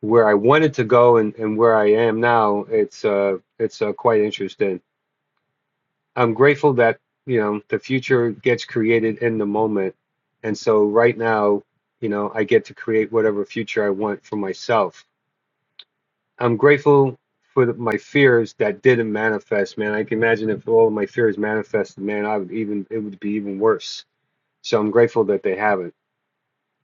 S22: where I wanted to go and, and where I am now, it's uh it's uh, quite interesting. I'm grateful that, you know, the future gets created in the moment. And so right now, you know, I get to create whatever future I want for myself. I'm grateful for the, my fears that didn't manifest, man. I can imagine if all of my fears manifested, man, I would even it would be even worse. So I'm grateful that they haven't.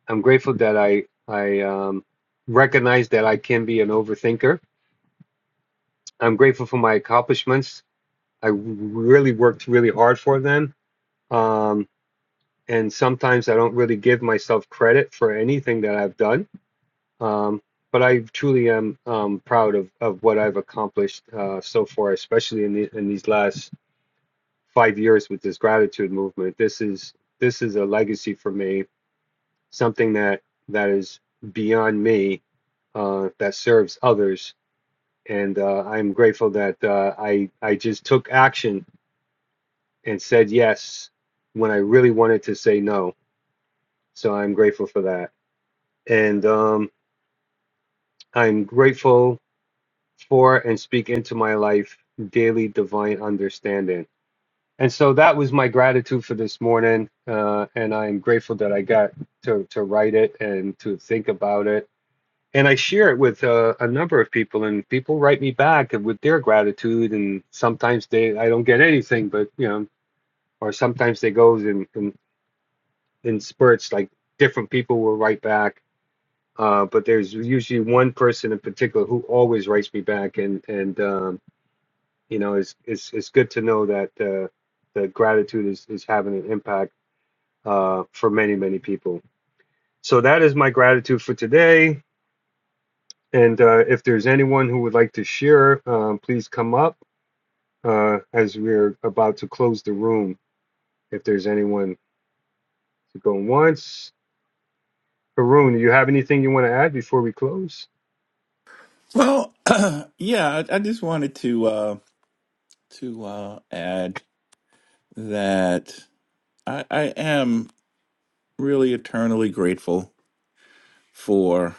S22: I'm grateful that I I um, recognize that I can be an overthinker. I'm grateful for my accomplishments. I really worked really hard for them, um, and sometimes I don't really give myself credit for anything that I've done. Um, but I truly am um, proud of, of what I've accomplished uh, so far, especially in the, in these last five years with this gratitude movement. This is this is a legacy for me something that that is beyond me uh, that serves others. And uh, I'm grateful that uh, I I just took action and said yes when I really wanted to say no. So I'm grateful for that. And um, I'm grateful for and speak into my life daily divine understanding. And so that was my gratitude for this morning. Uh, and I'm grateful that I got to, to write it and to think about it and I share it with uh, a number of people, and people write me back with their gratitude. And sometimes they, I don't get anything, but you know, or sometimes they go in in, in spurts. Like different people will write back, uh, but there's usually one person in particular who always writes me back, and and um, you know, it's it's it's good to know that uh, the gratitude is is having an impact uh, for many many people. So that is my gratitude for today. And uh, if there's anyone who would like to share, um, please come up uh, as we're about to close the room. If there's anyone to go once, Haroon, do you have anything you want to add before we close?
S33: Well, yeah, I, I just wanted to uh, to uh, add that I, I am really eternally grateful for.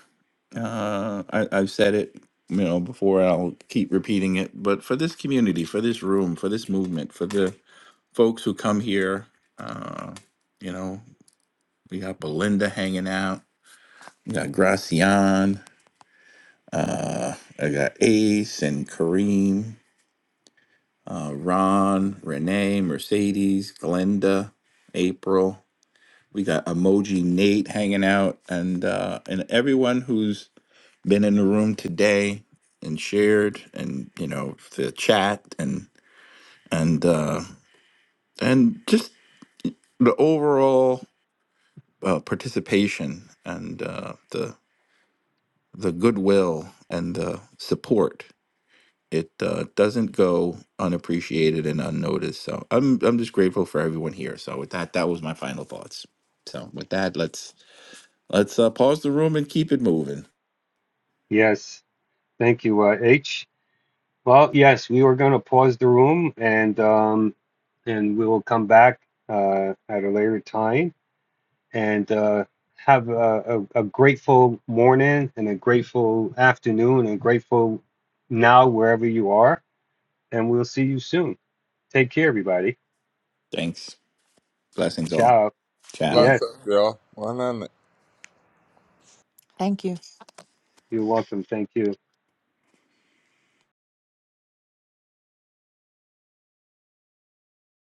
S33: Uh, I, I've said it, you know, before. I'll keep repeating it, but for this community, for this room, for this movement, for the folks who come here, uh, you know, we got Belinda hanging out. We got Gracian. Uh, I got Ace and Kareem, uh, Ron, Renee, Mercedes, Glenda, April. We got Emoji Nate hanging out, and uh, and everyone who's been in the room today and shared, and you know the chat, and and uh, and just the overall uh, participation and uh, the the goodwill and the support. it uh, doesn't go unappreciated and unnoticed. So I'm I'm just grateful for everyone here. So with that, that was my final thoughts. So with that, let's let's uh, pause the room and keep it moving.
S22: Yes, thank you, uh, H. Well, yes, we were going to pause the room and um, and we will come back uh, at a later time and uh, have a, a, a grateful morning and a grateful afternoon and grateful now wherever you are and we'll see you soon. Take care, everybody.
S33: Thanks. Blessings all.
S22: Ciao.
S33: Ciao.
S22: Yes,
S16: Lots up, y'all. 100.
S31: Thank you.
S22: you're welcome. Thank you.